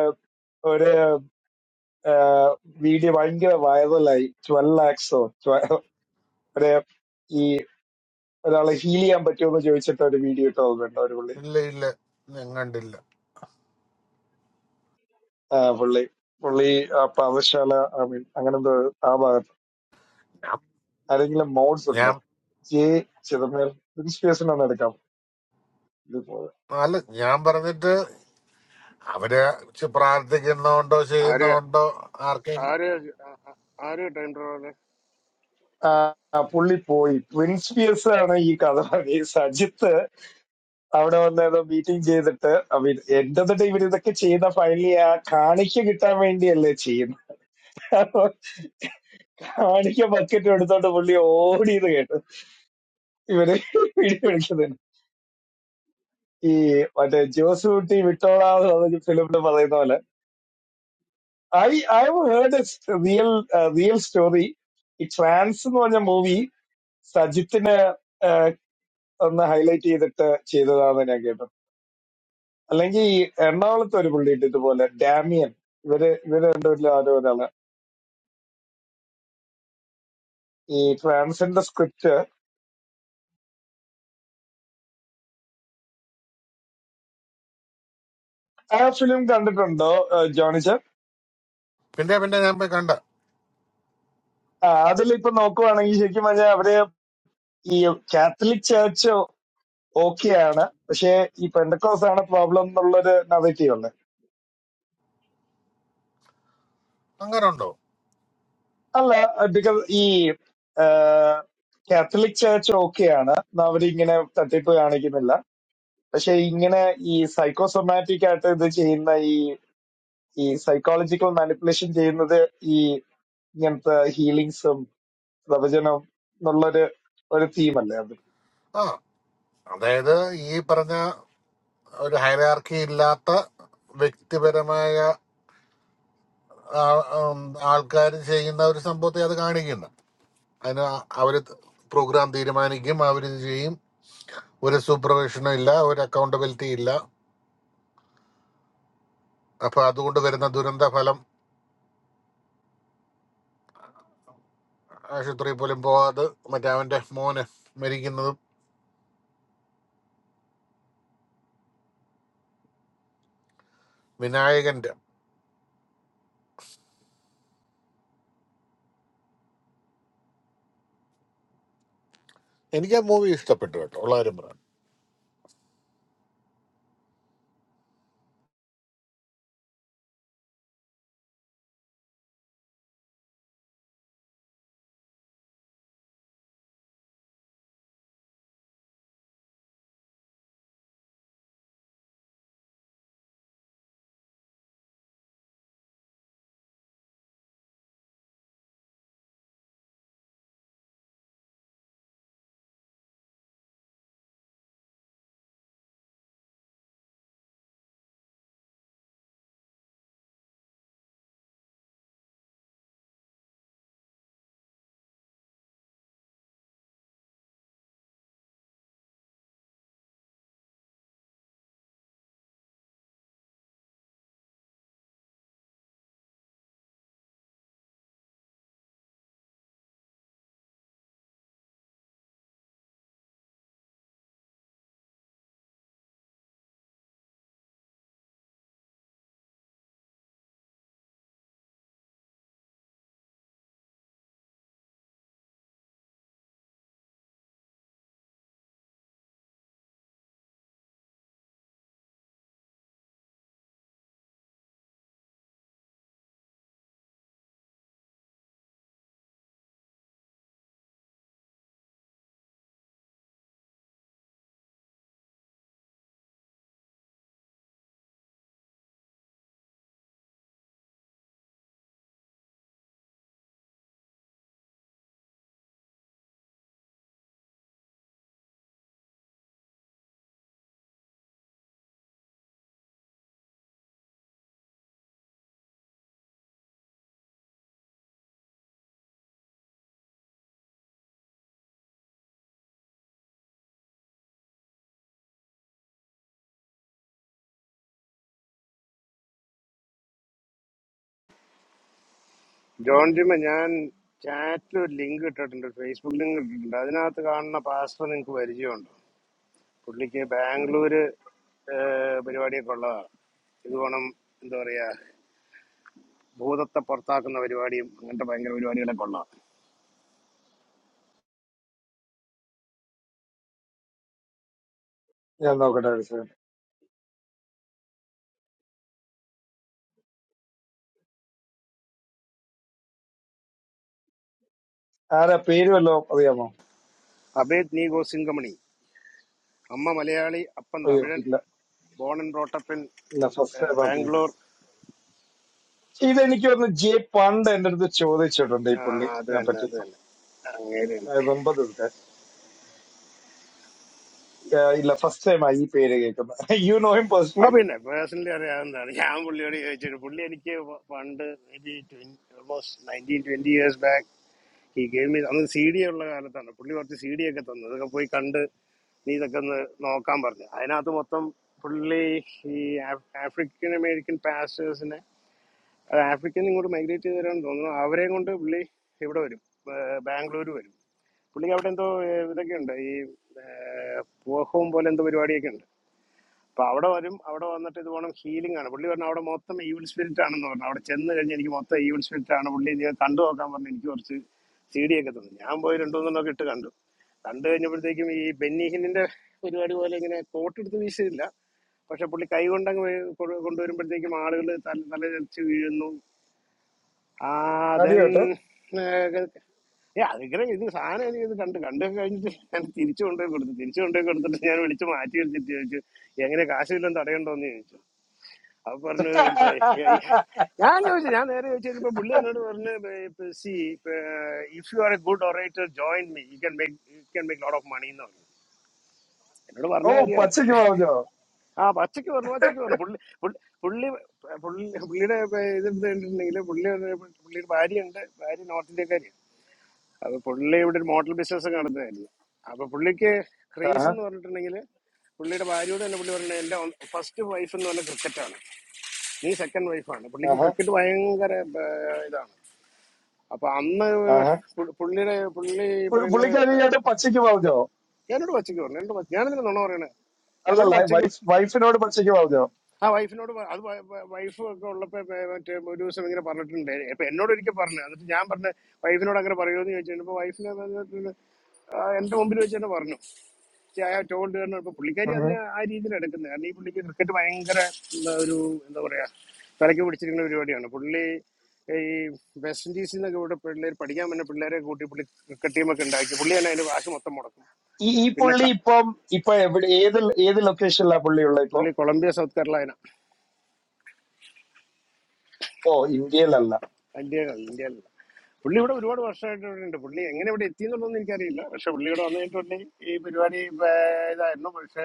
ഒരു വീഡിയോ ഭയങ്കര വൈറലായി ട്വൽവ് ലാക്സോ ഒരു ഈ ഒരാളെ ഹീൽ ചെയ്യാൻ പറ്റുമോ എന്ന് ചോദിച്ചിട്ട് ഒരു വീഡിയോ ഇട്ട് ഓർമ്മയുണ്ടോ ഒരു പുള്ളി ഇല്ല ഇല്ല ഞാൻ കണ്ടില്ല ആ, പുള്ളി പുള്ളി ആ പാവശാല ഐ മീൻ അങ്ങനെന്തോ ആ ഭാഗത്ത് ഞാൻ ആരെങ്കിലും മോഡ്സ് ഉണ്ടോ ഞാൻ ജെ ചിദംബരം പ്രിൻസ് പിയേഴ്സിനെ ഒന്ന് എടുക്കാം ഇത് പോലെ. അല്ല ഞാൻ പറഞ്ഞിട്ട് അവര് ചെ- പ്രാർത്ഥിക്കുന്നോണ്ടോ ആര് ചെയ്യുന്നോണ്ടോ ആർക്കും ആര് ആ- ആ- ആര് ടൈം ട്രാവലർ ആ ആ, പുള്ളി പോയി പ്രിൻസ് പിയേഴ്സ് ആണ് ഈ കഥ പറഞ്ഞത്. ഈ സജിത്ത് അവിടെ വന്ന് ഏതോ മീറ്റിംഗ് ചെയ്തിട്ട് ഐ മീൻ എന്റെ തൊട്ട് ഇവർ ഇതൊക്കെ ചെയ്ത ഫൈനലി ആ കാണിക്ക കിട്ടാൻ വേണ്ടിയല്ലേ ചെയ്യുന്നത് അപ്പൊ കാണിക്ക ബക്കറ്റ് എടുത്തോണ്ട് പുള്ളി ഓടിയത് കേട്ടു ഇവര് വീഡിയോ എടുക്കുന്നത് ഈ മറ്റേ ജോസ് കുട്ടി വിട്ടോളാന്ന് പറഞ്ഞ ഫിലിമിൽ പറയുന്ന പോലെ I I've heard a s- real a real story. ഈ ട്രാൻസ് എന്ന് പറഞ്ഞ മൂവി സജിത്തിനെ ആഹ്, ഒന്ന് ഹൈലൈറ്റ് ചെയ്തിട്ട് ചെയ്തതാണെന്ന് ഞാൻ കേട്ടു അല്ലെങ്കിൽ ഈ എറണാകുളത്ത് ഒരു പുള്ളിയുണ്ട് ഇതുപോലെ ഡാമിയൻ ഇവര് ഇവര് രണ്ടുപേരിലും ആരോ ഒരാള് ഈ ട്രാൻസിന്റെ സ്ക്രിപ്റ്റ് ആ ഫിലിം കണ്ടിട്ടുണ്ടോ ആഹ്, ജോണി ചർ പിന്നെ പിന്നെ ഞാൻ പോയി കണ്ട അതിലിപ്പൊ നോക്കുവാണെങ്കിൽ ശരിക്കും പറഞ്ഞാൽ അവര് ഈ കാത്തലിക് ചർച്ച് ഓക്കെയാണ് പക്ഷെ ഈ പെൻഡക്കോസ് ആണ് പ്രോബ്ലം എന്നുള്ളൊരു നറേറ്റീവ് അങ്ങനെ ഉണ്ടോ അല്ല ബിക്കോസ് ഈ കാത്തലിക് ചർച്ച് ഓക്കെയാണ് അവരിങ്ങനെ തട്ടിപ്പ് കാണിക്കുന്നില്ല പക്ഷെ ഇങ്ങനെ ഈ സൈക്കോസൊമാറ്റിക് ആയിട്ട് ഇത് ചെയ്യുന്ന ഈ ഈ സൈക്കോളജിക്കൽ മാനിപ്പുലേഷൻ ചെയ്യുന്നത് ഈ ഇങ്ങനത്തെ ഹീലിങ്സും പ്രവചനം എന്നുള്ളൊരു ഒരു തീമല്ലേ അത് ആ അതായത് ഈ പറഞ്ഞ ഒരു ഹൈറാർക്കി ഇല്ലാത്ത വ്യക്തിപരമായ ആൾക്കാർ ചെയ്യുന്ന ഒരു സംഭവത്തെ അത് കാണിക്കുന്നു അതിന് അവര് പ്രോഗ്രാം തീരുമാനിക്കും അവരിത് ചെയ്യും ഒരു സൂപ്പർവിഷനും ഇല്ല ഒരു അക്കൗണ്ടബിലിറ്റി ഇല്ല അപ്പൊ അതുകൊണ്ട് വരുന്ന ദുരന്ത ഫലം ആശുപത്രിയിൽ പോലും പോവാതെ മറ്റേ അവന്റെ മോന് മരിക്കുന്നതും വിനായകന്റെ എനിക്ക് ആ മൂവി ഇഷ്ടപ്പെട്ടു കേട്ടോ ഉള്ള കാര്യം പറ. ജോൺ ജിമ്മ ഞാൻ ചാറ്റിൽ ഒരു ലിങ്ക് ഇട്ടിട്ടുണ്ട് ഫേസ്ബുക്ക് ലിങ്ക് ഇട്ടിട്ടുണ്ട് അതിനകത്ത് കാണുന്ന പാസ്റ്റർ നിങ്ങൾക്ക് പരിചയമുണ്ടോ പുള്ളിക്ക് ബാംഗ്ലൂര് ഏഹ്, പരിപാടിയൊക്കെ ഉള്ളതാണ് ഇത് വേണം എന്താ പറയാ ഭൂതത്തെ പുറത്താക്കുന്ന പരിപാടിയും അങ്ങനത്തെ ഭയങ്കര പരിപാടികളൊക്കെ ഉള്ളതാണ് ഞാൻ നോക്കട്ടെ ഒരു second. ആരാ പേര് വല്ലോ അറിയാമോ അബേദ് നീ ഗോസിംഗമണി അമ്മ മലയാളി അപ്പൻ അയ്യോ തമിഴൻ ഇല്ല ബോൺ ആൻഡ് ബ്രോട്ടപ്പിൻ ഇല്ല ഫസ്റ്റ് ടൈം ആക്കി ബാംഗ്ലൂർ ഇതെനിക്ക് തോന്നുന്നു ജെ പണ്ട് എന്റെ അടുത്ത് ചോദിച്ചിട്ടുണ്ട് ഈ ആ, പുള്ളി അത് ഇതിനെ തന്നെ അത് തന്നെ അങ്ങനെ തന്നെ പറ്റി ഏഹ് ഇല്ല ഫസ്റ്റ് ടൈം ആ ഈ പേര് കേൾക്കുന്നത് യു നോ ഹിം ആ പേഴ്സണലി പിന്നെ പേഴ്സണലി അറിയാവുന്നതാണ് ഞാൻ പുള്ളിയോട് ചോദിച്ചിട്ട് പുള്ളി എനിക്ക് പ- പണ്ട് മേ ബി ട്വൻ almost nineteen twenty years back ഈ ഗെയിം അന്ന് സി ഡി ഉള്ള കാലത്താണ് പുള്ളി കുറച്ച് സി ഡി ഒക്കെ തന്നു അതൊക്കെ പോയി കണ്ട് നീ ഇതൊക്കെ ഒന്ന് നോക്കാൻ പറഞ്ഞു അതിനകത്ത് മൊത്തം പുള്ളി ഈ ആഫ്രിക്കൻ അമേരിക്കൻ പാസ്റ്റേഴ്സിനെ അത് ആഫ്രിക്കൻ ഇങ്ങോട്ട് മൈഗ്രേറ്റ് ചെയ്തവരാണെന്ന് തോന്നുന്നു അവരെയും കൊണ്ട് പുള്ളി ഇവിടെ വരും ബാംഗ്ലൂർ വരും പുള്ളിക്ക് അവിടെ എന്തോ ഏഹ്, ഇതൊക്കെയുണ്ട് ഈ ഏഹ്, പൂവഹവും പോലെ എന്തോ പരിപാടിയൊക്കെ ഉണ്ട് അപ്പൊ അവിടെ വരും അവിടെ വന്നിട്ട് ഇത് പോണം ഹീലിംഗ് ആണ് പുള്ളി പറഞ്ഞു അവിടെ മൊത്തം ഈവിൾ സ്പിരിറ്റ് ആണെന്ന് പറഞ്ഞു അവിടെ ചെന്ന് കഴിഞ്ഞ് എനിക്ക് മൊത്തം ഈവിൾ സ്പിരിറ്റ് ആണ് പുള്ളി നീ കണ്ടു നോക്കാൻ പറഞ്ഞു എനിക്ക് കുറച്ച് സി ഡി ഒക്കെ തന്നു ഞാൻ പോയി രണ്ടു മൂന്നെണ്ണമൊക്കെ ഇട്ട് കണ്ടു കണ്ടു കഴിഞ്ഞപ്പോഴത്തേക്കും ഈ ബെന്നിഹിനിന്റെ പരിപാടി പോലെ ഇങ്ങനെ കോട്ടെടുത്ത് വീശില്ല പക്ഷെ പുള്ളി കൈ കൊണ്ടങ്ങ് വേ- കൊ- കൊണ്ടുവരുമ്പോഴത്തേക്കും ആളുകൾ തല തല ചരിച്ച് വീഴുന്നു ആ ദെൻ അടിയോട്ടെ ഏ അതിങ്ങനെ ഇത് സാധനം എനിക്ക് ഇത് കണ്ട് കണ്ടു കഴിഞ്ഞിട്ട് ഞാൻ തിരിച്ചു കൊണ്ടുപോയി കൊടുത്തു തിരിച്ചു കൊണ്ടുപോയി കൊടുത്തിട്ട് ഞാൻ വിളിച്ച് മാറ്റി വെച്ചിട്ട് ചോദിച്ചു എങ്ങനെ കാശ് വല്ലതും തടയണ്ടോന്ന് ചോദിച്ചു അപ്പൊ പറഞ്ഞു ഇപ്പൊ ഈ- ഞാൻ ചോദിച്ചു ഞാൻ നേരെ ചോദിച്ചു കഴിഞ്ഞപ്പോ പുള്ളി എന്നോട് പറഞ്ഞു see if you are a good orator join me you can make you can make lot of money എന്ന് പറഞ്ഞു എന്നോട് ഓ പറഞ്ഞ കാര്യമാണ് പച്ചയ്ക്ക് പറഞ്ഞോ ആ പച്ചയ്ക്ക് പറഞ്ഞു പച്ചയ്ക്ക് പറഞ്ഞു പുള്ളി പുള്ളി പുള്ളി പുള്ളി- പുള്ളിയുടെ ഇത് കണ്ടിട്ടുണ്ടെങ്കിൽ പുള്ളി പുള്ളിയുടെ ഭാര്യയുണ്ട് ഭാര്യ നോർത്ത് ഇന്ത്യക്കാരിയാണ് അപ്പൊ പുള്ളി ഇവിടെ ഒരു മോഡൽ ബിസിനസ് നടത്തുന്നതായിരുന്നു അപ്പൊ പുള്ളിക്ക് ക്രേസ് ആഹാ, എന്ന് പറഞ്ഞിട്ടുണ്ടെങ്കിൽ പുള്ളിയുടെ ഭാര്യയോട് തന്നെ പുള്ളി പറഞ്ഞത് എന്റെ ഫസ്റ്റ് വൈഫ് എന്ന് പറഞ്ഞ ക്രിക്കറ്റാണ് നീ സെക്കൻഡ് വൈഫാണ് പുള്ളിക്ക് ആഹാ, ക്രിക്കറ്റ് ഭയങ്കര ആ, ഇതാണ് അപ്പൊ അന്ന് ആഹാ. പു- പുള്ളിയുടെ പുള്ളി പുള്ളി- പറയുന്ന ഇപ്പൊ പുള്ളിക്കാരിയായിട്ട് പച്ചയ്ക്ക് പറഞ്ഞോ ഞാനോട് പച്ചയ്ക്ക് പറഞ്ഞു എന്നോട് പച്ച- ഞാനെന്തിനാ നുണ പറയണേ ഞാനോട് അല്ലല്ല പച്ചയ്ക്ക് വൈഫ് വൈഫിനോട് പച്ചയ്ക്ക് പറഞ്ഞോ ആ വൈഫിനോട് പ- അത് വൈഫ് ഒക്കെ ഉള്ളപ്പോ ഇപ്പൊ മറ്റേ ഒരു ദിവസം ഇങ്ങനെ പറഞ്ഞിട്ടുണ്ട് ഇപ്പൊ എന്നോട് ഒരിക്കൽ പറഞ്ഞു എന്നിട്ട് ഞാൻ പറഞ്ഞ വൈഫിനോട് അങ്ങനെ പറയുമോ എന്ന് ചോദിച്ചു കഴിഞ്ഞപ്പോ വൈഫിനെ എന്റെ മുമ്പിൽ വെച്ച് തന്നെ പറഞ്ഞു ടോൾഡ് കാരണം ഇപ്പൊ പുള്ളിക്കാരി ഉം. അതിനെ ആ രീതിയിൽ എടുക്കുന്നത് കാരണം ഈ പുള്ളിക്ക് ക്രിക്കറ്റ് ഭയങ്കര എന്താ ഒരു എന്താ പറയാ തലയ്ക്ക് പിടിച്ചിരിക്കുന്ന പരിപാടിയാണ് പുള്ളി ഈ വെസ്റ്റ് ഇൻഡീസിൽ നിന്നൊക്കെ ഇവിടെ പിള്ളേർ പഠിക്കാൻ വന്ന പിള്ളേരെ കൂട്ടി പുള്ളി ക്രിക്കറ്റ് ടീമൊക്കെ ഉണ്ടാക്കി പുള്ളി തന്നെ അതിന്റെ കാശ് മൊത്തം മുടക്കും ഈ ഈ പിന്നെ പുള്ളി ക- ഇപ്പം ഇപ്പൊ എവിടെ ഏത് ഏത് ലൊക്കേഷനിലാ പുള്ളി ഉള്ളത് ഇപ്പൊ പുള്ളി കൊളംബിയ സൗത്ത് കരോളൈന ഓ ഇന്ത്യയിലല്ല ഇന്ത്യ ഇന്ത്യയിലല്ല പുള്ളി ഇവിടെ ഒരുപാട് വർഷമായിട്ട് ഇവിടെ ഉണ്ട് പുള്ളി എങ്ങനെ ഇവിടെ എത്തി എന്നുള്ളതൊന്നും എനിക്കറിയില്ല പക്ഷെ പുള്ളി ഇവിടെ വന്നിട്ട് പുള്ളി ഈ പരിപാടി ഇപ്പൊ ഇതായിരുന്നു പക്ഷെ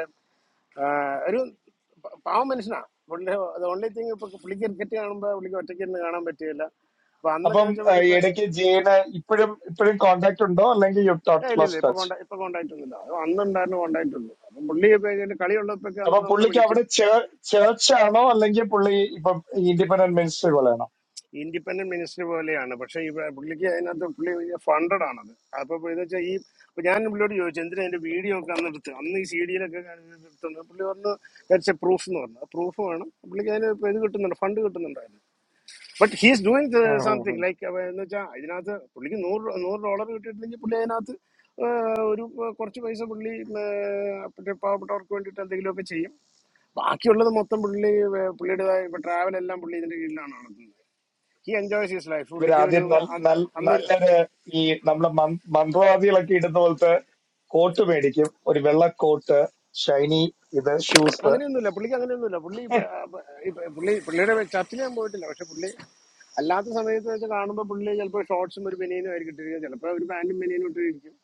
ആ, ഒരു പ- പാവം മനുഷ്യനാ പുള്ളി ഓൺലി തിങ് ഇപ്പൊ പുള്ളിക്ക് ക്രിക്കറ്റ് കാണുമ്പോ പുള്ളിക്ക് ഒറ്റയ്ക്ക് ഇരുന്ന് കാണാൻ പറ്റില്ല അപ്പൊ അന്നൊക്കെ അപ്പം വെച്ചാൽ ഏഹ്, ഇപ്പൊ ഏ ഇടയ്ക്ക് ജയന് ഇപ്പോഴും ഇപ്പോഴും കോണ്ടാക്ട് ഉണ്ടോ അല്ലെങ്കിൽ യു ഇല്ല ഇല്ല ലോസ് ഇപ്പൊ ടച്ച് കോണ്ടാ ഇപ്പൊ കോണ്ടാക്ട് ഒന്നുമില്ല അത് അന്നുണ്ടായിരുന്നു കോണ്ടാക്ട് ഉള്ളൂ അപ്പം പുള്ളി ഇപ്പൊ ഇതിന്റെ കളി ഉള്ളപ്പോഴൊക്കെ അപ്പൊ അന്ന് നമ്മൾ പുള്ളിക്ക് വിളിക്കും അവിടെ ചേർച്ച് ആണോ അല്ലെങ്കിൽ പുള്ളി ഇപ്പം ഇൻഡിപെൻഡന്റ് മിനിസ്റ്റർ ഇൻഡിപെൻഡന്റ് മിനിസ്റ്റർ പോലെയാണ് പക്ഷെ ഈ പുള്ളിക്ക് അതിനകത്ത് പുള്ളി ഫണ്ടഡ് ആണത് അപ്പൊ എന്ന് വെച്ചാൽ ഈ ഇപ്പൊ ഞാൻ പുള്ളിയോട് ചോദിച്ചു എന്തിനാ എന്റെ വീഡിയോ ഒക്കെ അന്ന് എടുത്ത് അന്ന് ഈ സി ഡിയിലൊക്കെ എടുത്തുന്നത് പുള്ളി പറഞ്ഞു ദാറ്റ്സ് എ പ്രൂഫ് എന്ന് പറഞ്ഞു പ്രൂഫ് വേണം പുള്ളിക്ക് അതിന് ഇപ്പൊ ഇത് കിട്ടുന്നുണ്ട് ഫണ്ട് കിട്ടുന്നുണ്ടായിരുന്നു ബട്ട് ഹീസ് ഡൂയിങ് പോലെയാണോ സംതിങ് ലൈക്ക് എന്ന് വെച്ചാൽ ഇതിനകത്ത് പുള്ളിക്ക് നൂറ് നൂറ് ഡോളർ കിട്ടിയിട്ടില്ലെങ്കിൽ പുള്ളി അതിനകത്ത് ഒരു പ- കുറച്ച് പൈസ പുള്ളി ഉം, ഏഹ്, മറ്റേ പാവപ്പെട്ടവർക്ക് വേണ്ടിയിട്ട് എന്തെങ്കിലുമൊക്കെ ചെയ്യും ബാക്കിയുള്ളത് മൊത്തം പുള്ളി ഏഹ്, പുള്ളിയുടേതായ ഇപ്പൊ ട്രാവൽ എല്ലാം പുള്ളി ഇതിന്റെ കീഴിലാണ് നടത്തുന്നത് ഹി എൻജോയ്സ് ഹിസ് ലൈഫ് പുള്ളിക്ക് ഒരു ഇവരാദ്യം നല്ല അ- നല്ല അന്നൊരു നല്ലൊരു ഈ നമ്മളെ മന്- മന്ത്രവാദികളൊക്കെ ഇടുന്ന പോലത്തെ കോട്ട് മേടിക്കും ഒരു വെള്ള കോട്ട് ഷൈനി ഇത് ഷൂസ് അങ്ങനെയൊന്നുമില്ല പുള്ളിക്ക് അങ്ങനെയൊന്നുമില്ല പുള്ളി ഇപ്പൊ, അഹ്, ഇപ്പൊ പുള്ളി പുള്ളിയുടെ ചർച്ചിൽ ഞാൻ പോയിട്ടില്ല പക്ഷെ പുള്ളി അല്ലാത്ത സമയത്ത് വെച്ച് കാണുമ്പോൾ പുള്ളി ചിലപ്പോൾ ഷോർട്സും ഒരു ബനിയനും ആയിരിക്കും ഇട്ടിരിക്കുക ചിലപ്പോൾ ഒരു പാന്റും ബനിയനും ഇട്ടിരിക്കും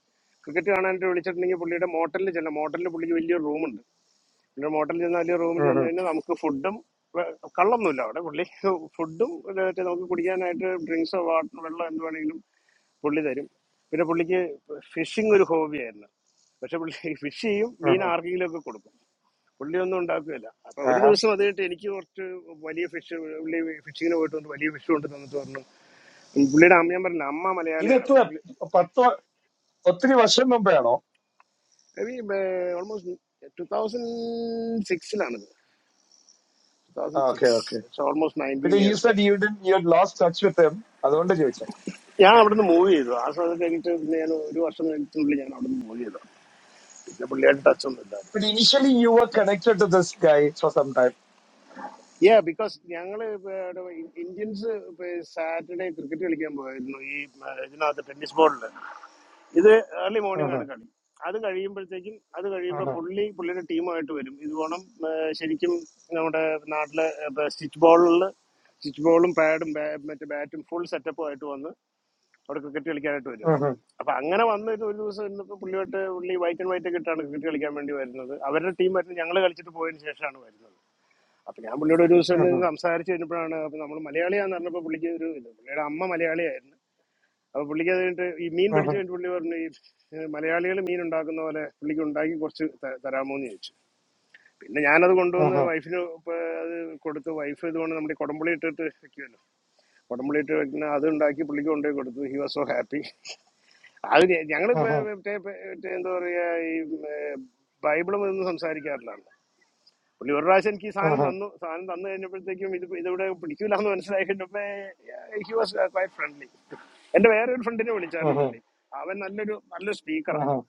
ക്രിക്കറ്റ് കാണാനായിട്ട് വിളിച്ചിട്ടുണ്ടെങ്കിൽ പുള്ളിയുടെ മോട്ടലിൽ ചില മോട്ടലിൽ പുള്ളിക്ക് വലിയൊരു റൂമുണ്ട് പിന്നെ മോട്ടലിൽ ചെന്നാൽ റൂമിൽ ചെന്ന് കഴിഞ്ഞാൽ നമുക്ക് ഫുഡും കള്ളൊന്നുമില്ല അവിടെ പുള്ളി ഫുഡും ഇത് മറ്റേ നമുക്ക് കുടിക്കാനായിട്ട് ഡ്രിങ്ക്സോ വാട്ടർ വെള്ളം എന്ത് വേണമെങ്കിലും പുള്ളി തരും പിന്നെ പുള്ളിക്ക് ഫിഷിംഗ് ഒരു ഹോബിയായിരുന്നു പക്ഷെ പുള്ളി ഫിഷ് ചെയ്യും മീൻ ആർക്കെങ്കിലും ഒക്കെ കൊടുക്കും പുള്ളി ഒന്നും ഉണ്ടാക്കുകയില്ല അപ്പൊ ഒരു ദിവസം അത് കഴിഞ്ഞിട്ട് എനിക്ക് കുറച്ച് വലിയ ഫിഷ് പുള്ളി ഫിഷിങ്ങിന് പോയിട്ട് വന്ന് വലിയ ഫിഷ് കൊണ്ട് തന്നിട്ട് പറഞ്ഞു പുള്ളിയുടെ അമ്മ ഞാൻ പറഞ്ഞില്ല അമ്മ ഇത് മലയാളിയാണ് എത്ര അപ്പൊ പുള്ളി പത്ത് വ- ഒത്തിരി വർഷം മുമ്പേയാണോ ഓൾമോസ്റ്റ് ടു തൗസൻഡ് സിക്സിലാണിത് two thousand okay six okay almost പിന്നെ nineteen you years said you didn't you lost touch with him അതുകൊണ്ട് ചോദിച്ചു ഞാൻ അവിടുന്ന് മൂവ് ചെയ്തു ആ സമയത്ത് കഴിഞ്ഞിട്ട് പിന്നെ ഞാൻ ഒരു വർഷം കഴിഞ്ഞിട്ടുള്ളിൽ ഞാൻ അവിടുന്ന് മൂവ് ചെയ്തു പിന്നെ പുള്ളിയായിട്ട് ടച്ച് ഒന്നും ഇല്ലായിരുന്നു but initially you were connected to this guy for some time yeah because ഞങ്ങള് ഇന്ത്യൻസ് സാറ്റർഡേ ക്രിക്കറ്റ് കളിക്കാൻ പോയിരുന്നു ഈ ആ, ഇതിനകത്ത് ടെന്നീസ് ബോളിൽ ഇത് ഏർലി മോർണിംഗ് Mhm, ആണ് കളി അത് കഴിയുമ്പോഴത്തേക്കും അത് കഴിയുമ്പോൾ mhm, പുള്ളി പുള്ളിയുടെ ടീമായിട്ട് വരും ഇത് വേണം ആ, ശരിക്കും നമ്മുടെ നാട്ടിലെ സ്റ്റിച്ച് ബോളിൽ സ്റ്റിച്ച് ബോളും പാഡും മറ്റേ ബാറ്റും ഫുൾ സെറ്റപ്പും ആയിട്ട് വന്ന് അവിടെ ക്രിക്കറ്റ് കളിക്കാനായിട്ട് വരുമായിരുന്നു mhm, അപ്പൊ അങ്ങനെ വന്ന ഒരു ഒരു ദിവസം ഇന്നിപ്പോ പുള്ളിയോട്ട് പുള്ളി വൈറ്റ് ആൻഡ് വൈറ്റ് ഒക്കെ ഇട്ടാണ് ക്രിക്കറ്റ് കളിക്കാൻ വേണ്ടി വരുന്നത് അവരുടെ ടീം വരുന്നത് ഞങ്ങൾ കളിച്ചിട്ട് പോയതിന് ശേഷമാണ് വരുന്നത് അപ്പൊ ഞാൻ പുള്ളിയോട് ഒരു ദിവസം mhm, ഇരുന്ന് സംസാരിച്ച് കഴിഞ്ഞപ്പോഴാണ് അപ്പൊ നമ്മൾ മലയാളിയാന്ന് പറഞ്ഞപ്പോൾ പുള്ളിക്ക് ഒരു ഇത് പുള്ളിയുടെ അമ്മ മലയാളിയായിരുന്നു അപ്പൊ പുള്ളിക്ക് അത് കഴിഞ്ഞിട്ട് ഈ മീൻ പിടിച്ചു mhm, കഴിഞ്ഞിട്ട് പുള്ളി പറഞ്ഞു ഈ മലയാളികൾ മീൻ ഉണ്ടാക്കുന്ന പോലെ പുള്ളിക്ക് ഉണ്ടാക്കി കുറച്ച് ത- തരാമോന്ന് ചോദിച്ചു പിന്നെ ഞാനത് കൊണ്ടുവന്ന് mhm, വൈഫിന് അത് കൊടുത്ത് വൈഫ് ഇതുകൊണ്ട് നമ്മുടെ ഈ കുടംപുളി ഇട്ടിട്ട് വെക്കുമല്ലോ കുടംപുളി ഇട്ട് വെക്കുന്ന അത് ഉണ്ടാക്കി പുള്ളിക്ക് കൊണ്ടുപോയി കൊടുത്തു ഹി വാസ് സോ ഹാപ്പി അത് ഞങ്ങൾ mhm, എന്താ പറയുക ഈ ഏർ, ബൈബിളും ഇതൊന്നും സംസാരിക്കാറില്ലാണ് പുള്ളി ഒരു പ്രാവശ്യം എനിക്ക് ഈ സാധനം mhm, തന്നു സാധനം തന്നു കഴിഞ്ഞപ്പോഴത്തേക്കും ഇത് ഇതിവിടെ പിടിക്കൂല എന്ന് മനസ്സിലായി കഴിഞ്ഞപ്പോ ഹി വാസ് ക്വൈറ്റ് ഫ്രണ്ട്ലി എന്റെ വേറൊരു ഫ്രണ്ടിനെ വിളിച്ചായിരുന്നു mhm, പുള്ളി അവൻ നല്ലൊരു നല്ല സ്പീക്കറാണ് mhm,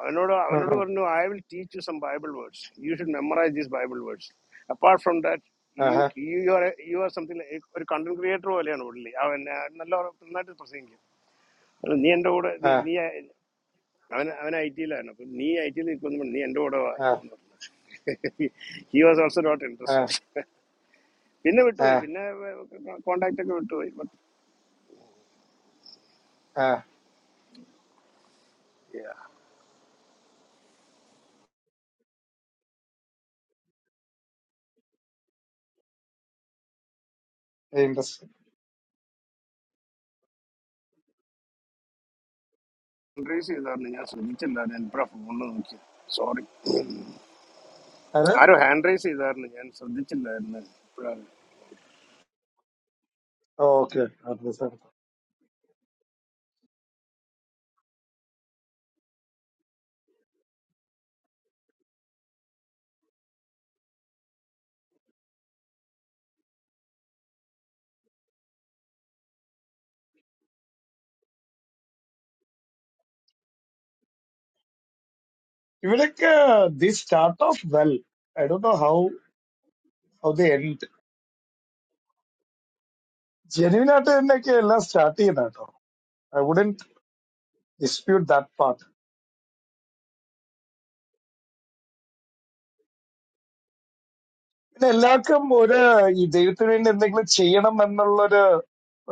അവനോട് അവനോട് mhm. പറഞ്ഞു I will teach you some Bible words you should memorise these Bible words apart from that you Uh-huh, you are you are something ഒരു കണ്ടന്റ് ക്രിയേറ്റർ പോലെയാണ് പുള്ളി അവൻ ആ, നല്ല നന്നായിട്ട് പ്രസംഗിക്കും നീ എന്റെ കൂടെ നീ uh, നീ അവൻ അവൻ ഐ ടിയിലാണ് അപ്പം നീ ഐ ടിയിൽ നിൽക്കുന്നു നീ എൻ്റെ കൂടെ വാ uh, എന്ന് പറഞ്ഞു he was also not uh, interested പിന്നെ വിട്ടുപോയി പിന്നെ കോണ്ടാക്ട് ഒക്കെ വിട്ടുപോയി ബട്ട് ഇൻട്രസ്റ്റ് ഹാൻഡ് റൈസ് ചെയ്തായിരുന്നു ഞാൻ ശ്രദ്ധിച്ചില്ലായിരുന്നു എപ്പോഴാ ഫോണിൽ നോക്കിയത് സോറി അത് ആരോ ഹാൻഡ് റൈസ് ചെയ്തായിരുന്നു ഞാൻ ശ്രദ്ധിച്ചില്ലായിരുന്നു ഇപ്പോഴാണ് ഓക്കെ ഇവിടൊക്കെ the start of well I do know how how the end genuine ആയിട്ട് തന്നെയൊക്കെ എല്ലാം സ്റ്റാർട്ട് ചെയ്യുന്ന കേട്ടോ I wouldn't dispute that part പിന്നെ എല്ലാവർക്കും ഒരു ഈ ദൈവത്തിന് വേണ്ടി എന്തെങ്കിലും ചെയ്യണം എന്നുള്ളൊരു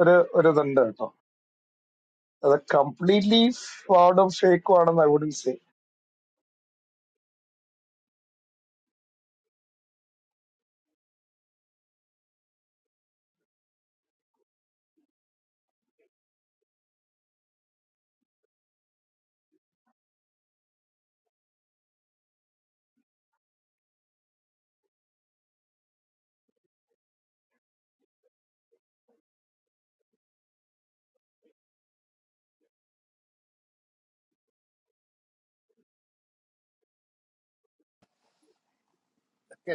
ഒരു ഒരു ഇതുണ്ട് കേട്ടോ അത് കംപ്ലീറ്റ്ലി ഫ്രോഡും ഫേക്കും ആണെന്ന് ഐ വുഡൻ സേ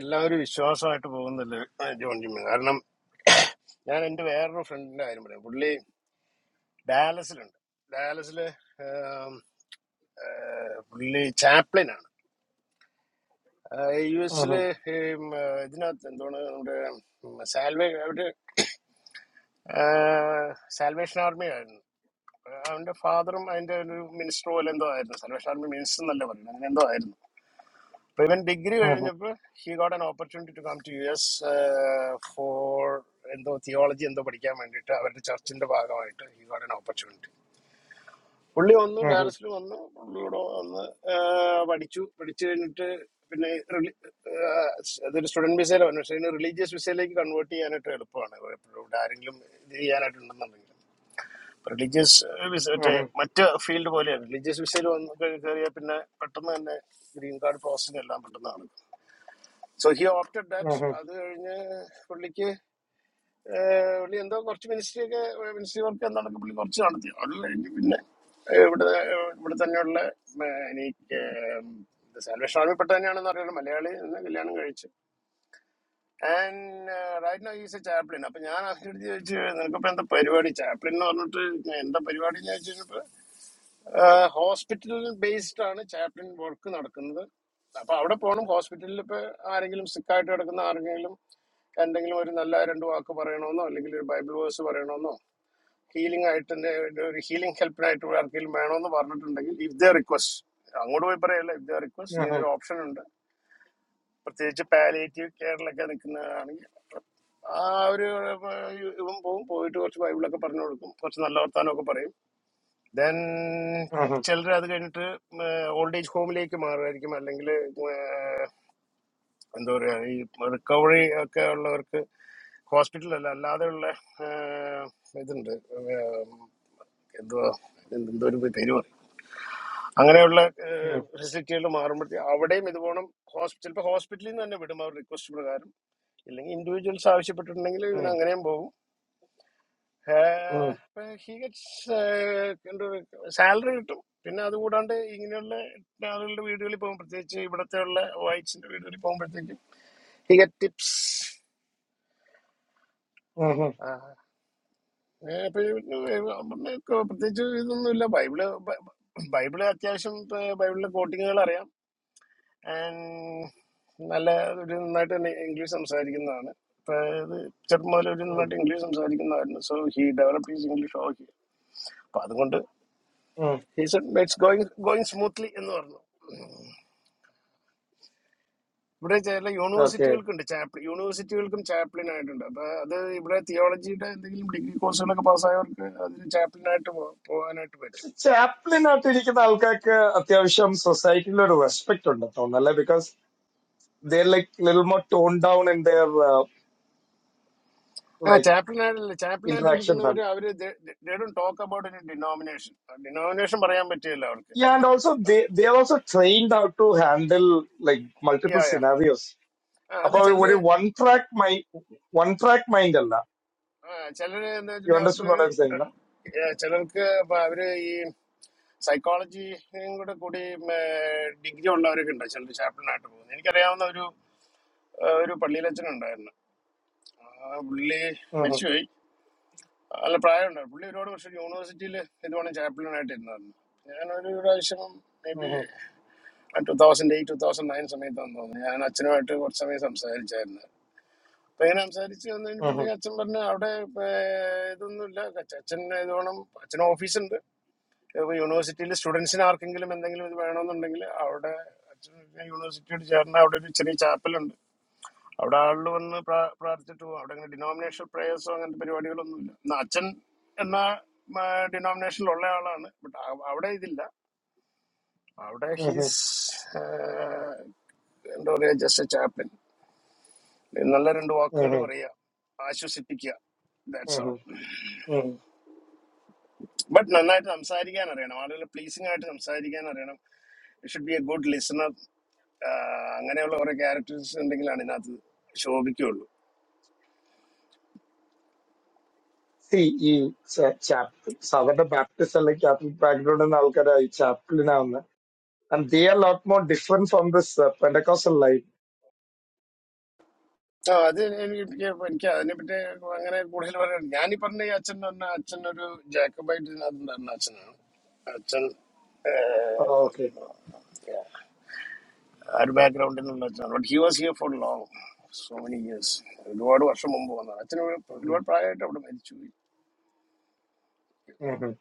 എല്ലാവരും വിശ്വാസമായിട്ട് പോകുന്നില്ലേ ആ, ജോൺ ജിമ്മി കാരണം ഞാൻ എൻ്റെ വേറൊരു ഫ്രണ്ടിന്റെ കാര്യം പറയാം പുള്ളി ഡാലസിലുണ്ട് ഡാലസില് ആം, ആ, പുള്ളി ചാപ്ലിനാണ് യു എസിലെ ഇതിനകത്ത് എന്താണ് നമ്മുടെ ഉം, സാൽവേ അവര് സാൽവേഷൻ ആർമി ആയിരുന്നു ആഹ് അവന്റെ ഫാദറും അതിന്റെ ഒരു മിനിസ്റ്റർ പോലെ എന്തോ ആയിരുന്നു സാൽവേഷൻ ആർമി മിനിസ്റ്റർ എന്നല്ല പറയുന്നത് അങ്ങനെ എന്തോ ആയിരുന്നു അപ്പൊ ഇവൻ ഡിഗ്രി കഴിഞ്ഞപ്പോൾ he got an opportunity to come to U S for എന്തോ തിയോളജി എന്തോ പഠിക്കാൻ വേണ്ടിയിട്ട് അവരുടെ ചർച്ചിന്റെ ഭാഗമായിട്ട് ഹി ഗോട്ട് ആൻ ഓപ്പർച്യൂണിറ്റി പുള്ളി വന്നു ഡാലസിൽ വന്നു പുള്ളി ഇവിടെ വന്ന് ആ, പഠിച്ചു പഠിച്ചു കഴിഞ്ഞിട്ട് പിന്നെ റിലി- ആ, അതൊരു സ്റ്റുഡന്റ് വിസയിലോ പക്ഷേ റിലീജിയസ് വിസയിലേക്ക് കൺവേർട്ട് ചെയ്യാനായിട്ട് എളുപ്പമാണ് എപ്പോഴും ഇവിടെ ആരെങ്കിലും ഇത് ചെയ്യാനായിട്ടുണ്ടെന്നുണ്ടെങ്കിൽ റിലീജിയസ് വിസ മറ്റേ മറ്റ് ഫീൽഡ് പോലെയാണ് റിലീജിയസ് വിസയിൽ വന്ന് കേ- കയറിയാൽ പിന്നെ പെട്ടെന്ന് തന്നെ ഗ്രീൻ കാർഡ് പ്രോസസ്സിംഗ് എല്ലാം പെട്ടെന്ന് നടക്കും സോ ഹി ഓപ്റ്റഡ് ദാറ്റ് അത് കഴിഞ്ഞ് പുള്ളിക്ക് ഏഹ് പുള്ളി എന്തോ കുറച്ച് മിനിസ്ട്രി ഒക്കെ മിനിസ്ട്രി വർക്ക് എന്താണൊക്കെ പുള്ളി കുറച്ച് നടത്തി അല്ലെങ്കിൽ പിന്നെ ഏഹ് ഇവിടെ ഇവിടെ തന്നെയുള്ള ഏഹ് എനിക്ക് സാൽവേഷൻ ആർമിപ്പെട്ട തന്നെയാണെന്ന് അറിയാലോ മലയാളി എന്ന കല്യാണം കഴിച്ചു and right no is a chaplain അപ്പൊ ഞാൻ അവരോട് ചോദിച്ചു നിനക്കിപ്പോ എന്താ പരിപാടി ചാപ്ലിൻ എന്ന് പറഞ്ഞിട്ട് ഞാൻ എന്താ പരിപാടി എന്ന് ചോദിച്ചപ്പോ ഹോസ്പിറ്റലിൽ ബേസ്ഡ് ആണ് ചാപ്ലിൻ വർക്ക് നടക്കുന്നത് അപ്പൊ അവിടെ പോകണം ഹോസ്പിറ്റലിൽ ഇപ്പൊ ആരെങ്കിലും സിക്കായിട്ട് കിടക്കുന്ന ആരെങ്കിലും എന്തെങ്കിലും ഒരു നല്ല രണ്ട് വാക്ക് പറയണമെന്നോ അല്ലെങ്കിൽ ഒരു ബൈബിൾ വേഴ്സ് പറയണമെന്നോ ഹീലിംഗ് ആയിട്ട് തന്നെ ഒരു ഹീലിംഗ് ഹെൽപ്പിനായിട്ട് ഇവിടെ ആർക്കെങ്കിലും വേണമെന്ന് പറഞ്ഞിട്ടുണ്ടെങ്കിൽ ഇഫ് ദ റിക്വസ്റ്റ് അങ്ങോട്ട് പോയി പറയല്ല ഇഫ് ദ റിക്വസ്റ്റ് ഇങ്ങനെ ഒരു ഓപ്ഷൻ ഉണ്ട് പ്രത്യേകിച്ച് പാലിയേറ്റീവ് കെയറിലൊക്കെ നിൽക്കുന്നതാണെങ്കിൽ ആ ഒരു ഏർ, ഇവൻ പോവും പോയിട്ട് കുറച്ച് ബൈബിളൊക്കെ പറഞ്ഞു കൊടുക്കും കുറച്ച് നല്ല വർത്താനമൊക്കെ പറയും ദെൻ ചിലർ അത് കഴിഞ്ഞിട്ട് ഓൾഡ് ഏജ് ഹോമിലേക്ക് മാറുമായിരിക്കും അല്ലെങ്കിൽ എന്താ പറയുക ഈ റിക്കവറി ഒക്കെ ഉള്ളവർക്ക് ഹോസ്പിറ്റലല്ല അല്ലാതെയുള്ള ഏഹ്, ഇതുണ്ട് ഏഹ്, എന്തുവാ ഇതിന് എന്തോ ഒരു പേര് പറയും അങ്ങനെയുള്ള ഫെസിലിറ്റികൾ മാറുമ്പോഴത്തേ അവിടെയും ഇതുപോണം ഹോസ്പിറ്റൽ ചിലപ്പോൾ ഹോസ്പിറ്റലിൽ നിന്ന് തന്നെ വിടും അവർ റിക്വസ്റ്റ് പ്രകാരം ഇല്ലെങ്കിൽ ഇൻഡിവിജ്വൽസ് ആവശ്യപ്പെട്ടിട്ടുണ്ടെങ്കിൽ ഇവന് അങ്ങനെയും പോകും ഹി ഗറ്റ്സ് സാലറി കിട്ടും പിന്നെ അതുകൂടാണ്ട് ഇങ്ങനെയുള്ള ആളുകളുടെ വീടുകളിൽ പോകും പ്രത്യേകിച്ച് ഇവിടത്തെ ഉള്ള വൈറ്റ്സിന്റെ വീടുകളിൽ പോകുമ്പോഴത്തേക്കും ഹി ഗറ്റ് ടിപ്സ് അപ്പൊ ഇവന് പ്രത്യേകിച്ച് ഇതൊന്നുമില്ല ബൈബിള് ബൈ- ബൈബിള് അത്യാവശ്യം ഇപ്പൊ ബൈബിളിലെ കോട്ടിങ്ങുകൾ അറിയാം ആൻഡ് നല്ല ഒരു നന്നായിട്ട് തന്നെ ഇംഗ്ലീഷ് സംസാരിക്കുന്നതാണ് അതായത് ചെറുപ്പം മുതൽ ഒരു നന്നായിട്ട് ഇംഗ്ലീഷ് സംസാരിക്കുന്നതായിരുന്നു so he develop is English okay അപ്പൊ അതുകൊണ്ട് ഇറ്റ്സ് ഗോയിങ് ഗോയിങ് സ്മൂത്ത്ലി എന്ന് പറഞ്ഞു ഇവിടെ ചില ഓക്കെ യൂണിവേഴ്സിറ്റികൾക്കുണ്ട് ചാപ്ലിൻ യൂണിവേഴ്സിറ്റികൾക്കും ചാപ്ലിൻ ആയിട്ടുണ്ട് അപ്പൊ അത് ഇവിടെ തിയോളജിയുടെ എന്തെങ്കിലും ഡിഗ്രി കോഴ്സുകളൊക്കെ പാസ്സായവർക്ക് അതിന് ചാപ്ലിൻ ആയിട്ട് പോ- പോകാനായിട്ട് പക്ഷെ പറ്റും ചാപ്ലിനായിട്ട് ഇരിക്കുന്ന ആൾക്കാർക്ക് അത്യാവശ്യം സൊസൈറ്റിയിൽ ഒരു റെസ്പെക്ട് ഉണ്ട് തോന്നല്ലേ because they like lil more tone down in there ആ ലൈക് ചാപ്ലിൻ ആയിട്ടല്ല ചാപ്ലിൻ ആയിട്ട് ഇന്ററാക്ഷൻസ് ഇരിക്കുന്നവർ ആണ് അവര് ടോക്ക് അബൌട്ട് ഡിനോമിനേഷൻ ഡിനോമിനേഷൻ പറയാൻ പറ്റില്ല അവർക്ക് and also they also trained how to handle like yeah multiple yeah scenarios ആ, അത് അപ്പൊ ചിലര് ഒരു one track mind one track mind അല്ല ആ, ചിലര് എന്താ യു വെച്ചിട്ടുണ്ടെങ്കിൽ അവർക്ക് understand what I'm saying ഏ, ചിലർക്ക് ഇപ്പൊ അവര് ഈ സൈക്കോളജിയും കൂടെ കൂടി ഡിഗ്രി ഉള്ളവരൊക്കെ ഉണ്ട് ചിലർ ചാപ്പിളിനായിട്ട് പോകുന്നത് എനിക്കറിയാവുന്ന ഒരു ആ, ഒരു പള്ളിയിലച്ഛനുണ്ടായിരുന്നു ആ, പുള്ളി മരിച്ചുപോയി നല്ല പ്രായമുണ്ടായിരുന്നു പുള്ളി ഒരുപാട് വർഷം യൂണിവേഴ്സിറ്റിയിൽ ഇതുപോലെ ചാപ്പിളിനായിട്ട് ഇരുന്നായിരുന്നു ഞാനൊരു പ്രാവശ്യം maybe two thousand eight two thousand nine സമയത്താണെന്ന് തോന്നുന്നു ഞാൻ അച്ഛനുമായിട്ട് കുറച്ച് സമയം സംസാരിച്ചായിരുന്നു അപ്പൊ ഇങ്ങനെ സംസാരിച്ച് വന്നു കഴിഞ്ഞപ്പോഴത്തേക്ക് അച്ഛൻ പറഞ്ഞു അവിടെ ഏർ, ഇതൊന്നുമില്ല അച്ഛ- അച്ഛൻ ഇത് വേണം അച്ഛൻ ഓഫീസുണ്ട് ഇപ്പൊ യൂണിവേഴ്സിറ്റിയിൽ സ്റ്റുഡൻസിന് ആർക്കെങ്കിലും എന്തെങ്കിലും ഇത് വേണമെന്നുണ്ടെങ്കിൽ അവിടെ അച്ഛൻ യൂണിവേഴ്സിറ്റിയോട് ചേർന്ന് അവിടെ ഒരു ചെറിയ ചാപ്പലുണ്ട് അവിടെ ആളുകൾ വന്ന് പ്രാ- പ്രാർത്ഥിച്ചിട്ട് പോകും അവിടെ അങ്ങനെ ഡിനോമിനേഷൻ പ്രേയേഴ്സോ അങ്ങനത്തെ പരിപാടികളൊന്നുമില്ല എന്നാ അച്ഛൻ എന്ന ഡിനോമിനേഷനിലുള്ള ആളാണ് ബട്ട് അവിടെ ഇതില്ല അവിടെ ഹീസ് എന്താ പറയാ ജസ്റ്റ് എ ചാപ്പൻ നല്ല രണ്ട് വാക്കുകൾ പറയുക ആശ്വസിപ്പിക്കുക ബട്ട് നന്നായിട്ട് സംസാരിക്കാൻ അറിയണം ആളുകളെ പ്ലീസിംഗ് ആയിട്ട് സംസാരിക്കാൻ അറിയണം should be a good listener അങ്ങനെയുള്ള കുറെ ക്യാരക്ടേഴ്സ് ഉണ്ടെങ്കിലാണ് ഇതിനകത്ത് ശോഭിക്കുള്ളൂ സി ഈ ചാപ്ലിൻ സാധാരണ ബാപ്റ്റിസ്റ്റ് അല്ലെങ്കിൽ കാത്തലിക് ബാക്ക്ഗ്രൗണ്ടിൽ നിന്ന് ആൾക്കാരായി ചാപ്ലിനാവുന്ന and they are a lot more different from this uh, Pentecostal line. ആ അത് എനിക്ക് എനിക്ക് അതിനെപ്പറ്റി അങ്ങനെ കൂടുതൽ പറയാൻ ഞാൻ ഈ പറഞ്ഞ ഈ അച്ഛൻ എന്ന് പറഞ്ഞാൽ അച്ഛൻ ഒരു ജാക്കബൈറ്റ് ഇതിനകത്ത് നടന്ന അച്ഛനാണ് അച്ഛൻ ഏഹ്, Oh, okay. ആ ഒരു ബാക്ക്ഗ്രൗണ്ടിൽ നിന്നുള്ള അച്ഛനാണ് but he was here for long so many years ഒരുപാട് വർഷം മുമ്പ് വന്നതാണ് അച്ഛന് ഒരു- ഒരുപാട് പ്രായമായിട്ട് അവിടെ മരിച്ചു Mm-hmm.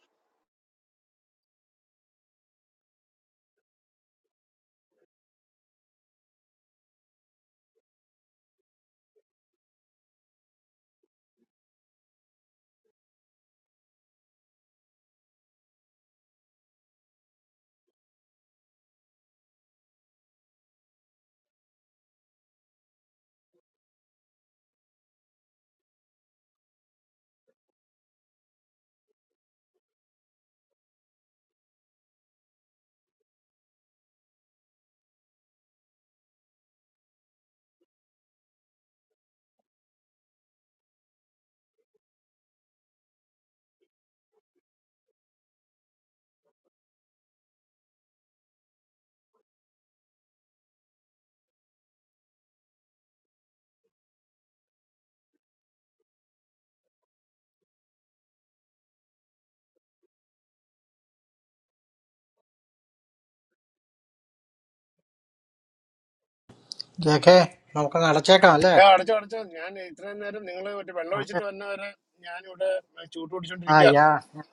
ജേക്കേ നമുക്കങ്ങ് അടച്ചേക്കാം അല്ലേ ഏ, അടച്ചോ അടച്ചോ ഞാൻ ഇത്രയും നേരം നിങ്ങൾ മറ്റേ വെള്ളം അതെ. ഒഴിച്ചിട്ട് വന്നവരെ ഞാനിവിടെ ചൂട്ട് ആ യാ പിടിച്ചോണ്ടിരിക്കുകയായിരുന്നു ഞാൻ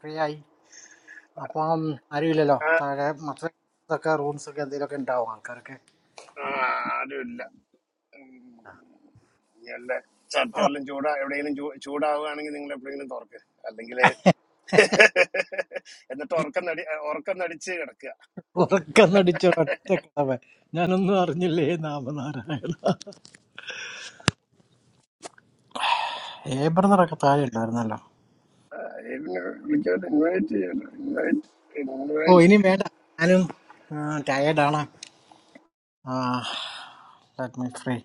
ഫ്രീ ആയി അപ്പം ആരുമില്ലല്ലോ ആ, താഴെ മറ്റൊക്കെ റൂംസ് ഒക്കെ എന്തെങ്കിലുമൊക്കെ ഉണ്ടാവും ആൾക്കാർക്ക് ആ, ആരുമില്ല എല്ലാ ചത്തവെല്ലാം ചൂടാ എവിടെയെങ്കിലും ചൂ- ചൂടാവുകയാണെങ്കിൽ നിങ്ങൾ എപ്പോഴെങ്കിലും തുറക്ക് അല്ലെങ്കിൽ എന്നിട്ട് ഉറക്കം നടി ഉറക്കം നടിച്ച് കിടക്കുക ഉറക്കന്നടിച്ച ഒറ്റ കടവ ഞാനൊന്നും അറിഞ്ഞില്ലേ നാമനാരായണ ഏ ബ്രദറൊക്കെ താഴെ ഉണ്ടായിരുന്നല്ലോ ആ, ഇതിനെ വിളിക്കാതെ invite ചെയ്യണം. Invite, ഓ invite. ഇനി വേണ്ട ഞാനും ടയേർഡാണ് ലെറ്റ് മീ ഫ്രീ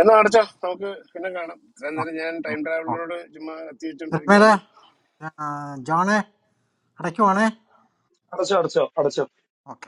എന്നാ അടച്ചോ നമുക്ക് പിന്നെ കാണാം ഇത്രയും നേരം ഞാൻ ടൈം ട്രാവലറോട് ചുമ്മാ തിരുമേലെ കത്തിവെച്ചോണ്ടിരിക്കുകയാണ് ജോണെ അടയ്ക്കുവാണേ Mm-hmm. ഓക്കെ